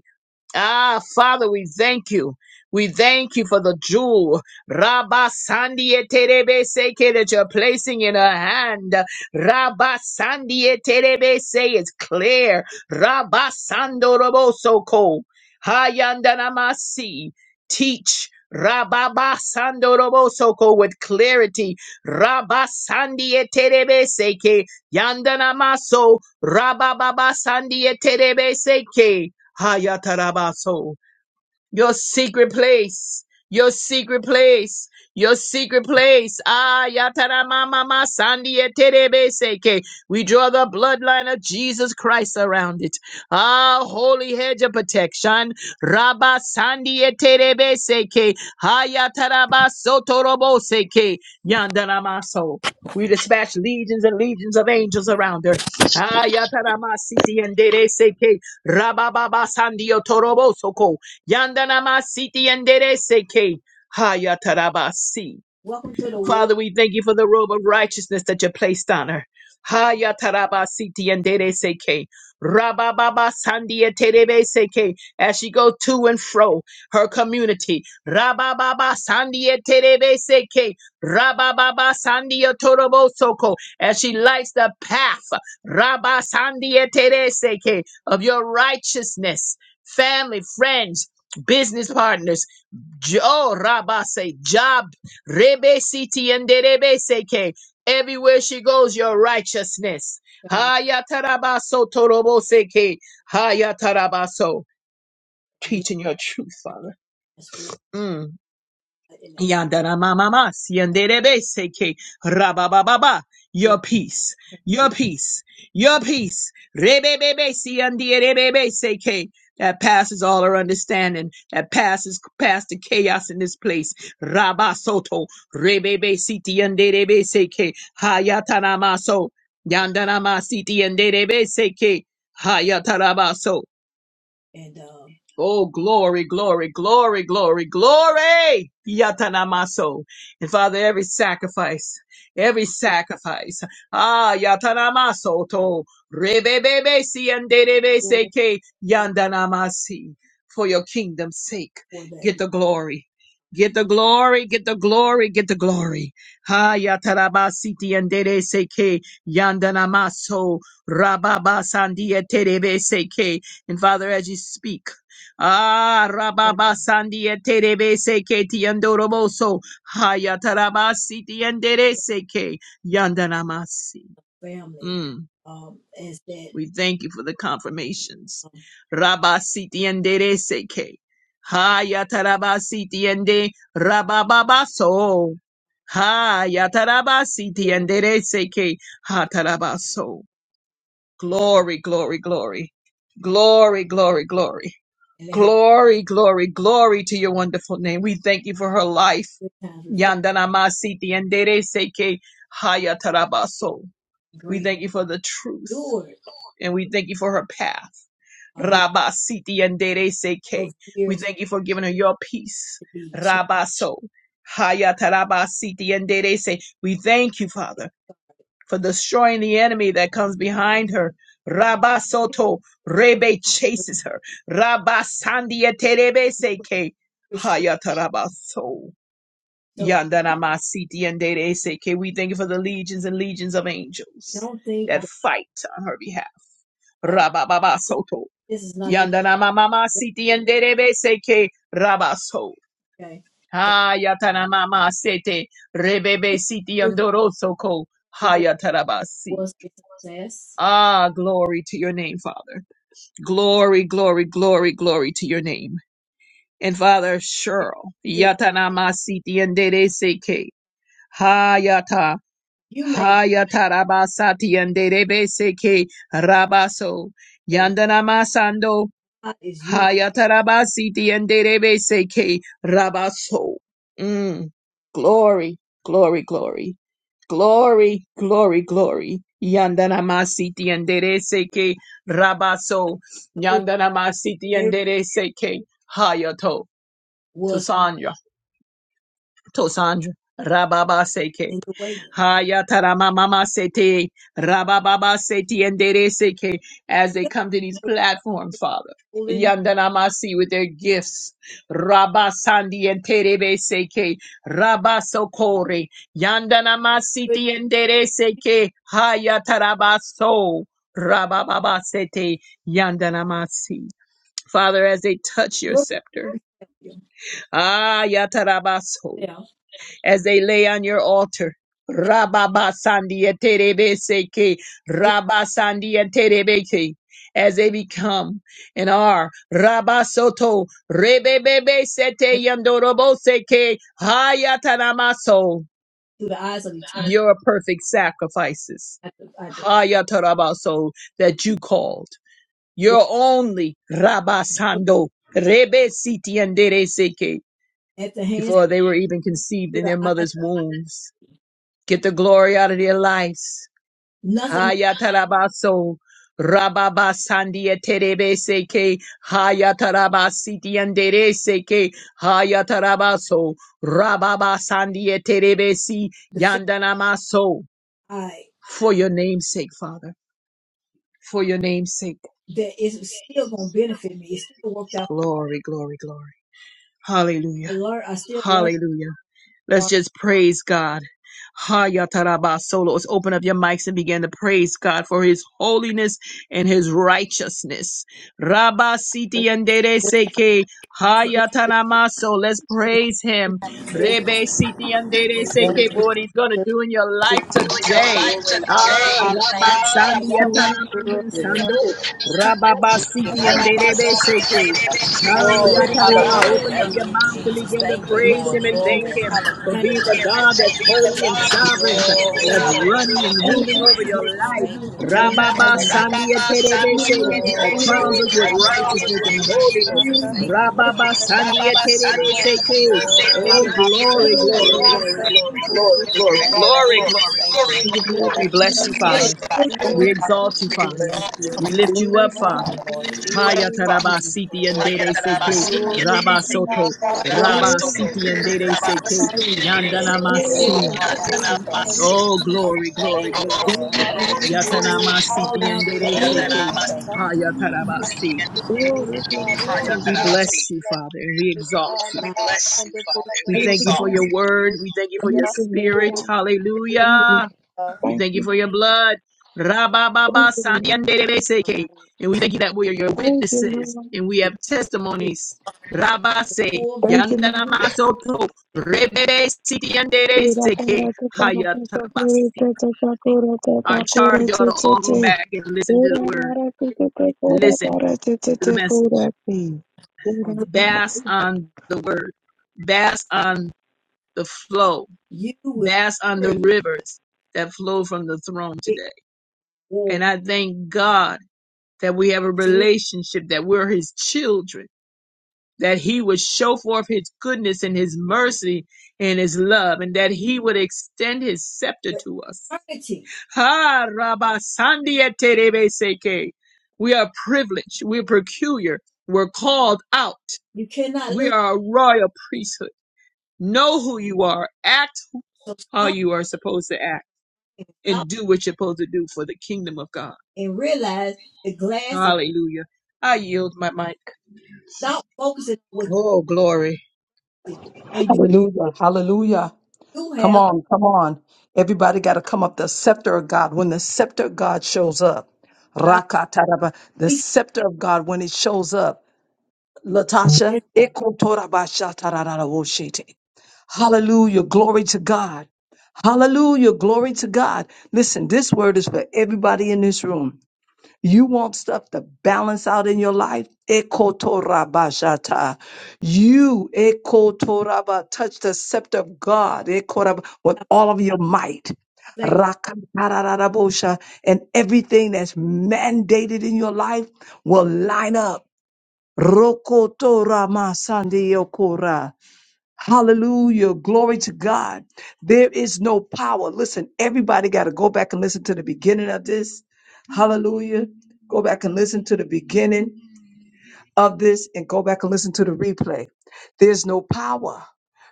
[SPEAKER 2] Ah, Father, we thank you. We thank you for the jewel, Rabba Sandia Terebe Seke, that you're placing in her hand. Rabba Sandia Terebe Se is clear. Rabba Sando Roboso Ko. Hayandanamasi. Teach. Rabba Ba Sando Roboso Ko with clarity. Rabba Sandia Terebe Seke. Yandanamaso. Rabba Baba Sandia Terebe Seke. Hayatarabaso your secret place, your secret place, your secret place. Ah, yatara mama ma sandia terebe seke. We draw the bloodline of Jesus Christ around it. Ah, holy hedge of protection. Rabba sandia terebe seke. Ah, yatara ba sotorobo seke. Yandara maso. We dispatch legions and legions of angels around her. Ah, yatara ma siti and dere seke. Rabba baba sandio torobo soko. Yandanamasiti yandereseke. Hayatarabasi.
[SPEAKER 4] Welcome to the War
[SPEAKER 2] Father, we thank you for the robe of righteousness that you placed on her.
[SPEAKER 4] Word
[SPEAKER 2] Haya taraba siti and dere seke. Rabababa sandia terebe seke. As she go to and fro her community. Rabababa sandia terebe seke. Rabababa sandia torobo soko. As she lights the path. Rabba sandia tere seke. Of your righteousness. Family, friends, business partners, Jo- oh, Rabba say job Rebe siti and derebe seke. Everywhere she goes, your righteousness.
[SPEAKER 4] Family.
[SPEAKER 2] Hayatarabaso torobo seke. Hayatarabaso.
[SPEAKER 4] We're
[SPEAKER 2] Teaching your truth,
[SPEAKER 4] drinking
[SPEAKER 2] Father.
[SPEAKER 4] a spirit
[SPEAKER 2] Mm.
[SPEAKER 4] in that
[SPEAKER 2] Yandara mama sienderebe seke rabababa.
[SPEAKER 4] door
[SPEAKER 2] Your peace, your
[SPEAKER 4] transition
[SPEAKER 2] peace,
[SPEAKER 4] and
[SPEAKER 2] your peace. Rebebebe sienderebebe seke. That passes all our understanding. That passes past the chaos in this place. Rabasoto rebebe sitienderebe seke hayatanamaso
[SPEAKER 4] people
[SPEAKER 2] yandanama sitienderebe seke hayatarabaso.
[SPEAKER 4] and um,
[SPEAKER 2] Oh, glory, glory, glory, glory, glory! Yatanamaso. And Father, every sacrifice, every
[SPEAKER 4] give
[SPEAKER 2] sacrifice. Ah, Yatanamaso to rebebebe si andebebe
[SPEAKER 4] your
[SPEAKER 2] seke
[SPEAKER 4] heart
[SPEAKER 2] yandanamasi. For your kingdom's sake,
[SPEAKER 4] for that
[SPEAKER 2] get the glory. Get the glory, get the glory, get the glory. Ha yatarabasiti andere seke yandanamaso rababa sandia terebe seke. And Father, as you speak, Ah,
[SPEAKER 4] word
[SPEAKER 2] Rababa Sandia Terebe Seke Tiandoroboso, Hayatarabasi Tiandere Seke, Yandanamasi.
[SPEAKER 4] of family
[SPEAKER 2] Mm,
[SPEAKER 4] um, as that
[SPEAKER 2] we thank you for the confirmations.
[SPEAKER 4] um,
[SPEAKER 2] Rabasi Tiandere Seke, Hayatarabasi Tiende,
[SPEAKER 4] that
[SPEAKER 2] Rabababaso, Hayatarabasi
[SPEAKER 4] heal
[SPEAKER 2] Tiandere Seke, Hatarabaso. Glory, glory, glory. Glory, glory, glory.
[SPEAKER 4] and let him
[SPEAKER 2] Glory, glory, glory to your wonderful name. We thank you for her life.
[SPEAKER 4] good times reflect
[SPEAKER 2] Yandana masiti Yandanamasiti endereseke
[SPEAKER 4] mercy
[SPEAKER 2] hayatarabaso. We
[SPEAKER 4] grace.
[SPEAKER 2] thank you for the truth
[SPEAKER 4] Steward
[SPEAKER 2] and we thank you for her path.
[SPEAKER 4] uh, he
[SPEAKER 2] Rabasiti seke.
[SPEAKER 4] those
[SPEAKER 2] We
[SPEAKER 4] years
[SPEAKER 2] thank you for giving her your peace.
[SPEAKER 4] to be changed.
[SPEAKER 2] Rabaso. Hayatarabasiti andere se. We thank you, Father for destroying the enemy that comes behind her. Rabba Soto Rebe chases her. Rabba Sandia Terebe Seke
[SPEAKER 4] for sure.
[SPEAKER 2] Hayatarabaso
[SPEAKER 4] so
[SPEAKER 2] Yandanamasiti and Dere Seke. We thank you for the legions and legions of angels
[SPEAKER 4] don't think
[SPEAKER 2] that
[SPEAKER 4] that
[SPEAKER 2] fight on her behalf.
[SPEAKER 4] uh,
[SPEAKER 2] Rabba Baba Soto
[SPEAKER 4] this is not the
[SPEAKER 2] Yandanamama
[SPEAKER 4] end.
[SPEAKER 2] Siti and Derebe Seke Rabaso
[SPEAKER 4] okay. So
[SPEAKER 2] Hayatanamama Sete Rebebe
[SPEAKER 4] if
[SPEAKER 2] Siti
[SPEAKER 4] your
[SPEAKER 2] and Dorosoko
[SPEAKER 4] failure
[SPEAKER 2] Hayatarabasi.
[SPEAKER 4] was a success,
[SPEAKER 2] Ah, glory to your name, Father. Glory, glory, glory, glory to your name. And Father, Cheryl,
[SPEAKER 4] everything
[SPEAKER 2] Yatanamasiti and Dede Seke, Hayata,
[SPEAKER 4] you made
[SPEAKER 2] Hayata Rabasati and Dede Seke, Rabaso,
[SPEAKER 4] that was
[SPEAKER 2] Yandanamasando,
[SPEAKER 4] not is you
[SPEAKER 2] Hayatarabasiti and derebe Seke Rabaso. Mm. Glory, glory, glory. Glory, glory, glory. Yandanamasiti and Seke Rabaso.
[SPEAKER 4] told you
[SPEAKER 2] Yandanamasiti and
[SPEAKER 4] everything
[SPEAKER 2] Seke Hayato. To
[SPEAKER 4] was
[SPEAKER 2] Sonya. Tosandra. Rababa seke.
[SPEAKER 4] in the way.
[SPEAKER 2] Haya tarama mama sete. Rababa seti endere seke. As they come to these platforms, Father.
[SPEAKER 4] Pulling
[SPEAKER 2] Yandanamasi with their gifts. Rabba Sandi and Terebe Seke. Rabba Sokore. Yandanamasi Tiendere Seke. Haya Tarabaso. Rabba Baba Sete. Yandanamasi. Father, as they touch your
[SPEAKER 4] look
[SPEAKER 2] scepter.
[SPEAKER 4] at every
[SPEAKER 2] Ah, Yatarabaso
[SPEAKER 4] failure yeah.
[SPEAKER 2] as they lay on your altar.
[SPEAKER 4] and
[SPEAKER 2] Rababa sandia terebeseke,
[SPEAKER 4] through,
[SPEAKER 2] Rabba sandia terebeke, as they become and are Rabba soto, rebebebe sete
[SPEAKER 4] and
[SPEAKER 2] yandoroboseke, hayatanamaso,
[SPEAKER 4] through the eyes of eternity.
[SPEAKER 2] your perfect sacrifices.
[SPEAKER 4] At the, at the,
[SPEAKER 2] Hayatarabaso that you called.
[SPEAKER 4] yeah,
[SPEAKER 2] Your only Rabba
[SPEAKER 4] Look
[SPEAKER 2] sando, rebe siti andereseke,
[SPEAKER 4] at the hands
[SPEAKER 2] before they were even conceived
[SPEAKER 4] through
[SPEAKER 2] in
[SPEAKER 4] the
[SPEAKER 2] their
[SPEAKER 4] eyes,
[SPEAKER 2] mother's wombs. Get the glory out of their lives.
[SPEAKER 4] nothing
[SPEAKER 2] Hayatarabaso. Rababa sandia terebe seke hayataraba siti andere seke hayatarabaso rababa sandia terebe si
[SPEAKER 4] the failure
[SPEAKER 2] yandanamaso
[SPEAKER 4] I
[SPEAKER 2] for your name's sake father for your name's sake
[SPEAKER 4] that is still gonna benefit me. It still worked out.
[SPEAKER 2] glory glory glory
[SPEAKER 4] I
[SPEAKER 2] hallelujah
[SPEAKER 4] learned. I still learned
[SPEAKER 2] hallelujah Let's
[SPEAKER 4] from.
[SPEAKER 2] just praise God. Hayatarabasolo. Let's open up your mics and begin to praise God for his holiness and his righteousness. Rabasiti andere seke. Hayatanamaso. Let's
[SPEAKER 4] it.
[SPEAKER 2] praise him.
[SPEAKER 5] good.
[SPEAKER 2] Rebe siti andere
[SPEAKER 7] Thank
[SPEAKER 2] seke. For what he's going to
[SPEAKER 7] you,
[SPEAKER 2] do in your
[SPEAKER 7] Jesus.
[SPEAKER 2] life
[SPEAKER 8] to your
[SPEAKER 2] today.
[SPEAKER 8] life
[SPEAKER 6] Glory,
[SPEAKER 8] today.
[SPEAKER 6] hallelujah.
[SPEAKER 2] Ah,
[SPEAKER 8] Ah,
[SPEAKER 6] Thank you.
[SPEAKER 2] rabasandi
[SPEAKER 9] Oh,
[SPEAKER 7] Adore.
[SPEAKER 2] atanamama
[SPEAKER 9] it's
[SPEAKER 2] sando.
[SPEAKER 6] Hallelujah.
[SPEAKER 2] Rababasiti
[SPEAKER 6] Thank you.
[SPEAKER 4] walk
[SPEAKER 9] wonderful.
[SPEAKER 2] andere seke.
[SPEAKER 8] speaking.
[SPEAKER 6] Glory,
[SPEAKER 2] Hayatarama.
[SPEAKER 6] hallelujah.
[SPEAKER 2] Open up
[SPEAKER 4] with
[SPEAKER 6] Thank
[SPEAKER 2] your
[SPEAKER 6] you,
[SPEAKER 2] mouth and
[SPEAKER 6] Jesus.
[SPEAKER 2] begin to
[SPEAKER 6] Thank you,
[SPEAKER 2] praise
[SPEAKER 6] Lord.
[SPEAKER 2] him
[SPEAKER 7] Thank
[SPEAKER 2] and thank
[SPEAKER 6] Glory,
[SPEAKER 7] you,
[SPEAKER 2] him
[SPEAKER 7] Father.
[SPEAKER 2] for
[SPEAKER 4] time. to
[SPEAKER 6] hallelujah.
[SPEAKER 8] to
[SPEAKER 2] being the
[SPEAKER 6] Thank
[SPEAKER 2] God
[SPEAKER 6] you.
[SPEAKER 2] that's
[SPEAKER 8] be the
[SPEAKER 2] holy and
[SPEAKER 8] God
[SPEAKER 2] sovereign,
[SPEAKER 4] make
[SPEAKER 6] Glory,
[SPEAKER 4] it.
[SPEAKER 2] that's
[SPEAKER 7] Oh, we thank
[SPEAKER 2] running
[SPEAKER 6] hallelujah.
[SPEAKER 2] and
[SPEAKER 6] Thank
[SPEAKER 8] in
[SPEAKER 2] ruling
[SPEAKER 6] you,
[SPEAKER 2] over your
[SPEAKER 7] you,
[SPEAKER 6] Jesus.
[SPEAKER 2] life.
[SPEAKER 6] Thank you,
[SPEAKER 7] God.
[SPEAKER 6] Lord. Thank
[SPEAKER 2] Rababa
[SPEAKER 6] you.
[SPEAKER 7] We
[SPEAKER 2] Sandia
[SPEAKER 8] Rababa
[SPEAKER 7] thank you, oh,
[SPEAKER 8] Sandia
[SPEAKER 2] Terebese, that
[SPEAKER 6] Glory,
[SPEAKER 8] Kedibese,
[SPEAKER 2] crowns us
[SPEAKER 6] glory,
[SPEAKER 8] a
[SPEAKER 2] with
[SPEAKER 7] we
[SPEAKER 6] hallelujah.
[SPEAKER 8] thousand
[SPEAKER 2] righteousness and
[SPEAKER 6] Thank
[SPEAKER 8] ways.
[SPEAKER 6] you,
[SPEAKER 7] thank you,
[SPEAKER 2] holiness.
[SPEAKER 6] Jesus.
[SPEAKER 7] God.
[SPEAKER 6] Thank you, Lord.
[SPEAKER 2] Rababa
[SPEAKER 6] Thank you.
[SPEAKER 2] Sandia
[SPEAKER 8] Rababa Sandia
[SPEAKER 2] Terebese.
[SPEAKER 8] Kedibese,
[SPEAKER 6] Glory,
[SPEAKER 7] And
[SPEAKER 2] Oh,
[SPEAKER 7] we
[SPEAKER 8] Lord,
[SPEAKER 6] hallelujah.
[SPEAKER 7] thank you,
[SPEAKER 2] glory,
[SPEAKER 6] Thank you,
[SPEAKER 2] glory,
[SPEAKER 10] Glory to
[SPEAKER 7] Jesus.
[SPEAKER 6] Jesus.
[SPEAKER 2] glory,
[SPEAKER 10] God.
[SPEAKER 2] glory,
[SPEAKER 6] Thank you,
[SPEAKER 7] Oh,
[SPEAKER 6] Lord.
[SPEAKER 7] we
[SPEAKER 2] glory, glory,
[SPEAKER 7] thank
[SPEAKER 6] Thank
[SPEAKER 8] Lord,
[SPEAKER 7] you,
[SPEAKER 6] you,
[SPEAKER 2] glory,
[SPEAKER 7] oh,
[SPEAKER 8] Lord.
[SPEAKER 6] Jesus.
[SPEAKER 2] glory,
[SPEAKER 6] Thank you,
[SPEAKER 8] Glory,
[SPEAKER 2] glory.
[SPEAKER 6] Lord.
[SPEAKER 8] glory,
[SPEAKER 7] Jesus,
[SPEAKER 6] Thank
[SPEAKER 2] We
[SPEAKER 6] you,
[SPEAKER 2] bless you,
[SPEAKER 4] Let
[SPEAKER 6] Jesus.
[SPEAKER 8] Bless
[SPEAKER 2] Father.
[SPEAKER 7] God.
[SPEAKER 4] it push
[SPEAKER 2] We
[SPEAKER 6] Glory,
[SPEAKER 7] Glory
[SPEAKER 2] exalt
[SPEAKER 6] hallelujah.
[SPEAKER 2] you,
[SPEAKER 6] We
[SPEAKER 2] Father.
[SPEAKER 6] bless
[SPEAKER 10] Thank
[SPEAKER 7] be
[SPEAKER 10] you,
[SPEAKER 6] you,
[SPEAKER 2] We
[SPEAKER 10] Lord.
[SPEAKER 6] Jesus.
[SPEAKER 2] lift you
[SPEAKER 8] God.
[SPEAKER 7] to
[SPEAKER 2] up,
[SPEAKER 6] Thank
[SPEAKER 7] God.
[SPEAKER 2] Father.
[SPEAKER 6] you, Lord
[SPEAKER 7] Glo-
[SPEAKER 6] Jesus.
[SPEAKER 2] Haya tarabasiti and
[SPEAKER 6] Glory,
[SPEAKER 2] dede
[SPEAKER 4] for
[SPEAKER 2] seke
[SPEAKER 4] that.
[SPEAKER 7] Glory
[SPEAKER 4] struggle.
[SPEAKER 2] rabasoto
[SPEAKER 7] to
[SPEAKER 4] You
[SPEAKER 7] God.
[SPEAKER 4] are
[SPEAKER 7] Rabba,
[SPEAKER 4] sick.
[SPEAKER 2] rabasiti and
[SPEAKER 7] oh,
[SPEAKER 2] dede seke
[SPEAKER 4] let it
[SPEAKER 2] yandanamasi.
[SPEAKER 6] glory,
[SPEAKER 4] push
[SPEAKER 11] two
[SPEAKER 7] Jesus,
[SPEAKER 6] hallelujah. Thank
[SPEAKER 7] oh,
[SPEAKER 6] you.
[SPEAKER 2] Oh,
[SPEAKER 4] you
[SPEAKER 2] glory, glory,
[SPEAKER 6] Thank you,
[SPEAKER 2] glory.
[SPEAKER 6] Lord.
[SPEAKER 7] God.
[SPEAKER 6] Thank
[SPEAKER 7] Oh, bless
[SPEAKER 6] you.
[SPEAKER 4] all
[SPEAKER 2] Yatanamasiti
[SPEAKER 4] down
[SPEAKER 2] and
[SPEAKER 7] you,
[SPEAKER 4] your
[SPEAKER 2] dede
[SPEAKER 6] Thank
[SPEAKER 7] Jesus.
[SPEAKER 6] you,
[SPEAKER 2] seke
[SPEAKER 6] Lord. Thank you.
[SPEAKER 7] Thank
[SPEAKER 2] haya tarabasi.
[SPEAKER 4] foot
[SPEAKER 7] you, God.
[SPEAKER 2] We
[SPEAKER 7] Bless
[SPEAKER 2] bless you, Father, and we
[SPEAKER 7] you,
[SPEAKER 2] exalt
[SPEAKER 7] God.
[SPEAKER 2] you.
[SPEAKER 8] We
[SPEAKER 4] now.
[SPEAKER 8] bless you, Father.
[SPEAKER 2] We
[SPEAKER 8] We
[SPEAKER 7] Wonderful
[SPEAKER 2] thank you
[SPEAKER 9] Hallelujah.
[SPEAKER 2] for
[SPEAKER 8] exalt
[SPEAKER 2] your word.
[SPEAKER 7] Hallelujah.
[SPEAKER 2] We thank you for your
[SPEAKER 9] Thank you, Lord
[SPEAKER 2] spirit.
[SPEAKER 9] God. Thank
[SPEAKER 2] Hallelujah.
[SPEAKER 9] you.
[SPEAKER 2] We
[SPEAKER 9] Thank
[SPEAKER 2] thank you
[SPEAKER 9] you.
[SPEAKER 2] for your
[SPEAKER 12] Thank you.
[SPEAKER 2] blood.
[SPEAKER 9] Thank
[SPEAKER 2] Rabababa
[SPEAKER 9] you.
[SPEAKER 12] Thank you. Thank you.
[SPEAKER 2] sandiandedebeseke. And we thank you that we are your
[SPEAKER 9] Thank you,
[SPEAKER 2] witnesses
[SPEAKER 9] Lord.
[SPEAKER 2] and we
[SPEAKER 4] If
[SPEAKER 2] have
[SPEAKER 4] You see
[SPEAKER 2] testimonies.
[SPEAKER 4] the
[SPEAKER 2] Rabase
[SPEAKER 4] full vision
[SPEAKER 9] Thank
[SPEAKER 12] Thank
[SPEAKER 9] you,
[SPEAKER 12] you.
[SPEAKER 9] Lord.
[SPEAKER 2] yandanamasoto
[SPEAKER 12] Thank you. Thank you. Thank you.
[SPEAKER 2] rebebe
[SPEAKER 9] Ira
[SPEAKER 2] sitiandedebeseke
[SPEAKER 9] para te
[SPEAKER 12] Thank you.
[SPEAKER 9] para te te te
[SPEAKER 2] hayatarabasi.
[SPEAKER 9] te te te
[SPEAKER 12] Thank
[SPEAKER 9] kura te
[SPEAKER 2] Our
[SPEAKER 9] te
[SPEAKER 12] you.
[SPEAKER 9] kura
[SPEAKER 2] charge ought
[SPEAKER 9] te
[SPEAKER 2] to
[SPEAKER 9] te
[SPEAKER 2] all go
[SPEAKER 9] te.
[SPEAKER 2] back and listen to the
[SPEAKER 9] Ira
[SPEAKER 2] word.
[SPEAKER 9] para te te te kura
[SPEAKER 2] Listen to
[SPEAKER 9] para te te
[SPEAKER 2] the
[SPEAKER 9] te
[SPEAKER 2] message.
[SPEAKER 9] kura te.
[SPEAKER 4] on this.
[SPEAKER 9] Ira
[SPEAKER 2] Bass on the word. Bass on the flow.
[SPEAKER 4] You will
[SPEAKER 2] Bass on the
[SPEAKER 4] surely
[SPEAKER 2] rivers that flow from the throne
[SPEAKER 4] wait
[SPEAKER 2] today.
[SPEAKER 4] war.
[SPEAKER 2] And I thank God that we have a
[SPEAKER 4] It's a win
[SPEAKER 2] relationship, that we're his children, that he would show forth his goodness and his mercy and his love, and that he would extend his scepter
[SPEAKER 4] for
[SPEAKER 2] to us.
[SPEAKER 4] eternity.
[SPEAKER 2] Ha Rabba Sandia Terebe Seke. We are privileged, we're peculiar, we're called out,
[SPEAKER 4] You cannot
[SPEAKER 2] we
[SPEAKER 4] lose.
[SPEAKER 2] are a royal priesthood. Know who you are, act
[SPEAKER 4] So
[SPEAKER 2] how
[SPEAKER 4] stop
[SPEAKER 2] you are supposed to act,
[SPEAKER 4] and stop
[SPEAKER 2] and do what you're supposed to do for the kingdom of God.
[SPEAKER 4] and realize the glass.
[SPEAKER 2] Hallelujah. I yield my mic.
[SPEAKER 4] Stop focusing on what
[SPEAKER 2] Oh, glory.
[SPEAKER 4] you see and be
[SPEAKER 3] Hallelujah. Hallelujah.
[SPEAKER 4] you
[SPEAKER 3] Come
[SPEAKER 4] have
[SPEAKER 3] on, come on. Everybody got to come up the scepter of God. When the scepter of God shows up,
[SPEAKER 4] God
[SPEAKER 3] Rakataraba, the
[SPEAKER 4] if
[SPEAKER 3] scepter of God, when it shows up,
[SPEAKER 4] you
[SPEAKER 3] Latasha,
[SPEAKER 4] have
[SPEAKER 3] ekotorabashatararawoshete. hallelujah. Glory to God. Hallelujah. Glory to God. Listen, this word is for everybody in this room. You want stuff to balance out in your life? Ekotorabashata. You, Ekotoraba, touch the scepter of God Ekorab, with all of your might.
[SPEAKER 4] reflect on.
[SPEAKER 3] Rakatarabosha, And everything that's mandated in your life will line up. Rokotorama Hallelujah. Glory to God. There is no power. Listen, everybody got to go back and listen to the beginning of this. Hallelujah. Go back and listen to the beginning of this and go back and listen to the replay. There's no power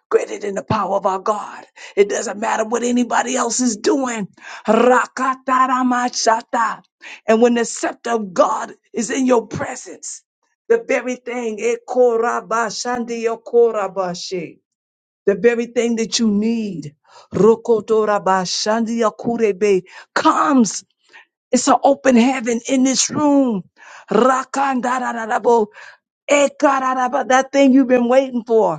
[SPEAKER 3] greater than the power of our God. It doesn't matter what anybody else is doing. Rakataramashata. And when the scepter of God is in your presence, the very thing, Ekorabashandiokorabashi the very thing that you need. Rokotorabashandiakurebe comes. It's an open heaven in this room. Rakandarararabo, ekararaba, That thing you've been waiting for.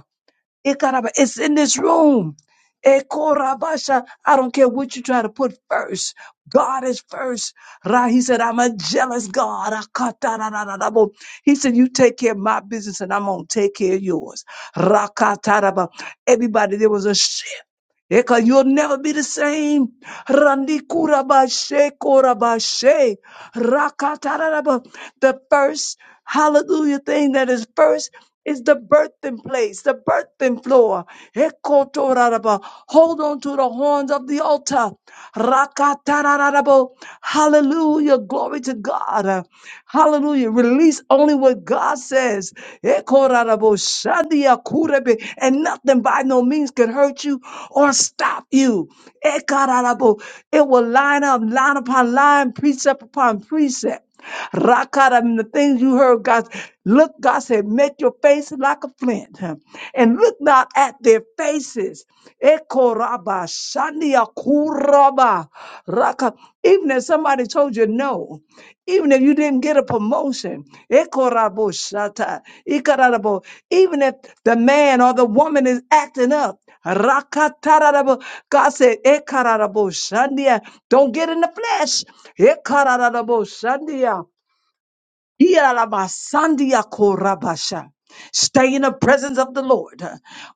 [SPEAKER 3] Ikaraba. It's in this room. Ekorabasha. I don't care what you try to put first. God is first. Ra- He said, I'm a jealous God. Akatararararabo. He said, You take care of my business and I'm going to take care of yours. Rakataraba. Everybody, there was a shift. Eka, you'll never be the same. Randikurabashe, korabashe, rakatararaba. The first hallelujah thing that is first is the birthing place, the birthing floor. Ekotoraraba. Hold on to the horns of the altar. Rakatarararabo. Hallelujah. Glory to God. Hallelujah. Release only what God says. Ekoraraboshandiakurebe. And nothing by no means can hurt you or stop you. Ekararabo. It will line up, line upon line, precept upon precept. Rakara, I the things you heard, God, look, God said, make your face like a flint huh, and look not at their faces. Ekoraba, shandia kuraba, raka. Even if somebody told you no, even if you didn't get a promotion, ekorabo shata, ikarabo. even if the man or the woman is acting up, rakatararabo. God said, ekarabo shandia. don't get in the flesh. Ekararabo shandia. Iyalaba sandia korabasha. Stay in the presence of the Lord.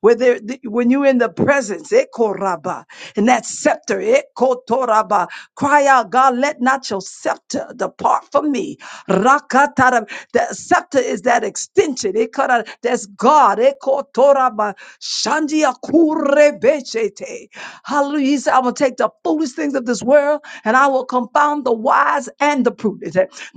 [SPEAKER 3] Where there, th- when you're in the presence, ekoraba, and that scepter, ekotoraba, cry out, God, let not your scepter depart from me. Rakatara, the scepter is that extension. ekara, That's God. ekotoraba, shandia kurebeshete. Hallelujah. He said, I will take the foolish things of this world and I will confound the wise and the prudent.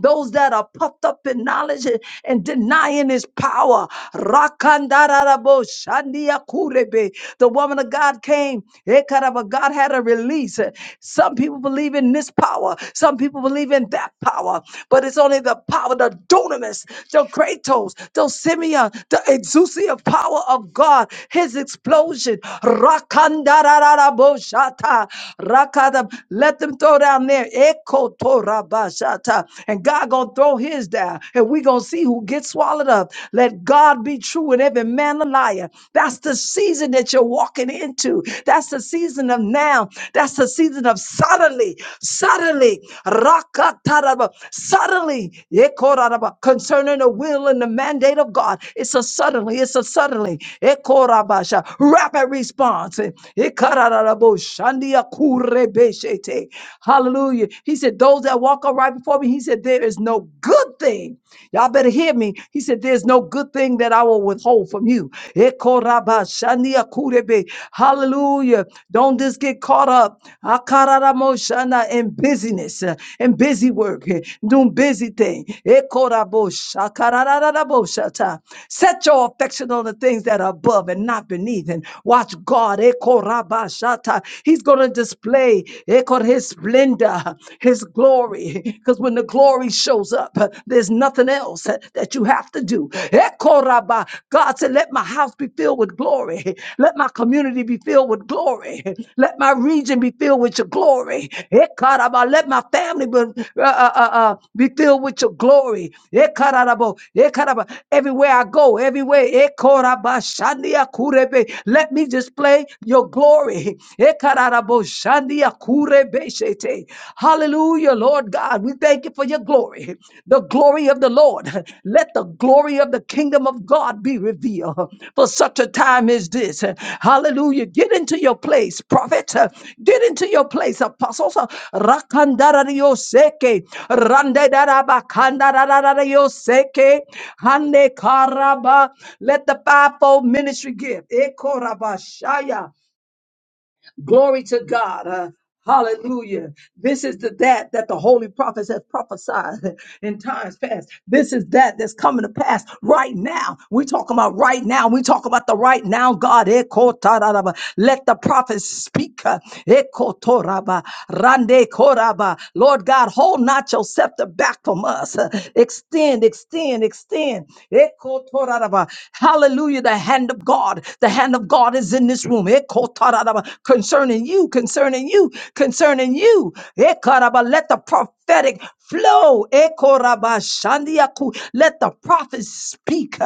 [SPEAKER 3] Those that are puffed up in knowledge and denying his power. Rakandarabo shandia kurebe. The woman of God came. Ekaraba, God had a release. Some people believe in this power, some people believe in that power, but it's only the power, the dunamis, the kratos, the simeon, the exousia power of God, his explosion. Rakandarabo shata. Rakada. Let them throw down there. Ekotorabashata. And God gonna gonna throw his down, and we gonna see who gets swallowed up. Let God be true and every man a liar. That's the season that you're walking into. That's the season of now. That's the season of suddenly, suddenly, rakataraba, suddenly, yekoraraba, concerning the will and the mandate of God. It's a suddenly, it's a suddenly, ekorabasha, rapid response. Ekarararabo, shandiakurebeshete. Hallelujah. He said, Those that that walk up right before me. He said, There is no good thing. Y'all better hear me. He said, There's no good thing that I will withhold from you. Ekorabashaniakurebe. Hallelujah. Don't just get caught up akararamoshana, in busyness uh, and busy work, eh, doing busy thing. Ekoraboshakarararaboshata. Set your affection on the things that are above and not beneath. And watch God. Ekorabashata. He's going to display. Ekor His his splendor, his glory. Because when the glory shows up, there's nothing else that you have to do. Ekoraba. God said, Let my house be filled with glory. Let my community be filled with glory. Let my region be filled with your glory. Ekaraba. Let my family be, uh, uh, uh, uh, be filled with your glory. Ekarabo. Ekaraba. Everywhere I go, everywhere. Ekoraba. Shandia kurebe. Let me display your glory. Ekaraba. Yaraboshandia kure Beshete. Hallelujah, Lord God. We thank you for your glory, the glory of the Lord. Let the glory of the kingdom of God be revealed for such a time as this. Hallelujah. Get into your place, prophet. Get into your place, apostles. Rakandararioseke, randedarabakandarariroseke, Hande karaba. Let the fivefold ministry give. Ekorabashaya. Glory to God. Uh, Hallelujah. This is the that that the holy prophets have prophesied in times past. This is that that's coming to pass right now. we talking about right now. We talk about the right now, God. Eko tararaba. Let the prophets speak. uh, Eko toraba. Rande koraba. Lord God, hold not your scepter back from us. uh, Extend, extend, extend. Eko toraraba. Hallelujah. The hand of God. The hand of God is in this room room. Eh, kotarabba, Concerning you, concerning you, concerning you. Ekaraba, Let the prophetic flow. Ekoraba shandiaku. Let the prophets speak.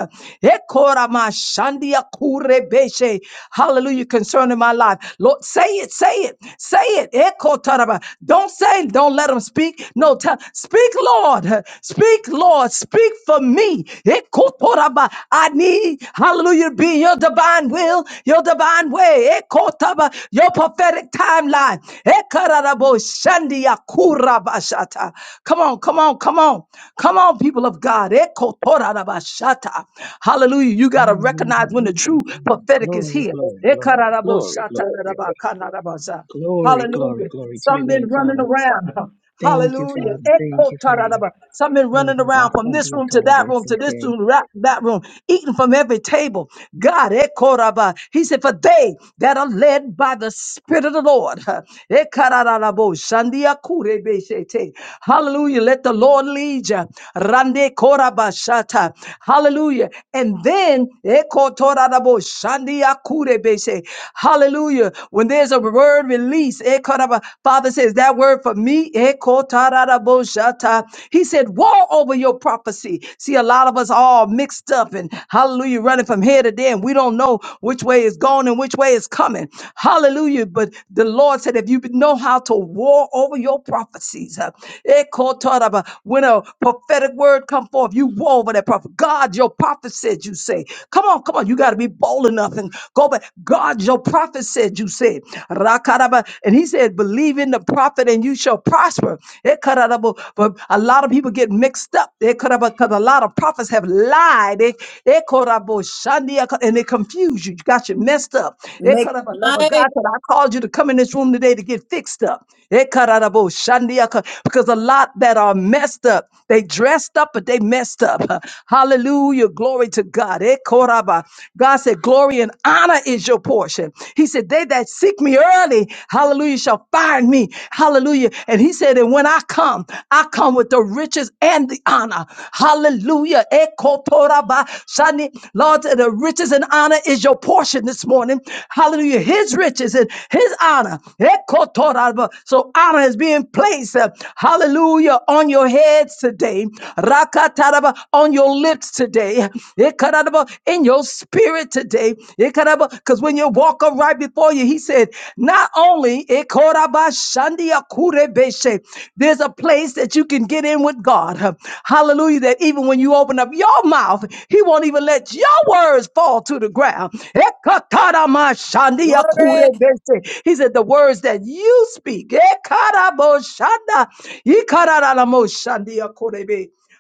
[SPEAKER 3] Ekorama shandiaku rebeshe. Hallelujah. Concerning my life. Lord, say it, say it, say it. Ekotaraba. Don't say, don't let them speak. No, tell, speak, Lord. Speak, Lord. Speak for me. Ekotoraba. I need, hallelujah, to be in your divine divine will, your divine way, ekotaba, your prophetic timeline. Ekararabo shandia kurabashata. Come on, come on, come on. Come on, people of God. Ekotorarabashata. Hallelujah. You got to
[SPEAKER 2] Hallelujah.
[SPEAKER 3] recognize when the
[SPEAKER 2] Thank
[SPEAKER 3] true
[SPEAKER 2] you, Father.
[SPEAKER 3] prophetic is
[SPEAKER 2] Glory,
[SPEAKER 3] here.
[SPEAKER 2] glory, glory,
[SPEAKER 3] Ekararabo
[SPEAKER 2] glory, glory,
[SPEAKER 3] shatararabakanarabasa.
[SPEAKER 2] glory, glory, glory,
[SPEAKER 3] Hallelujah.
[SPEAKER 2] glory to your
[SPEAKER 3] Some
[SPEAKER 2] name,
[SPEAKER 3] been running
[SPEAKER 2] Father.
[SPEAKER 3] around.
[SPEAKER 2] Thank you,
[SPEAKER 3] Hallelujah.
[SPEAKER 2] Father. Thank
[SPEAKER 3] Echo
[SPEAKER 2] you, Father.
[SPEAKER 3] taradaba. Something running
[SPEAKER 2] Rabbi
[SPEAKER 3] around from this
[SPEAKER 2] Basandi
[SPEAKER 3] room to that
[SPEAKER 2] Atorobo
[SPEAKER 3] room to this
[SPEAKER 2] Seke.
[SPEAKER 3] room, ra- that room, eating from every table. God, echo raba. He said, For they that are led by the Spirit of the Lord. huh, ekarararabo, shandia kurebe shete. Hallelujah. Let the Lord lead you. Rande koraba shata. Hallelujah. And then, echo toradabo, shandia kurebe she. hallelujah. When there's a word release, echo raba, Father says, That word for me. Ekotararaboshata. He said, War over your prophecy. See, a lot of us all mixed up and hallelujah, running from here to there, and we don't know which way is going and which way is coming. Hallelujah. But the Lord said, If you know how to war over your prophecies, uh, Ekotaraba, when a prophetic word come forth, you war over that prophet. God, your prophet said, You say, Come on, come on, you got to be bold enough and go back. God, your prophet said, You said, Rakaraba. And he said, Believe in the prophet and you shall prosper prosper. It cut out of- But a lot of people get mixed up. They cut up because a lot of prophets have lied. They they caught up boy Shandi, I ca- and they confuse you. You got you messed up. They
[SPEAKER 4] Make
[SPEAKER 3] cut up
[SPEAKER 4] it
[SPEAKER 3] another
[SPEAKER 4] plain.
[SPEAKER 3] God said, I called you to come in this room today to get fixed up. They cut out a boy Shandi, I ca- because a lot that are messed up, they dressed up, but they messed up. Hallelujah. Glory to God. They caught up, uh, God said, Glory and honor is your portion. He said, They that seek me early, hallelujah, shall find me. Hallelujah. And he he said, and when I come, I come with the riches and the honor. Hallelujah. Ekotoraba shani. Lord, the riches and honor is your portion this morning. Hallelujah. His riches and his honor. Ekotoraba. So honor is being placed. uh, Hallelujah. On your heads today. Rakataraba. On your lips today. Ekaraba. In your spirit today. Ekaraba. Because when you walk up right before you, he said, not only Ekoraba shandi there's a place that you can get in with God. Hallelujah. That even when you open up your mouth, He won't even let your words fall to the ground.
[SPEAKER 4] Glory.
[SPEAKER 3] He said, The words that you speak.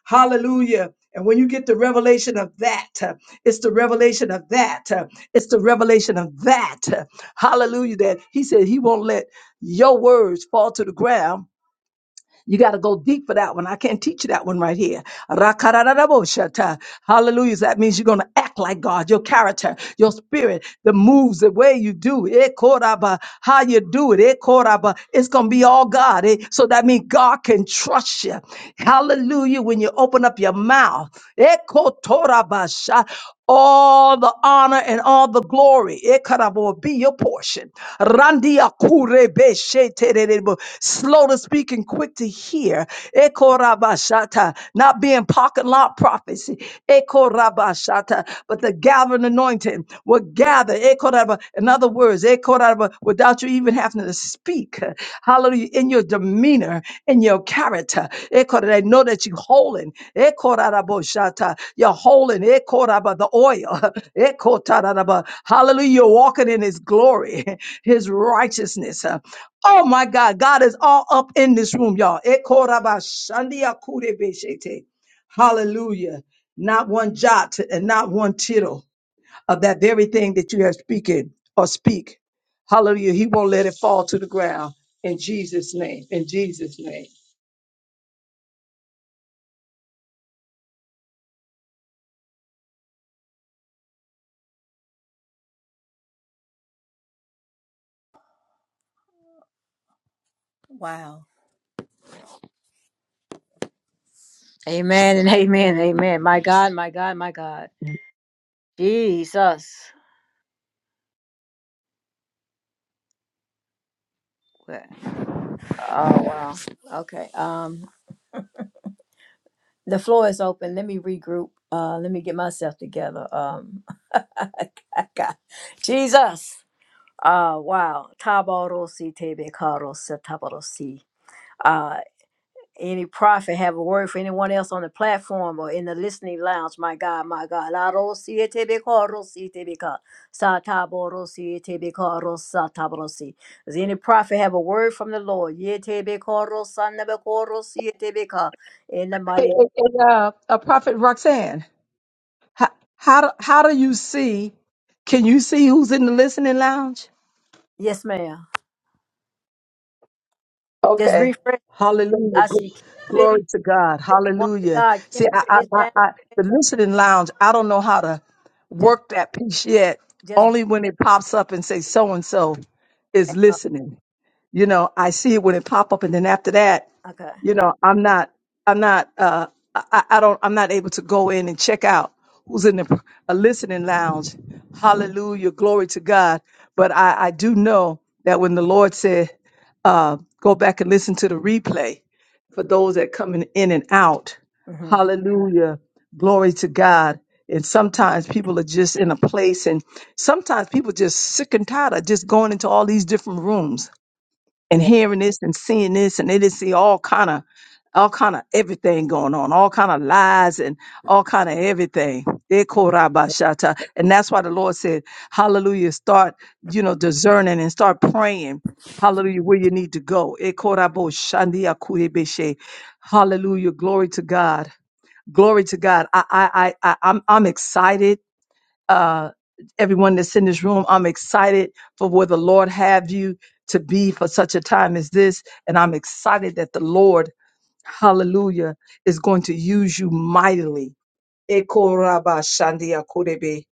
[SPEAKER 3] Hallelujah. And when you get the revelation of that, uh, it's the revelation of that, uh, it's the revelation of that. uh, Hallelujah. That he said he won't let your words fall to the ground you got to go deep for that one. I can't teach you that one right here. Rakararaboshata. Hallelujah. So That means you're going to act like God, your character, your spirit, the moves, the way you do it, Ekoraba, how you do it. Ekoraba. It's going to be all God. eh? So that means God can trust you. Hallelujah. When you open up your mouth, Ekotorabasha all the honor and all the glory. Ekarabo, Be your portion. Randia kurebe sheterebo. Slow to speak and quick to hear. Ekorabashata. Not being pocket lot prophecy. Ekorabashata. But the gathering anointing. will gather gather. eh, koraba. In other words, eh, koraba, without you even having to speak. Hallelujah. In your demeanor, in your character. eh, They know that you're holding. eh, koraba, shata. You're holding eh, koraba, the oil. eh, kotaraba. Hallelujah. You're walking in his glory, his righteousness. Oh my God, God is all up in this room, y'all. Eh, koraba, shandia, kurebeshete. Hallelujah. Not one jot and not one tittle of that very thing that you have speaking or speak. Hallelujah. He won't let it fall to the ground in Jesus' name. In Jesus' name.
[SPEAKER 4] Wow. Amen and amen, and amen. My God, my God, my God. Jesus. Okay. Oh wow. Okay. Um the floor is open. Let me regroup. Uh let me get myself together. Um I got Jesus. Uh wow. Tabarosi tebe karo tabarosi. Uh, any prophet have a word for anyone else on the platform or in the listening lounge. My God, my God. La ro si e te be ko, ro si te ka. Sa ta bo ro si e te be ko, ta bo ro si. Does any prophet have a word from the Lord? Ye te be ko, na be ko, ro si e te ka. In the
[SPEAKER 3] Hey,
[SPEAKER 4] mighty,
[SPEAKER 3] hey, hey, uh, uh, Prophet Roxanne, how, how, do, how do you see? Can you see who's in the listening lounge?
[SPEAKER 4] yes, ma'am. Just
[SPEAKER 3] Okay.
[SPEAKER 4] refresh.
[SPEAKER 3] Hallelujah.
[SPEAKER 4] I see
[SPEAKER 3] Gl-
[SPEAKER 4] Kimberly,
[SPEAKER 3] Glory to God.
[SPEAKER 4] one of
[SPEAKER 3] Hallelujah.
[SPEAKER 4] God, Kimberly
[SPEAKER 3] See, I, I,
[SPEAKER 4] is
[SPEAKER 3] I,
[SPEAKER 4] down.
[SPEAKER 3] I, the listening lounge, I don't know how to
[SPEAKER 4] Just,
[SPEAKER 3] work that piece yet,
[SPEAKER 4] just refresh.
[SPEAKER 3] only when it pops up and say so and so is
[SPEAKER 4] Uh,
[SPEAKER 3] listening. you know i see it when it pop up and then after that
[SPEAKER 4] okay.
[SPEAKER 3] you know i'm not i'm not uh i, I don't i'm not able to go in and check out who's in the a listening lounge hallelujah glory to god but i i do know that when the lord said uh go back and listen to the replay for those that coming in and out
[SPEAKER 4] hmm
[SPEAKER 3] hallelujah glory to god and sometimes people are just in a place and sometimes people just sick and tired of just going into all these different rooms and
[SPEAKER 4] Yeah.
[SPEAKER 3] hearing this and seeing this and they just see all kind of all kind of everything going on, all kind of lies and all kind of everything. Ekorabashata. And that's why the Lord said, Hallelujah, start, you know, discerning and start praying. Hallelujah, where you need to go. Ekoraboshandiakuebeshe. Hallelujah. Glory to God. Glory to God. I I I I- I'm I'm excited uh, everyone that's in this room. I'm excited for where the Lord have you to be for such a time as this. And I'm excited that the Lord, hallelujah, is going to use you mightily. Eko raba shandia kurebe.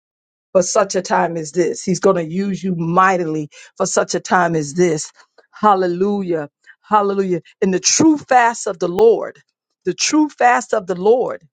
[SPEAKER 3] For such a time as this, He's going to use you mightily for such a time as this. Hallelujah. Hallelujah. In the true fast of the Lord, the true fast of the Lord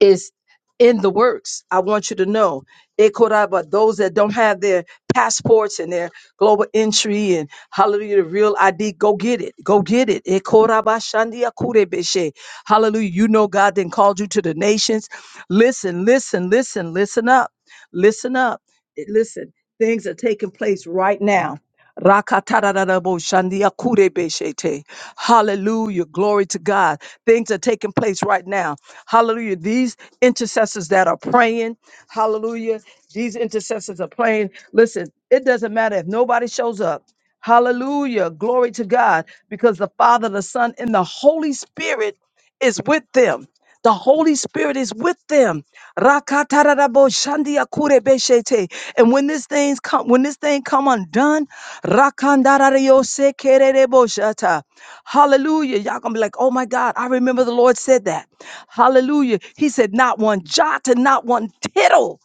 [SPEAKER 3] is in the works. I want you to know. Ekoraba, those that don't have their passports and their global entry and hallelujah, the real ID, go get it. Go get it. Ekoraba shandia kurebeshe. Hallelujah. You know God then called you to the nations. Listen, listen, listen, listen up. Listen up. Eh, Listen, things are taking place right now Rakataraboshandiakurebeshete. Hallelujah. Glory to God. Things are taking place right now. Hallelujah. These intercessors that are praying, hallelujah. These intercessors are praying. Listen, it doesn't matter if nobody shows up. Hallelujah. Glory to God. Because the Father, the Son, and the Holy Spirit is with them. The Holy Spirit is with them. Rakatarabo shandia kurebe shete. And when this thing's come, when this thing come undone, rakandarario sekererebo shata. hallelujah. Y'all gonna be like, oh my God, I remember the Lord said that. Hallelujah. He said, not one jot and not one tittle.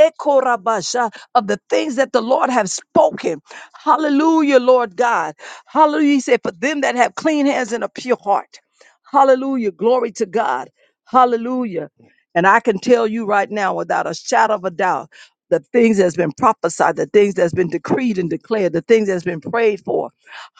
[SPEAKER 3] Ekorabasha of the things that the Lord have spoken. Hallelujah, Lord God. Hallelujah. He said, for them that have clean hands and a pure heart. Hallelujah. Glory to God. Hallelujah. And I can tell you right now without a shadow of a doubt the things that's been prophesied, the things that's been decreed and declared, the things that's been prayed for.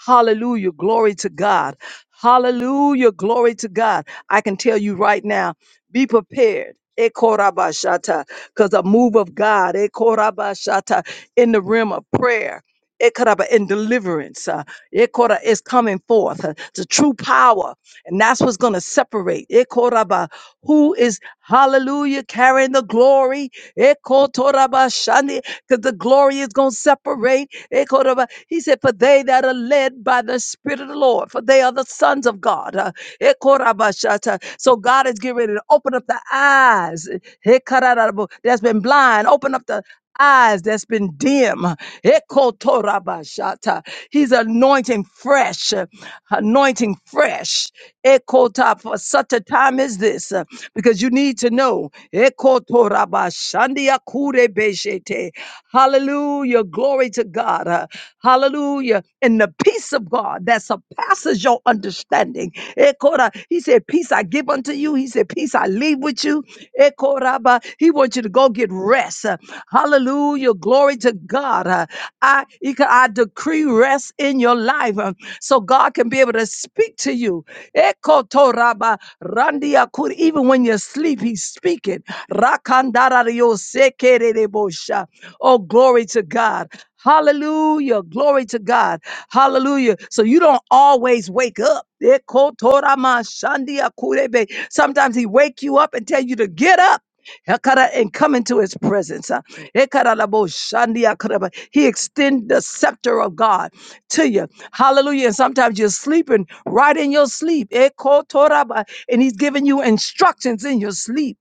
[SPEAKER 3] Hallelujah. Glory to God. Hallelujah. Glory to God. I can tell you right now, be prepared. Ekorabashata, because a move of God, Ekorabashata, in the realm of prayer, Ekoraba, in deliverance, uh, Ekora is coming forth. uh, The true power. And that's what's going to separate. Ekoraba, Who is, hallelujah, carrying the glory? Ekotoraba shani, Because the glory is going to separate. Ekoraba, He said, For they that are led by the Spirit of the Lord, for they are the sons of God. Uh, Ekoraba shata. So God is getting ready to open up the eyes. Ekararabo, That's been blind. Open up the eyes that's been dim. Ekotorabashata. He's anointing fresh, uh, anointing fresh. Ekota for such a time as this, uh, because you need to know. Ekotorabashandiakurebeshete. Hallelujah. Glory to God. uh, Hallelujah. And the peace of God that surpasses your understanding. Ekora. He said, Peace I give unto you. He said, Peace I leave with you. Ekoraba. He wants you to go get rest. Uh, Hallelujah. Glory to God. Uh, I, Ika- I decree rest in your life um, so God can be able to speak to you. Ekotoraba. Randiakur. Even when you sleep, He's speaking. Rakandarariosekererebosha. Oh, glory to God. Hallelujah. Glory to God. Hallelujah. So you don't always wake up. Ekotoramashandiakurebe. Sometimes he wake you up and tell you to get up. Ekara, And come into his presence. uh. Ekaralaboshandiakureba. He extend the scepter of God to you. Hallelujah. And sometimes you're sleeping right in your sleep. Ekotoraba. And he's giving you instructions in your sleep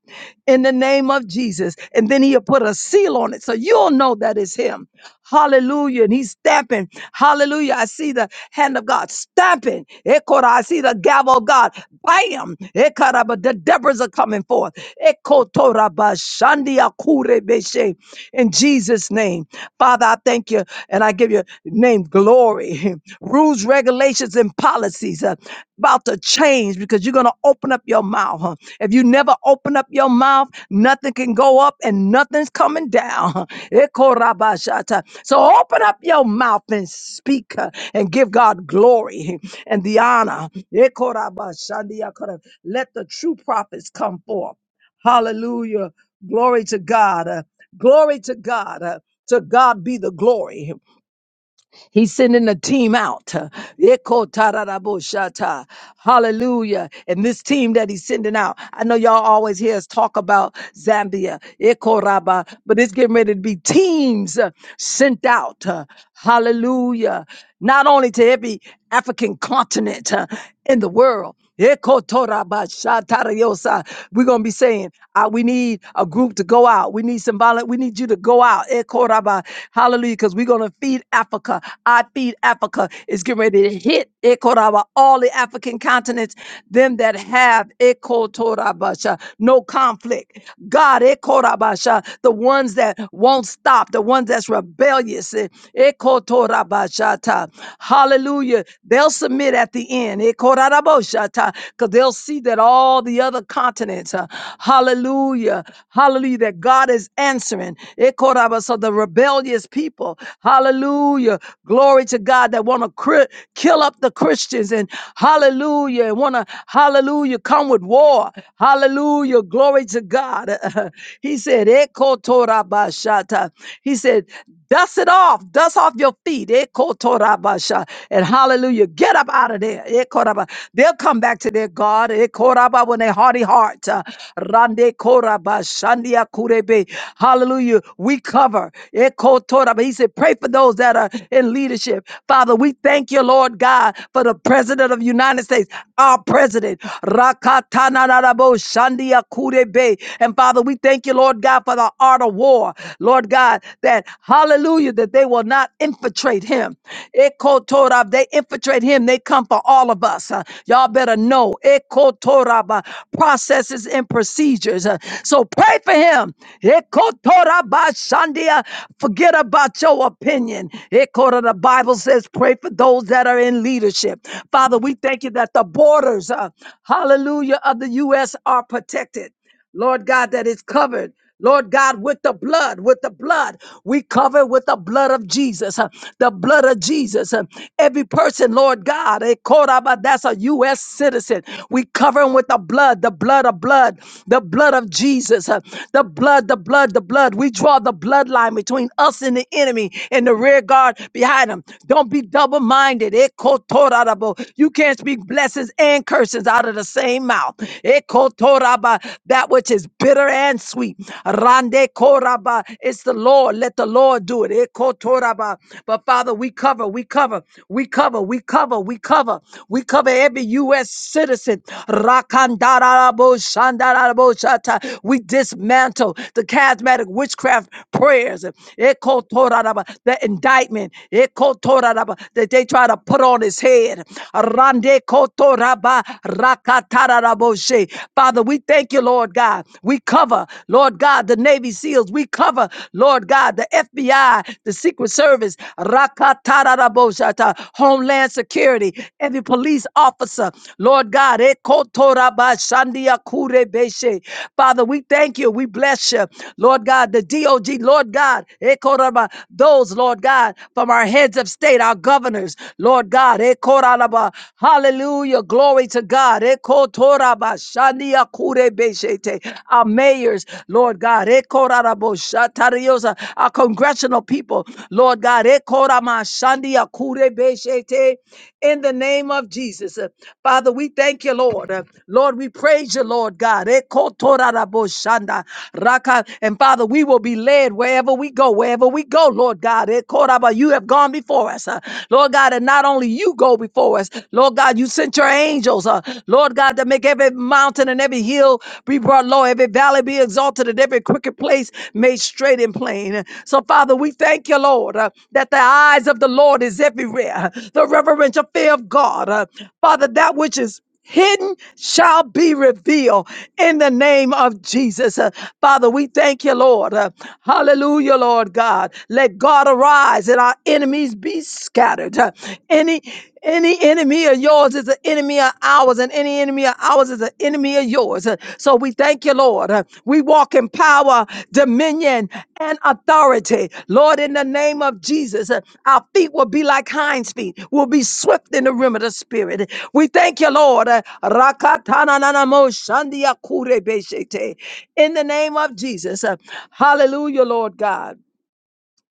[SPEAKER 3] in the name of Jesus. And then he'll put a seal on it. So you'll know that it's him. Hallelujah. And he's stamping. Hallelujah. I see the hand of God stamping. Ekora, I see the gavel of God. Bam. Ekara, but the Deborahs are coming forth. Ekotora bashandia kure beshe. In Jesus' name. Father, I thank you and I give your name glory. Rules, regulations, and policies policies uh, about to change because you're going to open up your mouth. huh? If you never open up your mouth, nothing can go up and nothing's coming down. huh? Ekorabashata. So open up your mouth and speak uh, and give God glory and the honor. Ekorabashandiakara. Let the true prophets come forth. Hallelujah. Glory to God. uh, Glory to God. uh, To God be the glory. He's sending a team out. Ekotararaboshata. Hallelujah. And this team that he's sending out, I know y'all always hear us talk about Zambia, Ekoraba, but it's getting ready to be teams uh, sent out. uh, Hallelujah. Not only to every African continent uh, in the world, Ekotorabashatariosa. We're gonna be saying, uh, we need a group to go out. We need some violent. We need you to go out. Ekoraba. Hallelujah, because we're gonna feed Africa. I feed Africa. It's getting ready to hit Ekoraba, all the African continents, them that have Ekotorabasha, no conflict. God, Ekorabasha, the ones that won't stop, the ones that's rebellious. eh, Ekotorabashata. Hallelujah. They'll They'll submit at the end. Because they'll see that all the other continents, uh, hallelujah, hallelujah, that God is answering. Eh, koraba, So the rebellious people, hallelujah, glory to God, that want to cri- kill up the Christians and hallelujah, and want to, hallelujah, come with war. Hallelujah, glory to God. he said, "Eh, kotorabashata." He said, dust it off, dust off your feet. Eh, Ekotorabasha. And hallelujah, get up out of there. Ekoraba. They'll come back to their God Ekoraba, when they hearty heart. uh, Rande koraba, shandia kurebe. Hallelujah. We cover. Ekotoraba. He said, pray for those that are in leadership. Father, we thank you, Lord God, for the President of the United States, our President. Rakatanarabo, shandia kurebe. And Father, we thank you, Lord God, for the art of war. Lord God, that hallelujah. Hallelujah, that they will not infiltrate him. Ekotorab, They infiltrate him, they come for all of us. Uh, Y'all better know. Ekotoraba, Processes and procedures. Uh, So pray for him. Ekotorabashandia, Forget about your opinion. Ekora, The Bible says, pray for those that are in leadership. Father, we thank you that the borders, uh, hallelujah, of the U.S. are protected. Lord God, that is covered. Lord God, with the blood, with the blood, we cover with the blood of Jesus, uh, the blood of Jesus. uh, Every person, Lord God, eh, Koraba, that's a U.S. citizen. We cover him with the blood, the blood of blood, the blood of Jesus, uh, the blood, the blood, the blood. We draw the bloodline between us and the enemy in the rear guard behind him. Don't be double minded. You can't speak blessings and curses out of the same mouth. Ekotoraba, That which is bitter and sweet. Rande koraba. It's the Lord. Let the Lord do it. Ekotoraba. But Father, we cover, we cover, we cover, we cover, we cover, we cover every U.S. citizen. Rakandarabo shandarabo shata. We dismantle the charismatic witchcraft prayers. Ekotoraba. The indictment. Ekotoraba. That they try to put on his head. Rande Rabba Rakataraboshe. Father, we thank you, Lord God. We cover, Lord God, the Navy SEALs. We cover, Lord God, the FBI, the Secret Service, Rakataraboshe, Homeland Security, every police officer, Lord God, Ekotorabashandiakurebeshe. Father, we thank you. We bless you. Lord God, the DOG, Lord God, Ekoraba, those, Lord God, from our heads of state, our governors, Lord God, Ekotoraba. Hallelujah. Glory to God. Ekotoraba. Shania kure beshete. Our mayors, Lord God. Ekorarabo shatariosa. Our congressional people, Lord God. Ekorama shandia kure beshete. In the name of Jesus. Uh, Father, we thank you, Lord. Uh, Lord, we praise you, Lord God. Ekotorarabo shanda. Raka. And Father, we will be led wherever we go, wherever we go, Lord God. Ekoraba. You have gone before us. Uh, Lord God, and not only you go before us, Lord God, you sent your angels, uh, Lord God, to make every mountain and every hill be brought low, every valley be exalted, and every crooked place made straight and plain. So, Father, we thank you, Lord, uh, that the eyes of the Lord is everywhere, the reverential fear of God, uh, Father, that which is hidden shall be revealed in the name of Jesus. Uh, Father, we thank you, Lord. Uh, hallelujah, Lord God. Let God arise and our enemies be scattered. Uh, any any enemy of yours is an enemy of ours, and any enemy of ours is an enemy of yours. Uh, so we thank you, Lord. Lord. We walk in power, dominion, and authority. Lord, in the name of Jesus, uh, our feet will be like hinds feet. We'll be swift in the rim of the spirit. We thank you, Lord. Uh, Rakatananamo shandiakurebeshete. In the name of Jesus. uh, Hallelujah, Lord God.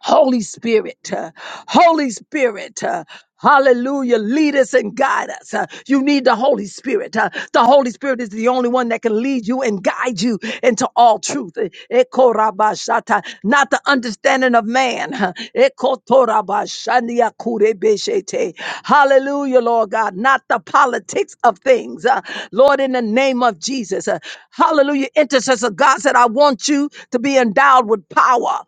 [SPEAKER 3] Holy Spirit, uh, Holy Spirit, uh, Hallelujah. Lead us and guide us. Uh, You need the Holy Spirit. Uh, The Holy Spirit is the only one that can lead you and guide you into all truth. Eh, ekorabashata, Not the understanding of man. huh. Ekotorabashania kurebeshete. Hallelujah, Lord God. Not the politics of things. Uh, Lord, in the name of Jesus. uh, Hallelujah. Intercessor God said, I want you to be endowed with power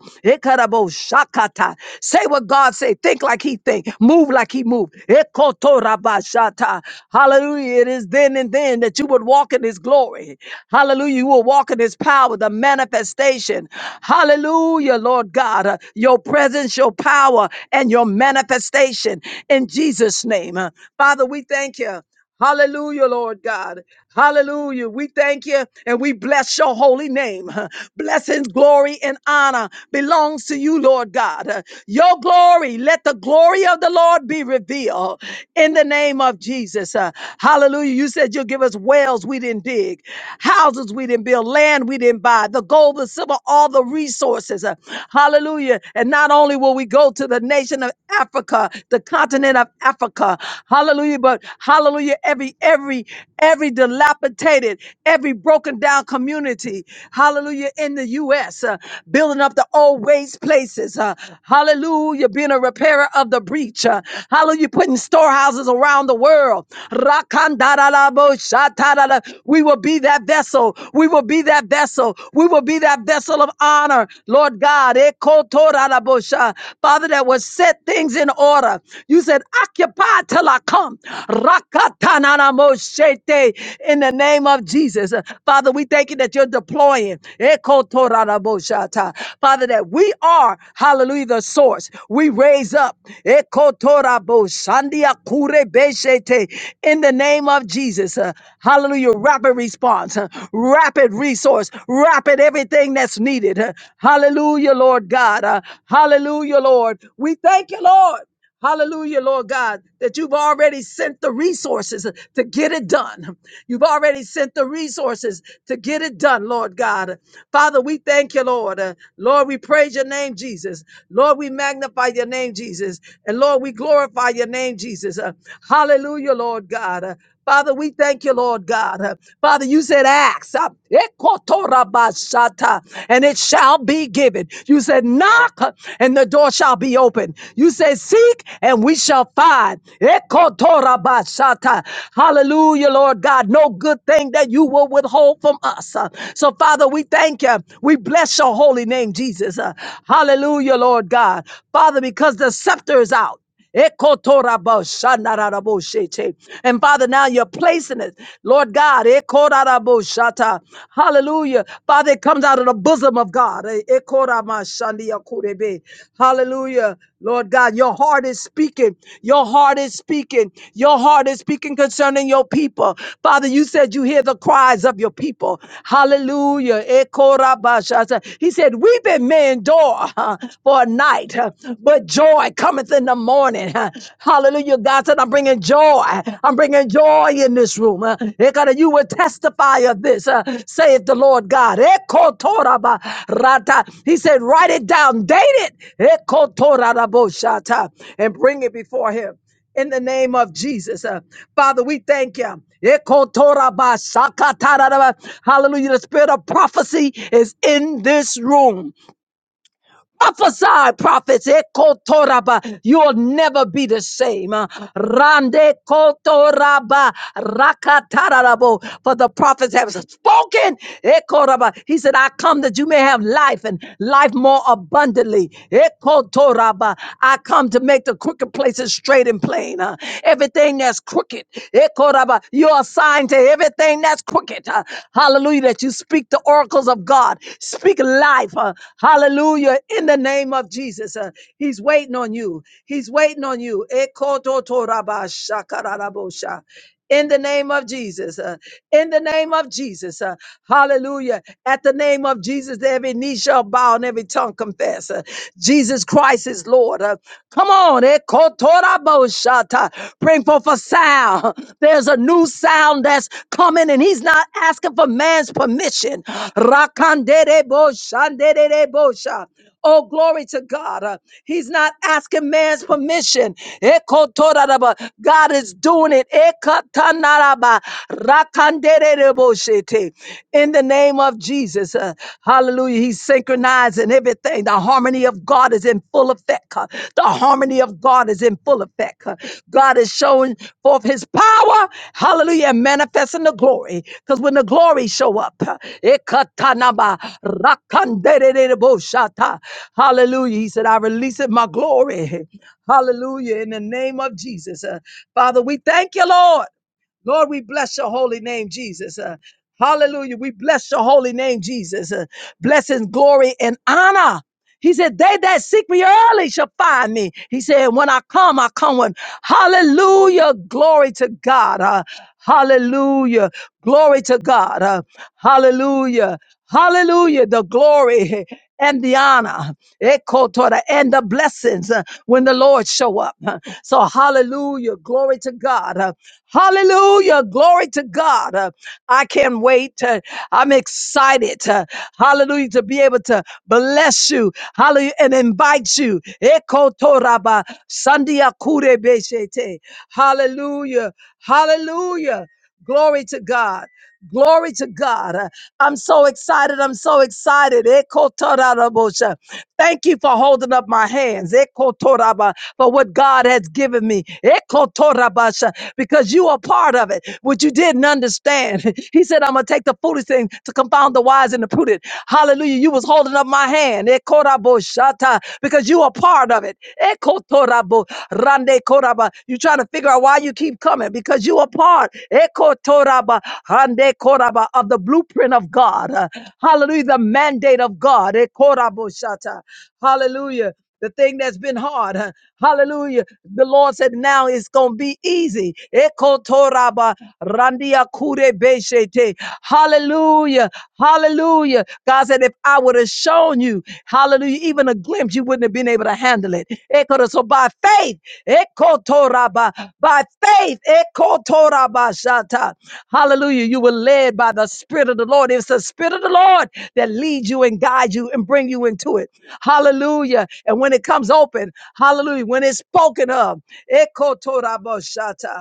[SPEAKER 3] shakata. Say what God say. Think like he think. Move like he move. Ekotorabashata. Hallelujah. It is then and then that you would walk in his glory. Hallelujah. You will walk in his power, the manifestation. Hallelujah, Lord God. Uh, Your presence, your power, and your manifestation in Jesus' name. Uh, Father, we thank you. Hallelujah, Lord God. Hallelujah. We thank you and we bless your holy name. Blessings, glory, and honor belongs to you, Lord God. Your glory, let the glory of the Lord be revealed in the name of Jesus. Uh, Hallelujah. You said you'll give us wells we didn't dig, houses we didn't build, land we didn't buy, the gold, the silver, all the resources. Uh, Hallelujah. And not only will we go to the nation of Africa, the the continent of Africa. Hallelujah. But hallelujah, every, every, every dilapidated, every broken down community, hallelujah, in the U.S., uh, building up the old waste places. uh, hallelujah, being a repairer of the breach. uh, hallelujah, putting storehouses around the world. Rakandaraboshatadada. We will be that vessel. We will be that vessel. We will be that vessel of honor, Lord God. Torarabosha. Father, that will set things in order. You said, occupy till I come. Rakatananamoshete. In the name of Jesus. Father, we thank you that you're deploying. Eko Toraraboshata. Father, that we are, hallelujah, the source. We raise up. Eko Toraboshandia kurebeshete. In the name of Jesus. Uh, Hallelujah. Rapid response. uh, Rapid resource. Rapid dropping everything that's needed. Uh, Hallelujah, Lord God. Uh, Hallelujah, Lord. We thank you, Lord. Hallelujah, Lord God, that you've already sent the resources uh, to get it done. You've already sent the resources to get it done, Lord God. Father, we thank you, Lord. Uh, Lord, we praise your name, Jesus. Lord, we magnify your name, Jesus. And Lord, we glorify your name, Jesus. Uh, Hallelujah, Lord God. Uh, Father, we thank you, Lord God. Uh, Father, you said, Ask, uh, ekotorabashata, and it shall be given. You said, Knock, uh, and the door shall be open. You said, Seek, and we shall find. Ekotorabashata. Hallelujah, Lord God. No good thing that you will withhold from us. Uh, So, Father, we thank you. We bless your holy name, Jesus. Uh, Hallelujah, Lord God. Father, because the scepter is out. Ekotorabashanarabosete. And Father, now you're placing it, Lord God. Ekoraboshata. Hallelujah. Father, it comes out of the bosom of God. Eh, ekoramashandiakurebe. Hallelujah. Lord God, your heart is speaking. Your heart is speaking. Your heart is speaking concerning your people. Father, you said you hear the cries of your people. Hallelujah. Ekorabashata. He said, Weeping may endure for a night night, uh, but joy cometh in the morning. uh. Hallelujah. God said, I'm bringing joy. I'm bringing joy in this room. uh. Ekada, You will testify of this, uh, saith the Lord God. Ekotoraba rata. He said, Write it down, date it, Ekotoraraboshata, and bring it before him in the name of Jesus. Uh, Father, we thank you. Ekotorabashakatararaba. Hallelujah. The spirit of prophecy is in this room. Prophesy, prophets. Ekotoraba. You will never be the same. Uh, Rande kotoraba rakatarabo. For the prophets have spoken. Ekoraba. He said, I come that you may have life and life more abundantly. Ekotoraba. I come to make the crooked places straight and plain. Uh, Everything that's crooked. Ekoraba. You're assigned to everything that's crooked. uh, Hallelujah. That you speak the oracles of God. Speak life. uh, Hallelujah. In the name of Jesus. uh, He's waiting on you. He's waiting on you. Ekototorabashakarabosha. In the name of Jesus, uh, in the name of Jesus, uh, hallelujah. At the name of Jesus, every knee shall bow and every tongue confess. uh, Jesus Christ is Lord. uh, come on, eh? Kotoraboshata. Bring forth a sound. There's a new sound that's coming, and he's not asking for man's permission. Rakandereboshanderebosha. Oh, glory to God. Uh, He's not asking man's permission. Ekotoraraba. God is doing it. Ekatanaraba. Rakandereboshete. In the name of Jesus. Uh, Hallelujah. He's synchronizing everything. The harmony of God is in full effect. huh. The harmony of God is in full effect. huh. God is showing forth his power. Hallelujah. And manifesting the glory. Because when the glory show up, huh, ekatanaba rakanderedeboshata. hallelujah. He said, I release it my glory. Hallelujah. In the name of Jesus. Uh, Father, we thank you, Lord. Lord, we bless your holy name, Jesus. Uh, hallelujah. We bless your holy name, Jesus. Uh, blessings, glory, and honor. He said, They that seek me early shall find me. He said, When I come, I come with." Hallelujah. Glory to God. Uh, hallelujah. Glory to God. Uh, hallelujah. Hallelujah. The glory and the honor Ekotora, and the blessings uh, when the Lord show up. Uh, so, hallelujah. Glory to God. Uh, Hallelujah. Glory to God. Uh, I can't wait. Uh, I'm excited. uh, Hallelujah. To be able to bless you. Hallelujah. And invite you. Eko toraba sandia kure beshete. Hallelujah. Hallelujah. Glory to God. Glory to God. Uh, I'm so excited. I'm so excited. Ekotorabosha. Thank you for holding up my hands. Ekotoraba, For what God has given me. Ekotorabasha, Because you are part of it, which you didn't understand. He said, I'm going to take the foolish thing to confound the wise and the prudent. Hallelujah. You was holding up my hand. Ekoraboshata, Because you are part of it. Ekotorabo, rande koraba. you trying to figure out why you why you keep coming because you are part ekotoraba, handekoraba, of the blueprint of God. Uh, Hallelujah. The mandate of God. Ekoraboshata. Hallelujah. The thing that's been hard. uh, Hallelujah. The Lord said now it's going to be easy. Ekotoraba, randiakurebeshete. Hallelujah. Hallelujah. God said, if I would have shown you, hallelujah, even a glimpse, you wouldn't have been able to handle it. Ekora. So by faith, Ekotoraba. By faith, Ekotorabashata. hallelujah, you were led by the Spirit of the Lord. It's the Spirit of the Lord that leads you and guides you and bring you into it. Hallelujah. And when it comes open, hallelujah, when it's spoken of, Ekotorabashata.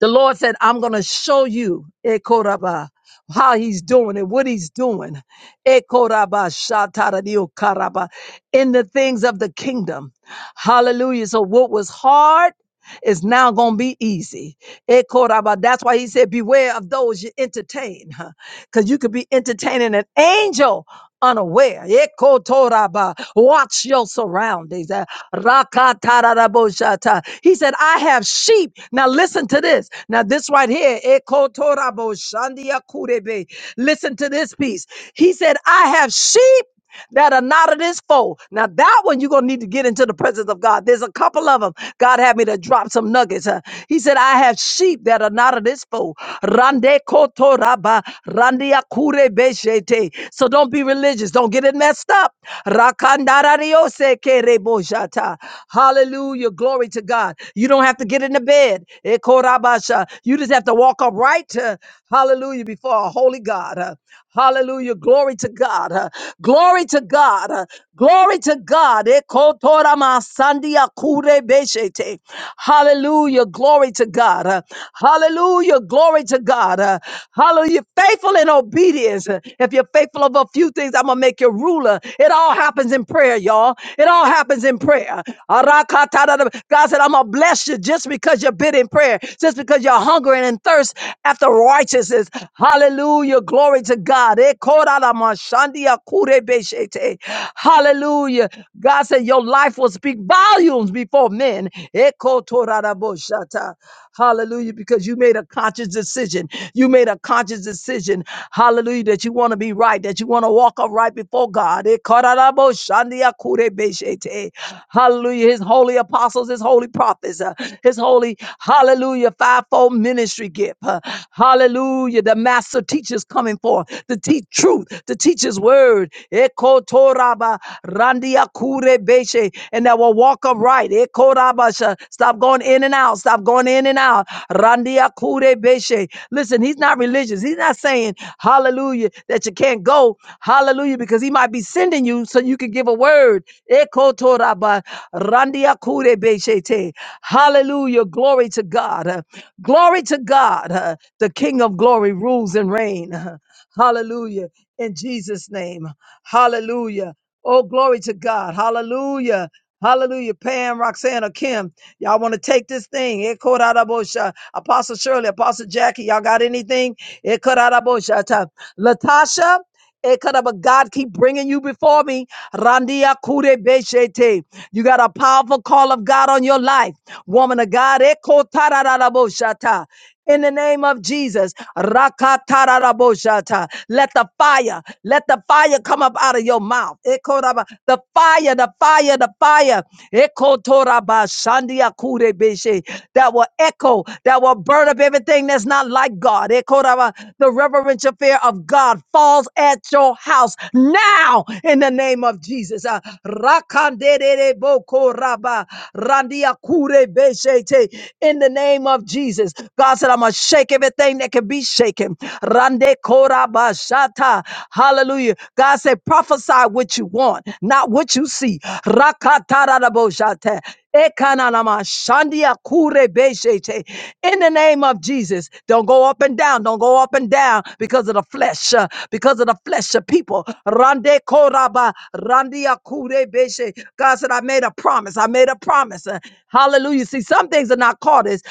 [SPEAKER 3] The Lord said, I'm going to show you eh, Koraba, how he's doing it, what he's doing. Eh, Koraba, Shataradio Karaba, In the things of the kingdom. Hallelujah. So what was hard is now going to be easy. Eh, Koraba. That's why he said, beware of those you entertain. Because you could be entertaining an angel unaware. Ekotoraba. Watch your surroundings. Uh, Rakatarabosata. He said, I have sheep. Now listen to this. Now, this right here. Ekotoraboshandiakurebe. Listen to this piece. He said, I have sheep that are not of this fold. Now, that one you're going to need to get into the presence of God. There's a couple of them. God had me to drop some nuggets. huh? He said, I have sheep that are not of this fold. Rande koto raba, rande akure beshete. So don't be religious. Don't get it messed up. Rakandariose kereboshata. Hallelujah. Glory to God. You don't have to get in the bed. Ekorabasha. You just have to walk upright. uh, Hallelujah. Before a holy God. huh? Hallelujah. Glory to God. Uh, Glory to God. Uh, Glory to God. Ekotorama sandia kure Hallelujah. Glory to God. Uh, Hallelujah. Glory to God. Uh, Hallelujah. Faithful in obedience. Uh, If you're faithful of a few things, I'm going to make you ruler. It all happens in prayer, y'all. It all happens in prayer. Arakatadada. God said, I'm going to bless you just because you've been in prayer just because you're hungering and thirst after righteousness. Hallelujah. Glory to God. Eh, korala mashandia kure beshete. Hallelujah. God said your life will speak volumes before men. Eh, kotorara boshata. Hallelujah. Because you made a conscious decision. You made a conscious decision. Hallelujah. That you want to be right, that you want to walk upright before God. Eh, korara boshandia kure beshete. Hallelujah. His holy apostles, his holy prophets, uh, his holy, hallelujah, fivefold ministry gift. uh, hallelujah. The master teachers coming forth to teach truth, to teach his word. Eko toraba randia kure beshe, And that will walk upright. Eko raba sha- Stop going in and out. Stop going in and out. Randia kure beshe. Listen, he's not religious. He's not saying, hallelujah, that you can't go. Hallelujah, because he might be sending you so you can give a word. Ekotoraba randia kure beshete. Hallelujah. Glory to God. Uh, Glory to God. Uh, The King of glory rules and reign. Uh, Hallelujah. In Jesus' name. Hallelujah. Oh, glory to God. Hallelujah. Hallelujah. Pam, Roxanne, or Kim, y'all want to take this thing. Ekorarabosha. Apostle Shirley, Apostle Jackie, y'all got anything? Ekoraraboshata. Latasha, Ekada, But God keep bringing you before me. Randia kure beshete. You got a powerful call of God on your life. Woman of God. Eko tarararaboshata in the name of Jesus. Rakatararaboshata. Let the fire, let the fire come up out of your mouth. Ekoraba- The fire, the fire, the fire. Ekotorabashandiakurebeshe. That will echo, that will burn up everything that's not like God. Ekoraba. The reverential fear of God falls at your house now in the name of Jesus. Uh, rakandererebokoraba, randiakurebeshete. In the name of Jesus. Jesus. God said, I'm going to shake everything that can be shaken. Rande korabashata. Hallelujah. God said, prophesy what you want, not what you see. Rakatarabashata. Ekananama shandia kure beshete. In the name of Jesus, don't go up and down, don't go up and down because of the flesh, uh, because of the flesh of people. Rande koraba, randia kure beshe. God said, I made a promise, I made a promise. Uh, Hallelujah. See, some things are not called as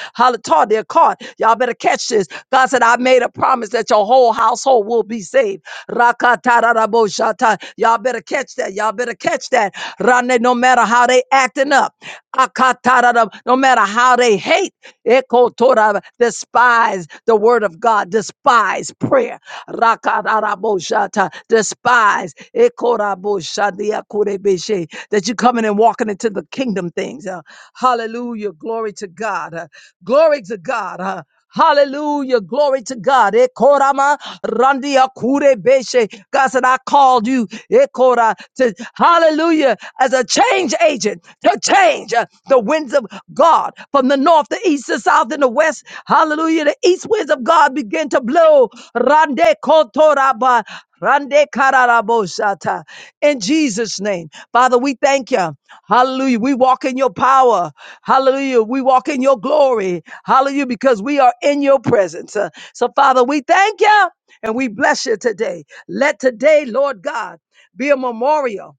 [SPEAKER 3] tar their cart. Y'all better catch this. God said, I made a promise that your whole household will be saved. Rakatarabosata. Y'all better catch that. Y'all better catch that. Rane, no matter how they acting up, Akatarara, no matter how they hate, Ekotora, despise the word of God, despise prayer. Rakatarabosata, Despise Ekoraboshandiakurebeshe, that you're coming and walking into the kingdom things. Uh, hallelujah. Glory to God. Uh, Glory to God. Uh, Hallelujah. Glory to God. Ekorama randia kure beshe. God said, I called you, Ekora, to hallelujah, as a change agent to change uh, the winds of God from the north, the east, the south, and the west. Hallelujah. The east winds of God begin to blow. Rande kotoraba. Rande kararabosata. In Jesus' name. Father, we thank you. Hallelujah. We walk in your power. Hallelujah. We walk in your glory. Hallelujah. Because we are in your presence. Uh, So, Father, we thank you and we bless you today. Let today, Lord God, be a memorial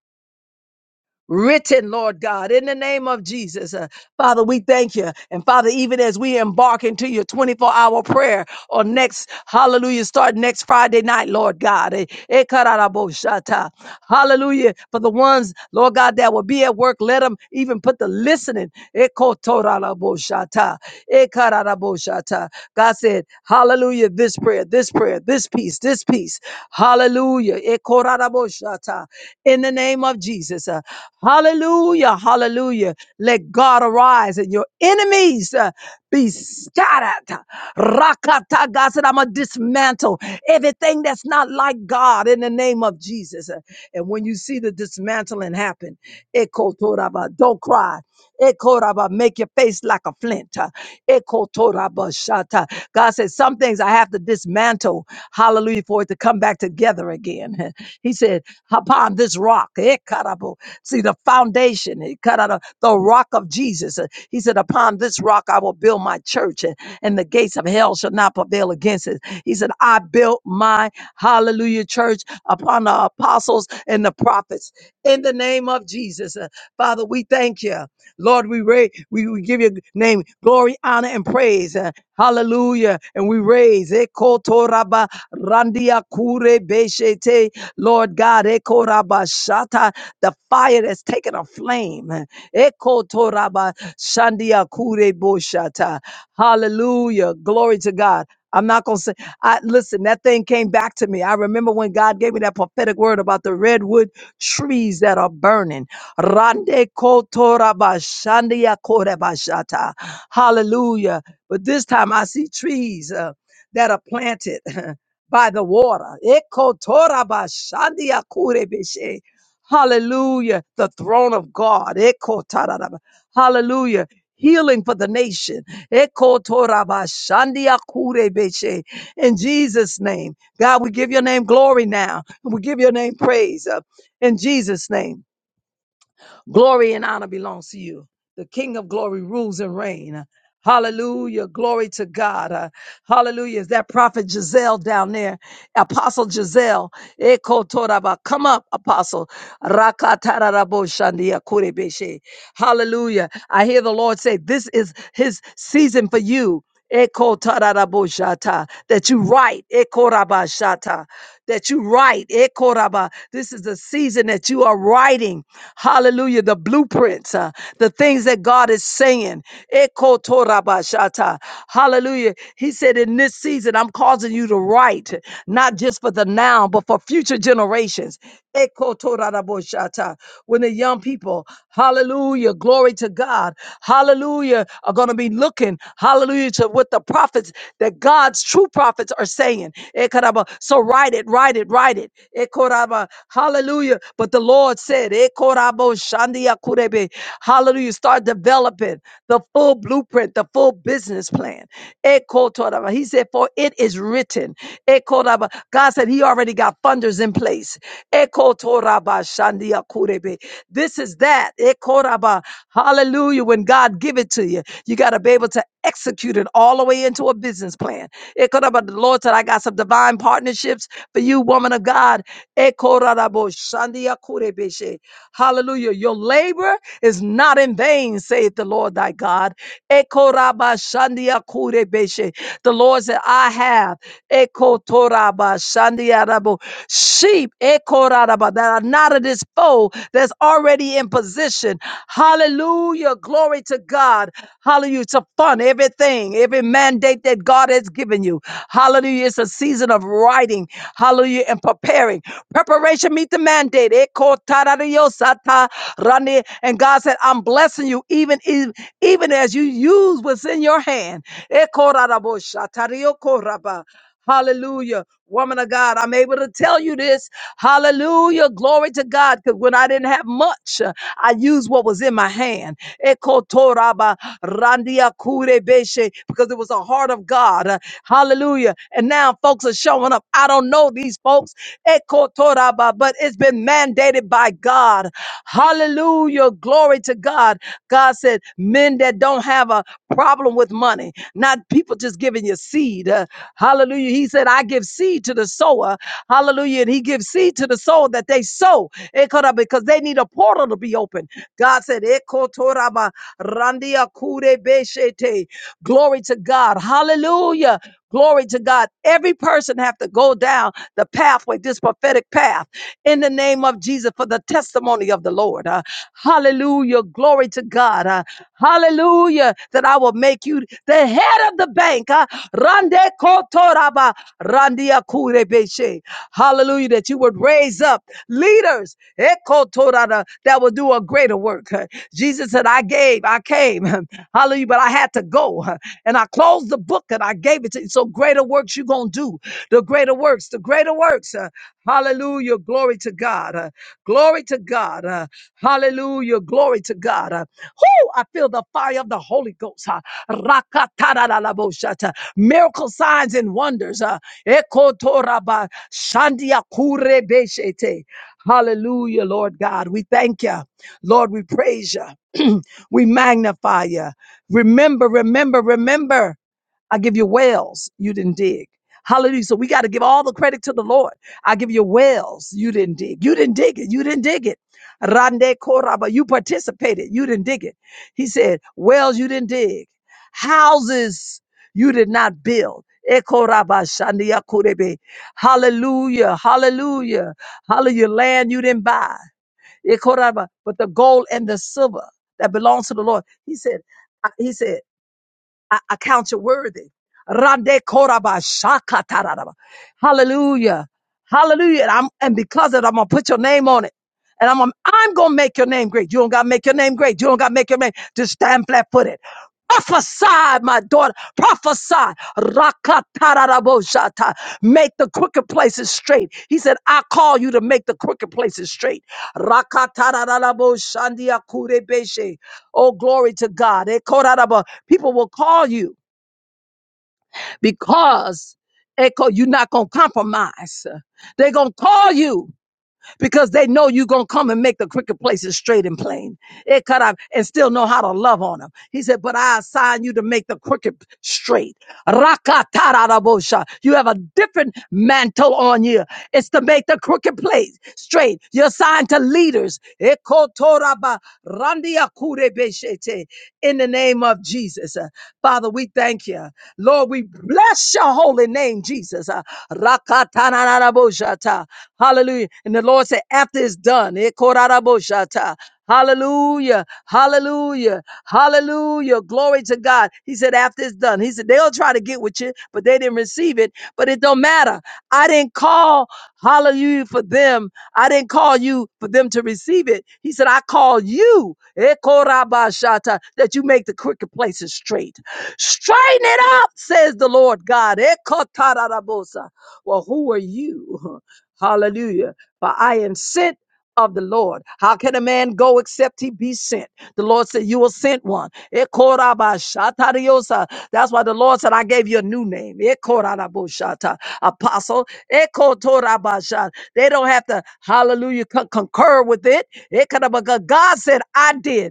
[SPEAKER 3] written, Lord God, in the name of Jesus. Uh, Father, we thank you. And Father, even as we embark into your 24 hour prayer on next, hallelujah, start next Friday night, Lord God. Eh, eh, kararaboshata. Hallelujah. For the ones, Lord God, that will be at work, let them even put the listening. eh, kotoraraboshata, eh, kararaboshata. God said, hallelujah, this prayer prayer, this prayer, this peace, this peace. Hallelujah. Ekoraraboshata. In the name of Jesus. Uh, Hallelujah. Hallelujah. Let God arise and your enemies uh, be scattered. Rakata. God said, I'm going to dismantle everything that's not like God in the name of Jesus. Uh, And when you see the dismantling happen, ekotoraba, don't cry. Ekoraba, Make your face like a flint. uh, Ekotorabashata. God says, Some things I have to dismantle, hallelujah, for it to come back together again. He said, Upon this rock, Ekarabo. see the foundation, Ekarada, the rock of Jesus. uh, He said, Upon this rock I will build my church, uh, and the gates of hell shall not prevail against it. He said, I built my hallelujah church upon the apostles and the prophets in the name of Jesus. Uh, Father, we thank you. Lord, we, ra- we, we give your name glory, honor, and praise. Uh, hallelujah. And we raise. Ekotoraba randia kure beshete. Lord God, ekoraba shata, the fire that's taken a flame. Ekotoraba shandia kure boshata. Hallelujah. Glory to God. I'm not gonna say. I listen. That thing came back to me. I remember when God gave me that prophetic word about the redwood trees that are burning. Rande kotorabashandia korebashata. Hallelujah. But this time I see trees uh, that are planted by the water. Ekotorabashandia kurebeshe. Hallelujah. The throne of God. Ekotararaba. Hallelujah. Healing for the nation. Ekotorabashandia kurebeshe. In Jesus' name. God, we give your name glory now. We give your name praise. uh, in Jesus' name. Glory and honor belongs to you. The King of glory rules and reign. Hallelujah. Glory to God. Uh, hallelujah. Is that prophet Giselle down there? Apostle Giselle. Eko toraba. Come up, Apostle. Rakatararabo shandia kurebeshe. Hallelujah. I hear the Lord say, This is his season for you. Eko tararaboshata, that you write, Eko rabashata, that you write, Eko raba. This is the season that you are writing, hallelujah, the blueprints, uh, the things that God is saying, Eko torabashata, hallelujah. He said, in this season, I'm causing you to write, not just for the now, but for future generations. Ekotoraraboshata. When the young people, hallelujah, glory to God, hallelujah, are going to be looking, hallelujah, to what the prophets, that God's true prophets are saying. Ekaraba. So write it, write it, write it. Ekoraba. Hallelujah. But the Lord said, Ekorabo shandia kurebe. hallelujah, start developing the full blueprint, the a full business plan. Ekotoraba. He said, For it is written. Ekotoraba. God said he already got funders in place. Ekotoraba shandia kurebe. This is that. Ekoraba. Hallelujah. When God give it to you, you got to be able to execute it all the way into a business plan. Ekoraba. The Lord said, I got some divine partnerships for you, woman of God. Ekorabo shandia kurebe she. Hallelujah. Your labor is not in vain, saith the Lord thy God. Ekorabashandiakurebeshe. The Lord said, I have. Ekotoraba shandiarabo. Sheep ekoraraba, that are not of this fold that's already in position. Hallelujah. Glory to God. Hallelujah. To fund everything, every mandate that God has given you. Hallelujah. It's a season of writing. Hallelujah. And preparing. Preparation meet the mandate. Ekotarariosata rani. And God said, I'm blessing you even, even, even as you use what's in your hand. Ekorarabo shatariyokoraba. Hallelujah. Woman of God, I'm able to tell you this. Hallelujah. Glory to God. Because when I didn't have much, uh, I used what was in my hand. Ekotoraba randia kurebeshe, Because it was a heart of God. Uh, Hallelujah. And now folks are showing up. I don't know these folks. Ekotoraba, But it's been mandated by God. Hallelujah. Glory to God. God said, men that don't have a problem with money, not people just giving you seed seed. Uh, Hallelujah. He said, I give seed to the sower. Hallelujah. And he gives seed to the sower that they sow Ekoda, because they need a portal to be open. God said, "Ekotoraba randia kure beshete." Glory to God. Hallelujah. Glory to God. Every person have to go down the pathway, this prophetic path in the name of Jesus for the testimony of the Lord. Uh, hallelujah. Glory to God. Uh, hallelujah. That I will make you the head of the bank. Uh, Rande kotoraba, randia kurebeshe. hallelujah. That you would raise up leaders Ekotorada, that will do a greater work. Jesus said, I gave, I came, hallelujah, but I had to go. And I closed the book and I gave it to you. So greater works you're going to do. The greater works, the greater works. uh, Hallelujah. Glory to God. uh, Glory to God. uh, Hallelujah. Glory to God. uh. Whoo, I feel the fire of the Holy Ghost. uh, Rakatarararaboshata. Miracle signs and wonders. uh, Ekotoraba, Shandiakurebeshete. Hallelujah, Lord God. We thank you. Lord, we praise you. we magnify you. Remember, remember, remember. I give you wells you didn't dig. Hallelujah. So we got to give all the credit to the Lord. I give you wells you didn't dig. You didn't dig it. You didn't dig it. Rande Koraba, you participated. You didn't dig it. He said, wells you didn't dig. Houses you did not build. Ekoraba shandia kurebe. Hallelujah. Hallelujah. Hallelujah. Land you didn't buy. Ekoraba, But the gold and the silver that belongs to the Lord. He said, I- he said, I, I count you worthy. Rande koraba shaka tararaba. Hallelujah. Hallelujah. And, I'm, and because of it, I'm going to put your name on it. And I'm, gonna- I'm going to make your name great. You don't got to make your name great. You don't got to make your name. Just stand flat footed. Prophesy, my daughter. Prophesy. Rakatararaboshata. Make the crooked places straight. He said, I call you to make the crooked places straight. Rakatararaboshandiakurebeshe. Oh, glory to God. Ekorarabo. People will call you because Echo, you're not going to compromise. They're going to call you because they know you're going to come and make the crooked places straight and plain. It cut out and still know how to love on them. He said, but I assign you to make the crooked straight. Rakatarabosha. You have a different mantle on you. It's to make the crooked place straight. You're assigned to leaders. Ekotoraba randiakurebeshete. In the name of Jesus. Uh, Father, we thank you. Lord, we bless your holy name, Jesus. Jesus. Uh, Rakatananaboshata. Hallelujah. And the Lord said, after it's done, Ekoraraboshata. Hallelujah. Hallelujah. Hallelujah. Glory to God. He said, after it's done, he said, they'll try to get with you, but they didn't receive it. But it don't matter. I didn't call hallelujah for them. I didn't call you for them to receive it. He said, I call you Ekorabashata, that you make the crooked places straight. Straighten it up, says the Lord God. Ekotarabosa. Well, who are you? Hallelujah. For I am sent of the Lord. How can a man go except he be sent? The Lord said, You will sent one. Ekorabashatariosa. That's why the Lord said, I gave you a new name. Ekoraboshata. Apostle. Ekotorabasha. They don't have to, hallelujah, con- concur with it. Ekarabaga. God said, I did.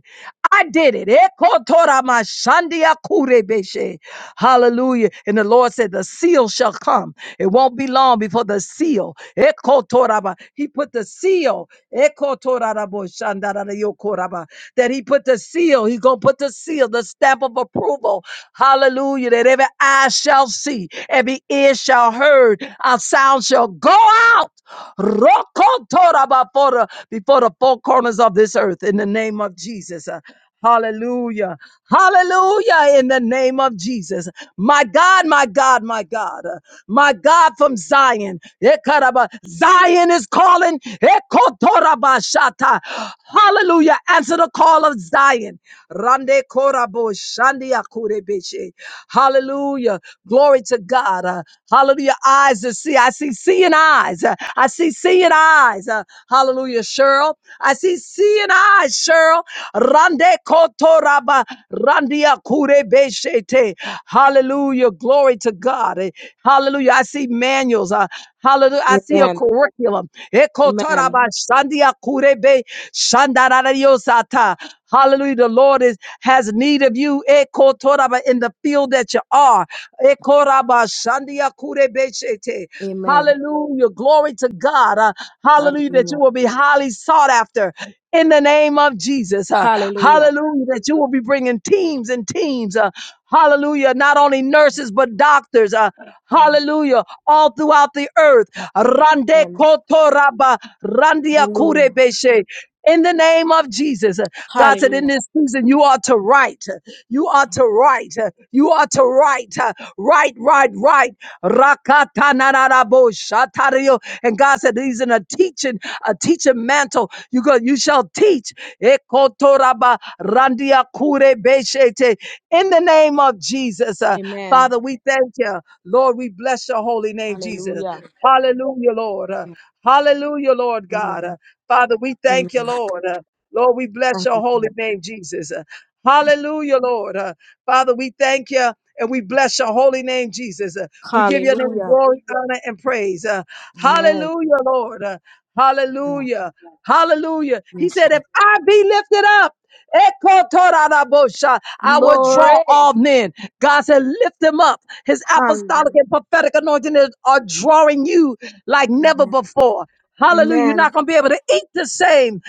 [SPEAKER 3] I did it. Ekotoramashandiakurebeshe. Hallelujah. And the Lord said, The seal shall come. It won't be long before the seal. Ekotoraba. He put the seal. Ekotoraraboshandararayokoraba. That he put the seal. He's going to put the seal, the stamp of approval. Hallelujah. That every eye shall see, every ear shall heard. Our sound shall go out. Rokotoraba for the- Before the, all corners of this earth in the name of Jesus. Uh, Hallelujah. Hallelujah in the name of Jesus. My God, my God, my God. Uh, My God from Zion. Ekaraba- Zion is calling. Ekotorabashata. Hallelujah. Answer the call of Zion. Rande korabo shandia kurebeshe. Hallelujah. Glory to God. Uh, Hallelujah. Eyes to see. I see seeing eyes. Uh, I see seeing seeing eyes. Uh, hallelujah, Cheryl. I see seeing eyes, Cheryl. Rande kotoraba, randia kure beshete. Hallelujah, glory to God. Eh, Hallelujah. I see manuals. Uh, hallelujah. I see a
[SPEAKER 13] Amen.
[SPEAKER 3] curriculum.
[SPEAKER 13] Amen.
[SPEAKER 3] Ekotaraba, shandia kure be, shandarariosata. Hallelujah. The Lord is has need of you ekotoraba, in the field that you are. Ekoraba, shandia kure beshete.
[SPEAKER 13] Amen.
[SPEAKER 3] Hallelujah. Glory to God. Uh, hallelujah. That you
[SPEAKER 13] Hallelujah.
[SPEAKER 3] will be highly sought after in the name of Jesus. Uh,
[SPEAKER 13] Hallelujah.
[SPEAKER 3] hallelujah. That you will be bringing teams and teams. Uh, hallelujah. Not only nurses, but doctors. Uh, hallelujah. All throughout the earth. Rande
[SPEAKER 13] Amen.
[SPEAKER 3] kotoraba, randia
[SPEAKER 13] Hallelujah.
[SPEAKER 3] kurebeshe. In the name of Jesus, Uh, God said, in
[SPEAKER 13] Hallelujah.
[SPEAKER 3] this season, you are to write. You are to write. You are to write. Write, write, write. Rakatanarabosatario. And God said He's in a teaching, a teaching mantle. You go, you shall teach. Ekotoraba randiakurebeshete. In the name of Jesus, uh,
[SPEAKER 13] Amen.
[SPEAKER 3] Father, we thank you. Lord, we bless your holy name, Jesus.
[SPEAKER 13] Hallelujah.
[SPEAKER 3] Hallelujah, Lord. Uh, hallelujah, Lord God.
[SPEAKER 13] Amen.
[SPEAKER 3] Uh, Father, we thank
[SPEAKER 13] Amen.
[SPEAKER 3] you, Lord. Uh, Lord, we bless
[SPEAKER 13] Thank
[SPEAKER 3] your
[SPEAKER 13] you.
[SPEAKER 3] holy
[SPEAKER 13] God.
[SPEAKER 3] name, Jesus. Hallelujah, Lord. Uh, Father, we thank you and we bless your holy name, Jesus. Uh, we give your name
[SPEAKER 13] Hallelujah.
[SPEAKER 3] glory, honor, and praise. Uh,
[SPEAKER 13] Amen.
[SPEAKER 3] hallelujah, Lord. Uh,
[SPEAKER 13] Yes.
[SPEAKER 3] hallelujah. Hallelujah. He
[SPEAKER 13] Yes.
[SPEAKER 3] said,
[SPEAKER 13] Lord.
[SPEAKER 3] if I be lifted up, Ekotoradabosha, I will draw
[SPEAKER 13] Glory.
[SPEAKER 3] all men. God said, lift him up. His apostolic
[SPEAKER 13] Hallelujah.
[SPEAKER 3] and prophetic anointing is, are drawing you like never before. Hallelujah. You're not
[SPEAKER 13] Amen.
[SPEAKER 3] going to be able to eat the same.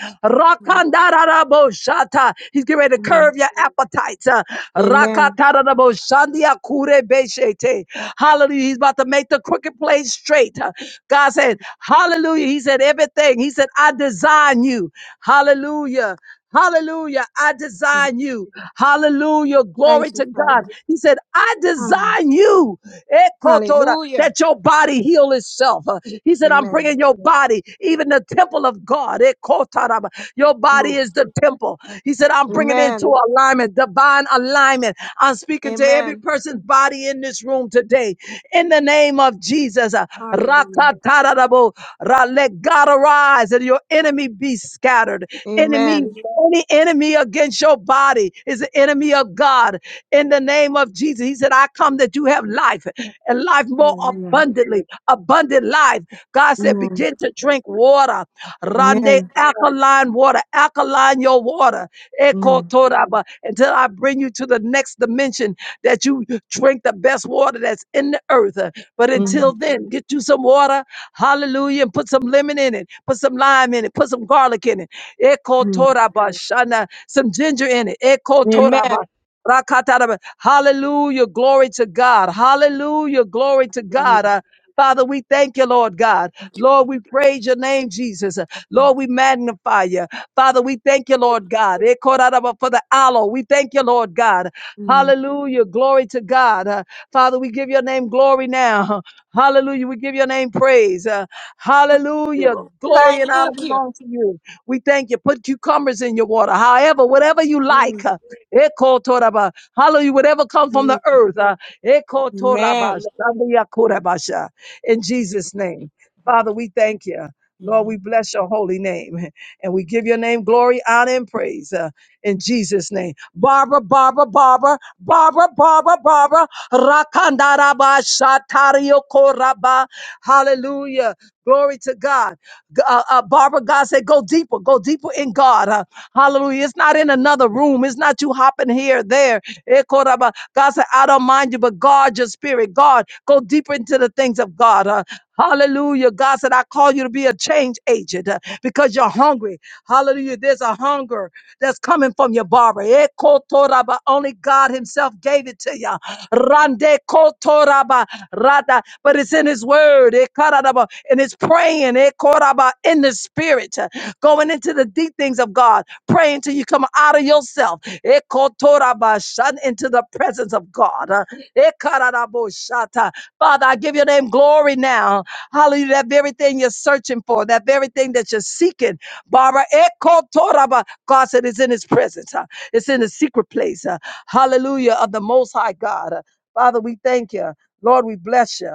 [SPEAKER 13] Amen.
[SPEAKER 3] Rakandararaboshata. He's getting ready to
[SPEAKER 13] Amen.
[SPEAKER 3] curve your appetites. Uh,
[SPEAKER 13] Amen.
[SPEAKER 3] Rakataraboshandiakurebeshete. Hallelujah. He's about to make the crooked place straight. Uh, God said, Hallelujah. He said, everything. He said, I design you. Hallelujah. Hallelujah. I design you. Hallelujah. Glory
[SPEAKER 13] Thank you,
[SPEAKER 3] to God.
[SPEAKER 13] Father.
[SPEAKER 3] He said, I
[SPEAKER 13] Hallelujah.
[SPEAKER 3] design you eh, Kotora,
[SPEAKER 13] Hallelujah.
[SPEAKER 3] that your body heal itself. Uh, He said, I'm
[SPEAKER 13] Amen.
[SPEAKER 3] bringing your body, even the temple of God. eh, Kotaraba. Your body
[SPEAKER 13] Glory.
[SPEAKER 3] is the temple. He said, I'm bringing it into
[SPEAKER 13] Amen.
[SPEAKER 3] alignment, divine alignment. I'm speaking to every
[SPEAKER 13] Amen.
[SPEAKER 3] person's body in this this room today in the name of Jesus. Uh,
[SPEAKER 13] Hallelujah.
[SPEAKER 3] Rakatarabo, ra- Let God arise and your enemy be scattered. Enemy,
[SPEAKER 13] Amen.
[SPEAKER 3] any enemy against your body is an enemy of God in the name of Jesus. He said, I come that you have life and life more
[SPEAKER 13] Hallelujah.
[SPEAKER 3] abundantly, abundant life. God said,
[SPEAKER 13] Amen.
[SPEAKER 3] begin to drink water. Toraba, Rande
[SPEAKER 13] Amen.
[SPEAKER 3] alkaline water, alkaline your water, Eko
[SPEAKER 13] Mm.
[SPEAKER 3] Toraba, until I bring you to the next dimension that you drink the best water that's in the earth. Uh, But until
[SPEAKER 13] Mm.
[SPEAKER 3] then, get you some water, hallelujah, and put some lemon in it, put some lime in it, put some garlic in it, Eko
[SPEAKER 13] Mm.
[SPEAKER 3] Toraba, Shana, some ginger in it, Eko
[SPEAKER 13] Amen.
[SPEAKER 3] Toraba. Rakataraba. Hallelujah. Glory to God. Hallelujah. Glory to God.
[SPEAKER 13] Hallelujah.
[SPEAKER 3] Uh, Father, we thank you, Lord God. Lord, we praise your name, Jesus. Lord, we magnify you. Father, we thank you, Lord God. Eh, korarabah, For the aloe, we thank you, Lord God.
[SPEAKER 13] Mm.
[SPEAKER 3] Hallelujah. Glory to God. Uh, Father, we give your name glory now. Hallelujah. We give your name praise. Uh, Hallelujah. Glory and honor
[SPEAKER 13] Thank you.
[SPEAKER 3] belong to you. We thank you. Put cucumbers in your water. However, whatever you
[SPEAKER 13] Mm.
[SPEAKER 3] like. uh, eh, kotorabah. Hallelujah. Whatever comes from the
[SPEAKER 13] Lord.
[SPEAKER 3] earth. uh, eh, kotorabah,
[SPEAKER 13] Amen.
[SPEAKER 3] shandiyakurabah in Jesus' name. Father, we thank you.
[SPEAKER 13] Amen.
[SPEAKER 3] Lord, we bless your holy name and we give your name glory, honor, and praise uh, in Jesus' name. Barbara, Barbara, Barbara, Barbara, Barbara, Barbara, Rakandaraba, Shatario Koraba. Hallelujah. Glory to God. G- Uh, uh, Barbara, God said, go deeper, go deeper in God. uh, Hallelujah. It's not in another room. It's not you hopping here, there. Eh, koraba. God said, I don't mind you, but guard your spirit. God, go deeper into the things of God. Uh, hallelujah. God said, I call you to be a change agent uh, because you're hungry. Hallelujah. There's a hunger that's coming from your barber. Eh, kotoraba. Only God Himself gave it to you. Rande kotoraba rada. But it's in His Word. Eh, karadaba. And it's praying eh, koraba, in the Spirit, uh, going into the deep things of God. Pray until you come out of yourself. Ekotorabashan, Into the presence of God. Uh, Ekararaboshata. Father, I give your name glory now. Hallelujah. That very thing you're searching for, that very thing that you're seeking. Barbara, Ekotoraba. God said it's in his presence. Uh, It's in the secret place. Uh, Hallelujah of the Most High God. Uh, Father, we thank you. Lord, we bless you.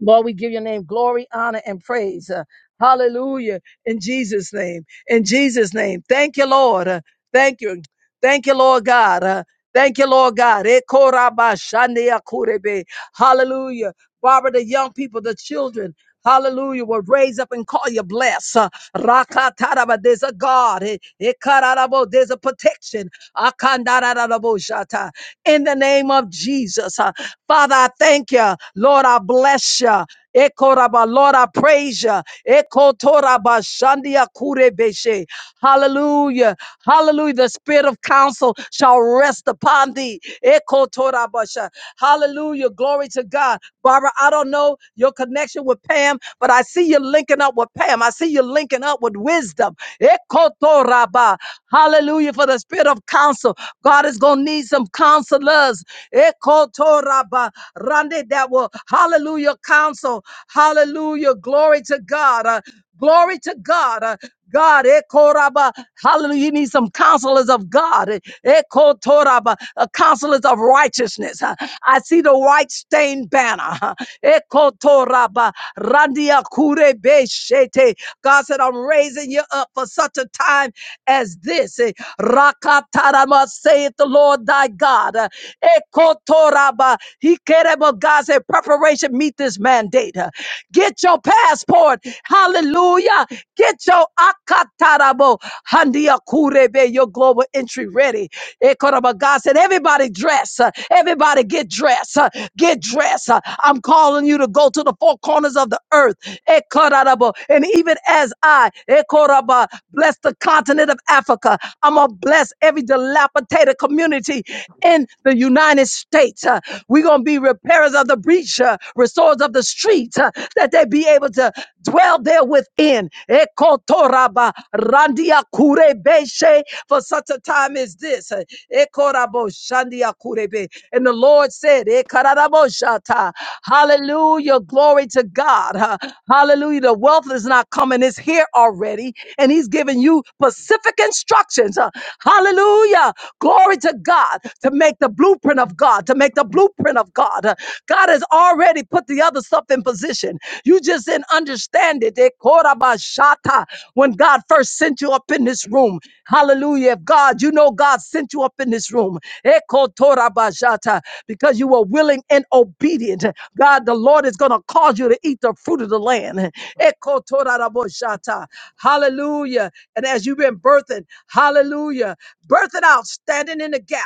[SPEAKER 3] Lord, we give your name glory, honor, and praise. Uh, hallelujah. In Jesus' name. In Jesus' name. Thank you, Lord. Uh, thank you. Thank you, Lord God. Uh, thank you, Lord God. Ekorabashandeakurebe. Hallelujah. Barbara, the young people, the children. Hallelujah. Will raise up and call you blessed. Uh, Rakataraba. There's a God. Eh, ekararabo. There's a protection. Akandararabo shata in the name of Jesus. Uh, Father, I thank you. Lord, I bless you. Ekoraba, Lord, I praise you. Ekotoraba, shandia kurebeshe. Hallelujah. Hallelujah. The spirit of counsel shall rest upon thee. Ekotoraba sha. Hallelujah. Glory to God. Barbara, I don't know your connection with Pam, but I see you linking up with Pam. I see you linking up with wisdom. Ekotoraba. Hallelujah. For the spirit of counsel. God is going to need some some counselors, Ekotoraba, Rande, that will, hallelujah, counsel, hallelujah, glory to God, uh, glory to God. uh, God, Ekoraba, hallelujah. You need some counselors of God, Ekotoraba, uh, counselors of righteousness. uh, I see the white stained banner, uh, Ekotoraba, Randia Kurebe Shete. God said, I'm raising you up for such a time as this. Eh, Rakatarama saith the Lord. Lord thy God. Uh, Ekotoraba. He kerebo. God said, preparation meet this mandate. Uh, Get your passport. Hallelujah. Get your akatarabo. handia kurebe, Your global entry ready. Ekoraba. God said, everybody dress. Uh, Everybody get dressed. Uh, Get dressed. Uh, I'm calling you to go to the four corners of the earth. Ekorarabo. And even as I, Ekoraba, bless the continent of Africa, I'm going to bless every dilapidated facilitator community in the United States. Uh, We're going to be repairers of the breach, uh, restorers of the street, uh, that they be able to dwell there within. Ekotoraba randia kurebeshe for such a time as this. Uh, Ekorabo shandia kurebe. And the Lord said, Ekararabo shata. Hallelujah. Glory to God. Uh, Hallelujah. The wealth is not coming, it's here already. And He's giving you specific instructions. Uh, Hallelujah. Hallelujah. Glory to God to make the blueprint of God, to make the blueprint of God. Uh, God has already put the other stuff in position. You just didn't understand it. Eh, korabashata, When God first sent you up in this room, hallelujah. If God, you know God sent you up in this room eh, kotorabashata, because you were willing and obedient. God, the Lord is going to cause you to eat the fruit of the land. Eh, kotorabashata. Hallelujah. And as you've been birthing, hallelujah. Birth it out, standing in the gap.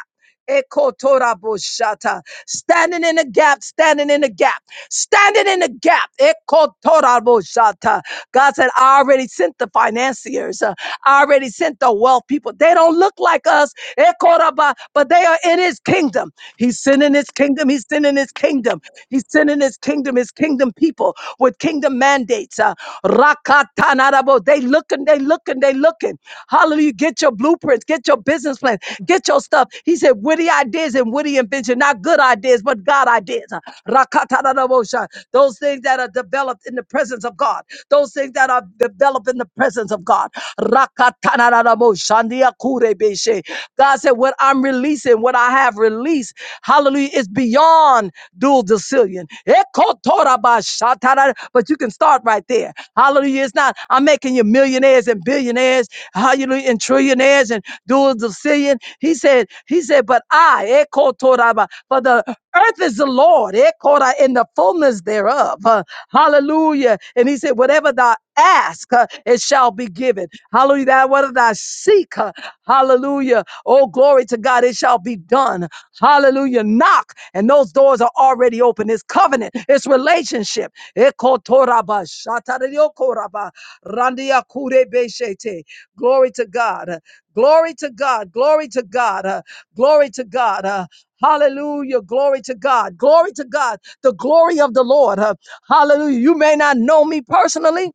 [SPEAKER 3] Ekotoraboshata. Standing in the gap, standing in the gap, standing in the gap. Ekotoraboshata. God said, I already sent the financiers. uh, I already sent the wealth people. They don't look like us, Ekoraba, but they are in his kingdom. He's sending his kingdom. He's sending his kingdom. He's sending his kingdom, his kingdom people with kingdom mandates. Uh, Rakatanarabo. They looking, they looking, they looking. Hallelujah. Get your blueprints, get your business plan life. Get your stuff. He said, witty ideas and witty invention, not good ideas, but God ideas. Rakatarabosha. Those things that are developed in the presence of God. Those things that are developed in the presence of God. Rakatanaraboshandiakurebeshe. God said, what I'm releasing, what I have released, hallelujah, is beyond dual decillion. Ekotorabashatara. But you can start right there. Hallelujah. It's not, I'm making you millionaires and billionaires, hallelujah, and trillionaires millionaires and doers of sin. He said, He said, but I, Ekotoraba, for the earth is the Lord, Ekora, in the fullness thereof. Uh, hallelujah. And he said, whatever thou ask, uh, it shall be given. Hallelujah. That whatever thou seek, uh, hallelujah. Oh, glory to God, it shall be done. Hallelujah. Knock, and those doors are already open. It's covenant, it's relationship. Ekotoraba, shatariokoraba, randiakurebeshete. Glory to God. Glory to God. Glory to God. uh, glory to God. uh, Hallelujah. Glory to God. Glory to God. The glory of the Lord. uh, hallelujah. You may not know me personally,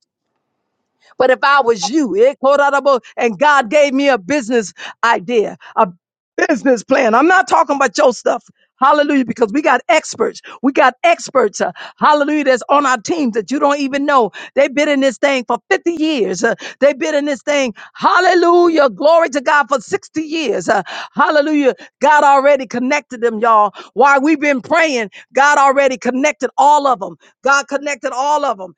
[SPEAKER 3] but if I was you, eh, quote, audible, and God gave me a business idea, a business plan. I'm not talking about your stuff. Hallelujah. Because we got experts. We got experts. uh, hallelujah. That's on our team that you don't even know. They've been in this thing for 50 years. uh, they've been in this thing. Hallelujah. Glory to God for 60 years. uh, hallelujah. God already connected them, y'all. While we've been praying, God already connected all of them. God connected all of them.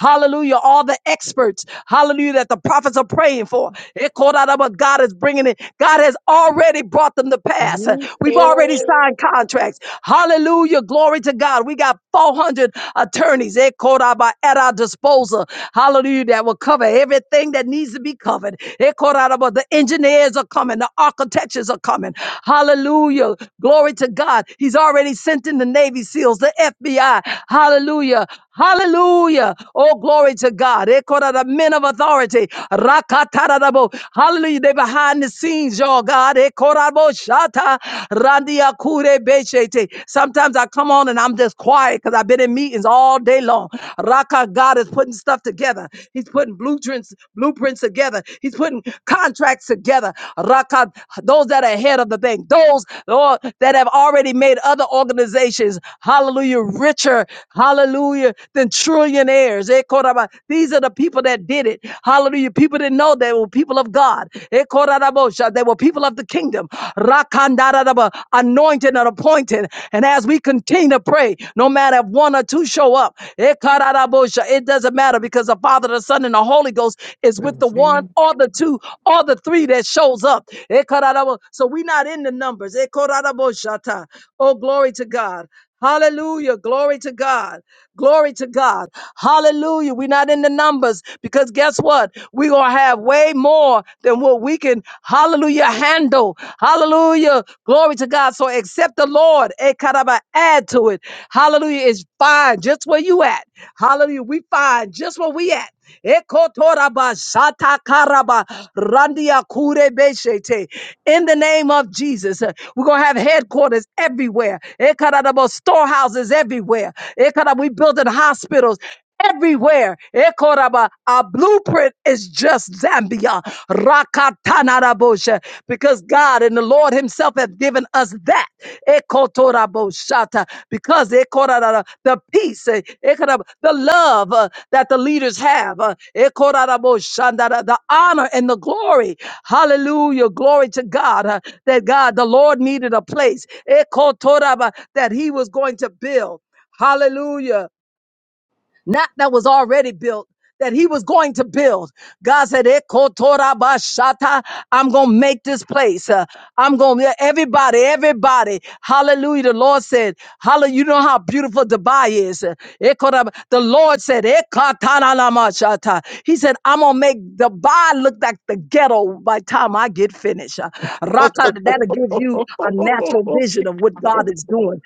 [SPEAKER 3] Hallelujah. All the experts courage, hallelujah, that the prophets are praying for. It called out about God is bringing it. God has already brought them to pass. We've
[SPEAKER 14] Hallelujah.
[SPEAKER 3] already signed contracts. Hallelujah, glory to God. We got 400 attorneys, it called out by at our disposal. Hallelujah, that will cover everything that needs to be covered. It called out about the engineers are coming, the architects are coming. Hallelujah, glory to God. He's already sent in the Navy SEALs, the FBI. Hallelujah. Hallelujah. Hallelujah. Oh, glory to God. Ekora the men of authority. Rakatarabo. Hallelujah. They behind the scenes, y'all. God. Ekorabo shata. randia kure beshete. Sometimes I come on and I'm just quiet because I've been in meetings all day long. Raka God is putting stuff together. He's putting blueprints, blueprints together. He's putting contracts together. Raka, those that are ahead of the thing, those Lord, that have already made other organizations, hallelujah richer, hallelujah, than trillionaires. Eh, koraba. These are the people that did it. Hallelujah. People didn't know they were people of God. Eh, korarabosha. They were people of the kingdom. Rakandarabba. Anointed and appointed. And as we continue to pray, no matter if one or two show up, eh, kararabosha, it doesn't matter because the Father, the Son, and the Holy Ghost is with the one or the two or the three that shows up. Eh, kararabo- So we're not in the numbers. Eh, korarabosha ta. Oh, glory to God. Hallelujah. Glory to God. Glory to God. Hallelujah. We're not in the numbers because guess what? We're going to have way more than what we can, hallelujah, handle. Hallelujah. Glory to God. So accept the Lord. Eh, caraba, Add to it. Hallelujah. It's fine just where you at. Hallelujah. We find just where we at. Ekotoraba satakaraba randia kurebeshete. In the name of Jesus, uh, we're going to have headquarters everywhere. Ekaradabo Storehouses everywhere. Ekarada- we building hospitals everywhere. Ekoraba, Our blueprint is just Zambia. Rakatanarabosha. Because God and the Lord Himself have given us that. Ekotoraboshata. Because ekorara, the peace, eh, ekoraba, the love uh, that the leaders have, uh, ekoraraboshandara, the honor and the glory. Hallelujah. Glory to God uh, that God, the Lord needed a place ekotoraba, that He was going to build. Hallelujah not that was already built, that he was going to build. God said, "Ekotorabashata, I'm going to make this place. uh, I'm going to, everybody, everybody. Hallelujah. The Lord said, Hallelujah. You know how beautiful Dubai is. uh, Ekorab- The Lord said, "Ekatanalamasata." He said, I'm going to make Dubai look like the ghetto by the time I get finished. Uh, Raka, that'll give you a natural vision of what God is doing.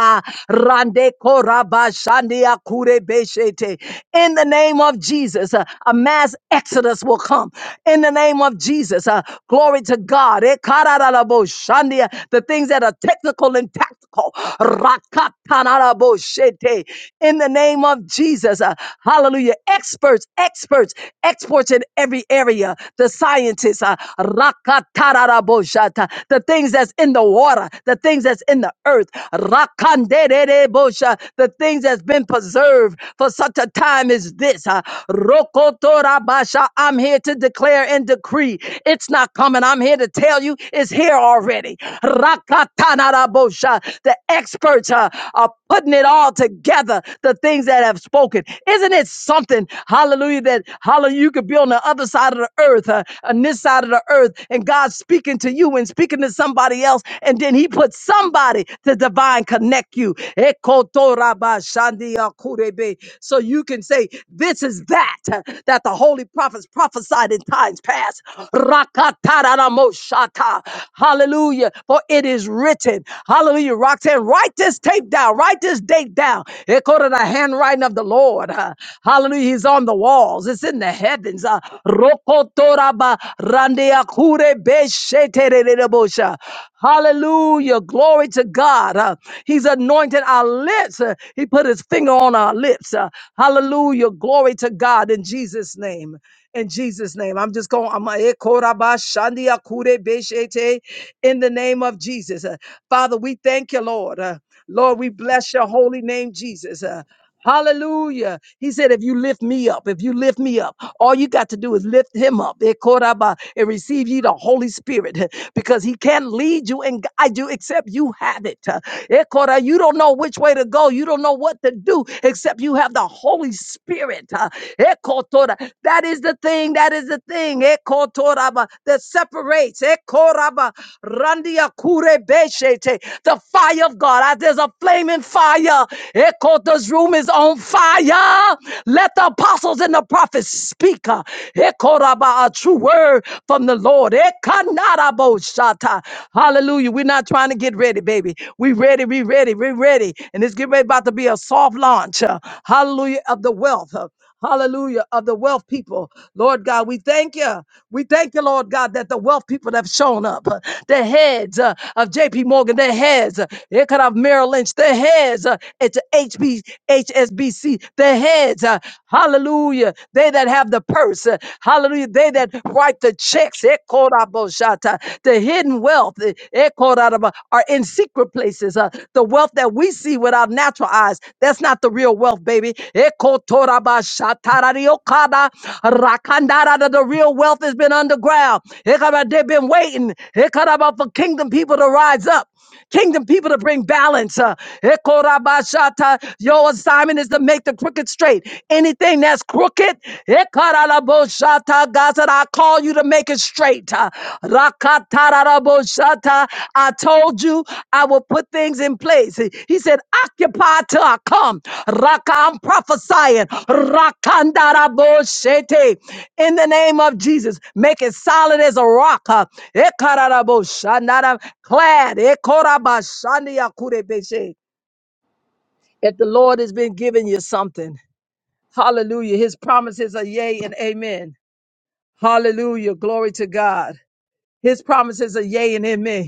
[SPEAKER 3] Ka, Rande Koraba Shandia Kure Beshete. In the name of Jesus, uh, a mass exodus will come. In the name of Jesus, uh, glory to God. Eh, Kararabo Shandia, The things that are technical and tactical. Rakatanarabo Shete. In the name of Jesus, uh, hallelujah. Experts, experts, experts in every area. The scientists, uh, Rakatarabo Shata. the things that's in the water, the things that's in the earth. Rakandererebosha, The things that's been preserved for such a time as this. huh. Rokotorabasha, I'm here to declare and decree. It's not coming. I'm here to tell you it's here already. Rakatanarabosha, The experts huh, are putting it all together, the things that have spoken. Isn't it something, hallelujah, that hallelujah, you could be on the other side of the earth, uh, on this side of the earth, and God's speaking to you and speaking speaking to somebody else, and then he put somebody to divine connect you. Ekotorabashandiakurebe. So you can say, This is that uh, that the holy prophets prophesied in times past. Rakatararamoshata. Hallelujah. For it is written. Hallelujah. Roxanne, write this tape down. Write this date down. According to the handwriting of the Lord. uh, Hallelujah. He's on the walls. It's in the heavens. Uh, Rokotoraba Kurebeshetererebosha. Hallelujah. Glory to God. Uh, He's anointed our lips. Uh, He put his finger on our lips. Uh, Hallelujah. Glory to God in Jesus' name. In Jesus' name. I'm just going. I'm eh, korabashandia kurebeshete, in the name of Jesus. Uh, Father, we thank you, Lord. Uh, Lord, we bless your holy name, Jesus. Uh, Hallelujah. He said, if you lift me up, if you lift me up, all you got to do is lift him up Eh, koraba, and receive ye the Holy Spirit because he can lead you and guide you except you have it. Eh, kora, You don't know which way to go. You don't know what to do except you have the Holy Spirit. uh, Eh, kotora. That is the thing. That is the thing eh, kotoraba, that separates. eh, koraba, randia kure beshete, The fire of God. Ah, There's a flaming fire. Lord, room is on fire. Let the apostles and the prophets speak. uh, Ekoraba, A true word from the Lord. Ekanarabo Hallelujah. We're not trying to get ready, baby. We ready, we ready, we ready. And it's getting ready about to be a soft launch. uh, Hallelujah of the wealth. Uh, Hallelujah. Of the wealth people. Lord God, we thank you. We thank you, Lord God, that the wealth people have shown up. The heads uh, of JP Morgan, their heads, uh, here could have Merrill Lynch, their heads uh, into HB, HSBC, their heads. uh, hallelujah. They that have the purse. uh, hallelujah. They that write the checks. eh, Korabosata, The hidden wealth eh, eh, Koraba, are in secret places. Uh, the wealth that we see with our natural eyes, that's not the real wealth, baby. Ekotorabashatarariokada, rakandara, The real wealth has been underground. Hekaba, They've been waiting Hekaba, for kingdom people to rise up. Kingdom people to bring balance. Uh, Ekorabashata. your assignment is to make the crooked straight. Anything that's crooked, Ekaralaboshata. God said, I call you to make it straight. Uh, Rakatararaboshata. I told you I will put things things in place. He said, occupy till I come. Raka, I'm prophesying. Rakandarabosete. In the name of Jesus, make it solid as a rock. huh? Ekaraboshanara- Clad. Ekorabashandiakurebeshe. If the Lord has been giving you something, hallelujah. His promises are yea and amen. Hallelujah. Glory to God. His promises are yea and amen.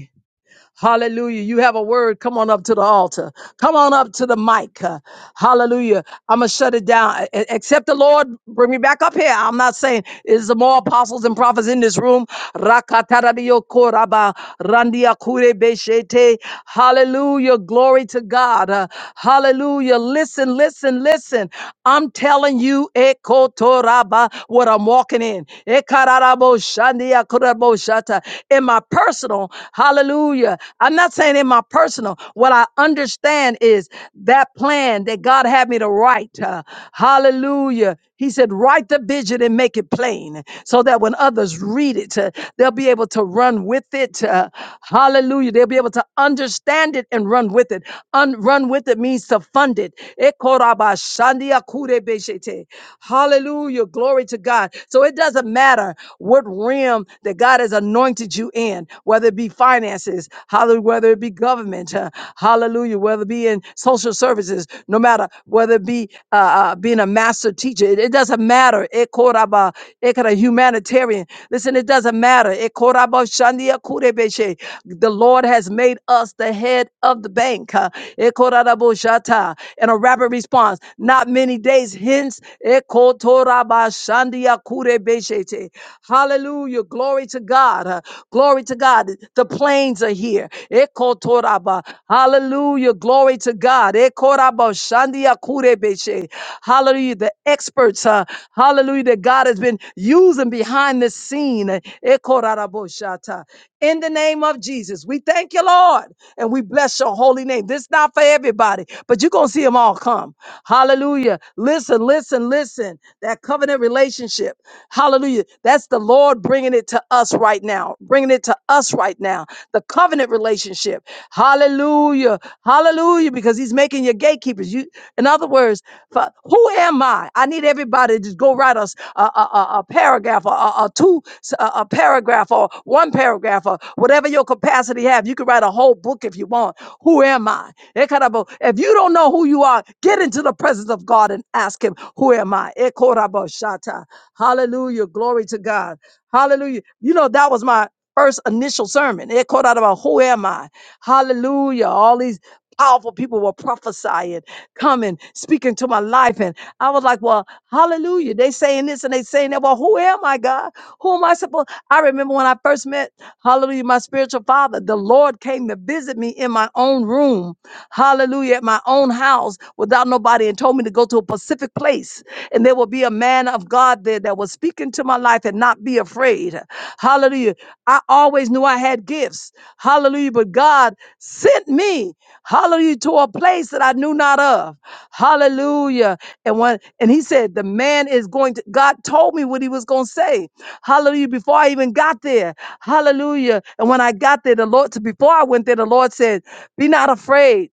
[SPEAKER 3] Hallelujah. You have a word. Come on up to the altar. Come on up to the mic. Uh, Hallelujah. I'm going to shut it down. E- Except the Lord bring me back up here. I'm not saying is the more apostles and prophets in this room. Rakataradio koraba, randia kure beshete. Hallelujah. Glory to God. Uh, Hallelujah. Listen, listen, listen. I'm telling you, ekotoraba, what I'm walking in. Ekararabo shandia kurabo shata. In my personal personal. Hallelujah. I'm not saying in my personal. What I understand is that plan that God had me to write. uh, hallelujah. He said, write the vision and make it plain so that when others read it, uh, they'll be able to run with it. uh, hallelujah. They'll be able to understand it and run with it. Un- run with it means to fund it. Ekorabashandiakurebeshete. Hallelujah. Glory to God. So it doesn't matter what realm that God has anointed anointed you in, whether it be finances, hallelujah, whether it be government, uh, hallelujah, whether it be in social services, no matter whether it be uh, uh, being a master teacher, it, it doesn't matter. It koraba, it could a humanitarian. Listen, it doesn't matter. It koraba shandia kurebeshe. The Lord has made us the head of the bank. uh, It korarabo shata. And a rapid response. Not many days hence. It kotoraba shandia kurebeshete. Hallelujah. Hallelujah. Glory to God. Uh, Glory to God. The planes are here. Ekotoraba. Hallelujah. Glory to God. Ekoraba shandia kurebeshe. Hallelujah. The experts, uh, hallelujah, that God has been using behind the scene. Ekoraraboshata. In the name of Jesus, we thank you, Lord, and we bless your holy name. This is not for everybody, but you're going to see them all come. Hallelujah. Listen, listen, listen. That covenant relationship. Hallelujah. Hallelujah. That's the Lord bringing it to us right now, bringing it to us right now. The covenant relationship. Hallelujah. Hallelujah. Because he's making your gatekeepers. You, in other words, fa- who am I? I need everybody to just go write us a, a, a, a paragraph or a, a two, s- a, a paragraph or one paragraph or whatever your capacity have. You can write a whole book if you want. Who am I? Ekarabo. If you don't know who you are, get into the presence of God and ask Him, Who am I? Ekorabo shata. Hallelujah. Glory to God. Hallelujah. You know, that was my first initial sermon. It called out about who am I? Hallelujah. All these powerful people were prophesying. Coming, speaking to my life. And I was like, well, hallelujah. They saying this and they saying that. Well, who am I, God? Who am I supposed? I remember when I first met, hallelujah, my spiritual father, the Lord came to visit me in my own room, hallelujah, at my own house without nobody and told me to go to a Pacific place. And there will be a man of God there that was speaking to my life and not be afraid. Hallelujah. I always knew I had gifts. Hallelujah. But God sent me hallelujah, to a place that I knew not of. Hallelujah. And when and he said, the man is going to God told me what he was gonna say. Hallelujah. Before I even got there. Hallelujah. And when I got there, the Lord before I went there, the Lord said, Be not afraid.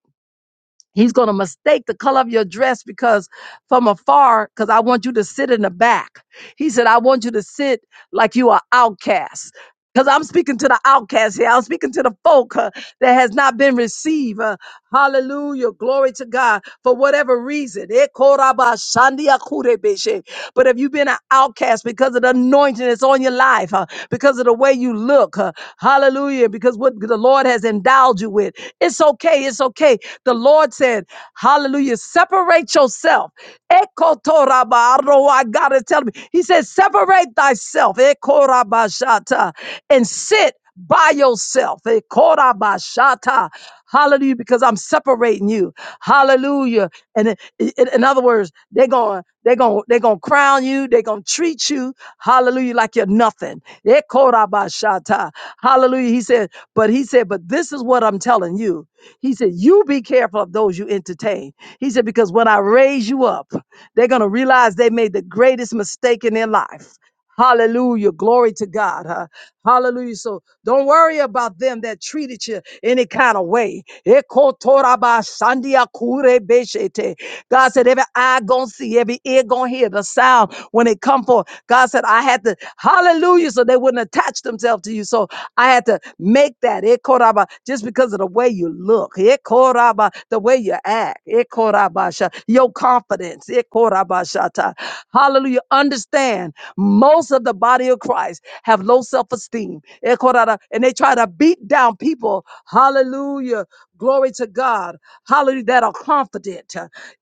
[SPEAKER 3] He's gonna mistake the color of your dress because from afar, because I want you to sit in the back. He said, I want you to sit like you are outcast. Because I'm speaking to the outcast here. I'm speaking to the folk uh, that has not been received. Uh, hallelujah. Glory to God for whatever reason. Eh, koraba shandia kurebeshe. But if you've been an outcast because of the anointing that's on your life, uh, because of the way you look, uh, hallelujah, because what the Lord has endowed you with, it's okay. It's okay. The Lord said, hallelujah, separate yourself. Ekotoraba. I don't know why God is telling me. He said, separate thyself. Ekorabashi. Korabashata, and sit by yourself. Eh, Korabashata. Hallelujah, because I'm separating you. Hallelujah. And i- i- in, other words, they're going, they're going, they're going to crown you. They're going to treat you. Hallelujah, like you're nothing. Eh, Korabashata. Hallelujah. He said, but he said, but this is what I'm telling you. He said, you be careful of those you entertain. He said, because when I raise you up, they're going to realize they made the greatest mistake in their life. Hallelujah. Glory to God. huh? Hallelujah. So don't worry about them that treated you any kind of way. Ekotorabashandiakurebeshete. God said, every eye gonna see, every ear gonna hear the sound when it come forth. God said, I had to, hallelujah, so they wouldn't attach themselves to you. So I had to make that. Ekoraba, just because of the way you look, Ekoraba, the way you act, Ekorabasha, your confidence. Rabashata. Hallelujah. Understand most of the body of Christ have low self esteem. And they try to beat down people. Hallelujah. Glory to God. Hallelujah. That are confident.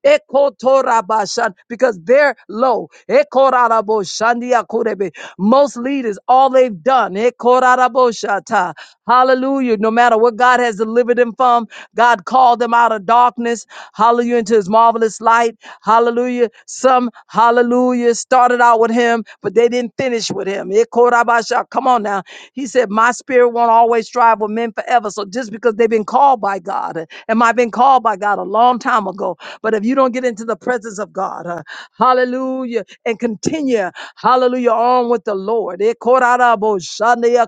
[SPEAKER 3] Ekotorabashan, Because they're low. Ekoraboshandiakurebe. Most leaders, all they've done, Ekoraboshata. hallelujah, no matter what God has delivered them from, God called called them out of darkness, hallelujah, into his marvelous light, hallelujah. Some, hallelujah, started out with him, but they didn't finish with him. Eh, korabasha. Come on now. He said, My spirit won't always strive with men forever. So just because they've been called by God, eh, and I've been called by God a long time ago, but if you don't get into the presence of God, uh, hallelujah, and continue, hallelujah, on with the Lord. Eh, korarabo, shandeya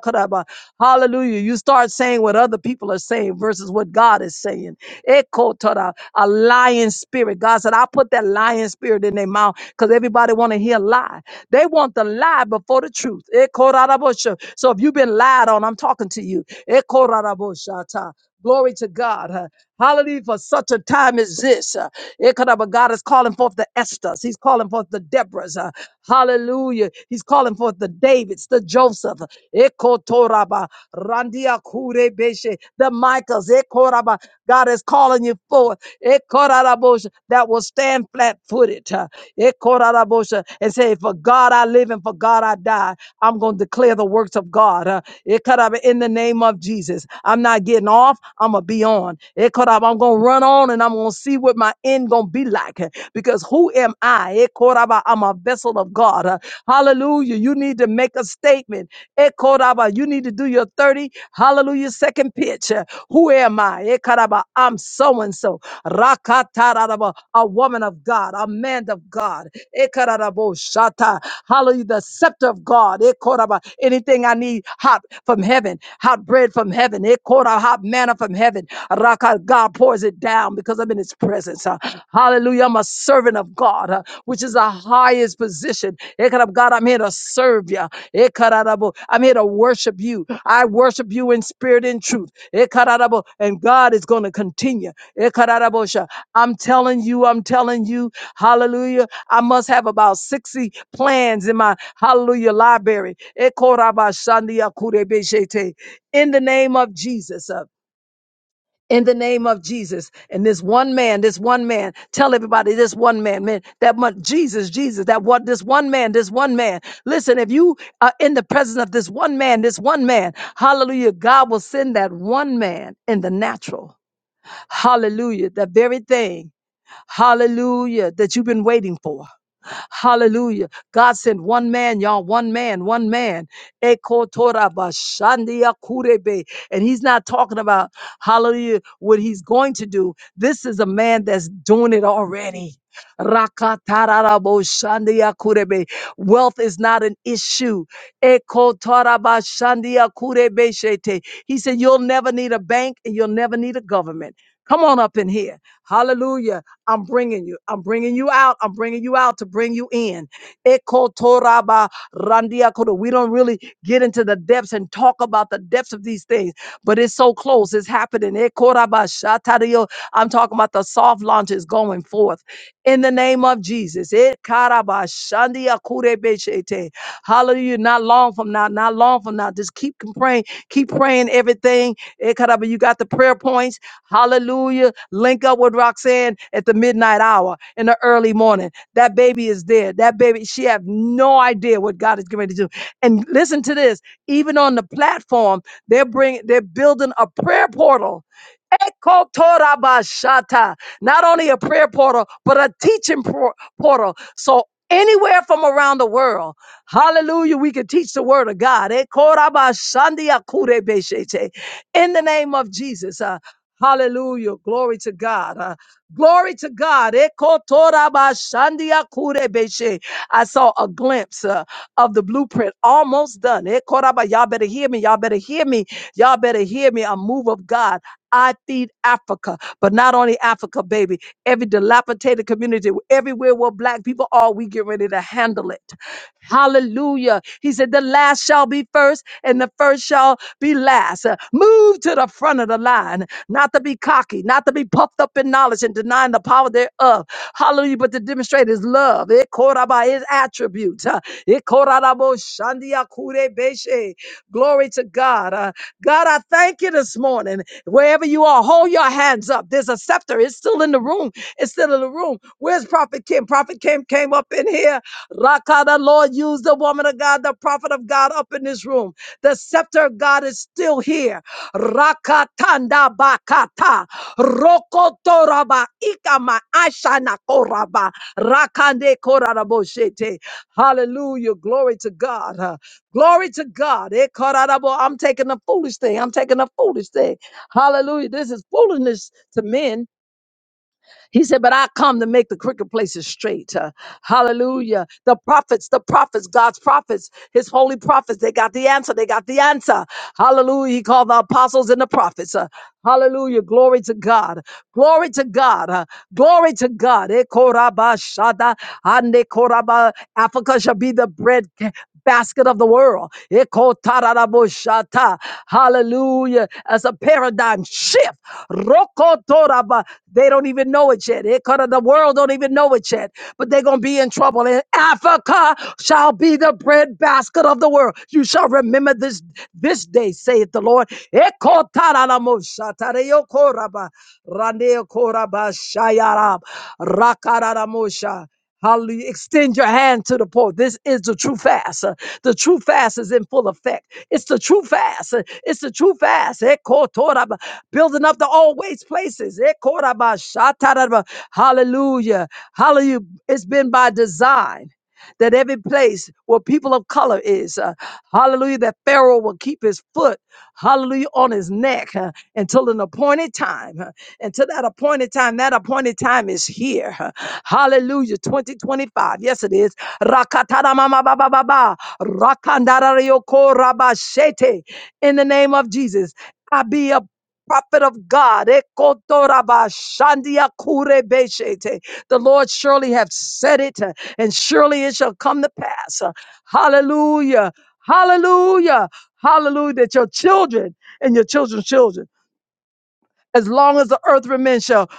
[SPEAKER 3] Hallelujah. Hallelujah. You start saying what other people are saying versus what God is saying. Echo tada, a lying spirit. God said, I put that lying spirit in their mouth because everybody want to hear a lie. They want the lie before the truth. Echo rada bosha. So if you've been lied on, I'm talking to you. Echo rada bosha ta. Glory to God. huh? Hallelujah. For such a time as this. Uh, Ikadaba, God is calling forth the Esthers. He's calling forth the Deborahs. Uh, hallelujah. He's calling forth the Davids, the Joseph. Ekotoraba, Randia Kurebeshe, the Michaels. Ekoraba. God is calling you forth. Ekorarabosha, That will stand flat footed. Uh, Ekorarabosha, and say, For God I live and for God I die. I'm going to declare the works of God. Uh, Ekaraba, in the name of Jesus. I'm not getting off. I'm gonna be on. Eh, Korab, I'm gonna run on and I'm gonna see what my end gonna be like. eh, Because who am I? Eh, Koraba, I'm a vessel of God. eh. Hallelujah. You need to make a statement. Eh, Koraba, You need to do your 30. Hallelujah. Second pitch. eh. Who am I? Eh, Koraba, I'm so and so. Rakatararaba, A woman of God, a man of God. Eh, Korarabo, Shata. Hallelujah. The scepter of God. Eh, Koraba, Anything I need hot from heaven, hot bread from heaven. Eh, Ekora hot manna from heaven. Raka, God pours it down because I'm in his presence. Uh, Hallelujah. I'm a servant of God, uh, which is the highest position. Ekara, God, I'm here to serve you. Ekarabo. I'm here to worship you. I worship you in spirit and truth. Ekarabo. And God is going to continue. Ekarabosha. I'm telling you, I'm telling you, hallelujah. I must have about 60 plans in my hallelujah library. Ekorabashandiakurebeshete in the name of Jesus. uh, in the name of Jesus. And this one man, this one man, tell everybody this one man, man, that much Jesus, Jesus, that what this one man, this one man. Listen, if you are in the presence of this one man, this one man, hallelujah, God will send that one man in the natural. Hallelujah, the very thing, hallelujah, that you've been waiting for. Hallelujah. God sent one man, y'all, one man, one man. Ekotorabashandia kurebe. And he's not talking about, hallelujah, what he's going to do. This is a man that's doing it already. Rakataraboshandia kurebe. Wealth is not an issue. Ekotorabashandia kurebe shete. He said, You'll never need a bank and you'll never need a government. Come on up in here. Hallelujah. I'm bringing you. I'm bringing you out. I'm bringing you out to bring you in. Ekotoraba randiakoto. We don't really get into the depths and talk about the depths of these things, but it's so close. It's happening. Ekoraba shatario. I'm talking about the soft launches going forth in the name of Jesus. Ekaraba shandiakurebeshete. Hallelujah. Not long from now. Not long from now. Just keep praying. Keep praying everything. Ekaraba, You got the prayer points. Hallelujah. Link up with Roxanne at the midnight hour in the early morning. That baby is there. That baby, she have no idea what God is getting ready to do. And listen to this. Even on the platform, they're bringing, they're building a prayer portal. Eko torabashata. Not only a prayer portal, but a teaching por- portal. So anywhere from around the world, hallelujah, we can teach the word of God. Eko rabashandia kurebeshete. In the name of Jesus. uh, Hallelujah. Glory to God. Uh, glory to God. Ekotorabashandiakurebeshe. I saw a glimpse uh, of the blueprint almost done. Ekoraba- Y'all better hear me. Y'all better hear me. Y'all better hear me. A move of God. I feed Africa, but not only Africa, baby. Every dilapidated community, everywhere where black people are, we get ready to handle it. Hallelujah. He said, The last shall be first, and the first shall be last. Uh, Move to the front of the line, not to be cocky, not to be puffed up in knowledge and denying the power thereof. Hallelujah. But to demonstrate his love, it caught by his attributes. Uh, it korabo shandia kure beshe. Glory to God. Uh, God, I thank you this morning. Wherever you are, hold your hands up up. There's a scepter. It's still in the room. It's still in the room. Where's Prophet Kim? Prophet Kim came up in here. Raka, the Lord used the woman of God, the prophet of God up in this room. The scepter of God is still here. Rakatanda bakata. Rokotoraba ikama ashana koraba. Rakande korarabo Hallelujah. Glory to God. Glory to God. Eh, cararabo, I'm taking the foolish thing. I'm taking the foolish thing. Hallelujah. This is foolishness to men. He said, but I come to make the crooked places straight. Uh, hallelujah. The prophets, the prophets, God's prophets, his holy prophets, they got the answer. They got the answer. Hallelujah. He called the apostles and the prophets. Uh, hallelujah. Glory to God. Glory to God. Uh, glory to God. Eh, koraba shada, ande koraba. Africa shall be the bread basket of the world. Ekotararaboshata. Hallelujah. As a paradigm shift. Rokotoraba. They don't even know it yet. Ekara- The world don't even know it yet, but they're going to be in trouble. And Africa shall be the bread basket of the world. You shall remember this this day, saith the Lord. Ekotararamoshata. Reyokoraba. Raneokoraba. Shayarab. Rakararamusha. Hallelujah. Extend your hand to the poor. This is the true fast. Uh, The true fast is in full effect. It's the true fast. Uh, It's the true fast. Eh, ko toraba. Building up the old waste places. Eh, koraba shataraba. Hallelujah. Hallelujah. It's been by design that every place where people of color is, uh, hallelujah, that Pharaoh will keep his foot, hallelujah, on his neck uh, until an appointed time. uh, until that appointed time, that appointed time is here. uh, hallelujah, 2025. Yes, it is. Rakatara mama ba ba ba ba. Rakandara yoko raba In the name of Jesus. I be a prophet of God. Ekotoraba shandia The Lord surely have said it, uh, and surely it shall come to pass. Uh, Hallelujah. Hallelujah. Hallelujah. That your children and your children's children, as long as the earth remains, shall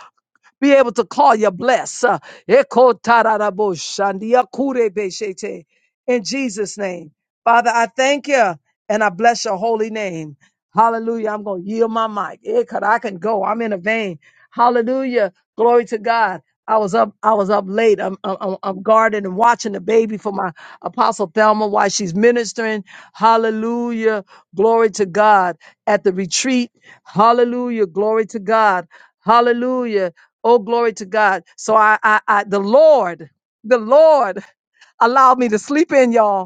[SPEAKER 3] be able to call you blessed. Uh, Eko tararabo shandia kure beshete. In Jesus' name. Father, I thank you and I bless your holy name. Hallelujah. I'm going to yield my mic. Eh, 'cause I can go. I'm in a vein. Hallelujah. Glory to God. I was up. I was up late. I'm, I'm, I'm guarding and watching the baby for my apostle Thelma while she's ministering. Hallelujah. Glory to God at the retreat. Hallelujah. Glory to God. Hallelujah. Oh, glory to God. So I, I, I the Lord, the Lord allowed me to sleep in y'all.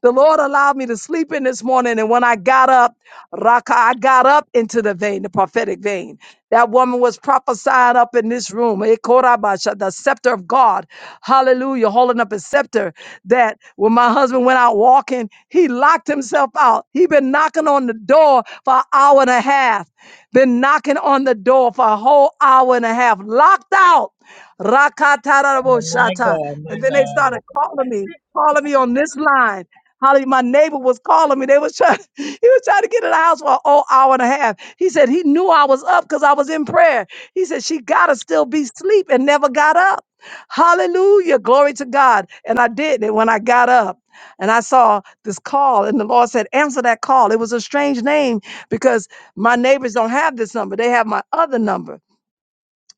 [SPEAKER 3] The Lord allowed me to sleep in this morning. And when I got up, Raka, I got up into the vein, the prophetic vein. That woman was prophesying up in this room. Ekorabasha, The scepter of God. Hallelujah. Holding up a scepter that when my husband went out walking, he locked himself out. He been knocking on the door for an hour and a half. Been knocking on the door for a whole hour and a half. Locked out. Rakatarabo shata. And then they started calling me, calling me on this line. Holly, my neighbor was calling me. They was trying, he was trying to get in the house for an whole hour and a half. He said he knew I was up because I was in prayer. He said she gotta still be asleep and never got up. Hallelujah. Glory to God. And I did it when I got up. And I saw this call, and the Lord said, Answer that call. It was a strange name because my neighbors don't have this number. They have my other number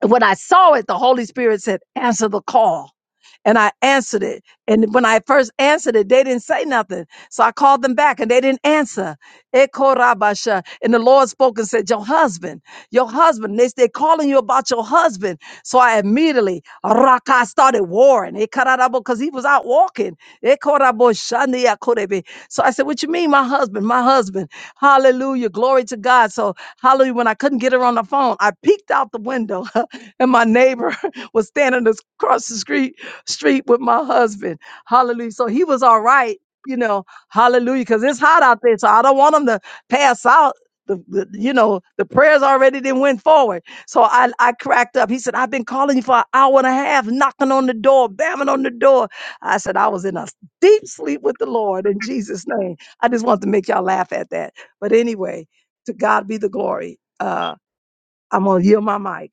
[SPEAKER 3] when I saw it, the Holy Spirit said, answer the call. And I answered it. And when I first answered it, they didn't say nothing. So I called them back and they didn't answer. Eko rabasha. And the Lord spoke and said, Your husband, your husband. They, they're calling you about your husband. So I immediately raka started warring. Because he was out walking. Eko rabo shani akorebe. So I said, What you mean, my husband? My husband. Hallelujah. Glory to God. So hallelujah. When I couldn't get her on the phone, I peeked out the window. and my neighbor was standing as- across the street street with my husband. Hallelujah. So he was all right, you know. Hallelujah, because it's hot out there, so I don't want him to pass out. The, the- you know the prayers already didn't went forward, so I I cracked up. He said, "I've been calling you for an hour and a half, knocking on the door, bamming on the door." I said, "I was in a deep sleep with the Lord in Jesus' name." I just wanted to make y'all laugh at that, but anyway, to God be the glory. Uh, I'm gonna yield my mic.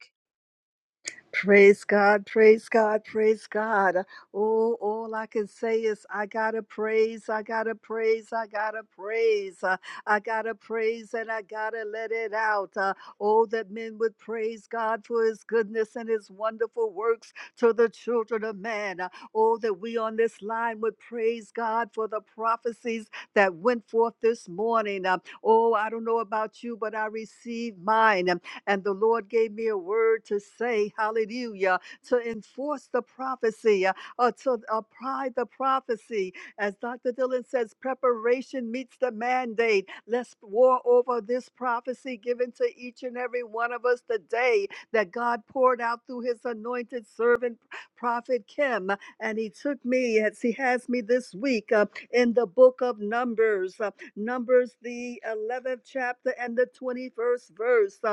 [SPEAKER 7] Praise God, praise God, praise God. Oh, all I can say is I gotta praise, I gotta praise, I gotta praise, uh, I gotta praise, and I gotta let it out. Uh, oh, that men would praise God for His goodness and His wonderful works to the children of man. Uh, oh, that we on this line would praise God for the prophecies that went forth this morning. Uh, oh, I don't know about you, but I received mine. And the Lord gave me a word to say, hallelujah, to enforce the prophecy, uh, uh, to apply the prophecy. As Dr. Dillon says, preparation meets the mandate. Let's war over this prophecy given to each and every one of us today that God poured out through his anointed servant, Prophet Kim. And he took me, as he has me this week, uh, in the book of Numbers, uh, Numbers, the 11th chapter and the 21st verse. uh,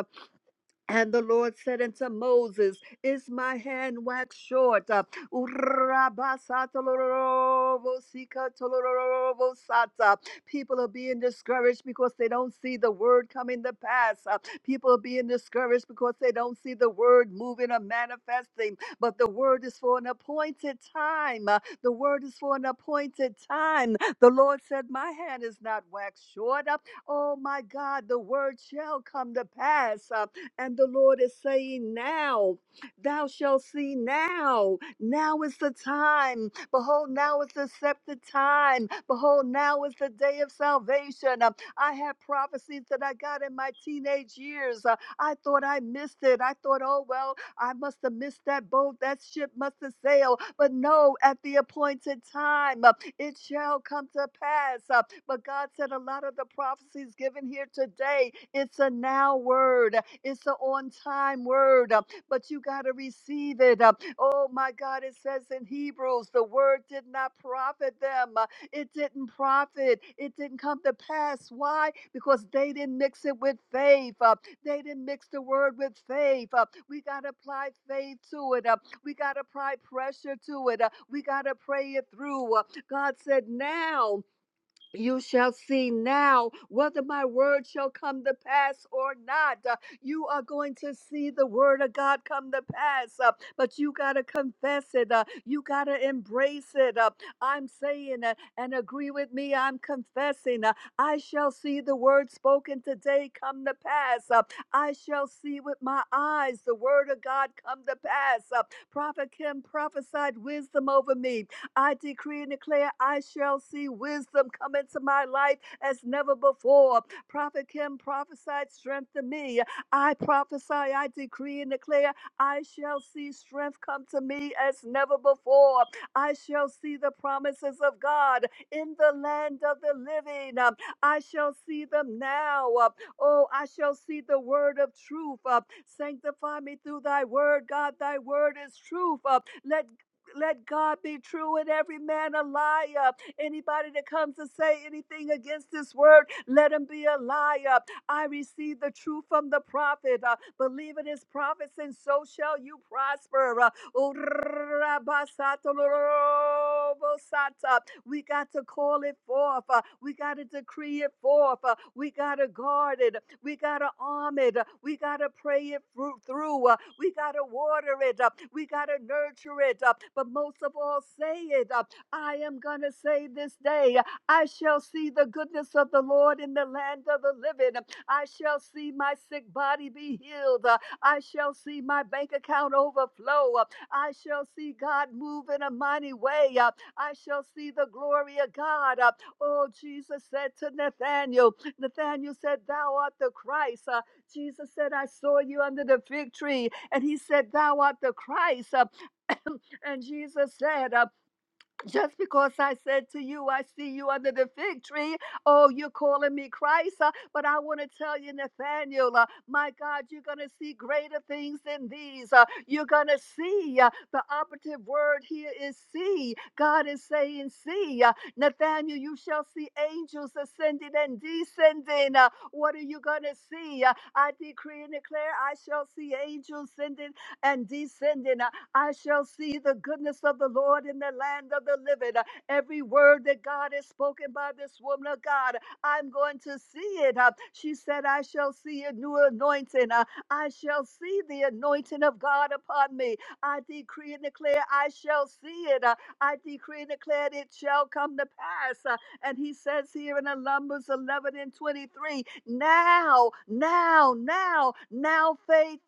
[SPEAKER 7] and the Lord said unto Moses, Is my hand waxed short? Uh, Urabasatolorobosikatolorobosata. People are being discouraged because they don't see the word coming to pass. Uh, People are being discouraged because they don't see the word moving or manifesting. But the word is for an appointed time. Uh, The word is for an appointed time. The Lord said, My hand is not waxed short. Uh, Oh my God, the word shall come to pass. Uh, and the Lord is saying, Now thou shalt see now. Now is the time. Behold, now is the accepted time. Behold, now is the day of salvation. Um, I had prophecies that I got in my teenage years. Uh, I thought I missed it. I thought, oh well, I must have missed that boat. That ship must have sailed. But no, at the appointed time, uh, it shall come to pass. Uh, But God said a lot of the prophecies given here today, it's a now word. It's an on time word. uh, But you got to receive it. Uh, Oh my God, it says in Hebrews, the word did not profit them. uh, It didn't profit. It didn't come to pass. Why? Because they didn't mix it with faith. Uh, they didn't mix the word with faith. Uh, we got to apply faith to it. Uh, we got to apply pressure to it. Uh, we got to pray it through. Uh, God said, now you shall see now whether my word shall come to pass or not. Uh, you are going to see the word of God come to pass, uh, but you got to confess it. Uh, you got to embrace it. Uh, I'm saying it and agree with me. I'm confessing. Uh, I shall see the word spoken today come to pass. Uh, I shall see with my eyes the word of God come to pass. Uh, Prophet Kim prophesied wisdom over me. I decree and declare I shall see wisdom come into my life as never before. Prophet Kim prophesied strength to me. I prophesy, I decree and declare I shall see strength come to me as never before. I shall see the promises of God in the land of the living. Um, I shall see them now. Um, Oh, I shall see the word of truth. Um, Sanctify me through thy word, God. Thy word is truth. Um, Let let God be true and every man a liar. Anybody that comes to say anything against this word, let him be a liar. I receive the truth from the prophet. Uh, believe in his prophets, and so shall you prosper. Uh, oh, rabasatolorobosata. we got to call it forth. Uh, we got to decree it forth. Uh, we got to guard it. We got to arm it. uh, We got to pray it through. uh, We got to water it. uh, We got to nurture it. uh, But most of all, say it. uh, I am going to say this day, uh, I shall see the goodness of the Lord in the land of the living. uh, I shall see my sick body be healed. uh, I shall see my bank account overflow. uh, I shall see God move in a mighty way. uh, I shall see the glory of God. uh, Oh, Jesus said to Nathaniel, Nathanael said, Thou art the Christ. Uh, Jesus said, I saw you under the fig tree. And he said, Thou art the Christ. Uh, and Jesus said, uh, just because I said to you, I see you under the fig tree. Oh, you're calling me Christ. uh, but I want to tell you, Nathaniel, uh, my God, you're going to see greater things than these. uh, you're going to see. uh, the operative word here is see. God is saying, see. uh, Nathaniel, you shall see angels ascending and descending. uh, what are you going to see? Uh, I decree and declare, I shall see angels ascending and descending. Uh, I shall see the goodness of the Lord in the land of the living. Uh, Every word that God has spoken by this woman of God, I'm going to see it. Uh, She said, I shall see a new anointing. Uh, I shall see the anointing of God upon me. I decree and declare, I shall see it. Uh, I decree and declare, it shall come to pass. Uh, and he says here in uh, Numbers 11 and 23, now, now, now, now faith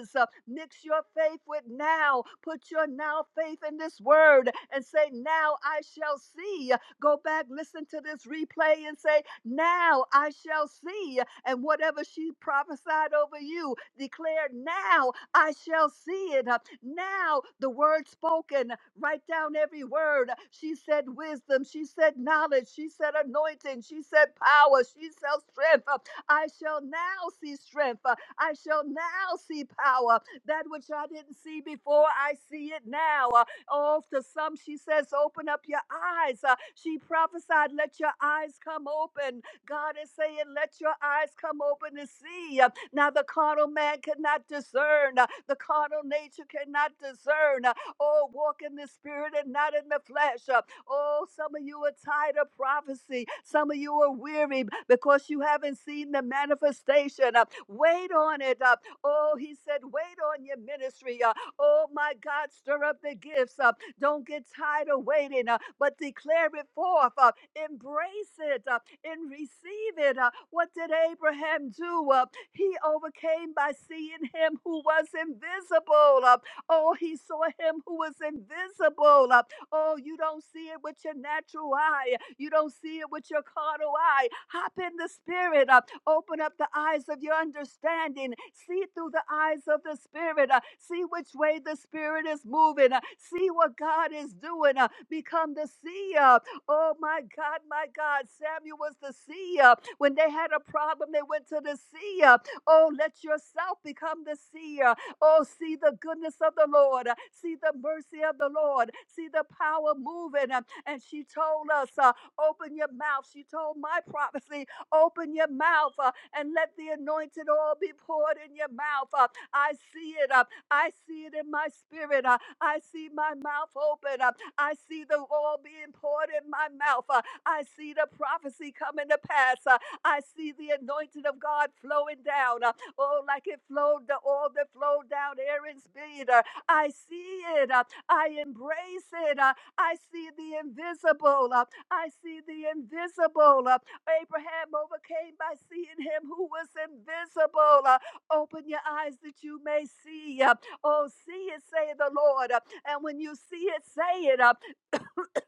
[SPEAKER 7] is. Uh, Mix your faith with now. Put your now faith in this word and say, now I shall see. Go back, listen to this replay and say, now I shall see. And whatever she prophesied over you, declare now I shall see it. Uh, Now, the word spoken, write down every word. She said wisdom, she said knowledge, she said anointing, she said power, she said strength. Uh, I shall now see strength. Uh, I shall now see power. That which I didn't see before, I see it now. Uh, Oh, to some, she says, open up your eyes. Uh, She prophesied, let your eyes come open. God is saying, let your eyes come open and see. Uh, now, the carnal man cannot discern. uh, The carnal nature cannot discern. uh, Oh, walk in the spirit and not in the flesh. uh, Oh, some of you are tired of prophecy. Some of you are weary because you haven't seen the manifestation. uh, Wait on it. uh, Oh, he said, wait on your ministry. uh, Oh, my God, stir up the gifts. uh, don't get tired of waiting, uh, but declare it forth. uh, embrace it uh, and receive it. uh. what did Abraham do? Uh, he overcame by seeing him who was invisible. uh. oh, he saw him who was invisible. uh, Oh, you don't see it with your natural eye. You don't see it with your carnal eye. Hop in the spirit. Uh, open up the eyes of your understanding. See through the eyes of the spirit. Uh, see which way the spirit is moving. Uh, see what God is doing. Uh, become the seer. Oh my God, my God. Samuel was the seer. When they had a problem, they went to the seer. Oh, let yourself become the seer. Oh, see the goodness of the Lord. uh, See the mercy of the Lord. See the power moving. uh, And she told us, uh, open your mouth. She told my prophecy, open your mouth uh, and let the anointed oil be poured in your mouth. uh, I see it. uh, I see it in my spirit. uh, I see my mouth open. uh, I see the oil being poured in my mouth. uh, I see the prophecy coming to pass. uh, I see the anointing of God flowing down. Uh, Oh, like it flowed, the oil that flowed down Aaron's beard. Uh, I see it. uh, I embrace it. uh, I see the invisible. uh, I see the invisible. uh, Abraham overcame by seeing him who was invisible. uh, Open your eyes that you may see. uh, Oh, see it, say the Lord. uh, And when you see it, say it. Uh,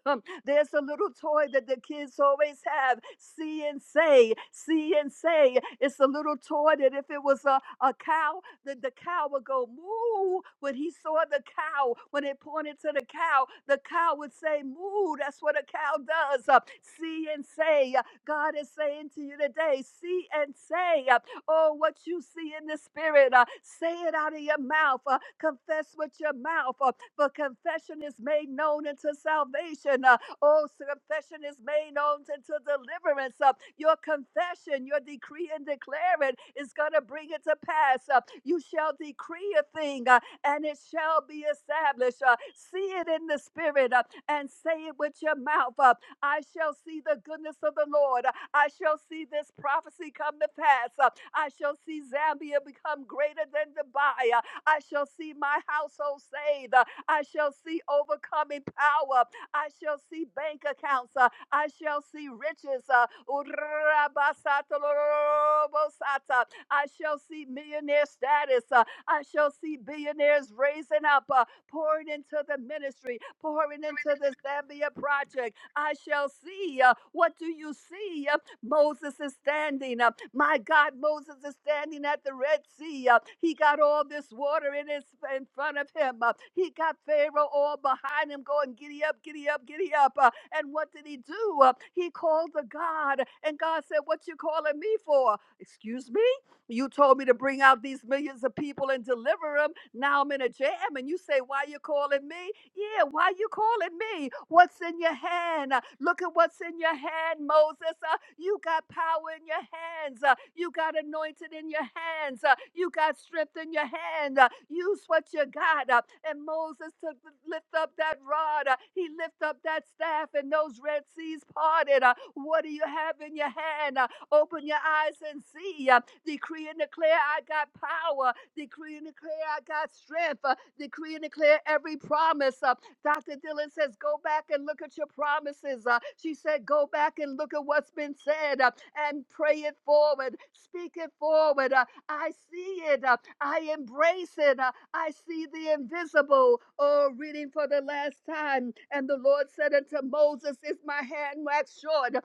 [SPEAKER 7] There's a little toy that the kids always have. See and say, see and say. It's a little toy that if it was a, a cow, that the cow would go moo. When he saw the cow, when it pointed to the cow, the cow would say moo. That's what a cow does. Uh, see and say. Uh, God is saying to you today, see and say. Uh, Oh, what you see in the spirit, uh, say it out of your mouth. Uh, confess with your mouth. Uh, for confession is made known unto salvation. Uh, oh, so confession is made known unto deliverance. Uh, your confession, your decree and declare it is going to bring it to pass. Uh, you shall decree a thing uh, and it shall be established. Uh, see it in the spirit uh, and say it with your mouth. Uh, I shall see the goodness of the Lord. Uh, I shall see this prophecy come to pass. Uh, I shall see Zambia become greater than Dubai. Uh, I shall see my household saved. Uh, I shall see overcoming power. I shall see bank accounts. Uh, I shall see riches. Uh, Urabasatolorobosata. I shall see millionaire status. Uh, I shall see billionaires raising up, uh, pouring into the ministry, pouring into the Zambia project. I shall see. uh, what do you see? Moses is standing. Uh, my God, Moses is standing at the Red Sea. Uh, he got all this water in his in front of him. Uh, he got Pharaoh all behind him, going, "Giddy up, giddy up, giddy up." Uh, and what did he do? Uh, he called to God, and God said, "What you calling me for? Excuse me? You told me to bring out these millions of people and deliver them. Now I'm in a jam, and you say, "Why you calling me?" Yeah, why you calling me? What's in your hand? Uh, Look at what's in your hand, Moses. Uh, you got power in your hands. Uh, you got anointed in your hands. Uh, you got strength in your hand. Uh, use what you got. Uh, and Moses took lift up that rod. Uh, he lift up that staff, and those red seas parted. Uh, what do you have in your hand? Uh, open your eyes and see. Uh, Decree and declare I got power. Decree and declare I got strength. Uh, decree and declare every promise. Uh, Dr. Dillon says, Go back and look at your promises. Uh, she said, Go back and look at what's been said uh, and pray it forward, speak it forward. Uh, I see it. uh, I embrace it. uh, I see the invisible. Oh, reading for the last time. And the Lord said unto Moses, Is my hand waxed short?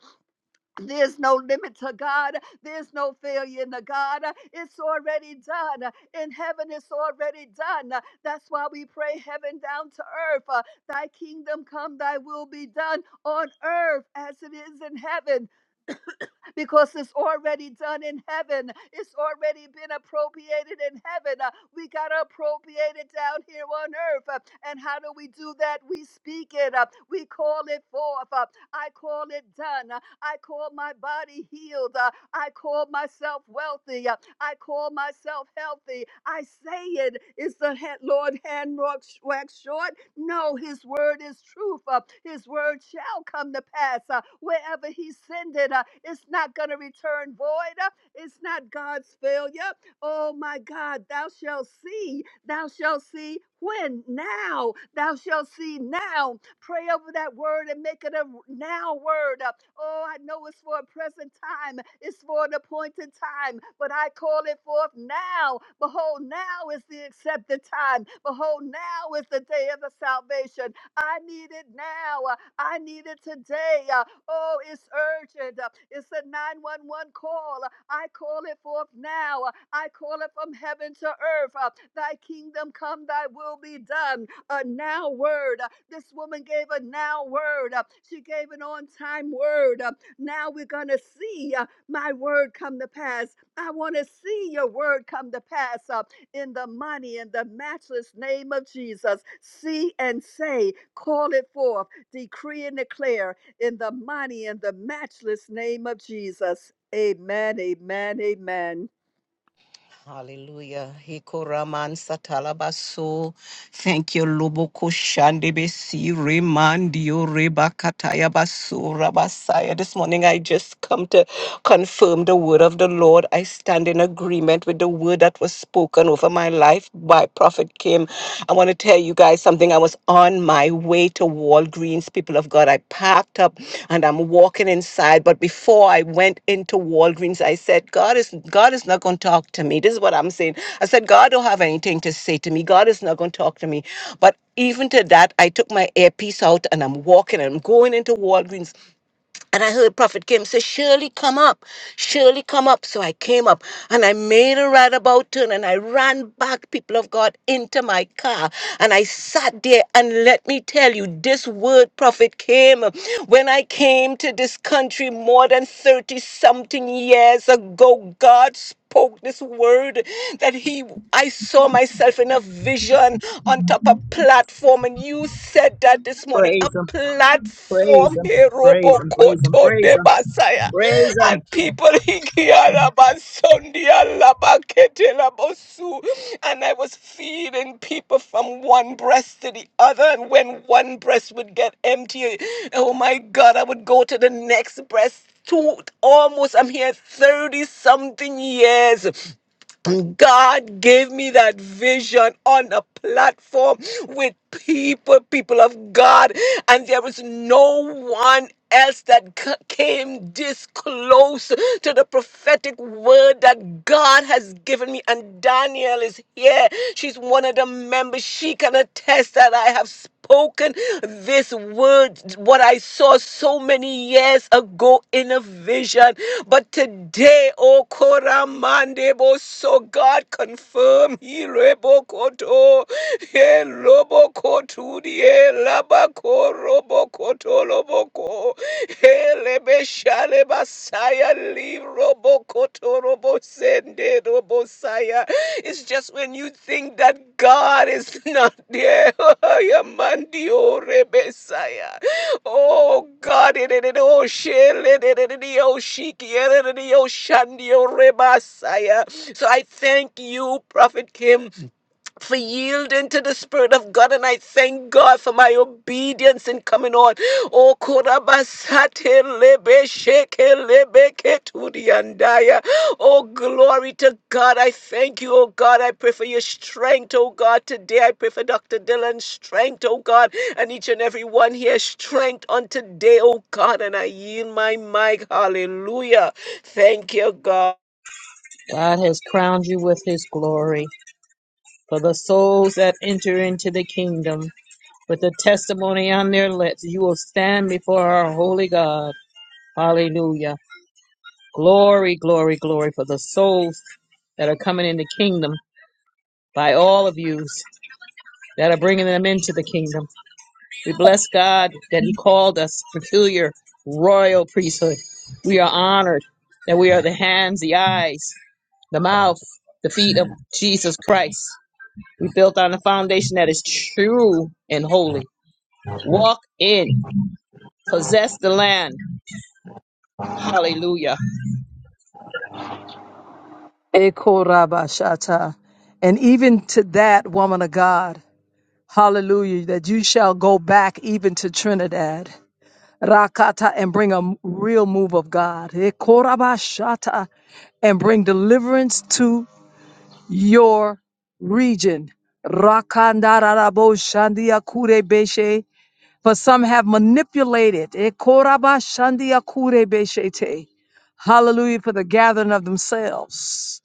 [SPEAKER 7] There's no limit to God. There's no failure in the God. It's already done. In heaven, it's already done. That's why we pray heaven down to earth. Uh, Thy kingdom come, thy will be done on earth as it is in heaven because it's already done in heaven. It's already been appropriated in heaven. Uh, We got to appropriate it down here on earth. Uh, And how do we do that? We speak it up. Uh, We call it forth. Uh, I call it done. Uh, I call my body healed. Uh, I call myself wealthy. Uh, I call myself healthy. I say it. Is the Lord hand wax short? No, his word is truth. Uh, his word shall come to pass. Uh, wherever he send it, uh, it's not going to return void. Uh, it's not God's failure. Oh my God, thou shalt see. Thou shalt see when? Now. Thou shalt see now Pray over that word and make it a now word. Uh, Oh, I know it's for a present time, it's for an appointed time, but I call it forth now. Behold, now is the accepted time. Behold, now is the day of the salvation. I need it now. Uh, I need it today. Uh, Oh, it's urgent. Uh, It's a 911 call. Uh, I call it forth now. Uh, I call it from heaven to earth. Uh, Thy kingdom come, thy will be done a now word. Uh, This woman gave a now word. Uh, She gave an on time word. Uh, Now we're going to see uh, my word come to pass. I want to see your word come to pass uh, in the mighty and the matchless name of Jesus. See and say, call it forth, decree and declare in the mighty and the matchless name of Jesus. Amen, amen, amen.
[SPEAKER 14] Hikoraman satalabaso. Thank you, Luboko Shandebesi, Remandio Rebakataya Baso Rabasaya. This morning I just come to confirm the word of the Lord. I stand in agreement with the word that was spoken over my life by Prophet Kim. I want to tell you guys something. I was on my way to Walgreens, people of God. I packed up and I'm walking inside. But before I went into Walgreens, I said, God is God is not going to talk to me. This is what I'm saying. I said, God don't have anything to say to me. God is not going to talk to me. But even to that, I took my earpiece out and I'm walking and I'm going into Walgreens and I heard Prophet Kim say, Surely come up, surely come up. So I came up and I made a right about turn and I ran back, people of God, into my car. And I sat there and let me tell you, this word prophet Kim, when I came to this country more than 30 something years ago. God spoke this word that he I saw myself in a vision on top of platform and you said that this morning a
[SPEAKER 2] Praise him, praise
[SPEAKER 14] platform
[SPEAKER 2] him,
[SPEAKER 14] here,
[SPEAKER 2] praise him,
[SPEAKER 14] Robokoto
[SPEAKER 2] praise
[SPEAKER 14] de
[SPEAKER 2] him.
[SPEAKER 14] Basaya
[SPEAKER 2] praise him.
[SPEAKER 14] and people Hikiarabasondialabaketenabosu. and I was feeding people from one breast to the other and when one breast would get empty oh my god I would go to the next breast two almost I'm here 30 something years. God gave me that vision on a platform with people, people of God, and there is no one else that c- came this close to the prophetic word that God has given me. And Danielle is here. She's one of the members. She can attest that I have spoken spoken this word, what I saw so many years ago in a vision. But today, O Koramandebo, so God confirm Hirebokoto, Helobokotudi, Labako, Roboko, Toloboko, Saya Robo Koto Robo Sende Robo Saya. It's just when you think that God is not there. Ya mandi o rebe saya. Oh God, it it it oh shele it it it it, oh shiki it it it, oh shandi o reba saya. So I thank you, Prophet Kim for yielding to the Spirit of God, and I thank God for my obedience in coming on. Oh, korabasate lebe sheke lebe ketudi andaya. Oh, glory to God. I thank you, oh God. I pray for your strength, oh God. Today I pray for Dr. Dylan's strength, oh God, and each and every one here strength on today, oh God. And I yield my mic. Hallelujah. Thank you, God.
[SPEAKER 2] God has crowned you with his glory. For the souls that enter into the kingdom with the testimony on their lips, you will stand before our holy God. Hallelujah. Glory, glory, glory for the souls that are coming in the kingdom by all of you that are bringing them into the kingdom. We bless God that He called us peculiar royal priesthood. We are honored that we are the hands, the eyes, the mouth, the feet of Jesus Christ. We built on a foundation that is true and holy. Walk in, possess the land. Hallelujah.
[SPEAKER 3] Ekorabashata. And even to that woman of God, hallelujah, that you shall go back even to Trinidad, Rakata, and bring a m- real move of God, Ekorabashata, and bring deliverance to your region. Rakandaraboshandiakurebeshe. For some have manipulated, Ekorabashandiakurebeshete. hallelujah, for the gathering of themselves.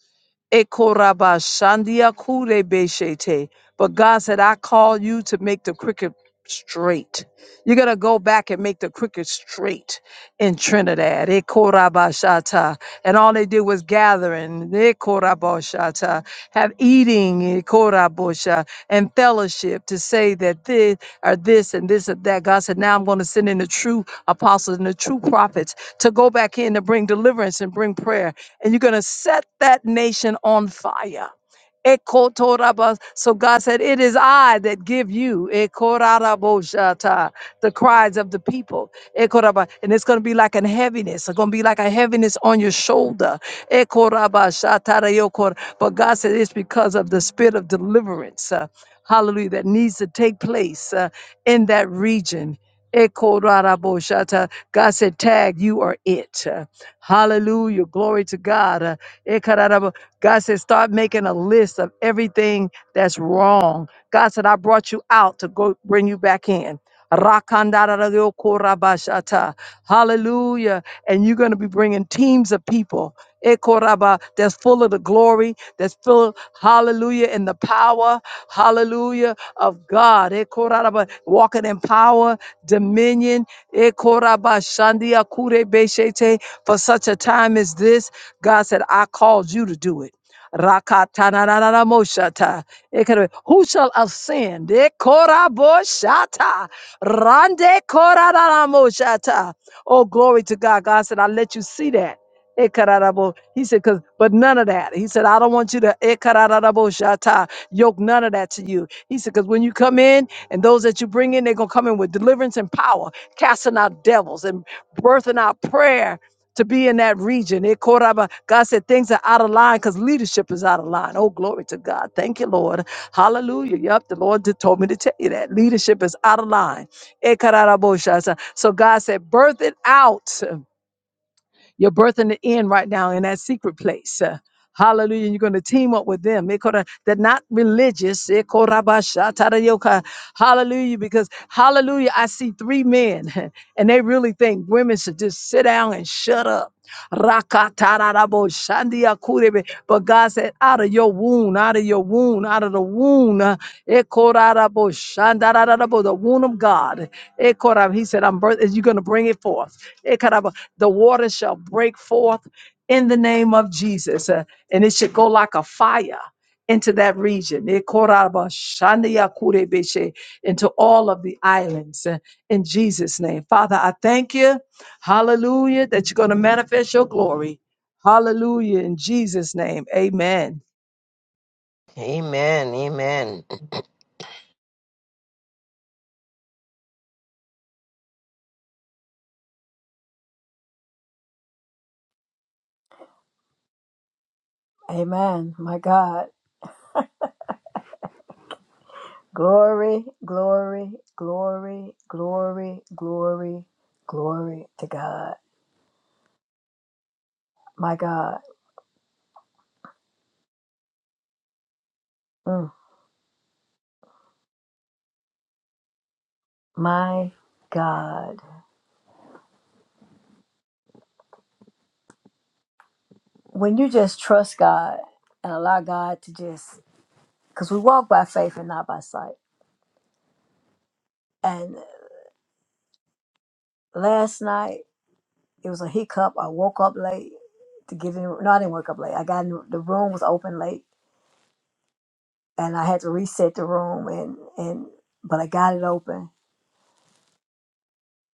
[SPEAKER 3] Ekorabashandia kurebeshete. But God said, I call you to make the cricket straight. You're going to go back and make the cricket straight in Trinidad. Ekorabashata. And all they did was gathering, Ekorabashata, have eating, Ekorabosha, and fellowship to say that this or this and this or that. God said, Now I'm going to send in the true apostles and the true prophets to go back in to bring deliverance and bring prayer and you're going to set that nation on fire. Ekotoraba. So God said, It is I that give you Ekoraraboshata, the cries of the people. Ekoraba. And it's going to be like a heaviness. It's going to be like a heaviness on your shoulder. Ekorabashatarayokor. But God said, It's because of the spirit of deliverance. uh, hallelujah. That needs to take place uh, in that region. Ekoraraboshata. God said, Tag, you are it. Hallelujah. Glory to God. Uh, ekararabo. God said, start making a list of everything that's wrong. God said, I brought you out to go bring you back in. Rakandararariokorabashata. Hallelujah. And you're going to be bringing teams of people ekoraba, that's full of the glory, that's full, hallelujah, in the power, hallelujah, of God. Ekoraraba, Walking in power, dominion. ekoraba, shandia, kurebeshete, for such a time as this, God said, I called you to do it. Rakatanananamoshata. It could have Who shall ascend? Ekoraboshata. Rande korananamoshata. Oh, glory to God. God said, I let you see that. Ekararabo. He said, Cause, but none of that. He said, I don't want you to ekararaboshata, yoke none of that to you. He said, because when you come in and those that you bring in, they're going to come in with deliverance and power, casting out devils and birthing out prayer to be in that region. It caught up, uh, God said things are out of line because leadership is out of line. Oh, glory to God. Thank you, Lord. Hallelujah. Yep, the Lord did, told me to tell you that. Leadership is out of line. Eh, kararabosha. So so God said, birth it out. You're birthing it in right now in that secret place. Uh, Hallelujah. You're going to team up with them. They coulda- They're not religious. They coulda ba sha ta da yo ka. Hallelujah. Because, hallelujah, I see three men and they really think women should just sit down and shut up. Raka ta da da bo shandi ya kure be. But God said, out of your wound, out of your wound, out of the wound, uh, e kora da bo shanda da da da bo, the wound of God. e kora- He said, I'm birth- you're going to bring it forth the water shall break forth in the name of Jesus, uh, and it should go like a fire into that region, Eh, koraba shandia kurebeshe, into all of the islands uh, in Jesus' name. Father, I thank you, hallelujah, that you're going to manifest your glory. Hallelujah, in Jesus' name, amen.
[SPEAKER 14] Amen. Amen.
[SPEAKER 4] Amen. My God. Glory, glory, glory, glory, glory, glory to God. My God. Mm. My God. When you just trust God and allow God to just, because we walk by faith and not by sight. And last night, it was a hiccup. I woke up late to get in. No, I didn't wake up late. I got in, the room was open late and I had to reset the room and, and, but I got it open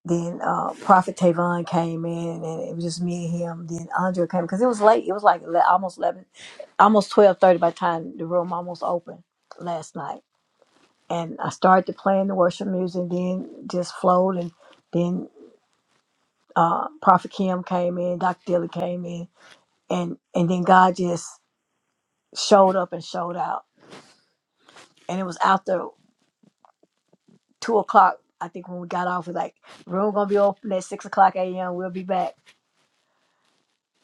[SPEAKER 4] Then uh, Prophet Tavon came in, and it was just me and him. Then Andre came because it was late. It was like ele- almost eleven, almost twelve thirty by the time the room almost opened last night. And I started playing the worship music, then just flowed, and then uh, Prophet Kim came in, Dr. Dilly came in, and and then God just showed up and showed out. And it was after two o'clock, I think, when we got off. We're like, room gonna be open at six o'clock a.m. We'll be back.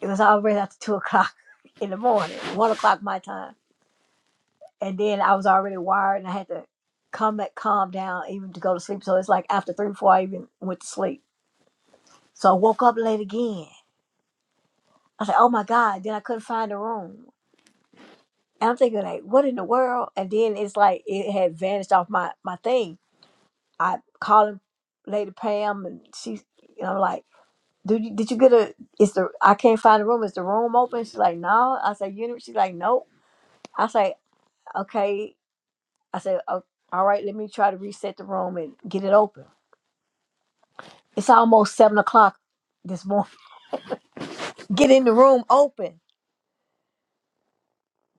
[SPEAKER 4] It was already after two o'clock. in the morning, one o'clock my time. And then I was already wired and I had to come back, calm down even to go to sleep. So it's like after three, four, I even went to sleep. So I woke up late again. I said, oh my God. Then I couldn't find a room. And I'm thinking like, what in the world? And then it's like it had vanished off my, my thing. I calling Lady Pam and she, you know, like, do you, did you get a, it's the, I can't find a room. Is the room open? She's like, no. I said, you know, she's like, nope. I say, okay. I said, "Oh, all right, let me try to reset the room and get it open. It's almost seven o'clock this morning. Get in the room open.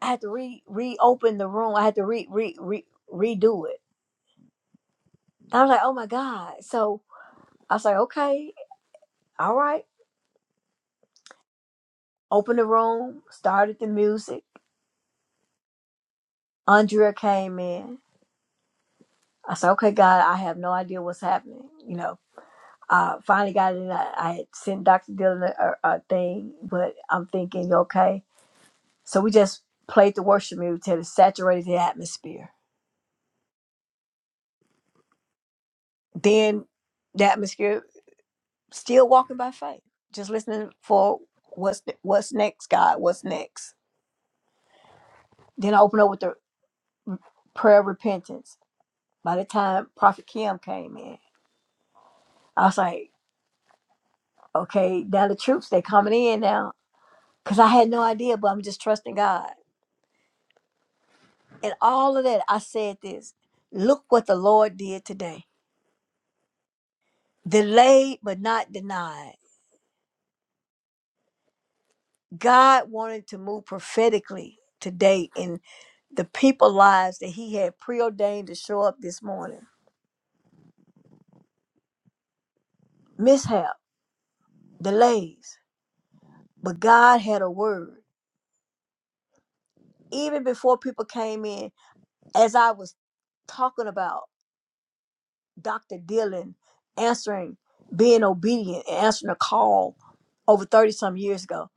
[SPEAKER 4] I had to re reopen the room. I had to re re, re redo it. I was like, oh my God. So I was like, okay, all right. Open the room, started the music. Andrea came in. I said, okay, God, I have no idea what's happening. You know, I finally got it in. I, I had sent Dr. Dillon a, a a thing, but I'm thinking, okay, So we just played the worship music till it saturated the atmosphere. Then the atmosphere still walking by faith, just listening for what's what's next, God, what's next. Then I opened up with the prayer of repentance. By the time Prophet Kim came in, I was like, okay, now the troops they coming in now, because I had no idea, but I'm just trusting God. And all of that, I said this: Look what the Lord did today. Delayed but not denied God wanted to move prophetically today in the people lives that he had preordained to show up this morning. Mishap, delays, but God had a word. Even before people came in, as I was talking about Dr. Dillon answering, being obedient and answering a call over 30 some years ago,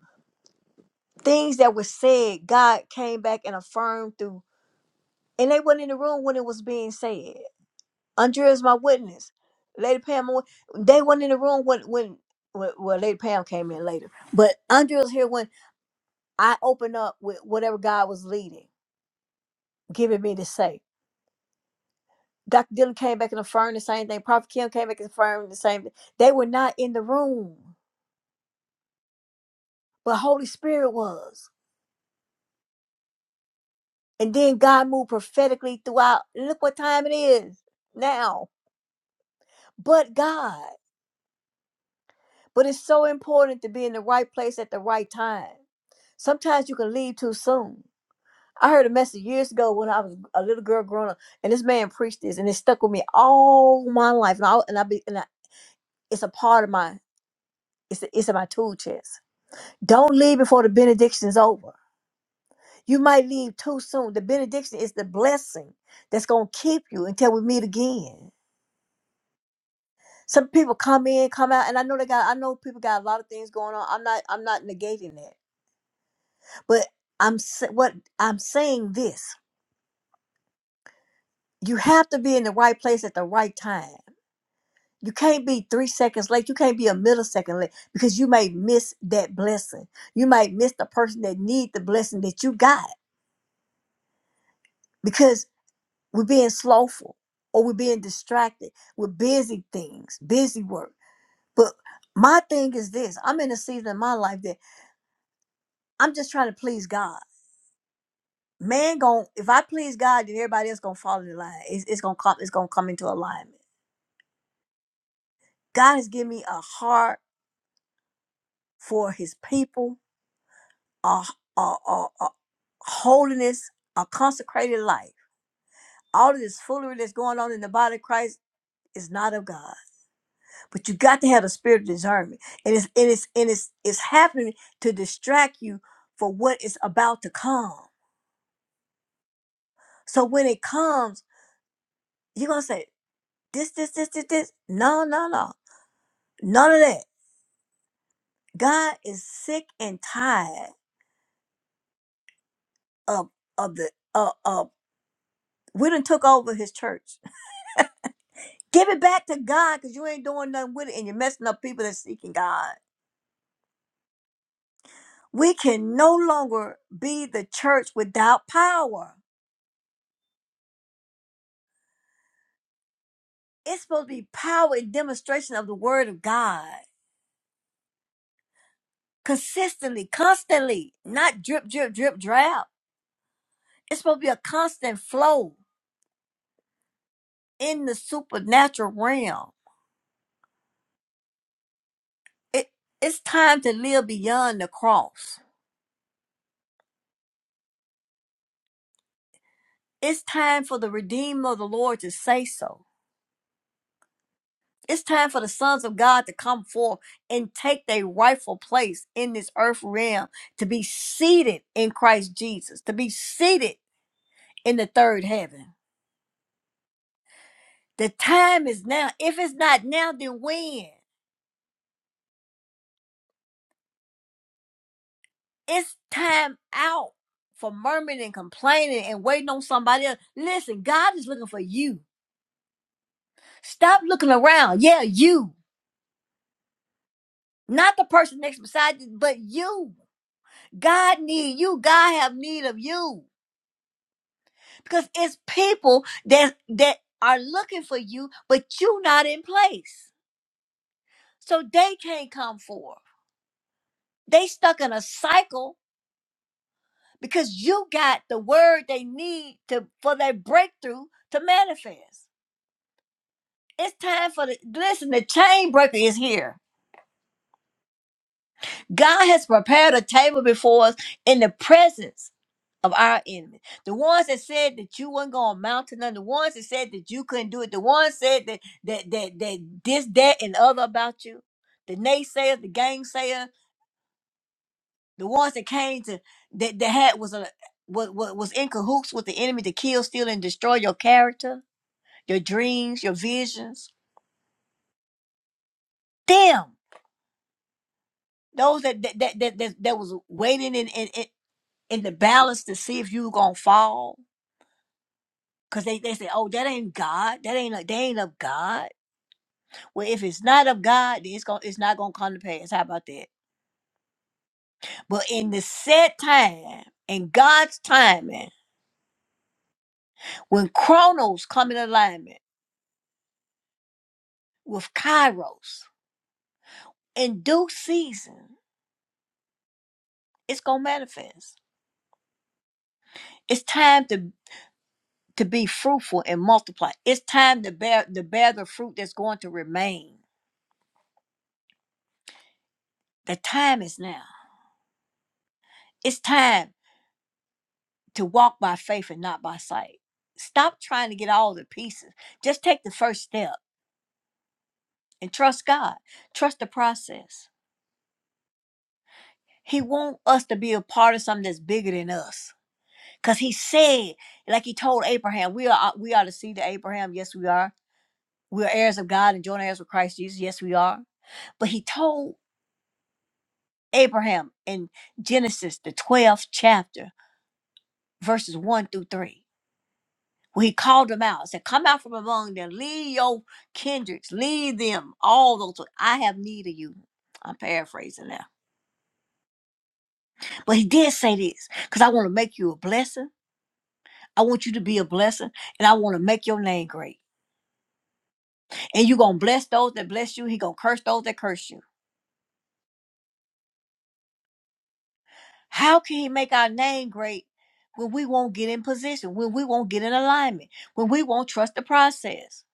[SPEAKER 4] things that were said, God came back and affirmed through, and they weren't in the room when it was being said. Andrea is my witness. Lady Pam, they weren't in the room when when when- well, Lady Pam came in later, but Andrea was here when I opened up with whatever God was leading, giving me to say. Dr. Dillon came back and affirmed the same thing. Prophet Kim came back and affirmed the same thing. They were not in the room, but Holy Spirit was. And then God moved prophetically throughout. Look what time it is now. But God. But it's so important to be in the right place at the right time. Sometimes you can leave too soon I heard a message years ago when I was a little girl growing up, and this man preached this, and it stuck with me all my life. And I and I be and I, it's a part of my it's it's in my tool chest. Don't leave before the benediction is over. You might leave too soon. The benediction is the blessing that's gonna keep you until we meet again. Some people come in, come out, and I know they got. I know people got a lot of things going on. I'm not. I'm not negating that, but I'm sa- what I'm saying this. You have to be in the right place at the right time. You can't be three seconds late. You can't be a millisecond late because you may miss that blessing. You might miss the person that need the blessing that you got because we're being slowful or we're being distracted with busy things, busy work. But my thing is this: I'm in a season in my life that I'm just trying to please God. Man, gon' if I please God, then everybody else gonna fall in line. It's, it's gonna come. It's gonna come into alignment. God has given me a heart for His people a, a, a, a holiness, a consecrated life. All of this foolery that's going on in the body of Christ is not of God. But you got to have a spirit of discernment. And it's and it's and it's it's happening to distract you for what is about to come. So when it comes, you're gonna say, this, this, this, this, this. No, no, no. None of that. God is sick and tired of of the uh of we done took over his church Give it back to God because you ain't doing nothing with it and you're messing up people that's seeking God. We can no longer be the church without power. It's supposed to be power and demonstration of the word of God consistently, constantly, not drip, drip, drip, drab. It's supposed to be a constant flow in the supernatural realm. It, it's time to live beyond the cross. It's time for the Redeemer of the Lord to say so. It's time for the sons of God to come forth and take their rightful place in this earth realm, to be seated in Christ Jesus, to be seated in the third heaven. The time is now. If it's not now, then when? It's time out for murmuring and complaining and waiting on somebody else. Listen, God is looking for you. Stop looking around. Yeah, you. Not the person next beside you, but you. God need you. God have need of you. because it's people that that are looking for you, but you not in place. So they can't come forth. They stuck in a cycle because you got the word they need to for their breakthrough to manifest. It's time for the listen, the chain breaker is here. God has prepared a table before us in the presence of our enemy. The ones that said that you weren't gonna amount to nothing, the ones that said that you couldn't do it, the ones said that that that that this, that, and other about you, the naysayers, the gainsayer, the ones that came to that that had was a was, was in cahoots with the enemy to kill, steal, and destroy your character, your dreams, your visions. Them, those that that that that, that, that was waiting in, in in in the balance to see if you were gonna fall. Cause they, they say, oh, that ain't God. That ain't they ain't of God Well, if it's not of God, then it's going it's not gonna come to pass. How about that? But in the set time, in God's timing, when chronos come in alignment with kairos in due season, it's gonna manifest. It's time to to be fruitful and multiply. It's time to bear to bear the fruit that's going to remain. The time is now. It's time to walk by faith and not by sight. Stop trying to get all the pieces. Just take the first step and trust God. Trust the process. He wants us to be a part of something that's bigger than us. Cause he said, like he told Abraham, we are we are the seed of Abraham. Yes, we are. We are heirs of God and joint heirs with Christ Jesus. Yes, we are. But he told Abraham in Genesis, the 12th chapter, verses 1 through 3, where he called them out, and said, Come out from among them, leave your kindreds, leave them, all those. I have need of you. I'm paraphrasing now But he did say this because I want to make you a blessing. I want you to be a blessing and I want to make your name great. And you're going to bless those that bless you. He going to curse those that curse you. How can he make our name great when we won't get in position, when we won't get in alignment, when we won't trust the process?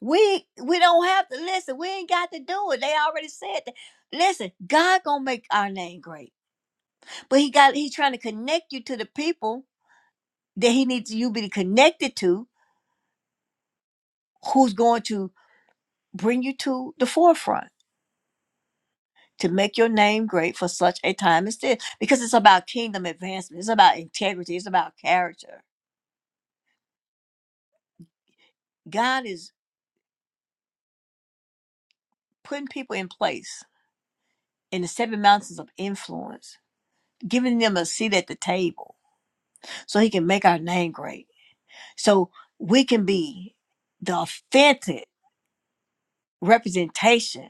[SPEAKER 4] We we don't have to listen. We ain't got to do it. They already said that. Listen, God gonna make our name great, but he got he trying to connect you to the people that he needs you to be connected to, who's going to bring you to the forefront to make your name great for such a time as this because it's about kingdom advancement it's about integrity it's about character god is putting people in place in the seven mountains of influence giving them a seat at the table so he can make our name great so we can be the authentic representation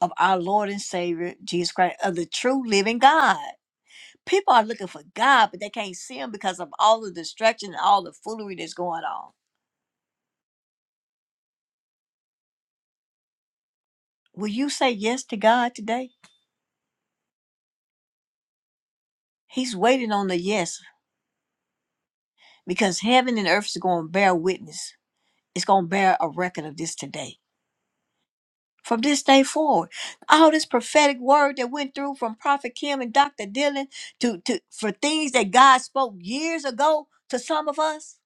[SPEAKER 4] of our lord and savior jesus christ of the true living god People are looking for God, but they can't see Him because of all the distraction and all the foolery that's going on. Will you say yes to God today? He's waiting on the yes because heaven and earth is going to bear witness. It's going to bear a record of this today. From this day forward, all this prophetic word that went through from Prophet Kim and Dr. Dylan to, to for things that God spoke years ago to some of us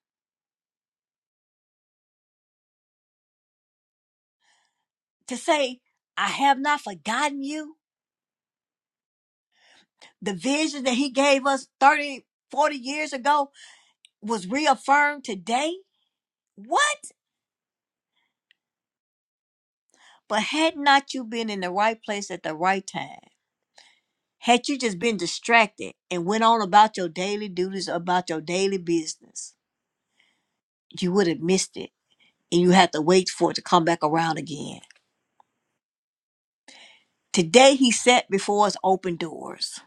[SPEAKER 4] to say, I have not forgotten you. The vision that He gave us 30, 40 years ago, was reaffirmed today? What? But had not you been in the right place at the right time? Had you just been distracted and went on about your daily duties, about your daily business, you would have missed it and you had to wait for it to come back around again. Today, he sat before us open doors.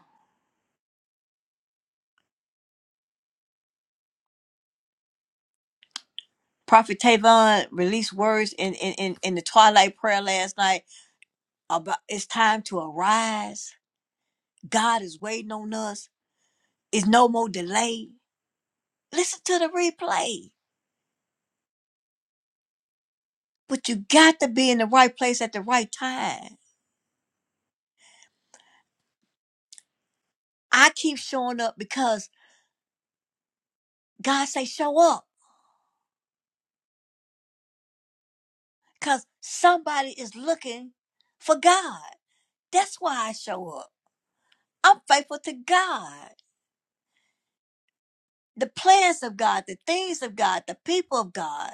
[SPEAKER 4] Prophet Tavon released words in, in, in, in the twilight prayer last night about it's time to arise. God is waiting on us. It's no more delay. Listen to the replay. But you got to be in the right place at the right time. I keep showing up because God say show up. Because somebody is looking for God. That's why I show up. I'm faithful to God. The plans of God, the things of God, the people of God.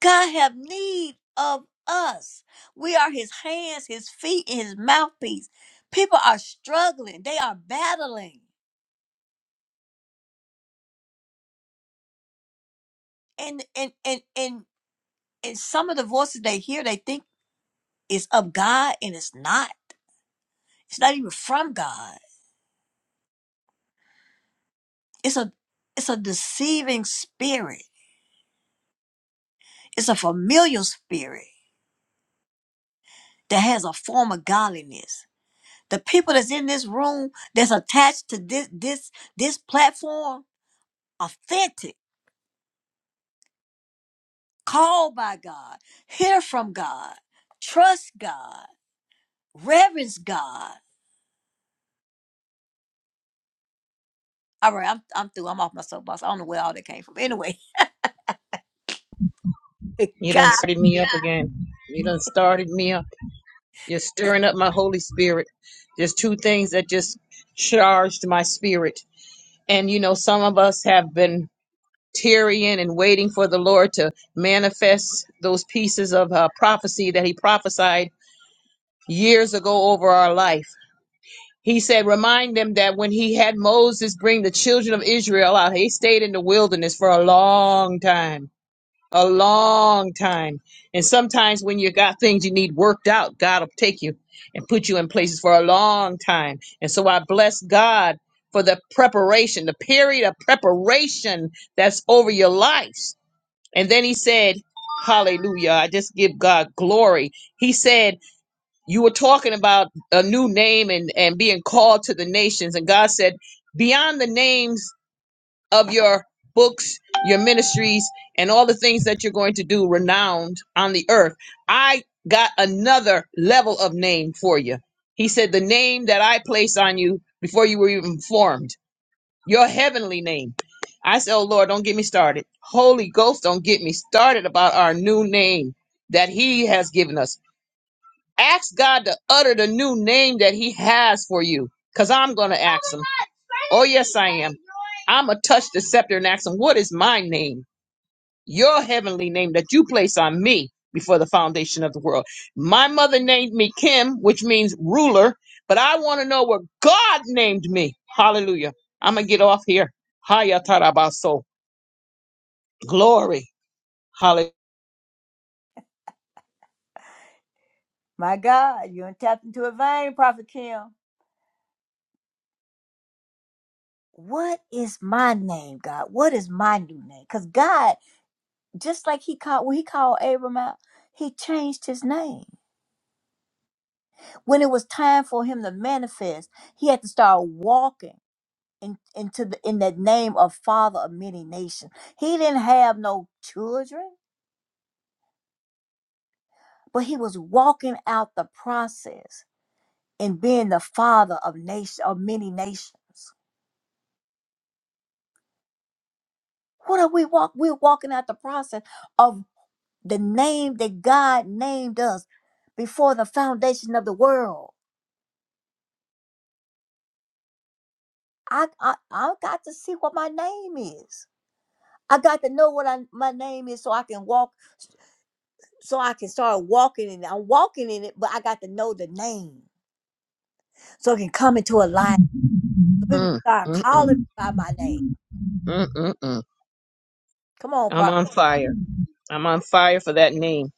[SPEAKER 4] God have need of us. We are his hands, his feet, and his mouthpiece. People are struggling. They are battling. And and and and and some of the voices they hear, they think. is of God and it's not. It's not even from God. It's a it's a deceiving spirit. It's a familial spirit that has a form of godliness. The people that's in this room that's attached to this this this platform, authentic, called by God, hear from God, trust God, reverence God. All right, I'm I'm through. I'm off my soapbox. I don't know where all that came from. Anyway,
[SPEAKER 2] You done
[SPEAKER 4] God,
[SPEAKER 2] started me
[SPEAKER 4] be-
[SPEAKER 2] up again. You done started me up. You're stirring up my Holy Spirit. There's two things that just charged my spirit And you know, some of us have been tearing and waiting for the Lord to manifest those pieces of uh, prophecy that He prophesied years ago over our life. He said, Remind them that when He had Moses bring the children of Israel out, He stayed in the wilderness for a long time a long time. And sometimes when you got things you need worked out, God will take you and put you in places for a long time. And so I bless God for the preparation, the period of preparation that's over your lives. And then he said, Hallelujah. I just give God glory. He said, You were talking about a new name and, and being called to the nations. And God said, Beyond the names of your books, your ministries, and all the things that you're going to do renowned on the earth. I got another level of name for you. He said, The name that I placed on you before you were even formed, your heavenly name. I said, Oh Lord, don't get me started. Holy Ghost, don't get me started about our new name that He has given us. Ask God to utter the new name that He has for you, because I'm going to ask Him. Oh, yes, I am. I'm going to touch the scepter and ask him, What is my name? Your heavenly name that you place on me before the foundation of the world. My mother named me Kim, which means ruler, but I want to know what God named me. Hallelujah. I'm going to get off here. Haya tarabaso. Glory. Hallelujah.
[SPEAKER 4] my God, you done tapped into a vein, Prophet Kim. what is my name, God? What is my new name? Because God, just like He called when He called Abram out, He changed his name. When it was time for him to manifest, he had to start walking in, into the in that name of Father of many nations. He didn't have no children, but he was walking out the process and being the father of nation of many nations. What are we walk? We're walking out the process of. the name that God named us before the foundation of the world. I, I I got to see what my name is. I got to know what I, my name is so I can walk, so I can start walking in it. I'm walking in it, but I got to know the name so it can come into alignment. So people can
[SPEAKER 2] Mm,
[SPEAKER 4] start
[SPEAKER 2] mm, mm,
[SPEAKER 4] calling me by my name.
[SPEAKER 2] mm, mm, mm.
[SPEAKER 4] Come on,
[SPEAKER 2] I'm
[SPEAKER 4] prophet.
[SPEAKER 2] on fire. I'm on fire for that name.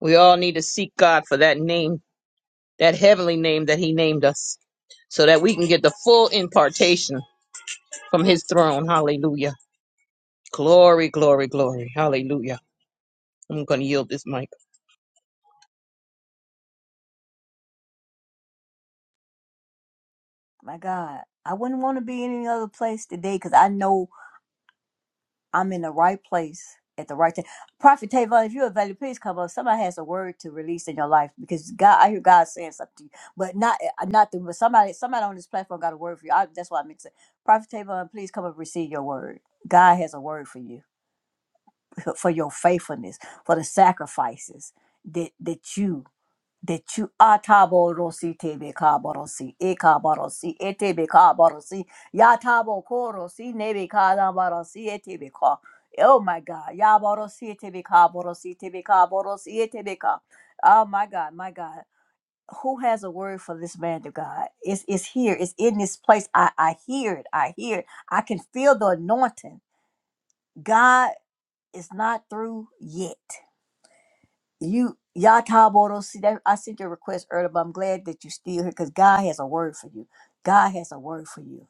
[SPEAKER 2] We all need to seek God for that name, that heavenly name that He named us. so that we can get the full impartation from his throne. Hallelujah. Glory, glory, glory. Hallelujah. I'm going to yield this mic.
[SPEAKER 4] My God, I wouldn't want to be in any other place today because I know I'm in the right place at the right time. Prophet Tavon, if you're available, please come up. Somebody has a word to release in your life because God, I hear God saying something to you, but not uh, not through, but somebody somebody on this platform got a word for you. I, that's why I mix it. Prophet Tavon, please come up and receive your word. God has a word for you, for your faithfulness, for the sacrifices that that you de chu atabo rosi tebe kabarosi e kabarosi e tebe kabarosi yatabo korosi nebe kadabarosi e tebe ka oh my god yabarosi e tebe kabarosi tebe kabarosi e tebe ka oh my god my god who has a word for this man of God? It's, it's here. It's in this place. I, I hear it. I hear it. I can feel the anointing. God is not through yet. You Yataboro, see that I sent your request earlier, but I'm glad that you still here because God has a word for you. God has a word for you.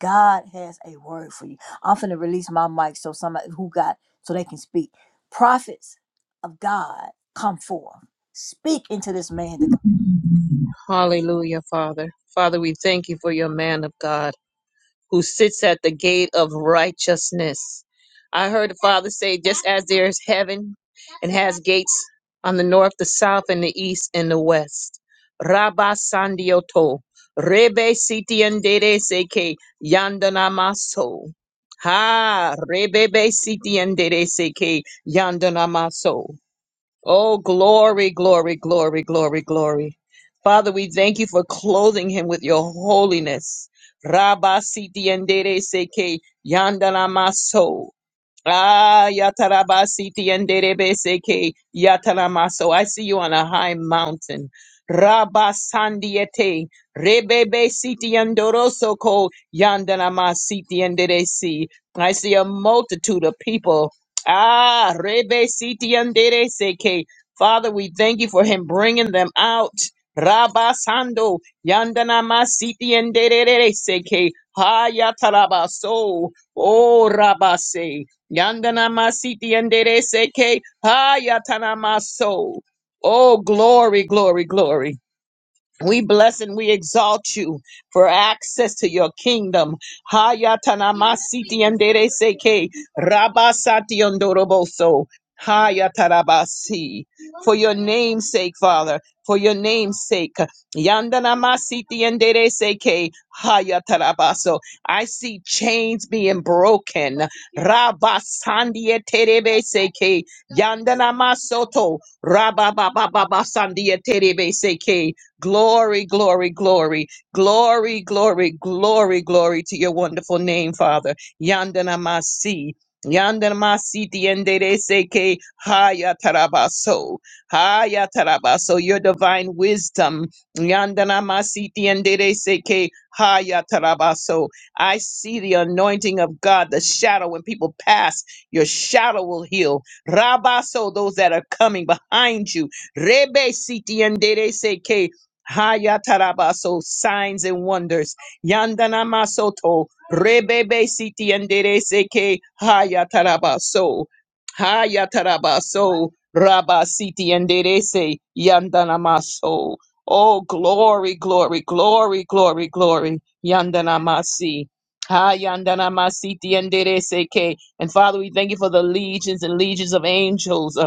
[SPEAKER 4] God has a word for you. I'm finna release my mic so somebody who got so they can speak. Prophets of God come forth. Speak into this man to God.
[SPEAKER 2] Hallelujah, Father. Father, we thank you for your man of God. who sits at the gate of righteousness. I heard the Father say, just as there is heaven and has gates on the north, the south, and the east, and the west. Rabba Sandioto, Rebe Sitiandere Seke, Yandanamaso. Ha, Rebebe Sitiandere Seke, Yandanamaso. Oh, glory, glory, glory, glory, glory. Father, we thank you for clothing him with your holiness. Rabba siti endere seke yandala maso. Ah, Yatarabasiti and Derebeseke, Yataramaso. I see you on a high mountain. Rabasandiete, Rebebe Siti and Doroso Ko, Yandanamasiti and Deresi. I see a multitude of people. Ah, Rebe Siti and Dereseke. Father, we thank you for him bringing them out. Rabasando, Yandanamasiti and Dereseke, Ha Yatarabaso. Oh, Rabase. Yandana masiti andere seke hayatana maso. Oh, glory, glory, glory. We bless and we exalt you for access to your kingdom. Hayatanamasiti and Dereseke Rabasati Ondoroboso. Hayatarabasi. For your name's sake, Father, for your name's sake. Yandanamasiti and Dereseke Hayatarabaso. I see chains being broken. Rabasandia Terebeseke. Yandana Masoto. Rabababababa Sandia Terebeseke. Glory, glory, glory, glory, glory, glory, glory to your wonderful name, Father. Yandana Masi. Yandana Masi Tiendere Seke Haya Tarabaso. Haya Tarabaso, your divine wisdom. Yandana Masi Tiendere Seke Haya Tarabaso. I see the anointing of God, the shadow. When people pass, your shadow will heal. Rabaso, those that are coming behind you. Rebe Siti endere Seke Hayatarabaso, signs and wonders. Yandana masoto, rebebe siti endereseke, hayatarabaso. Hayatarabaso, raba siti enderese, yandana maso. Oh, glory, glory, glory, glory, glory. Yandana masi. Hayandana masiti endereseke. And Father, we thank you for the legions and legions of angels. uh,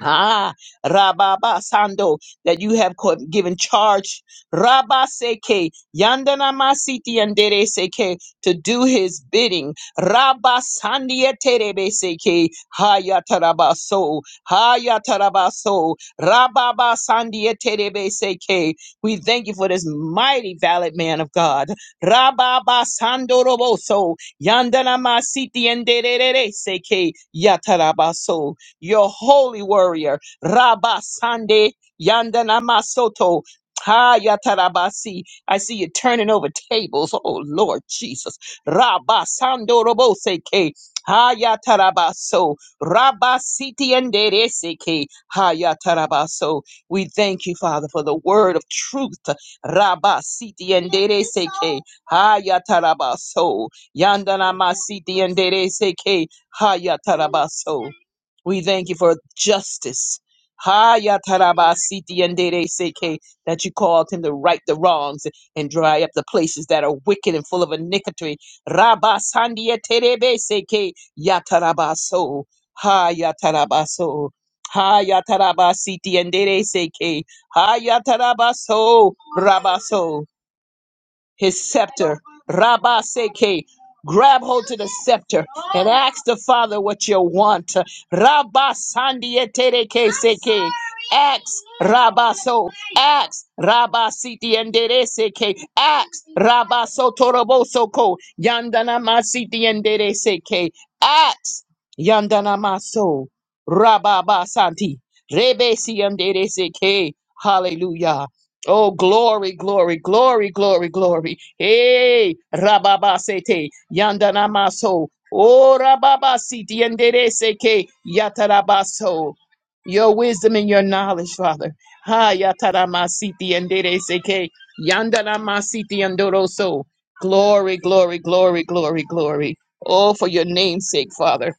[SPEAKER 2] Ah, Rababa Sando, that you have co- given charge, Rabba Seke, Yandana Masiti Andere Seke, to do his bidding, Rabba Sandia Terebe Seke, Hayatarabaso, Hayatarabaso, Rababa Sandia Terebe Seke. We thank you for this mighty valid man of God, Rababa Sando Roboso, Yandana Masiti Andere Seke, Yatarabaso your holy warrior, Rabba Sande Yandana Masoto. Hayatarabasi. I see you turning over tables. Oh Lord Jesus. Rabba Sando Roboseke. Hayatarabaso. Rabba Siti Endereseke. Hayatarabaso. We thank you, Father, for the word of truth. Rabba Siti Endereseke. Hayatarabaso. Yandana Masiti Endereseke. Hayatarabaso. We thank you for justice. Ha ya taraba siti and dere seke that you called him to right the wrongs and dry up the places that are wicked and full of iniquity. Rabasandia terebe seke ya taraba so Ha ya taraba so Ha ya taraba siti and dere seke. Ha ya taraba yatarabaso rabaso his scepter. Rabba Seke. Grab hold to the scepter and ask the Father what you want. Rabba Sandietereke Seke. Ask Rabba So. Ask Rabba Siti Endere Seke. Ask Rabba So Toroboso Ko. Yandana Ma Siti Endere Seke. Ask Yandana Ma So. Rabba Ba Santi. Rebe Si Endere Seke. Hallelujah. Oh, glory, glory, glory, glory, glory. Hey, Rababasete, Yandanamaso. Oh, Rababasiti, Yandereseke, Yatarabaso. Your wisdom and your knowledge, Father. Ha, Yataramasiti, Yandereseke, Yandanamasiti, Yandoroso. Glory, glory, glory, glory, glory. Oh, for your name's sake, Father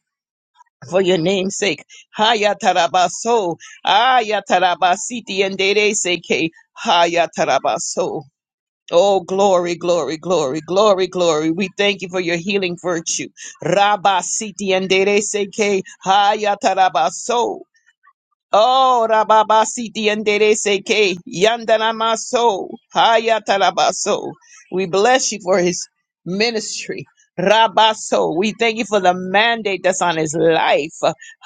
[SPEAKER 2] for your name's sake. Hayatarabaso, ayatarabasiti and dere seke, hayatarabaso. Oh, glory, glory, glory, glory, glory. We thank you for your healing virtue. Rabasiti and dere seke, hayatarabaso. Oh, Rababasiti and Dereseke, Yandanamaso, Hayatalabaso. We bless you for his ministry. Rabaso, we thank you for the mandate that's on his life.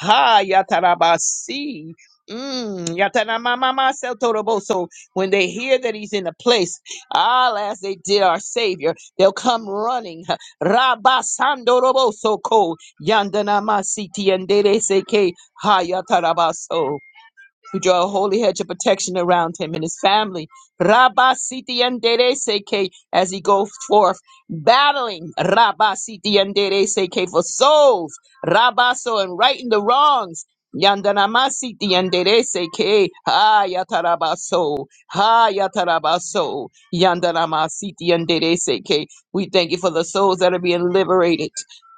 [SPEAKER 2] Hayatarabasi. Mm, Yatanamamamaso Toroboso. When they hear that he's in the place, all as they did our Savior, they'll come running. Rabasando Roboso Ko Yandanamasiti and Dereseke Hayatarabaso. We draw a holy hedge of protection around him and his family. Rabba Siti Andere Seke as he goes forth battling Rabba Siti Andere Seke for souls. Rabba so and righting the wrongs. Yandanama Siti Andere Seke. Ha Yatarabaso. Ha Yatarabaso. Yandanama Siti Andere Seke. We thank you for the souls that are being liberated.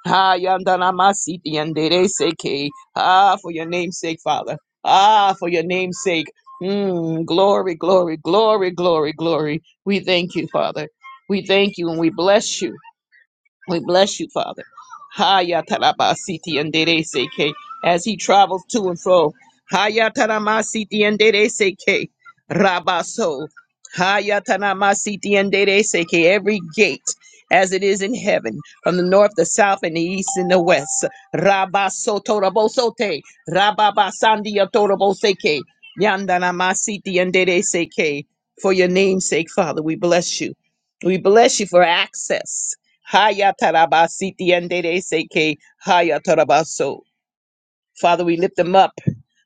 [SPEAKER 2] Ha Yandanama Siti Andere Seke. Ah, for your name's sake, Father. Ah, for your name's sake. Mm, glory, glory, glory, glory, glory. We thank you, Father. We thank you and we bless you. We bless you, Father. Haya tarabasiti and seke as he travels to and fro. Haya taramasiti and seke rabaso. Haya taramasiti and seke every gate as it is in heaven from the north, the south, and the east and the west. Rabaso torabosote rababasandia toraboseke yandanamasiti and seke for your name's sake, Father. We bless you. We bless you for access. Haya tarabasiti and seke haya tarabaso. Father, we lift them up.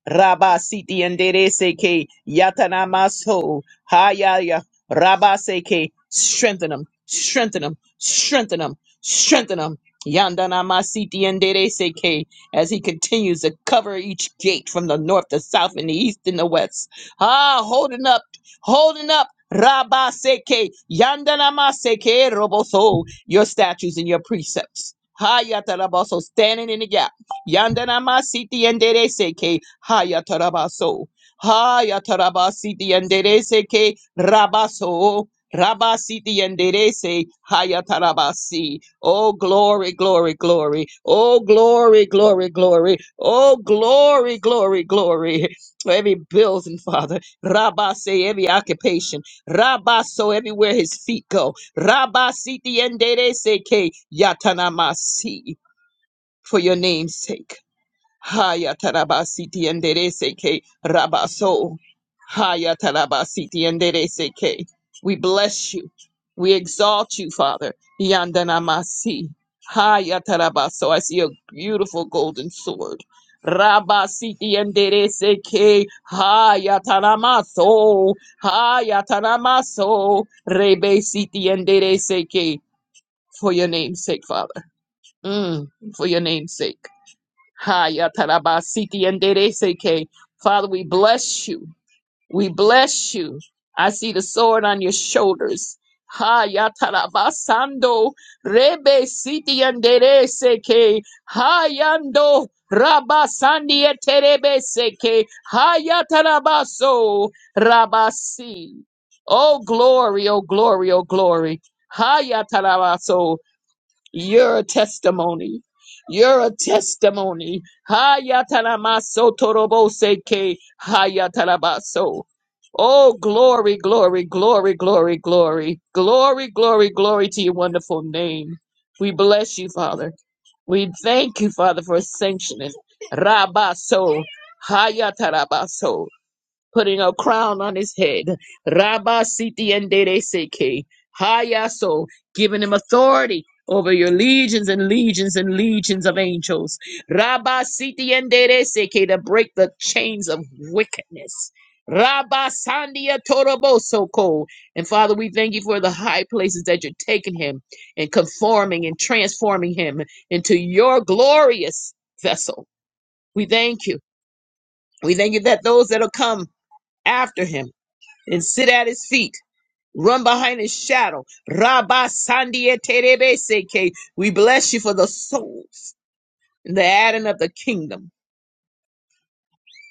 [SPEAKER 2] Rabasiti endereseke yatanamaso hayaya rabaseke. Strengthen them, strengthen them, strengthen them, strengthen them. Yandanamasiti endereseke as he continues to cover each gate from the north, the south, and the east, and the west. Ah, holding up, holding up. Rabaseke yandanamaseke roboso. Your statues and your precepts. Hayataraboso standing in the gap. Yandana masiti yendere seke haya tarabaso. Haya tarabasiti yendere seke rabaso. Rabasiti yendere se haya tarabasi. Oh glory, glory, glory. Oh glory, glory, glory. Oh glory, glory, glory. For every bills and father. Rabase every occupation. Rabaso everywhere his feet go. Rabasiti yendere seke yatanamasi. For your name's sake. Haya tarabasiti enderece que rabaso. Haya tarabasiti enderece que. We bless you. We exalt you, Father. Yandanamasi. Haya tarabaso. I see a beautiful golden sword. Rabasiti enderece que. Haya taramaso. Haya taramaso. Rebesiti enderece que. For your name's sake, Father. Mm, for your name's sake. Hayatarabasiti and Dereseke. Father, we bless you. We bless you. I see the sword on your shoulders. Hayatarabasando Rebe Siti and Dereseke. Hayando Rabasandi et Terebeseke. Hayatarabaso Rabasi. Oh glory, oh glory, oh glory. Hayatarabaso. You're a testimony. You're a testimony. Hayatalamaso toroboseke hayatalabaso. Oh, glory, glory, glory, glory, glory, glory, glory, glory to your wonderful name. We bless you, Father. We thank you, Father, for sanctioning. Rabaso, hayatarabaso putting a crown on his head. Rabba Siti and Dede Seke. Hayaso, giving him authority over your legions and legions and legions of angels. Rabba Siti and Dede Seke to break the chains of wickedness. Rabba Sandia Toroboso Ko. And Father, we thank you for the high places that you're taking him and conforming and transforming him into your glorious vessel. We thank you. We thank you that those that'll come after him and sit at his feet. Run behind his shadow. Rabba Sandia Terebeseke. We bless you for the souls and the adding of the kingdom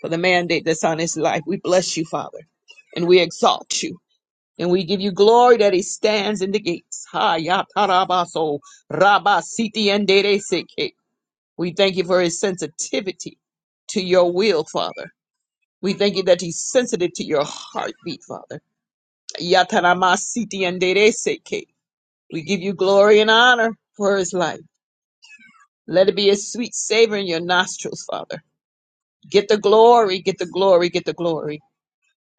[SPEAKER 2] for the mandate that's on his life. We bless you, Father, and we exalt you. And we give you glory that he stands in the gates. Ha ya tarabaso rabba siti and Dereseke. We thank you for his sensitivity to your will, Father. We thank you that he's sensitive to your heartbeat, Father. Ya taramasiti and Dereseke. We give you glory and honor for his life. Let it be a sweet savor in your nostrils, Father. Get the glory, get the glory, get the glory.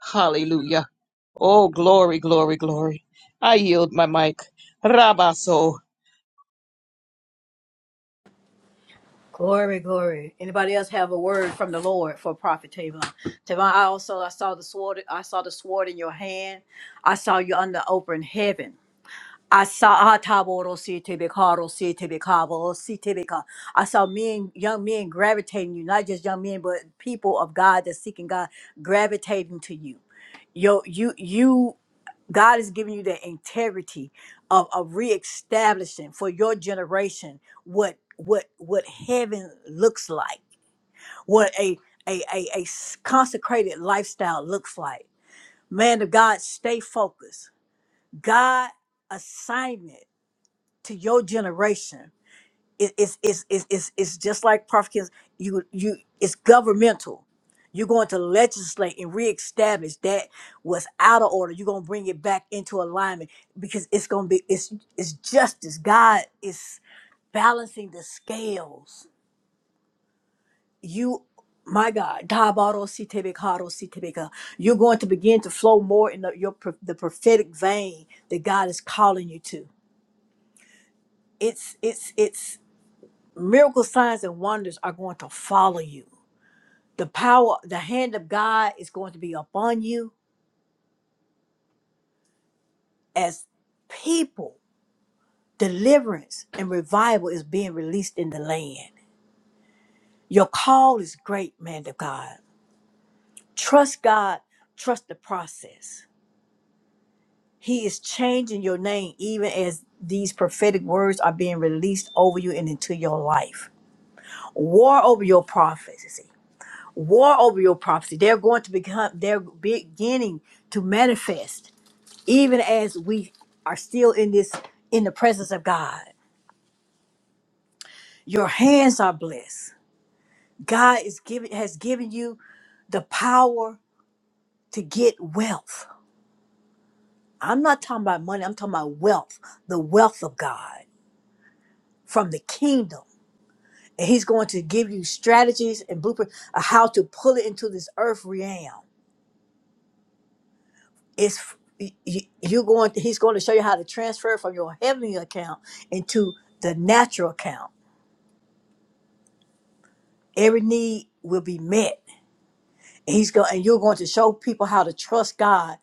[SPEAKER 2] Hallelujah. Oh, glory, glory, glory. I yield my mic. Rabaso.
[SPEAKER 4] Glory, glory. Anybody else have a word from the Lord for Prophet Tavon? Tavon, I also I saw the sword. I saw the sword in your hand. I saw you under open heaven. I saw Ataboro City Bicaro City Bicavo City Bica. I saw men, young men gravitating you, not just young men, but people of God that's seeking God gravitating to you. Yo, you, you, God is giving you the integrity of, of reestablishing for your generation what what what heaven looks like, what a a, a, a s- consecrated lifestyle looks like. Man of God, stay focused. God assignment to your generation. It, it's, it's, it's, it's, it's just like Prophet Kings, you, you, it's governmental. You're going to legislate and reestablish that was out of order. You're going to bring it back into alignment because it's going to be, it's, it's justice. God is balancing the scales. You, my God, Tabaro Sitebekaro Sitebeka, you're going to begin to flow more in the, your, pro- the prophetic vein that God is calling you to. It's, it's, it's, miracle signs and wonders are going to follow you the power the hand of god is going to be upon you as people deliverance and revival is being released in the land your call is great man of god trust god trust the process he is changing your name even as these prophetic words are being released over you and into your life war over your prophecy war over your prophecy. They're going to become, they're beginning to manifest, even as we are still in this, in the presence of God. Your hands are blessed. God is giving, has given you the power to get wealth. I'm not talking about money, I'm talking about wealth, the wealth of God from the kingdom. And he's going to give you strategies and blueprints of how to pull it into this earth realm it's f- y- y- you going he's going to show you how to transfer from your heavenly account into the natural account every need will be met he's going and you're going to show people how to trust god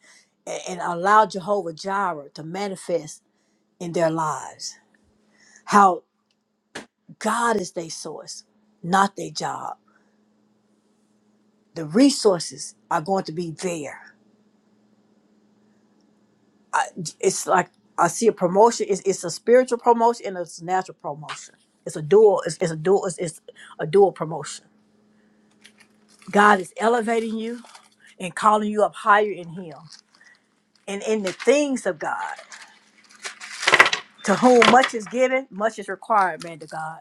[SPEAKER 4] a- and, allow jehovah jireh to manifest in their lives how god is their source not their job the resources are going to be there I, it's like I see a promotion. It's, it's a spiritual promotion and it's a natural promotion. It's a dual. It's, it's a dual. It's, it's a dual promotion. God is elevating you and calling you up higher in Him and in the things of God. To whom much is given, much is required, man. To God,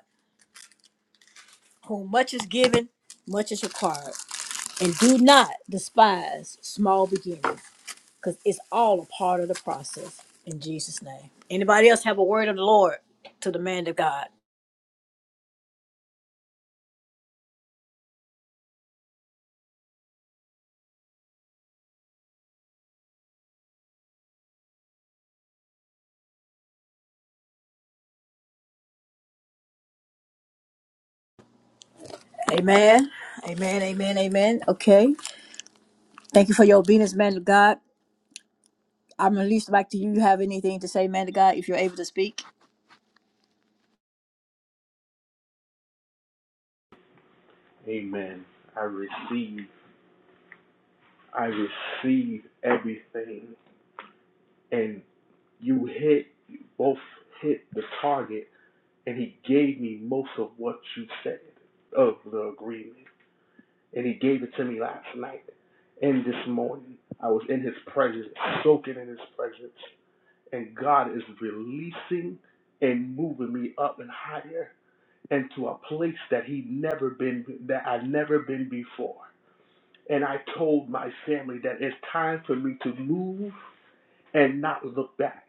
[SPEAKER 4] whom much is given, much is required. And do not despise small beginnings, because it's all a part of the process. In Jesus' name. Anybody else have a word of the Lord to the man of God? Amen. Amen. Amen. Amen. Okay. Thank you for your obedience, man of God. I'm released back to you. You have anything to say, man of God, if you're able to speak?
[SPEAKER 15] Amen. I receive. I receive everything. And you hit, you both hit the target. And he gave me most of what you said of the agreement. And he gave it to me last night and this morning. I was in his presence, soaking in his presence. And God is releasing and moving me up and higher into a place that he never been that I've never been before. And I told my family that it's time for me to move and not look back.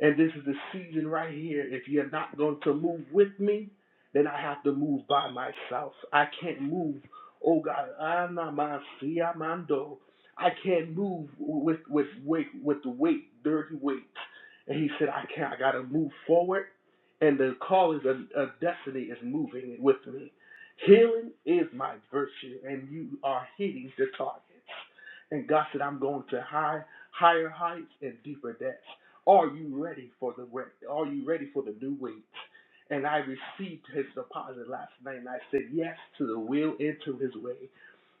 [SPEAKER 15] And this is the season right here. If you're not going to move with me, then I have to move by myself. I can't move. Oh God, Anamasiamando. I can't move with with weight with the weight, dirty weight. And he said, I can't. I gotta move forward. And the call is a, a destiny is moving with me. Healing is my virtue, and you are hitting the targets. And God said, I'm going to high, higher heights and deeper depths. Are you ready for the re- Are you ready for the new week? And I received his deposit last night, and I said yes to the will and to his way,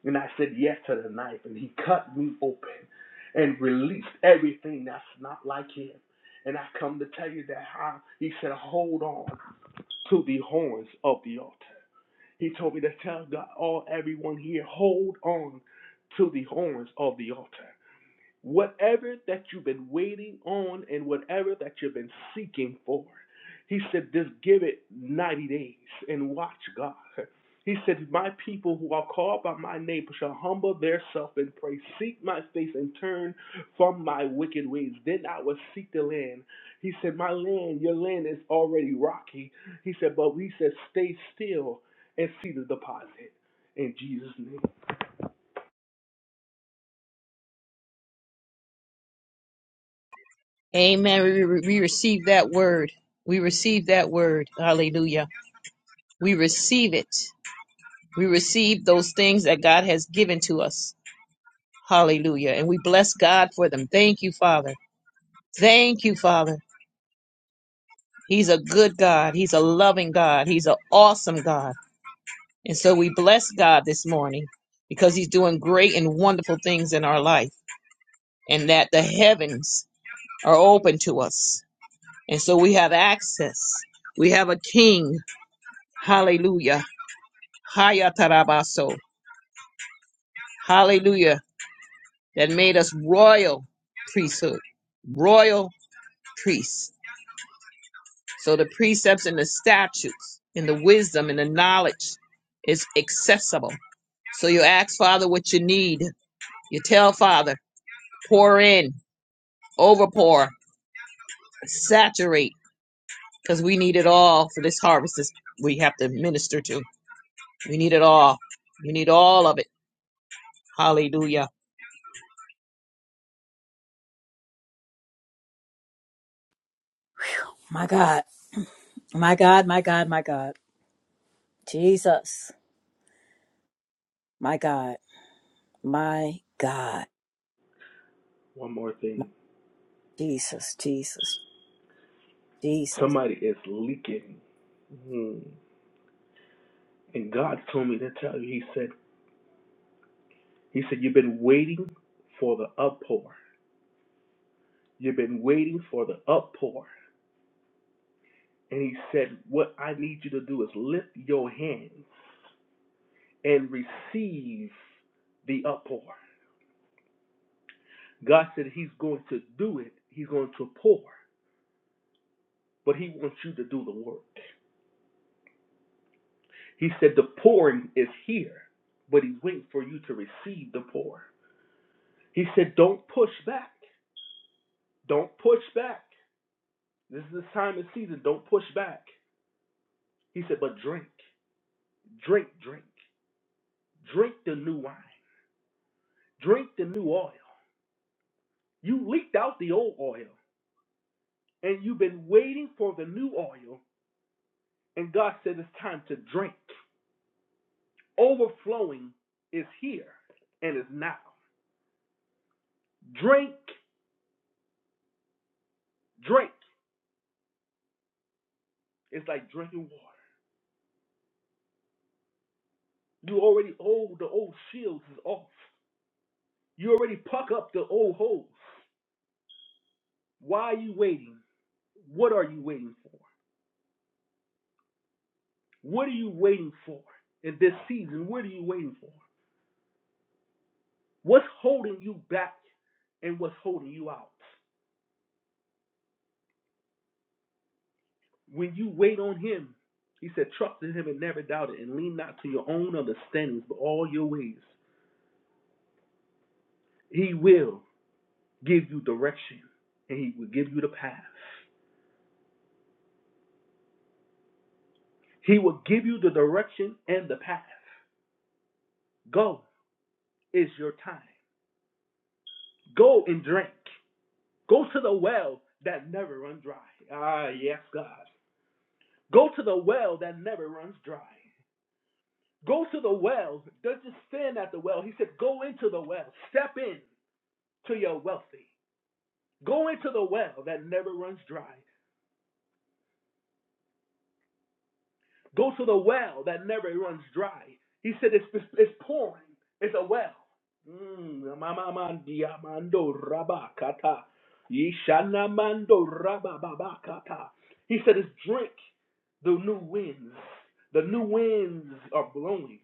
[SPEAKER 15] and I said yes to the knife, and he cut me open and released everything that's not like him. And I come to tell you that how he said, hold on to the horns of the altar. He told me to tell God, all everyone here, hold on to the horns of the altar. Whatever that you've been waiting on and whatever that you've been seeking for, he said, just give it 90 days and watch God. He said, My people who are called by my name shall humble themselves and pray, seek my face and turn from my wicked ways. Then I will seek the land. He said, My land, your land is already rocky. He said, But we said, Stay still and see the deposit. In Jesus' name.
[SPEAKER 2] Amen. We, we we receive that word. We receive that word. Hallelujah. We receive it. We receive those things that God has given to us. Hallelujah. And we bless God for them. Thank you, Father. Thank you, Father. He's a good God. He's a loving God. He's an awesome God. And so we bless God this morning because he's doing great and wonderful things in our life and that the heavens are open to us. And so we have access. We have a king. Hallelujah. Haya tarabaso. Hallelujah. That made us royal priesthood, royal priests. So the precepts and the statutes and the wisdom and the knowledge is accessible. So you ask Father what you need. You tell Father, pour in, overpour, saturate, because we need it all for this harvest is we have to minister to. We need it all. We need all of it. Hallelujah.
[SPEAKER 4] My God. My God. My God. My God. Jesus. My God. My God.
[SPEAKER 15] One more
[SPEAKER 4] My
[SPEAKER 15] thing.
[SPEAKER 4] Jesus. Jesus. Jesus.
[SPEAKER 15] Somebody is leaking. Hmm. And God told me to tell you, He said, He said, You've been waiting for the uppour. You've been waiting for the uppour. And He said, What I need you to do is lift your hands and receive the uppour. God said He's going to do it, He's going to pour, but He wants you to do the work. He said, The pouring is here, but He's waiting for you to receive the pour. He said, Don't push back. Don't push back. This is the time and season. Don't push back. He said, but drink, drink, drink, drink the new wine, drink the new oil. You leaked out the old oil and you've been waiting for the new oil. And God said, it's time to drink. Overflowing is here and is now. Drink, drink. It's like drinking water. You already old, the old shields is off. You already puck up the old holes. Why are you waiting? What are you waiting for? What are you waiting for in this season? What are you waiting for? What's holding you back and what's holding you out? When you wait on Him, He said, trust in Him and never doubt it, and lean not to your own understandings, but all your ways. He will give you direction and He will give you the path. He will give you the direction and the path. Go is your time. Go and drink. Go to the well that never runs dry. Ah, yes, God. Go to the well that never runs dry. Go to the well. Don't just stand at the well. He said, Go into the well. Step in to your wealthy. Go into the well that never runs dry. Go to the well that never runs dry. He said, It's, it's, it's pouring. It's a well. Mm, He said, It's drink the new winds. The new winds are blowing.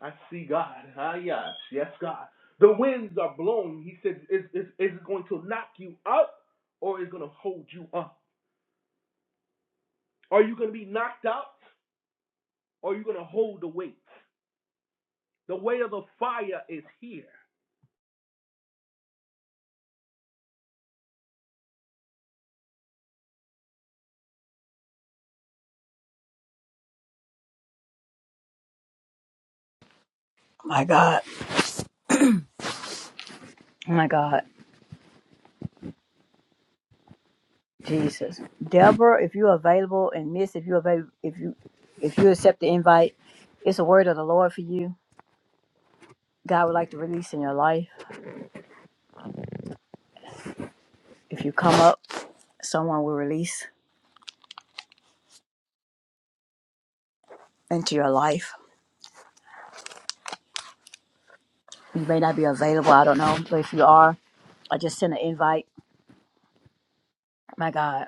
[SPEAKER 15] I see God. Ah, yes, yes, God. The winds are blowing. He said, is, is, is it going to knock you up or is it going to hold you up? Are you going to be knocked out or are you going to hold the weight? The weight of the fire is here.
[SPEAKER 4] My God. My God. Jesus. Deborah, if you're available, and Miss, if you're available, if you if you accept the invite, it's a word of the Lord for you. God would like to release in your life if you come up. someone will release into your life. You may not be available, I don't know, but if you are, I just send an invite. My God,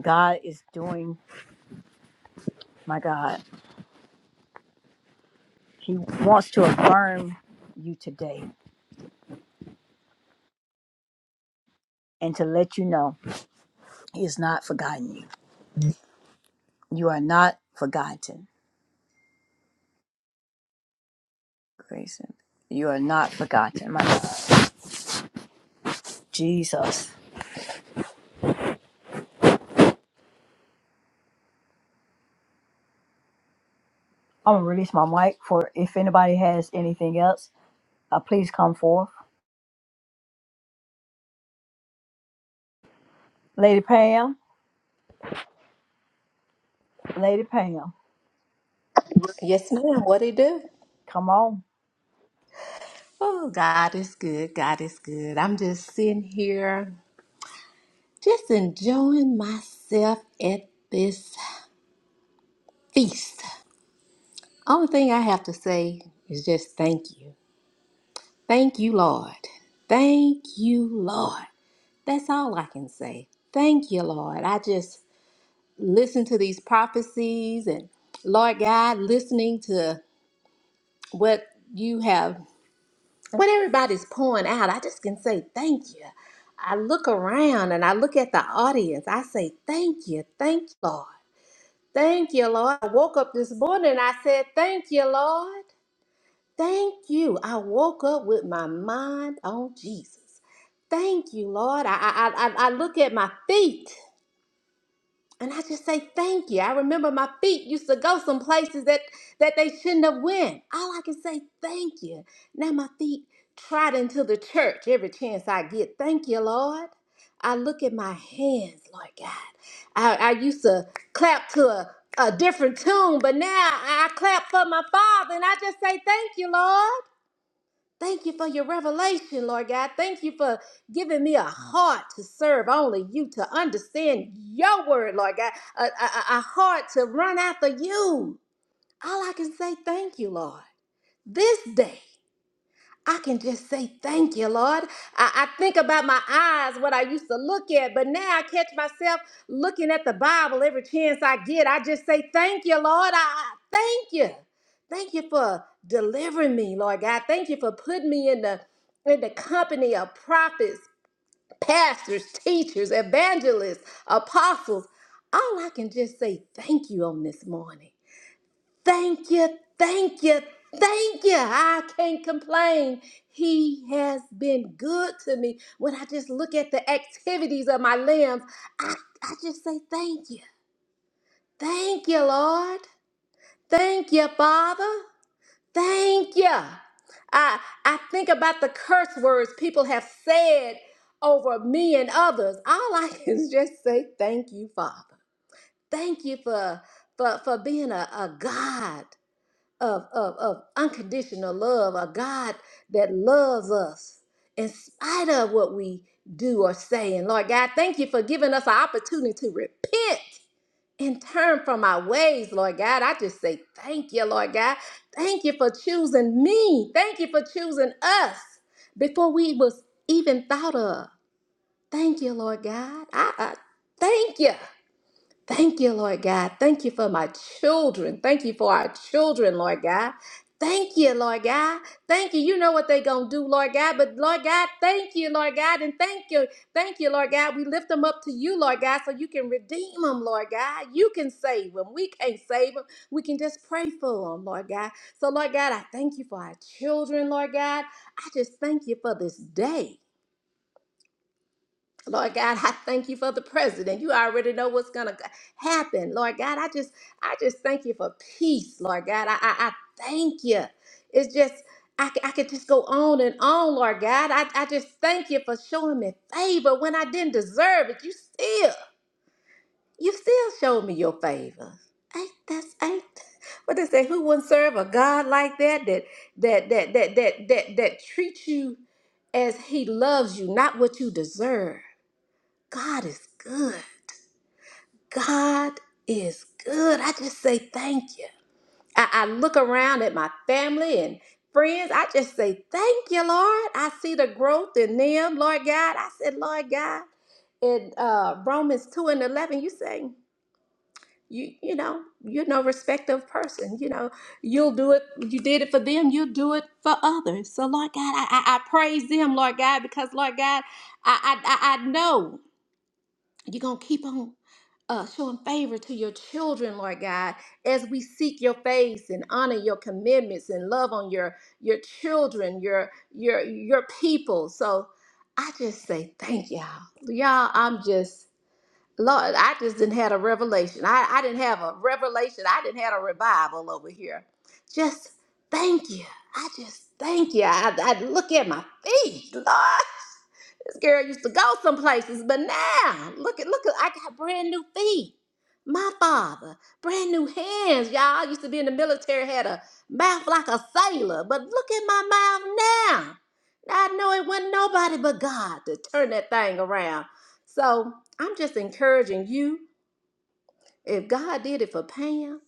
[SPEAKER 4] God is doing, my God, He wants to affirm you today and to let you know He has not forgotten you. You are not forgotten, Grayson. You are not forgotten, my God. Jesus. I'm going to release my mic for if anybody has anything else, uh, please come forth. Lady Pam, Lady Pam,
[SPEAKER 5] Yes, ma'am. What it do?
[SPEAKER 4] come on.
[SPEAKER 5] Oh, God is good. God is good. I'm just sitting here, just enjoying myself at this feast. Only thing I have to say is just thank you. Thank you, Lord. Thank you, Lord. That's all I can say. Thank you, Lord. I just listen to these prophecies and Lord God, listening to what you have, what everybody's pouring out, and say thank you. I look around and I look at the audience. I say thank you, thank you, Lord, thank you, Lord. I woke up this morning and I said thank you, Lord, thank you. I woke up with my mind on Jesus. Thank you, Lord. I I I, I I look at my feet And I just say thank you. I remember my feet used to go some places that that they shouldn't have went. All I can say thank you. Now my feet trot into the church every chance I get. Thank you, Lord. I look at my hands, Lord God. I, I used to clap to a, a different tune, but now I clap for my Father, and I just say thank you, Lord. Thank you for your revelation, Lord God. Thank you for giving me a heart to serve only you, to understand your word, Lord God, a, a, a a heart to run after you. All I can say, thank you, Lord, this day. I can just say thank you, Lord. I, I think about my eyes, what I used to look at, but now I catch myself looking at the Bible every chance I get. I just say thank you, Lord. I I- thank you. Thank you for delivering me, Lord God. Thank you for putting me in the in the company of prophets, pastors, teachers, evangelists, apostles. All I can just say thank you on this morning. Thank you, thank you, thank you. I can't complain. He has been good to me. When I just look at the activities of my limbs, I, I just say thank you. Thank you, Lord. Thank you, Father. Thank you. I, I think about the curse words people have said over me and others. All I can is just say thank you, Father. Thank you for, for, for being a a God of, of, of unconditional love, a God that loves us in spite of what we do or say. And Lord God, thank you for giving us an opportunity to repent and turn from our ways, Lord God. I just say thank you, Lord God. Thank you for choosing me. Thank you for choosing us before we was even thought of. Thank you, Lord God. I, I thank you. Thank you, Lord God. Thank you for my children. Thank you for our children, Lord God. Thank you, Lord God. Thank you. You know what they going to do, Lord God. But, Lord God, thank you, Lord God. And thank you. Thank you, Lord God. We lift them up to you, Lord God, so you can redeem them, Lord God. You can save them. We can't save them. We can just pray for them, Lord God. So, Lord God, I thank you for our children, Lord God. I just thank you for this day. Lord God, I thank you for the president. You already know what's going to happen. Lord God, I just I just thank you for peace, Lord God. I, I, I thank you. It's just, I, c- I could just go on and on, Lord God. I, I just thank you for showing me favor when I didn't deserve it. You still, you still showed me your favor. Ain't that's ain't what they say, who wouldn't serve a God like that that that that that that that, that treats you as he loves you, not what you deserve. God is good. God is good. I just say thank you. I, I look around at my family and friends. I just say thank you, Lord. I see the growth in them, Lord God. I said, Lord God, in uh, Romans 2 and 11, you say, you, you know, you're no respecter of person. You know, you'll do it. You did it for them. You'll do it for others. So, Lord God, I, I, I praise them, Lord God, because, Lord God, I, I, I I know. You're going to keep on uh, showing favor to your children, Lord God, as we seek your face and honor your commitments and love on your your children, your your your people. So I just say thank y'all. Y'all, I'm just Lord, I just didn't had a revelation. I, I didn't have a revelation. I didn't had a revival over here. Just thank you. I just thank you. I, I look at my feet, Lord. This girl used to go some places, but now look at look at I got brand new feet. My father, brand new hands, y'all. I used to be in the military, had a mouth like a sailor, but look at my mouth now. Now I know it wasn't nobody but God to turn that thing around. So I'm just encouraging you. If God did it for Pam,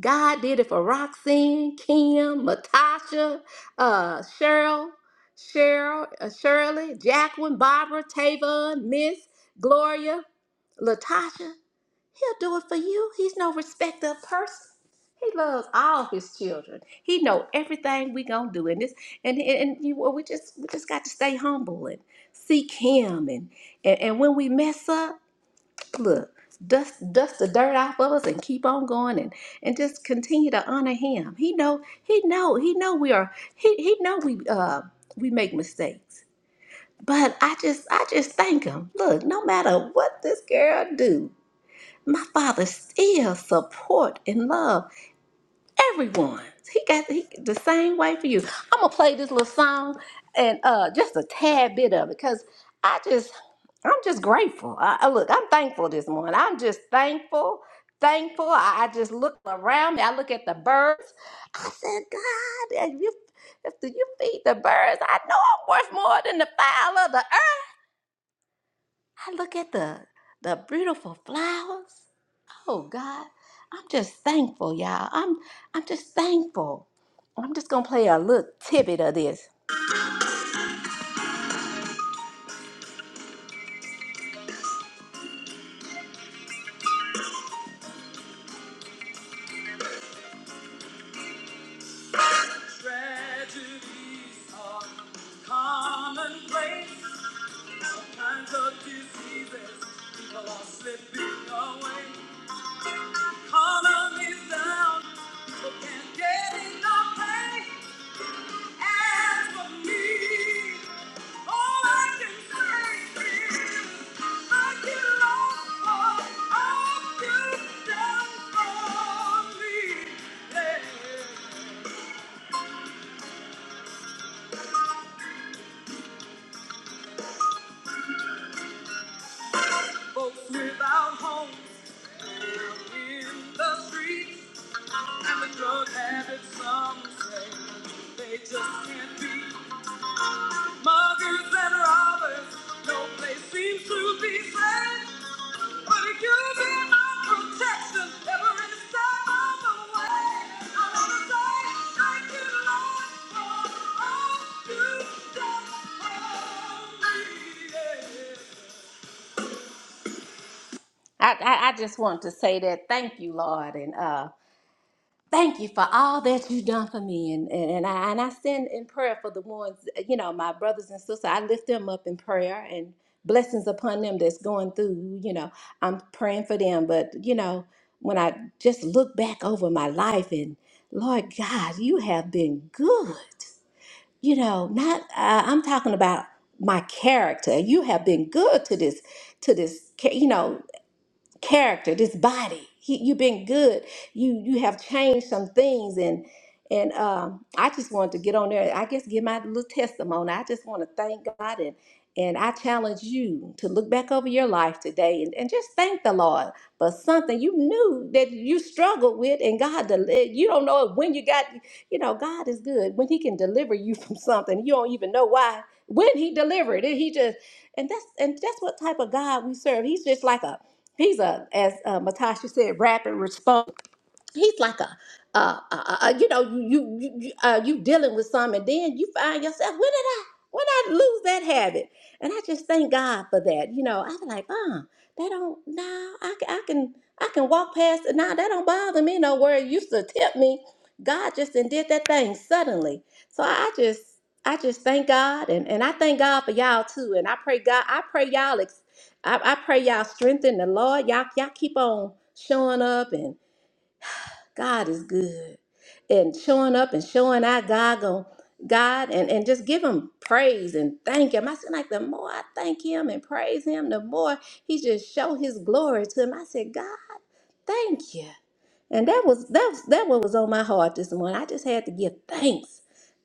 [SPEAKER 5] God did it for Roxanne, Kim, Matasha, uh, Cheryl, Cheryl, uh, Shirley, Jacqueline, Barbara, Tavon, Miss, Gloria, Latasha. He'll do it for you. He's no respecter of person. He loves all his children. He know everything we gonna do in this, and and, and you, we just we just got to stay humble and seek Him, and, and and when we mess up look, dust dust the dirt off of us and keep on going and and just continue to honor him. He know he know he know we are he he know we uh we make mistakes. But I just I just thank him. Look, no matter what this girl do, my father still support and love. Everyone. He got he, the same way for you. I'm gonna play this little song and uh just a tad bit of it because I just I'm just grateful. I, I look, I'm thankful this morning. I'm just thankful, thankful. I, I just look around me. I look at the birds. I said, God, if you if you feed the birds, I know I'm worth more than the fowl of the earth. I look at the the beautiful flowers. Oh God, I'm just thankful, y'all. I'm I'm just thankful. I'm just gonna play a little tidbit of this. Tragedies are commonplace. Kinds of diseases, people are slipping away. Economy's down, people can't get enough pay. Folks without homes in the streets and the drug habits some say they just can't be Muggers and robbers, no place seems to be safe. But if you be my protection, every step of the way, I wanna say thank you, Lord, for all you've done for me. I, I, I just wanted to say that thank you, Lord, and uh, Thank you for all that you've done for me. And, and, and, I, and I send in prayer for the ones, you know, my brothers and sisters. I lift them up in prayer and blessings upon them that's going through, you know, I'm praying for them. But, you know, when I just look back over my life and Lord God, you have been good. You know, not, uh, I'm talking about my character. You have been good to this, to this, ca- you know, character, this body. He, you've been good. You you have changed some things, and and um, I just wanted to get on there. I guess give my little testimony. I just want to thank God, and and I challenge you to look back over your life today and, and just thank the Lord for something you knew that you struggled with, and God, del- you don't know when you got. You know, God is good when He can deliver you from something you don't even know why. When He delivered it, He just and that's and that's what type of God we serve. He's just like a these are, as uh, Matasha said, rapid response he's like a uh, uh, uh you know you you you you, uh, you dealing with some and then you find yourself when did i when i lose that habit and i just thank god for that you know i was like uh that don't no i, ca- I can i can walk past it now that don't bother me no where it used to tempt me god just done did that thing suddenly so i just i just thank god and, and i thank god for y'all too and i pray god i pray y'all ex- I, I pray y'all strengthen the lord y'all y'all keep on showing up God is good. And showing up and showing out God, go, God and, and just give him praise and thank him. I said, like, the more I thank him and praise him, the more he just show his glory to him. I said, God, thank you. And that was that was that what was on my heart this morning. I just had to give thanks.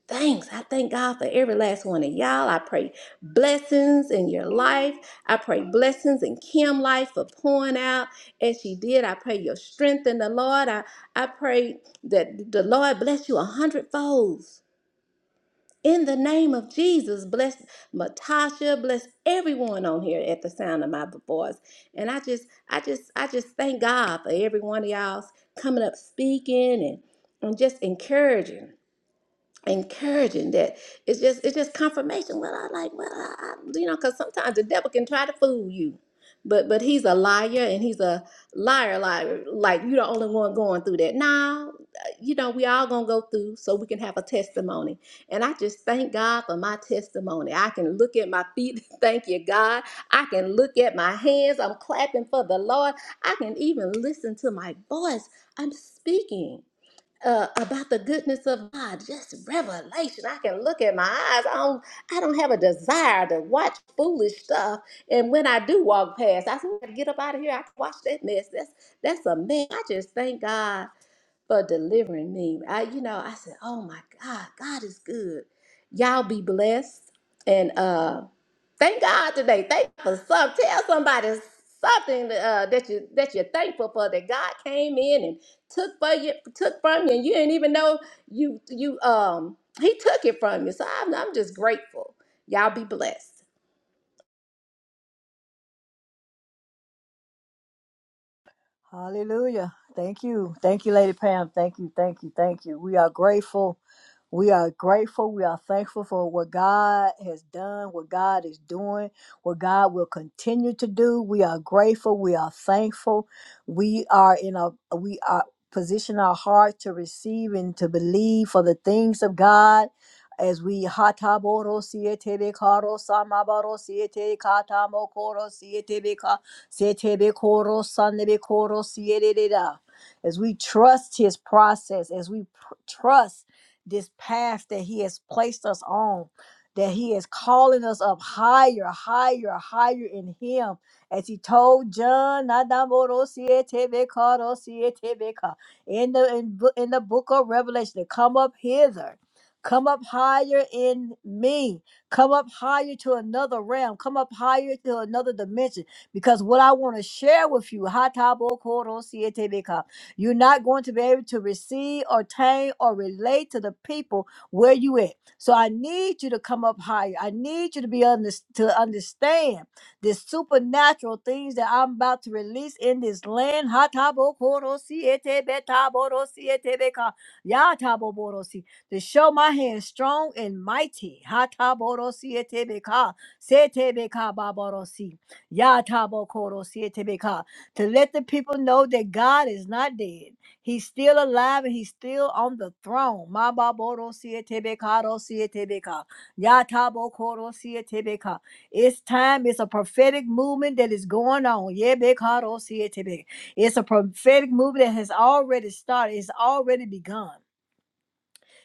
[SPEAKER 5] Thanks. I thank God for every last one of y'all. I pray blessings in your life. I pray blessings in Kim life for pouring out as she did. I pray your strength in the Lord. I, I pray that the Lord bless you a hundredfold in the name of Jesus, bless Matasha, bless everyone on here at the sound of my voice. And I just, I just, I just thank God for every one of y'all coming up speaking and, and just encouraging encouraging that it's just it's just confirmation well i like well I, I, you know because sometimes the devil can try to fool you but but he's a liar and he's a liar liar like you're the only one going through that now uh, you know we all gonna go through so we can have a testimony and i just thank god for my testimony i can look at my feet thank you god i can look at my hands i'm clapping for the lord i can even listen to my voice i'm speaking uh, about the goodness of God, just revelation. I can look at my eyes. I don't, I don't have a desire to watch foolish stuff. And when I do walk past, I say, get up out of here. I can watch that mess. That's that's a mess. I just thank God for delivering me. I, you know, I said, oh my God, God is good. Y'all be blessed. And uh thank God today. Thank God for some. Tell somebody something uh, that you that you're thankful for that God came in and took for you took from you and you didn't even know you you um he took it from you. So I'm, I'm just grateful. Y'all be blessed.
[SPEAKER 4] Hallelujah. Thank you. Thank you, Lady Pam. Thank you. Thank you. Thank you. We are grateful. We are grateful. We are thankful for what God has done, what God is doing, what God will continue to do. We are grateful. We are thankful. We are in a we are position our heart to receive and to believe for the things of God. As we hataboro siete be karo samabaro siete katamo Setebe koro, Setebekoro sanebekoro siyererera. As we trust his process, as we pr- trust this path that he has placed us on, that he is calling us up higher, higher, higher in him. As he told John, "Nadamoro siyetebekoro siyetebeka," in the in, bo- in the book of Revelation, come up hither, come up higher in me, come up higher to another realm, come up higher to another dimension because what I want to share with you, Hatabokoro-sietebeka, you're not going to be able to receive, attain, or relate to the people where you at. So I need you to come up higher. I need you to be under, to understand the supernatural things that I'm about to release in this land. Hatabokoro-sietebetaboro-sietebeka, Yataboborosi, To show my hand strong and mighty. Hataboro-sietebeka, setebeka-baborosi. Yatabokoro to let the people know that God is not dead. He's still alive and he's still on the throne. Mababoro sietebekaro sietebeka. Yatabokoro sietebeka. It's time. It's a prophetic movement that is going on. Yebekaro sietebe. It's a prophetic movement that has already started. It's already begun.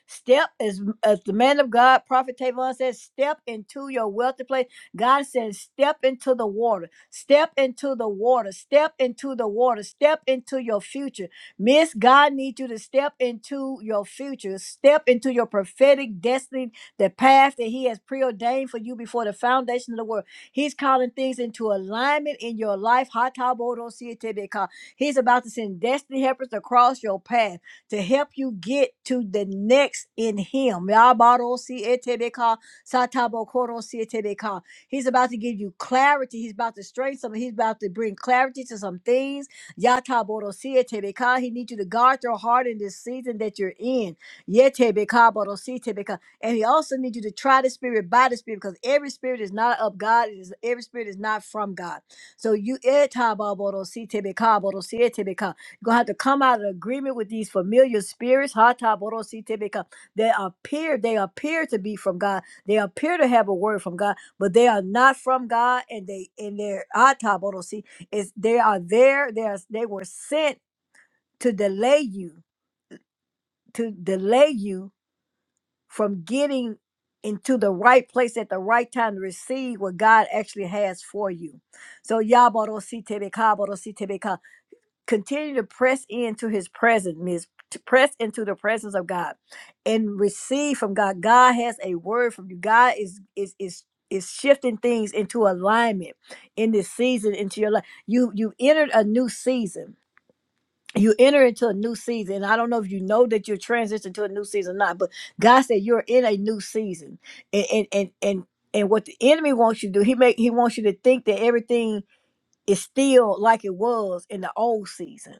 [SPEAKER 4] Step as as the man of God, Prophet Tavon says, step into your wealthy place. God says, step into the water, step into the water, step into the water, step into your future. Miss, God needs you to step into your future, step into your prophetic destiny, the path that He has preordained for you before the foundation of the world. He's calling things into alignment in your life. Hatabodo sietebeka. He's about to send destiny helpers across your path to help you get to the next in Him. Yabarosietebeka, satabokorosietebeka. He's about to give you clarity. He's about to strengthen some. He's about to bring clarity to some things. Yataborosietebeka. He needs you to guard your heart in this season that you're in. Yetebeka, borositebeka. And he also needs you to try the spirit by the spirit because every spirit is not of God. It is every spirit is not from God. So you etababodositebeka, borosietebeka. You're gonna have to come out of agreement with these familiar spirits, Hata Borositebeka. They appear, they appear to be from God. They appear to have a word from God, but they are not from God, and they in their Hata Borosi is they are there, they are they were sent to delay you, to delay you from getting into the right place at the right time to receive what God actually has for you. So Yabodositebeka, continue to press into his presence means to press into the presence of god and receive from god god has a word from you god is is is is shifting things into alignment in this season into your life you you entered a new season you enter into a new season i don't know if you know that you're transitioning to a new season or not but god said you're in a new season and and and and, and what the enemy wants you to do he make he wants you to think that everything is still like it was in the old season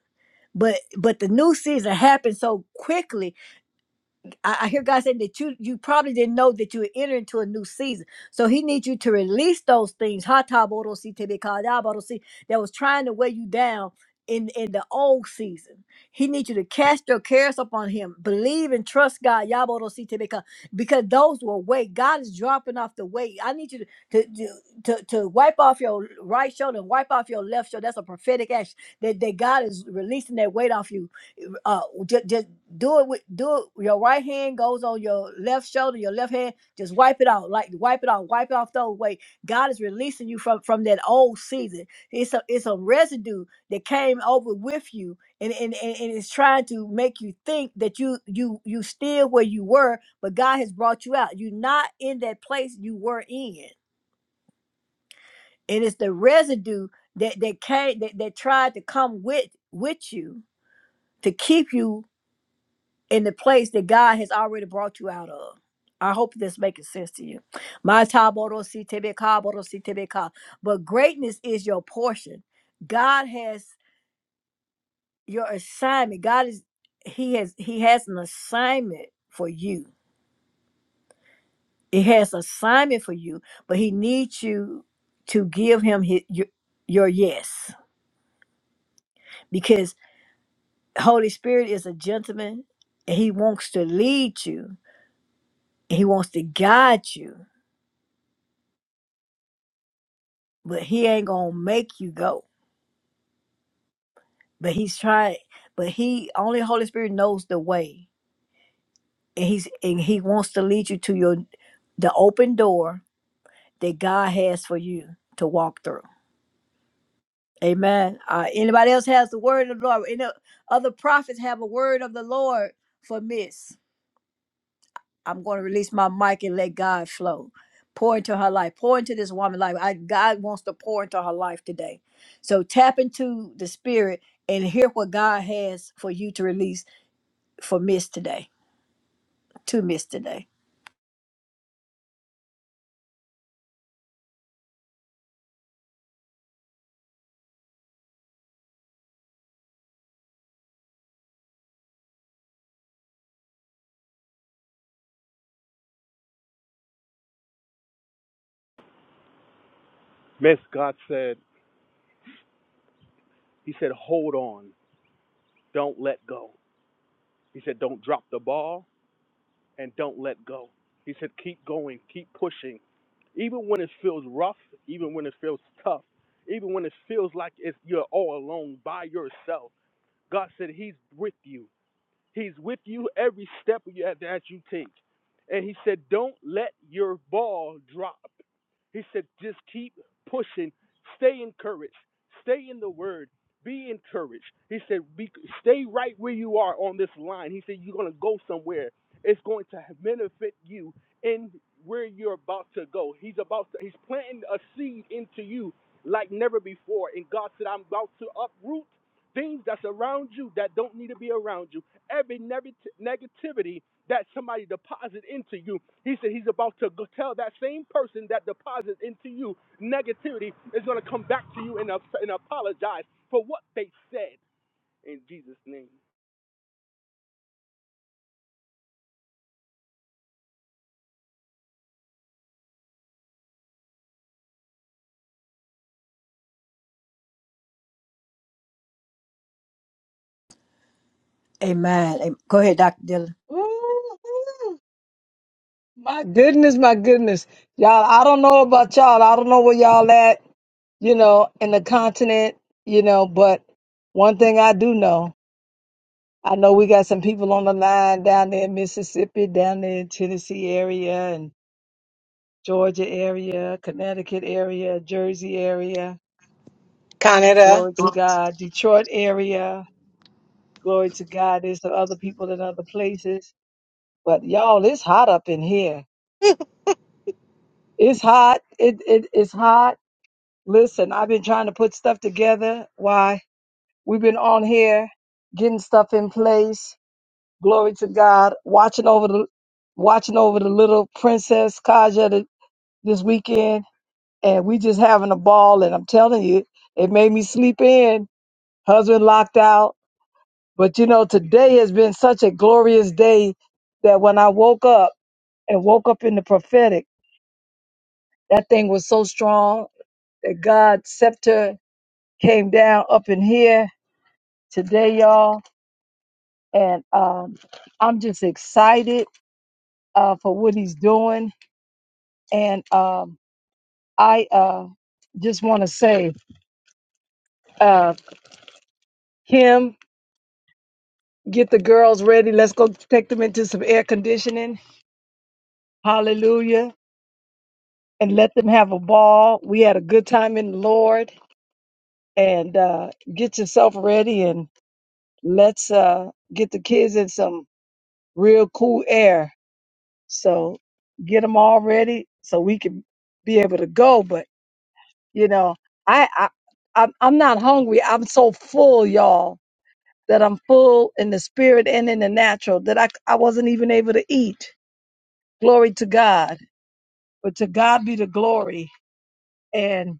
[SPEAKER 4] but but the new season happened so quickly I, I hear god saying that you you probably didn't know that you were entering into a new season so he needs you to release those things Hatabodosi tebekadabodosi, that was trying to weigh you down in in the old season he needs you to cast your cares upon him believe and trust god Yabodosi tebeka, because those were weight god is dropping off the weight i need you to to, to to to wipe off your right shoulder and wipe off your left shoulder that's a prophetic action that, that god is releasing that weight off you uh just, just do it with do it your right hand goes on your left shoulder your left hand just wipe it out like wipe it off wipe it off the way god is releasing you from from that old season it's a it's a residue that came over with you and and, and and it's trying to make you think that you you you still where you were but god has brought you out you're not in that place you were in and it's the residue that that came that, that tried to come with with you to keep you in the place that God has already brought you out of. I hope this making sense to you. My taboro si tebe boro si tebe But greatness is your portion. God has your assignment. God is He has He has an assignment for you. He has assignment for you, but He needs you to give Him his, your, your yes because Holy Spirit is a gentleman. and He wants to lead you. and He wants to guide you but he ain't gonna make you go. But he's trying. But he only Holy Spirit knows the way, and he's and he wants to lead you to your the open door that God has for you to walk through. Amen. Uh, anybody else has the word of the Lord? Any other prophets have a word of the Lord for Miss? I'm going to release my mic and let God flow. Pour into her life. Pour into this woman's life. I, God wants to pour into her life today. So tap into the spirit and hear what God has for you to release for Miss today, to Miss today.
[SPEAKER 15] Miss God said, He said, hold on. Don't let go. He said, don't drop the ball and don't let go. He said, keep going, keep pushing. Even when it feels rough, even when it feels tough, even when it feels like it's, you're all alone by yourself God said, He's with you. He's with you every step that you take. And He said, Don't let your ball drop. He said, just keep pushing, stay encouraged, stay in the word, be encouraged. He said, be, stay right where you are on this line. He said, you're going to go somewhere. It's going to benefit you in where you're about to go. He's about to, he's planting a seed into you like never before. And God said, I'm about to uproot things that's around you that don't need to be around you. Every neg- negativity that somebody deposit into you. He said he's about to go tell that same person that deposits into you negativity is going to come back to you and, uh, and apologize for what they said in Jesus' name.
[SPEAKER 4] Amen. Am- Go ahead, Dr. Dillon.
[SPEAKER 3] My goodness, my goodness. Y'all, I don't know about y'all. I don't know where y'all at, you know, in the continent, you know, but one thing I do know, I know we got some people on the line down there in Mississippi, down there in Tennessee area and Georgia area, Connecticut area, Jersey area.
[SPEAKER 14] Canada.
[SPEAKER 3] Glory to God. Detroit area. Glory to God. There's some other people in other places. But y'all, it's hot up in here. It's hot. It, it it's hot Listen, I've been trying to put stuff together. Why? We've been on here getting stuff in place. Glory to God. Watching over the watching over the little princess Kaja th- this weekend, and we just having a ball. And I'm telling you, it made me sleep in. Husband locked out, but you know, today has been such a glorious day that when I woke up and woke up in the prophetic, that thing was so strong that God's scepter came down up in here today, y'all. And um, I'm just excited uh, for what he's doing. And um, I uh, just want to say, uh, him, get the girls ready. Let's go take them into some air conditioning. Hallelujah. And let them have a ball. We had a good time in the Lord. And uh, get yourself ready and let's uh, get the kids in some real cool air. So get them all ready so we can be able to go. But You know, I, I I'm, I'm not hungry. I'm so full, y'all, that I'm full in the spirit and in the natural that I I wasn't even able to eat. Glory to God. But to God be the glory. And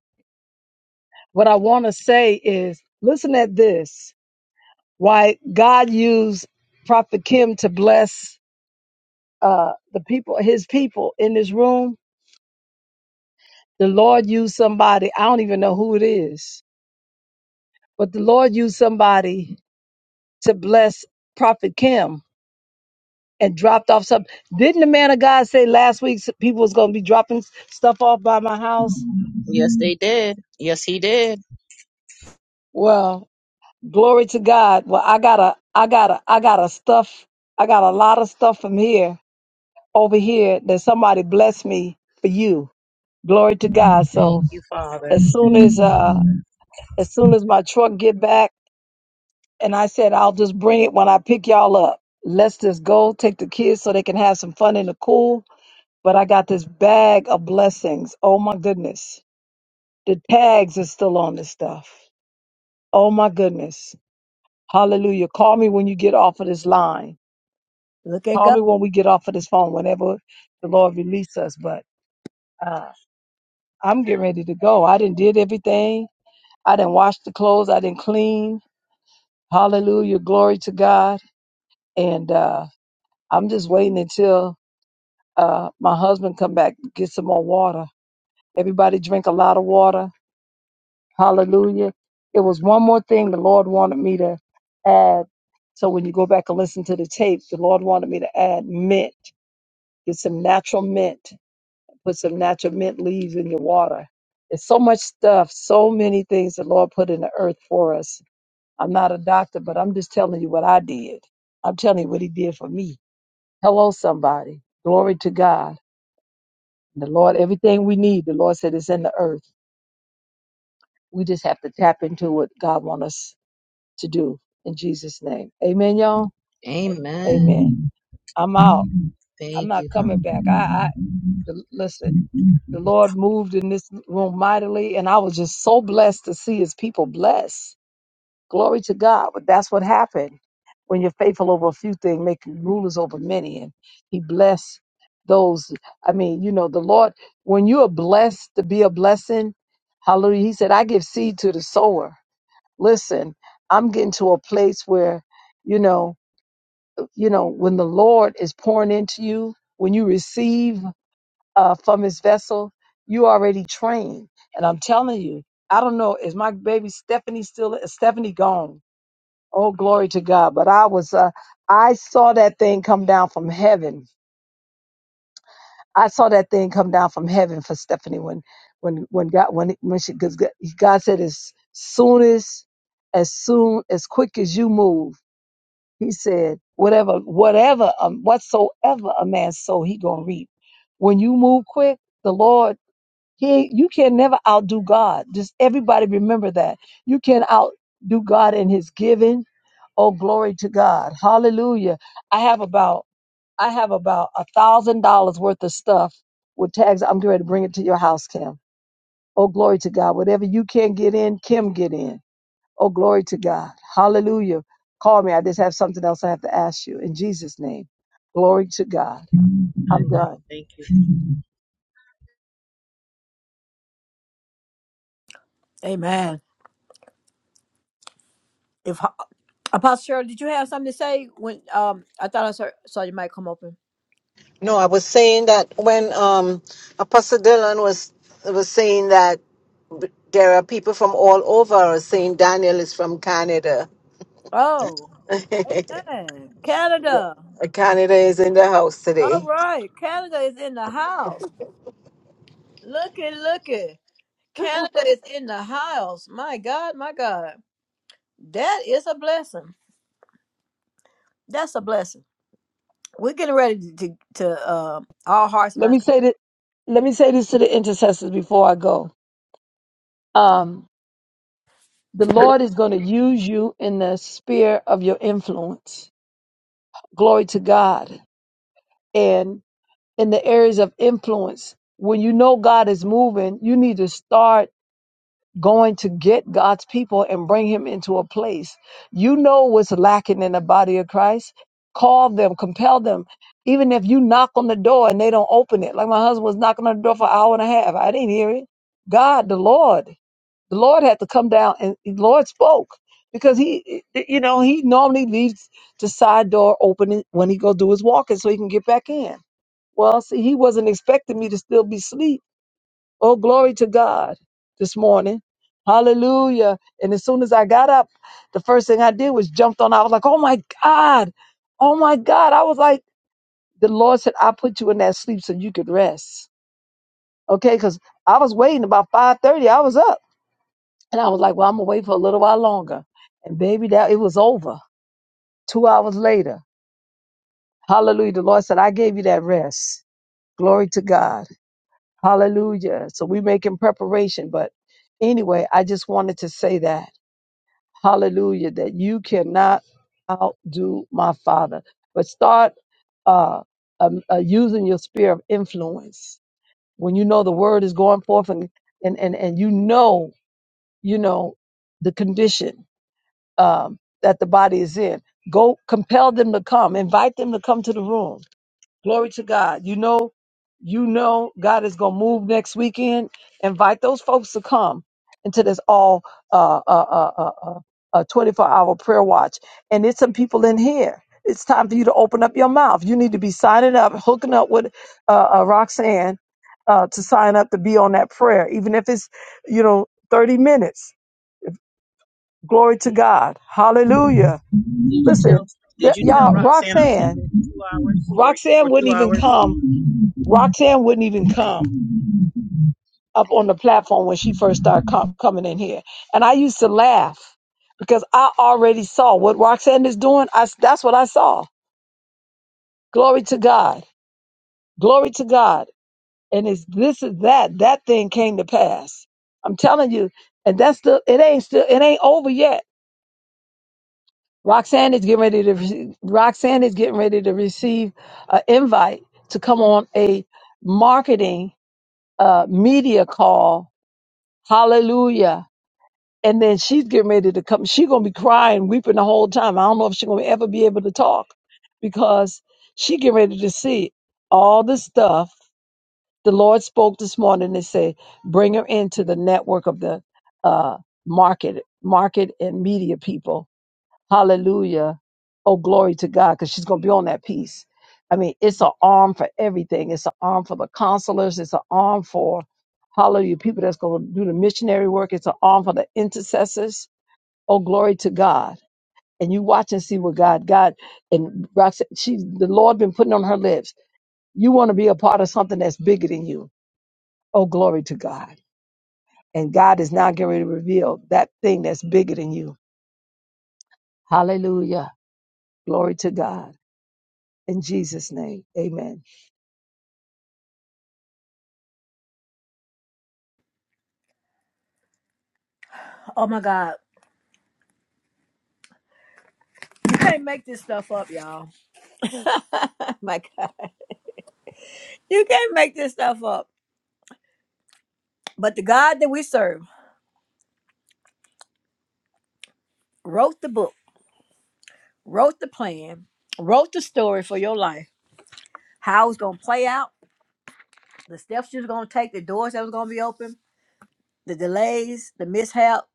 [SPEAKER 3] what I want to say is, listen at this. Why God used Prophet Kim to bless uh, the people, His people in this room. The Lord used somebody. I don't even know who it is, but the Lord used somebody to bless Prophet Kim and dropped off something. Didn't the man of God say last week s- people was gonna be dropping s- stuff off by my house?
[SPEAKER 2] Yes, they did. Yes, he did.
[SPEAKER 3] Well, glory to God. Well, I got a, I got a, I got a stuff. I got a lot of stuff from here over here that somebody blessed me for you. Glory to God. So
[SPEAKER 2] Thank you, Father.
[SPEAKER 3] as
[SPEAKER 2] Thank
[SPEAKER 3] soon as,
[SPEAKER 2] you,
[SPEAKER 3] uh,
[SPEAKER 2] Father.
[SPEAKER 3] as soon as my truck get back, and I said I'll just bring it when I pick y'all up. Let's just go take the kids so they can have some fun in the cool. But I got this bag of blessings. Oh my goodness The tags are still on this stuff. Oh my goodness. Hallelujah. Call me when you get off of this line.
[SPEAKER 4] Look at
[SPEAKER 3] Call
[SPEAKER 4] God.
[SPEAKER 3] me when we get off of this phone, whenever the Lord release us. But uh, I'm getting ready to go. I didn't did everything. I didn't wash the clothes. I didn't clean. Hallelujah. Glory to God. And uh, I'm just waiting until uh, my husband come back, get some more water. Everybody drink a lot of water Hallelujah. It was one more thing the Lord wanted me to add. So when you go back and listen to the tape, the Lord wanted me to add mint. Get some natural mint. Put some natural mint leaves in your water. It's so much stuff, so many things the Lord put in the earth for us. I'm not a doctor, but I'm just telling you what I did. I'm telling you what He did for me. Hello, somebody. Glory to God. The Lord, everything we need, the Lord said, is in the earth. We just have to tap into what God wants us to do in Jesus' name. Amen, y'all. Amen.
[SPEAKER 2] Amen.
[SPEAKER 3] I'm out. I'm
[SPEAKER 2] Thank
[SPEAKER 3] not
[SPEAKER 2] you,
[SPEAKER 3] coming
[SPEAKER 2] Father.
[SPEAKER 3] back. I, I the- listen. The Lord moved in this room mightily, and I was just so blessed to see His people blessed. Glory to God. But that's what happened when you're faithful over a few things, make you rulers over many, and He blessed those. I mean, you know, the Lord. When you are blessed to be a blessing, Hallelujah. He said, "I give seed to the sower." Listen, I'm getting to a place where, you know, you know, when the Lord is pouring into you, when you receive uh, from his vessel, you already trained. And I'm telling you, I don't know, is my baby Stephanie still, Is Stephanie gone? Oh, glory to God. But I was, uh, I saw that thing come down from heaven. I saw that thing come down from heaven for Stephanie when, when, when God, when, when she, cause God said, as soon as, as soon, as quick as you move, He said, whatever, whatever, um, whatsoever a man sow, he gonna reap. When you move quick, the Lord, he, you can never outdo God. Just everybody remember that. You can outdo God in His giving. Oh, glory to God! Hallelujah! I have about, I have about a thousand dollars worth of stuff with tags. I'm getting ready to bring it to your house, Kim. Oh, glory to God! Whatever you can get in, Kim get in. Oh, glory to God. Hallelujah. Call me. I just have something else I have to ask you in Jesus' name. Glory to God.
[SPEAKER 2] I
[SPEAKER 3] I'm
[SPEAKER 2] will.
[SPEAKER 3] done.
[SPEAKER 2] Thank you.
[SPEAKER 4] Amen. If uh, Apostle Shirley, did you have something to say when um I thought I saw, saw your mic come open?
[SPEAKER 14] No, I was saying that when um, Apostle Dylan was was saying that there are people from all over. Saying Daniel is from Canada.
[SPEAKER 4] Oh, amen. Canada.
[SPEAKER 14] Canada is in the house
[SPEAKER 4] All
[SPEAKER 14] today.
[SPEAKER 4] right. Canada is in the house. Looky, looky. Canada is in the house. My God, my God. That is a blessing. That's a blessing. We're getting ready to, to, to uh, all hearts and
[SPEAKER 3] Let
[SPEAKER 4] minds.
[SPEAKER 3] me say that. Let me say this to the intercessors before I go. Um, the Lord is going to use you in the sphere of your influence. Glory to God. And in the areas of influence, when you know God is moving, you need to start. going to get God's people and bring him into a place. You know what's lacking in the body of Christ. Call them, compel them. Even if you knock on the door and they don't open it, like my husband was knocking on the door for an hour and a half. I didn't hear it. God, the Lord, the Lord had to come down and the Lord spoke because he, you know, he normally leaves the side door open when he go do his walking so he can get back in. Well, see, he wasn't expecting me to still be asleep Oh, glory to God this morning. Hallelujah. And as soon as I got up, the first thing I did was jumped on. I was like, oh my God. Oh my God. I was like, the Lord said, I put you in that sleep so you could rest. Okay, because I was waiting about 5:30. I was up. And I was like, well, I'm gonna wait for a little while longer. And baby, that it was over. Two hours later. Hallelujah. The Lord said, I gave you that rest. Glory to God. Hallelujah. So we making preparation. But anyway, I just wanted to say that. Hallelujah. That you cannot outdo my father. But start uh, um, uh, using your sphere of influence. When you know the word is going forth and, and, and, and you know, you know, the condition um, that the body is in, go compel them to come, invite them to come to the room Glory to God. You know, you know, God is going to move next weekend. Invite those folks to come into this all uh, uh, uh, uh, uh, uh, 24 hour prayer watch. And there's some people in here. It's time for you to open up your mouth. You need to be signing up, hooking up with uh, uh, Roxanne uh, to sign up to be on that prayer, even if it's, you know, 30 minutes. Glory to God. Hallelujah.
[SPEAKER 2] Did you tell
[SPEAKER 3] Listen, th-
[SPEAKER 2] Did you tell
[SPEAKER 3] y'all,
[SPEAKER 2] Roxanne I'm
[SPEAKER 3] Roxanne,
[SPEAKER 2] taking two hours for
[SPEAKER 3] Roxanne
[SPEAKER 2] for two
[SPEAKER 3] wouldn't even
[SPEAKER 2] hours?
[SPEAKER 3] come Roxanne wouldn't even come up on the platform when she first started co- coming in here. And I used to laugh because I already saw what Roxanne is doing. I, that's what I saw. Glory to God. Glory to God. And it's this is that. That thing came to pass. I'm telling you. And that's still, it ain't still, it ain't over yet. Roxanne is getting ready to, rece- Roxanne is getting ready to receive an invite to come on a marketing uh, media call. Hallelujah and then she's getting ready to come. She's gonna be crying, weeping the whole time. I don't know if she's gonna ever be able to talk because she getting ready to see all the stuff the Lord spoke this morning. and said, bring her into the network of the uh, market, market and media people. Hallelujah! Oh glory to God, because she's gonna be on that piece. I mean, it's an arm for everything. It's an arm for the counselors. It's an arm for Hallelujah, people that's going to do the missionary work. It's an arm for the intercessors Oh, glory to God. And you watch and see what God, God, and Roxanne, she, the Lord been putting on her lips. You want to be a part of something that's bigger than you. Oh, glory to God. And God is now getting ready to reveal that thing that's bigger than you. Hallelujah. Glory to God. In Jesus' name, amen.
[SPEAKER 4] Oh my God. You can't make this stuff up, y'all. my God. You can't make this stuff up. But the God that we serve wrote the book, wrote the plan, wrote the story for your life, how it's going to play out, the steps you was going to take, the doors that was going to be open, the delays, the mishap.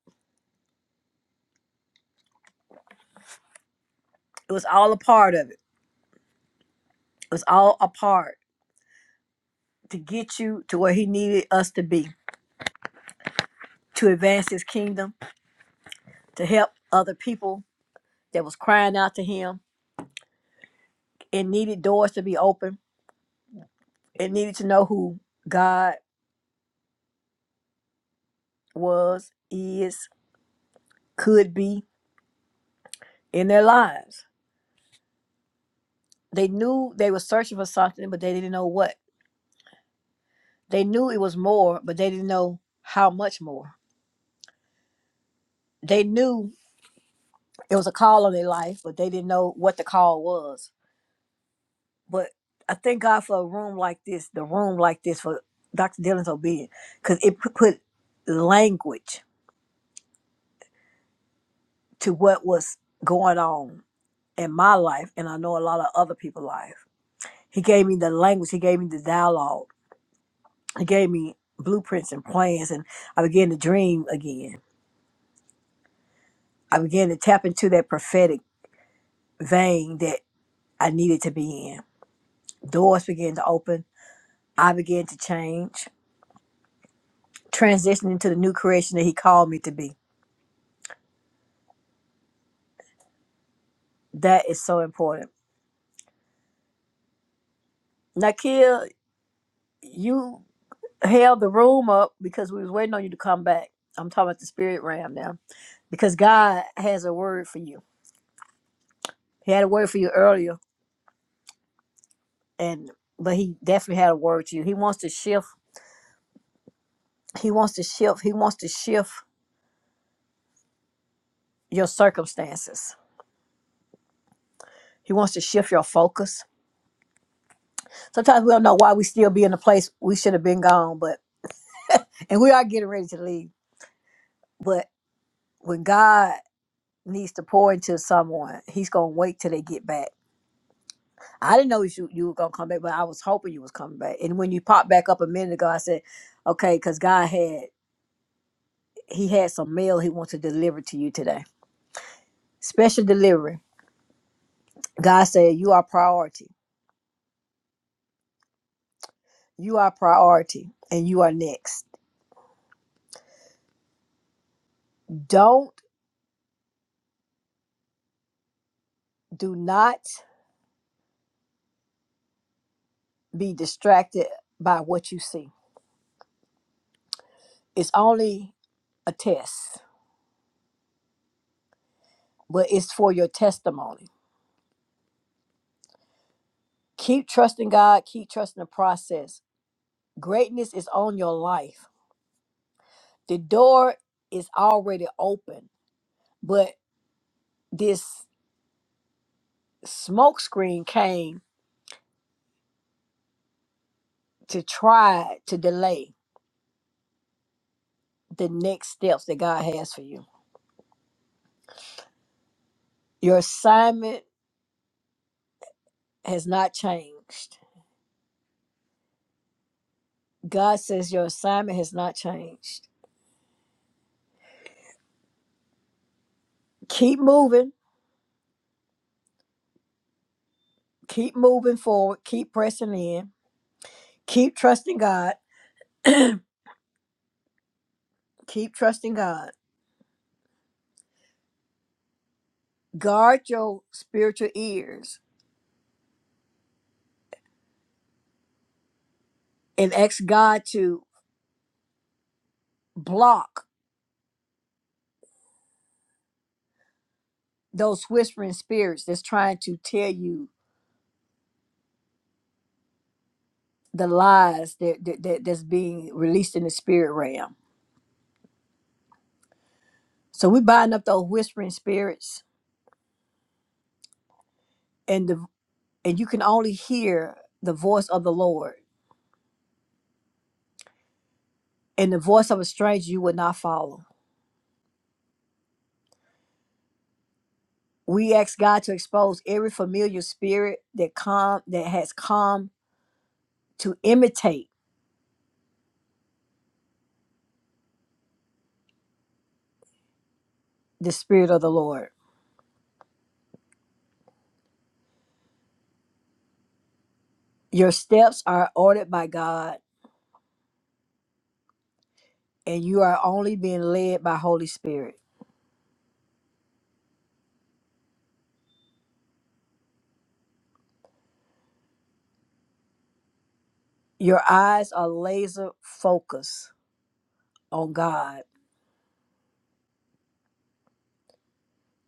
[SPEAKER 4] It was all a part of it It was all a part to get you to where he needed us to be, to advance his kingdom, to help other people that was crying out to him. It needed doors to be open. It needed to know who God was, is, could be in their lives. They knew they were searching for something, but they didn't know what. They knew it was more, but they didn't know how much more. They knew it was a call on their life, but they didn't know what the call was But I thank God for a room like this, the room like this for Dr. Dylan's obedience, because it pu- put language to what was going on in my life, and I know a lot of other people's life. He gave me the language, he gave me the dialogue, he gave me blueprints and plans, and I began to dream again. I began to tap into that prophetic vein that I needed to be in. Doors began to open. I began to change, transitioning to the new creation that he called me to be That is so important. Nakia, you held the room up because we was waiting on you to come back. I'm talking about the spirit realm now. Because God has a word for you. He had a word for you earlier and but he definitely had a word to you. He wants to shift. He wants to shift. He wants to shift your circumstances. He wants to shift your focus. Sometimes we don't know why we still be in the place we should have been gone, but and we are getting ready to leave. But when God needs to pour into someone, he's gonna wait till they get back I didn't know you you were gonna come back, but I was hoping you was coming back. And when you popped back up a minute ago, I said, "Okay," because God had He had some mail He wants to deliver to you today. Special delivery. God said, "You are priority. You are priority, and you are next. Don't do not be distracted by what you see. It's only a test, but it's for your testimony. Keep trusting God. Keep trusting the process. Greatness is on your life." the door is already open, but this smoke screen came to try to delay the next steps that God has for you. Your assignment has not changed. God says your assignment has not changed. Keep moving, keep moving forward, keep pressing in, keep trusting God, keep trusting God. Guard your spiritual ears and ask God to block those whispering spirits that's trying to tell you the lies that, that, that that's being released in the spirit realm. So we bind up those whispering spirits, and the and you can only hear the voice of the Lord, and the voice of a stranger you will not follow. We ask God to expose every familiar spirit that come that has come to imitate the spirit of the Lord. Your steps are ordered by God, and you are only being led by Holy Spirit. Your eyes are laser focused on God,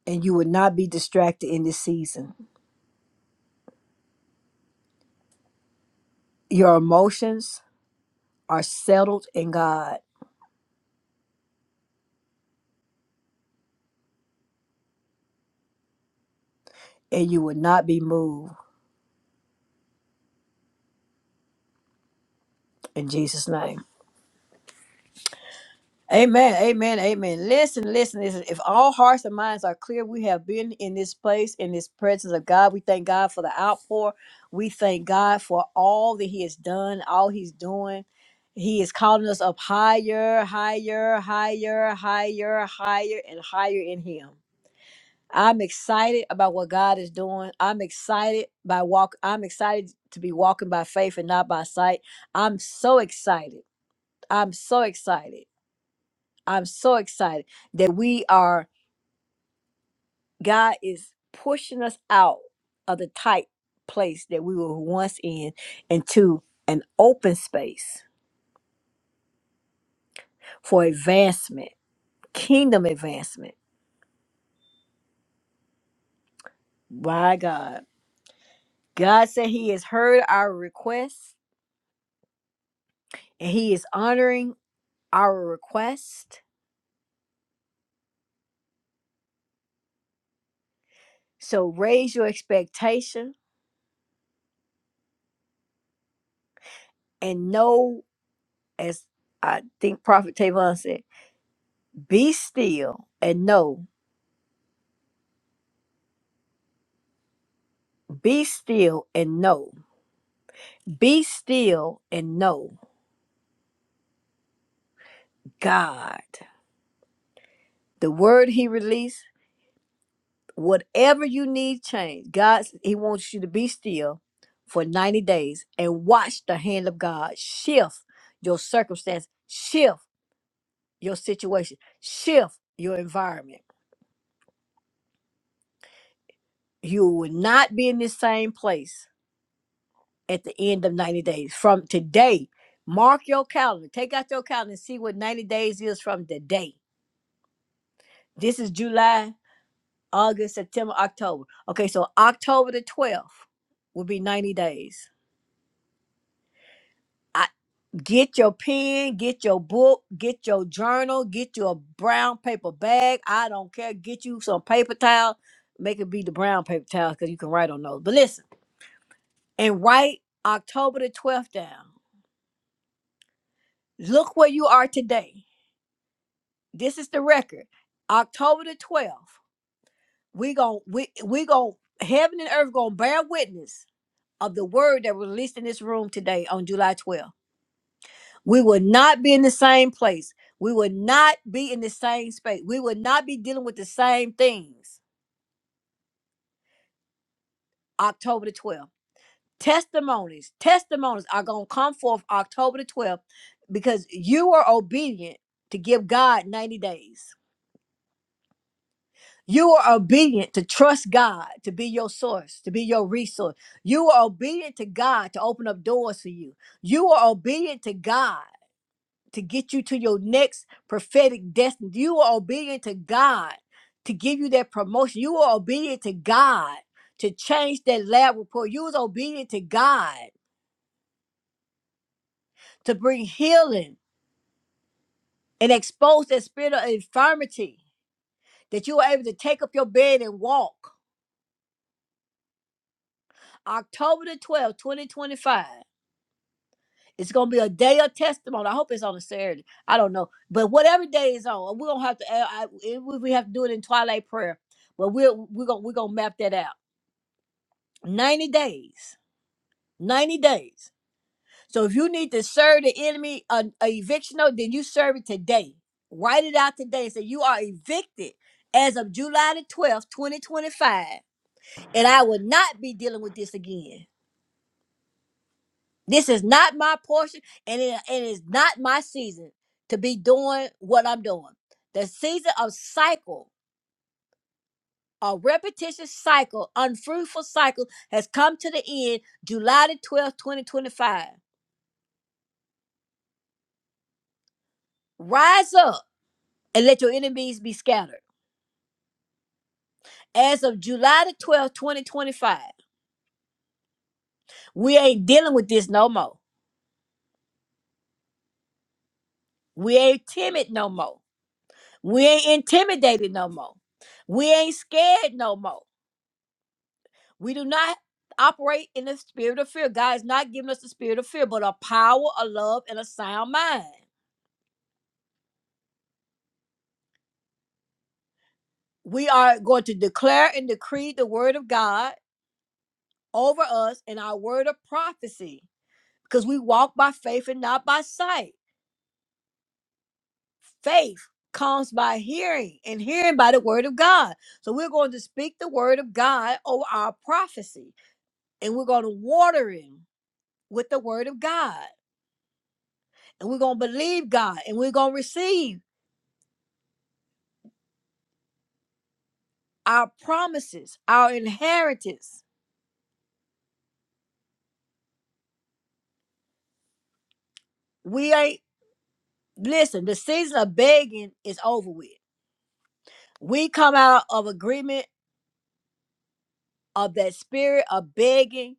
[SPEAKER 4] and you will not be distracted in this season. Your emotions are settled in God, and you will not be moved in Jesus' name. Amen. Amen. Amen. Listen, listen, listen. If all hearts and minds are clear, we have been in this place, in this presence of God. We thank God for the outpour. We thank God for all that He has done, all He's doing. He is calling us up higher, higher, higher, higher, higher, and higher in Him. I'm excited about what God is doing. I'm excited by walk. I'm excited to be walking by faith and not by sight. I'm so excited. I'm so excited. I'm so excited that we are, God is pushing us out of the tight place that we were once in into an open space for advancement, kingdom advancement. My God. God said He has heard our requests and He is honoring our request. So raise your expectation and know, as I think Prophet Tavon said, be still and know, be still and know Be still and know God. The word he released, whatever you need change, God, he wants you to be still for 90 days and watch the hand of God shift your circumstance, shift your situation, shift your environment. You will not be in the same place at the end of 90 days. From today, mark your calendar. Take out your calendar and see what 90 days is from today. This is July. August, September, October. Okay, so October the 12th will be 90 days. I, get your pen, get your book, get your journal, get you a brown paper bag. I don't care. Get you some paper towel. Make it be the brown paper towel because you can write on those. But listen, and write October the 12th down. Look where you are today. This is the record. October the 12th. We gon' we we gon' heaven and earth gonna bear witness of the word that was released in this room today on July 12th. We will not be in the same place. We will not be in the same space. We will not be dealing with the same things October the 12th. Testimonies, testimonies are going to come forth October the 12th because you are obedient to give God 90 days. You are obedient to trust God to be your source, to be your resource. You are obedient to God to open up doors for you. You are obedient to God to get you to your next prophetic destiny. You are obedient to God to give you that promotion. You are obedient to God to change that lab report. You was obedient to God to bring healing and expose that spirit of infirmity that you were able to take up your bed and walk. October the 12th, 2025. It's gonna be a day of testimony. I hope it's on a Saturday. I don't know, but whatever day is on, we're gonna have to. I, I- if we have to do it in twilight prayer, but we're we're gonna we're gonna map that out. 90 days. 90 days. So if you need to serve the enemy an eviction note, then you serve it today. Write it out today and say you are evicted as of July the 12th, 2025. And I will not be dealing with this again. This is not my portion and it, it is not my season to be doing what I'm doing. The season of cycle, a repetitious cycle, unfruitful cycle has come to the end July the 12th, 2025. Rise up and let your enemies be scattered. As of July the 12th, 2025, we ain't dealing with this no more. We ain't timid no more. We ain't intimidated no more. We ain't scared no more. We do not operate in the spirit of fear. God is not giving us the spirit of fear, but a power, a love, and a sound mind. We are going to declare and decree the word of God over us and our word of prophecy because we walk by faith and not by sight. Faith comes by hearing, and hearing by the word of God. So we're going to speak the word of God over our prophecy, and we're going to water it with the word of God, and we're going to believe God, and we're going to receive our promises, our inheritance. We ain't listen. The season of begging is over with. We come out of agreement of that spirit of begging.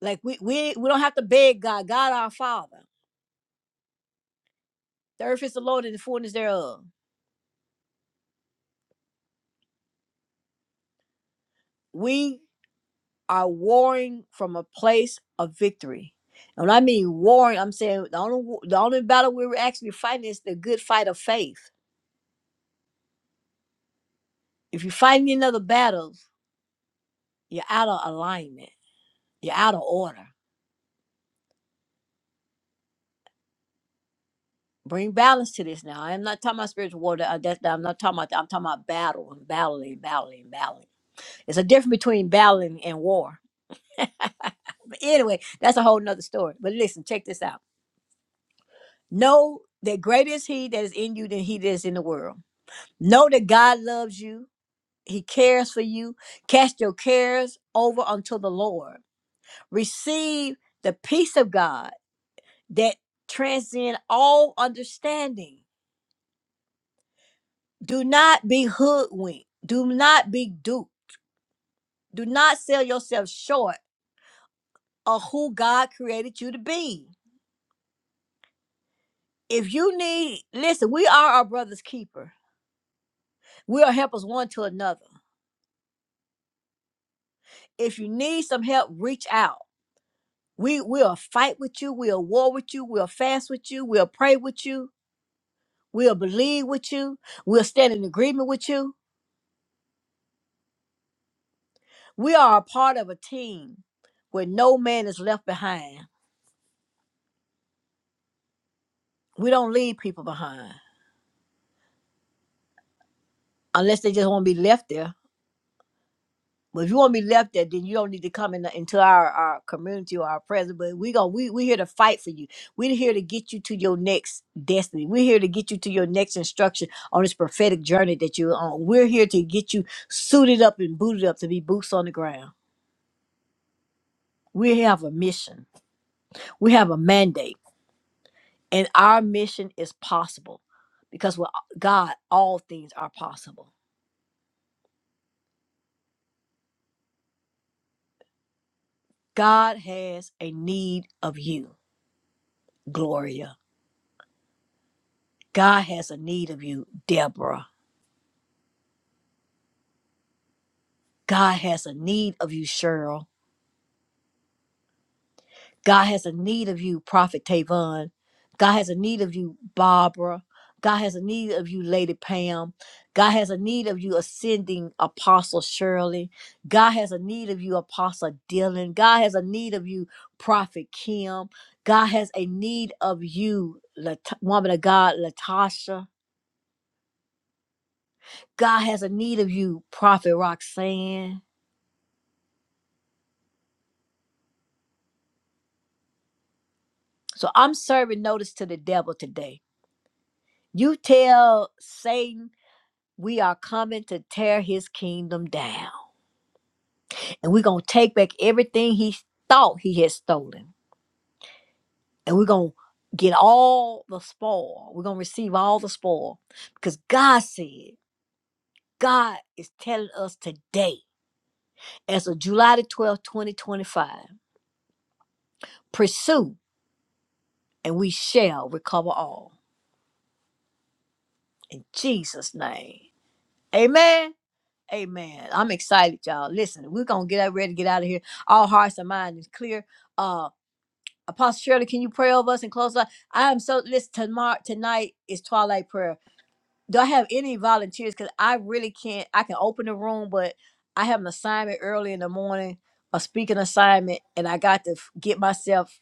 [SPEAKER 4] Like we we we don't have to beg God. God our Father. The earth is the Lord and the fullness thereof. We are warring from a place of victory. And when I mean warring, I'm saying the only wa- the only battle we are actually fighting is the good fight of faith. If you're fighting another battle, you're out of alignment. You're out of order. Bring balance to this now. I'm not talking about spiritual war. that- That's I'm not talking about. That. I'm talking about battle and battling, battling, battling. It's a difference between battling and war. But anyway, that's a whole nother story. But listen, check this out. Know that greater is He that is in you than He that is in the world. Know that God loves you He cares for you. Cast your cares over unto the Lord. Receive the peace of God that transcend all understanding. Do not be hoodwinked. Do not be duped. Do not sell yourself short of who God created you to be. If you need, listen, we are our brother's keeper. We are helpers one to another. If you need some help, reach out. We will fight with you. We'll war with you. We'll fast with you. We'll pray with you We'll believe with you. We'll stand in agreement with you. We are a part of a team where no man is left behind. We don't leave people behind unless they just want to be left there. But if you want to be left there, then you don't need to come in, into our, our community or our presence. But we go, we we here to fight for you. We're here to get you to your next destiny. We're here to get you to your next instruction on this prophetic journey that you're on. We're here to get you suited up and booted up to be boots on the ground. We have a mission. We have a mandate. And our mission is possible because with God, all things are possible. God has a need of you, Gloria. God has a need of you, Deborah. God has a need of you, Cheryl. God has a need of you, Prophet Tavon. God has a need of you, Barbara. God has a need of you, Lady Pam. God has a need of you, Ascending Apostle Shirley. God has a need of you, Apostle Dylan. God has a need of you, Prophet Kim. God has a need of you, Lat- woman of God, Latasha. God has a need of you, Prophet Roxanne. So I'm serving notice to the devil today. You tell Satan We are coming to tear his kingdom down. And we're going to take back everything he thought he had stolen. And we're going to get all the spoil. We're going to receive all the spoil because God said, God is telling us today, as of July the 12th, 2025, pursue and we shall recover all. In Jesus' name. Amen. Amen. I'm excited, y'all. Listen, we're going to get out- ready to get out of here. All hearts and minds is clear. Um, Apostle Shirley, can you pray over us and close us? I am so listen tomorrow tonight is twilight prayer. Do I have any volunteers? Because I really can't. I can open the room, but I have an assignment early in the morning, a speaking assignment, and I got to f- get myself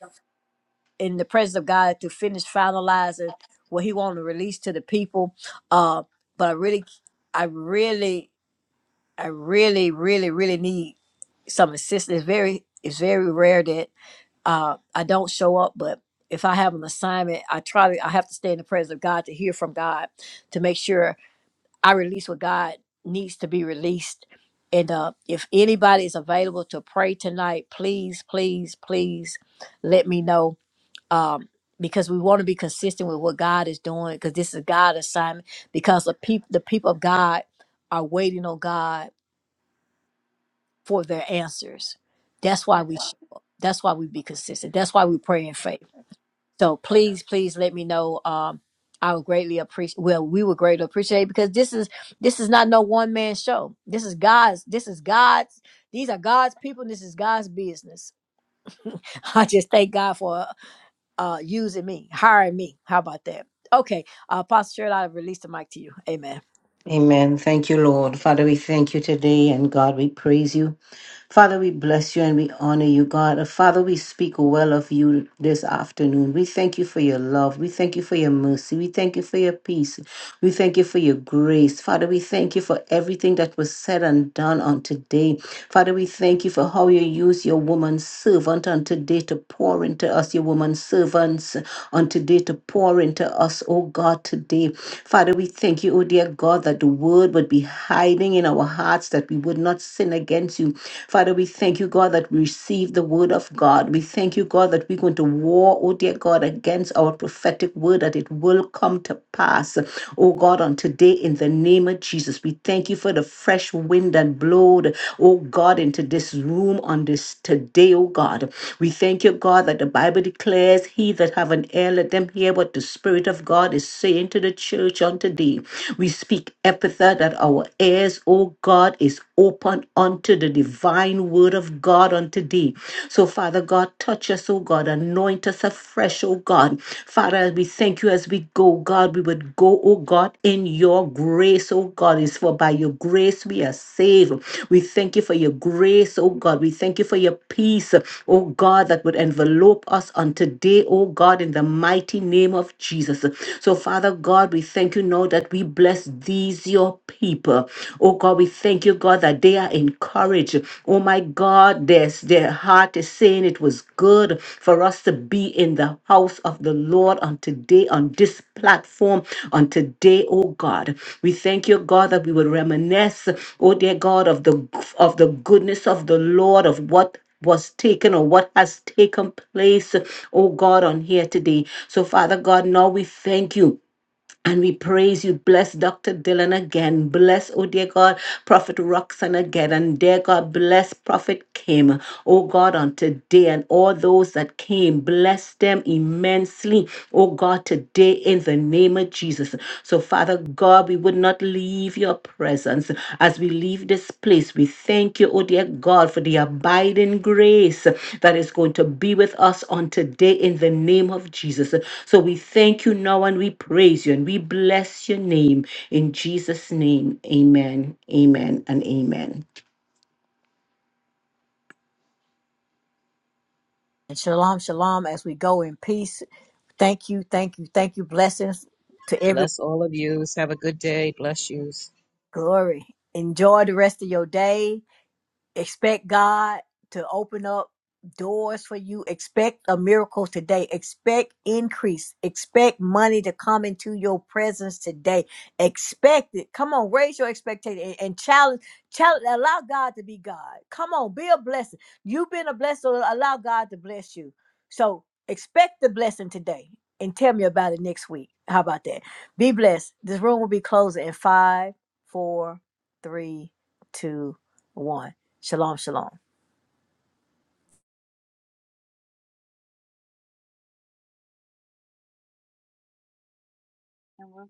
[SPEAKER 4] in the presence of God to finish finalizing what He want to release to the people. Uh, but I really, I really, I really, really, really need some assistance. It's very, it's very rare that uh, I don't show up, but if I have an assignment, I try to, I have to stay in the presence of God to hear from God to make sure I release what God needs to be released. And uh, if anybody is available to pray tonight, please, please, please let me know. Um, because we want to be consistent with what God is doing, because this is God's assignment, because the people the people of God are waiting on God for their answers. That's why we show up. That's why we be consistent. That's why we pray in faith so please, please let me know. Um, I would greatly appreciate. Well, we would greatly appreciate it because this is this is not no one man show. This is God's. This is God's. These are God's people. and This is God's business. I just thank God for uh, using me, hiring me. How about that? Okay, uh, Pastor Sherrod, I release the mic to you. Amen.
[SPEAKER 14] Amen. Thank you, Lord. Father, we thank you today, and God, we praise you. Father, we bless you and we honor you, God. And Father, we speak well of you this afternoon. We thank you for your love. We thank you for your mercy. We thank you for your peace. We thank you for your grace. Father, we thank you for everything that was said and done on today. Father, we thank you for how you use your woman servant on today to pour into us, your woman servants on today to pour into us, oh God, today. Father, we thank you, oh dear God, that the word would be hiding in our hearts, that we we would not sin against you. Father, we thank you, God, that we receive the word of God. We thank you, God, that we're going to war, oh dear God, against our prophetic word, that it will come to pass, oh God, on today in the name of Jesus. We thank you for the fresh wind that blowed, oh God, into this room on this today, oh God. We thank you, God, that the Bible declares, He that have an ear, let them hear what the Spirit of God is saying to the church on today. We speak epithet that our our ears, O God, is open unto the divine word of God unto thee. So, Father God, touch us, O God, anoint us afresh, O God. Father, as we thank you as we go, God, we would go, O God, in your grace, O God. It's for by your grace we are saved. We thank you for your grace, O God. We thank you for your peace, O God, that would envelope us on today, O God, in the mighty name of Jesus. So, Father God, we thank you now that we bless these, your people. Oh God, we thank you, God, that they are encouraged. Oh my God, their their heart is saying it was good for us to be in the house of the Lord on today, on this platform, on today, oh God. We thank you, God, that we will reminisce, oh dear God, of the of the goodness of the Lord, of what was taken or what has taken place, oh God, on here today. So, Father God, now we thank you and we praise you. Bless Dr. Dylan again. Bless, oh dear God, Prophet Roxanne again. And dear God, bless Prophet Kim, oh God, on today and all those that came. Bless them immensely, oh God, today in the name of Jesus. So, Father God, we would not leave your presence as we leave this place. We thank you, oh dear God, for the abiding grace that is going to be with us on today in the name of Jesus. So we thank you now and we praise you and we bless your name in Jesus' name. Amen, amen, and amen.
[SPEAKER 4] And shalom, shalom. As we go in peace, thank you, thank you, thank you. Blessings to everyone.
[SPEAKER 2] Bless all of yous. Have a good day. Bless you.
[SPEAKER 4] Glory. Enjoy the rest of your day expect God to open up doors for you. Expect a miracle today. Expect increase. Expect money to come into your presence today. Expect it. Come on, raise your expectation and, and challenge, challenge. Allow God to be God. Come on, be a blessing. You've been a blessing, so allow God to bless you. So expect the blessing today and tell me about it next week. How about that? Be blessed. This room will be closing in five, four, three, two, one. Shalom, shalom.
[SPEAKER 12] Thank you.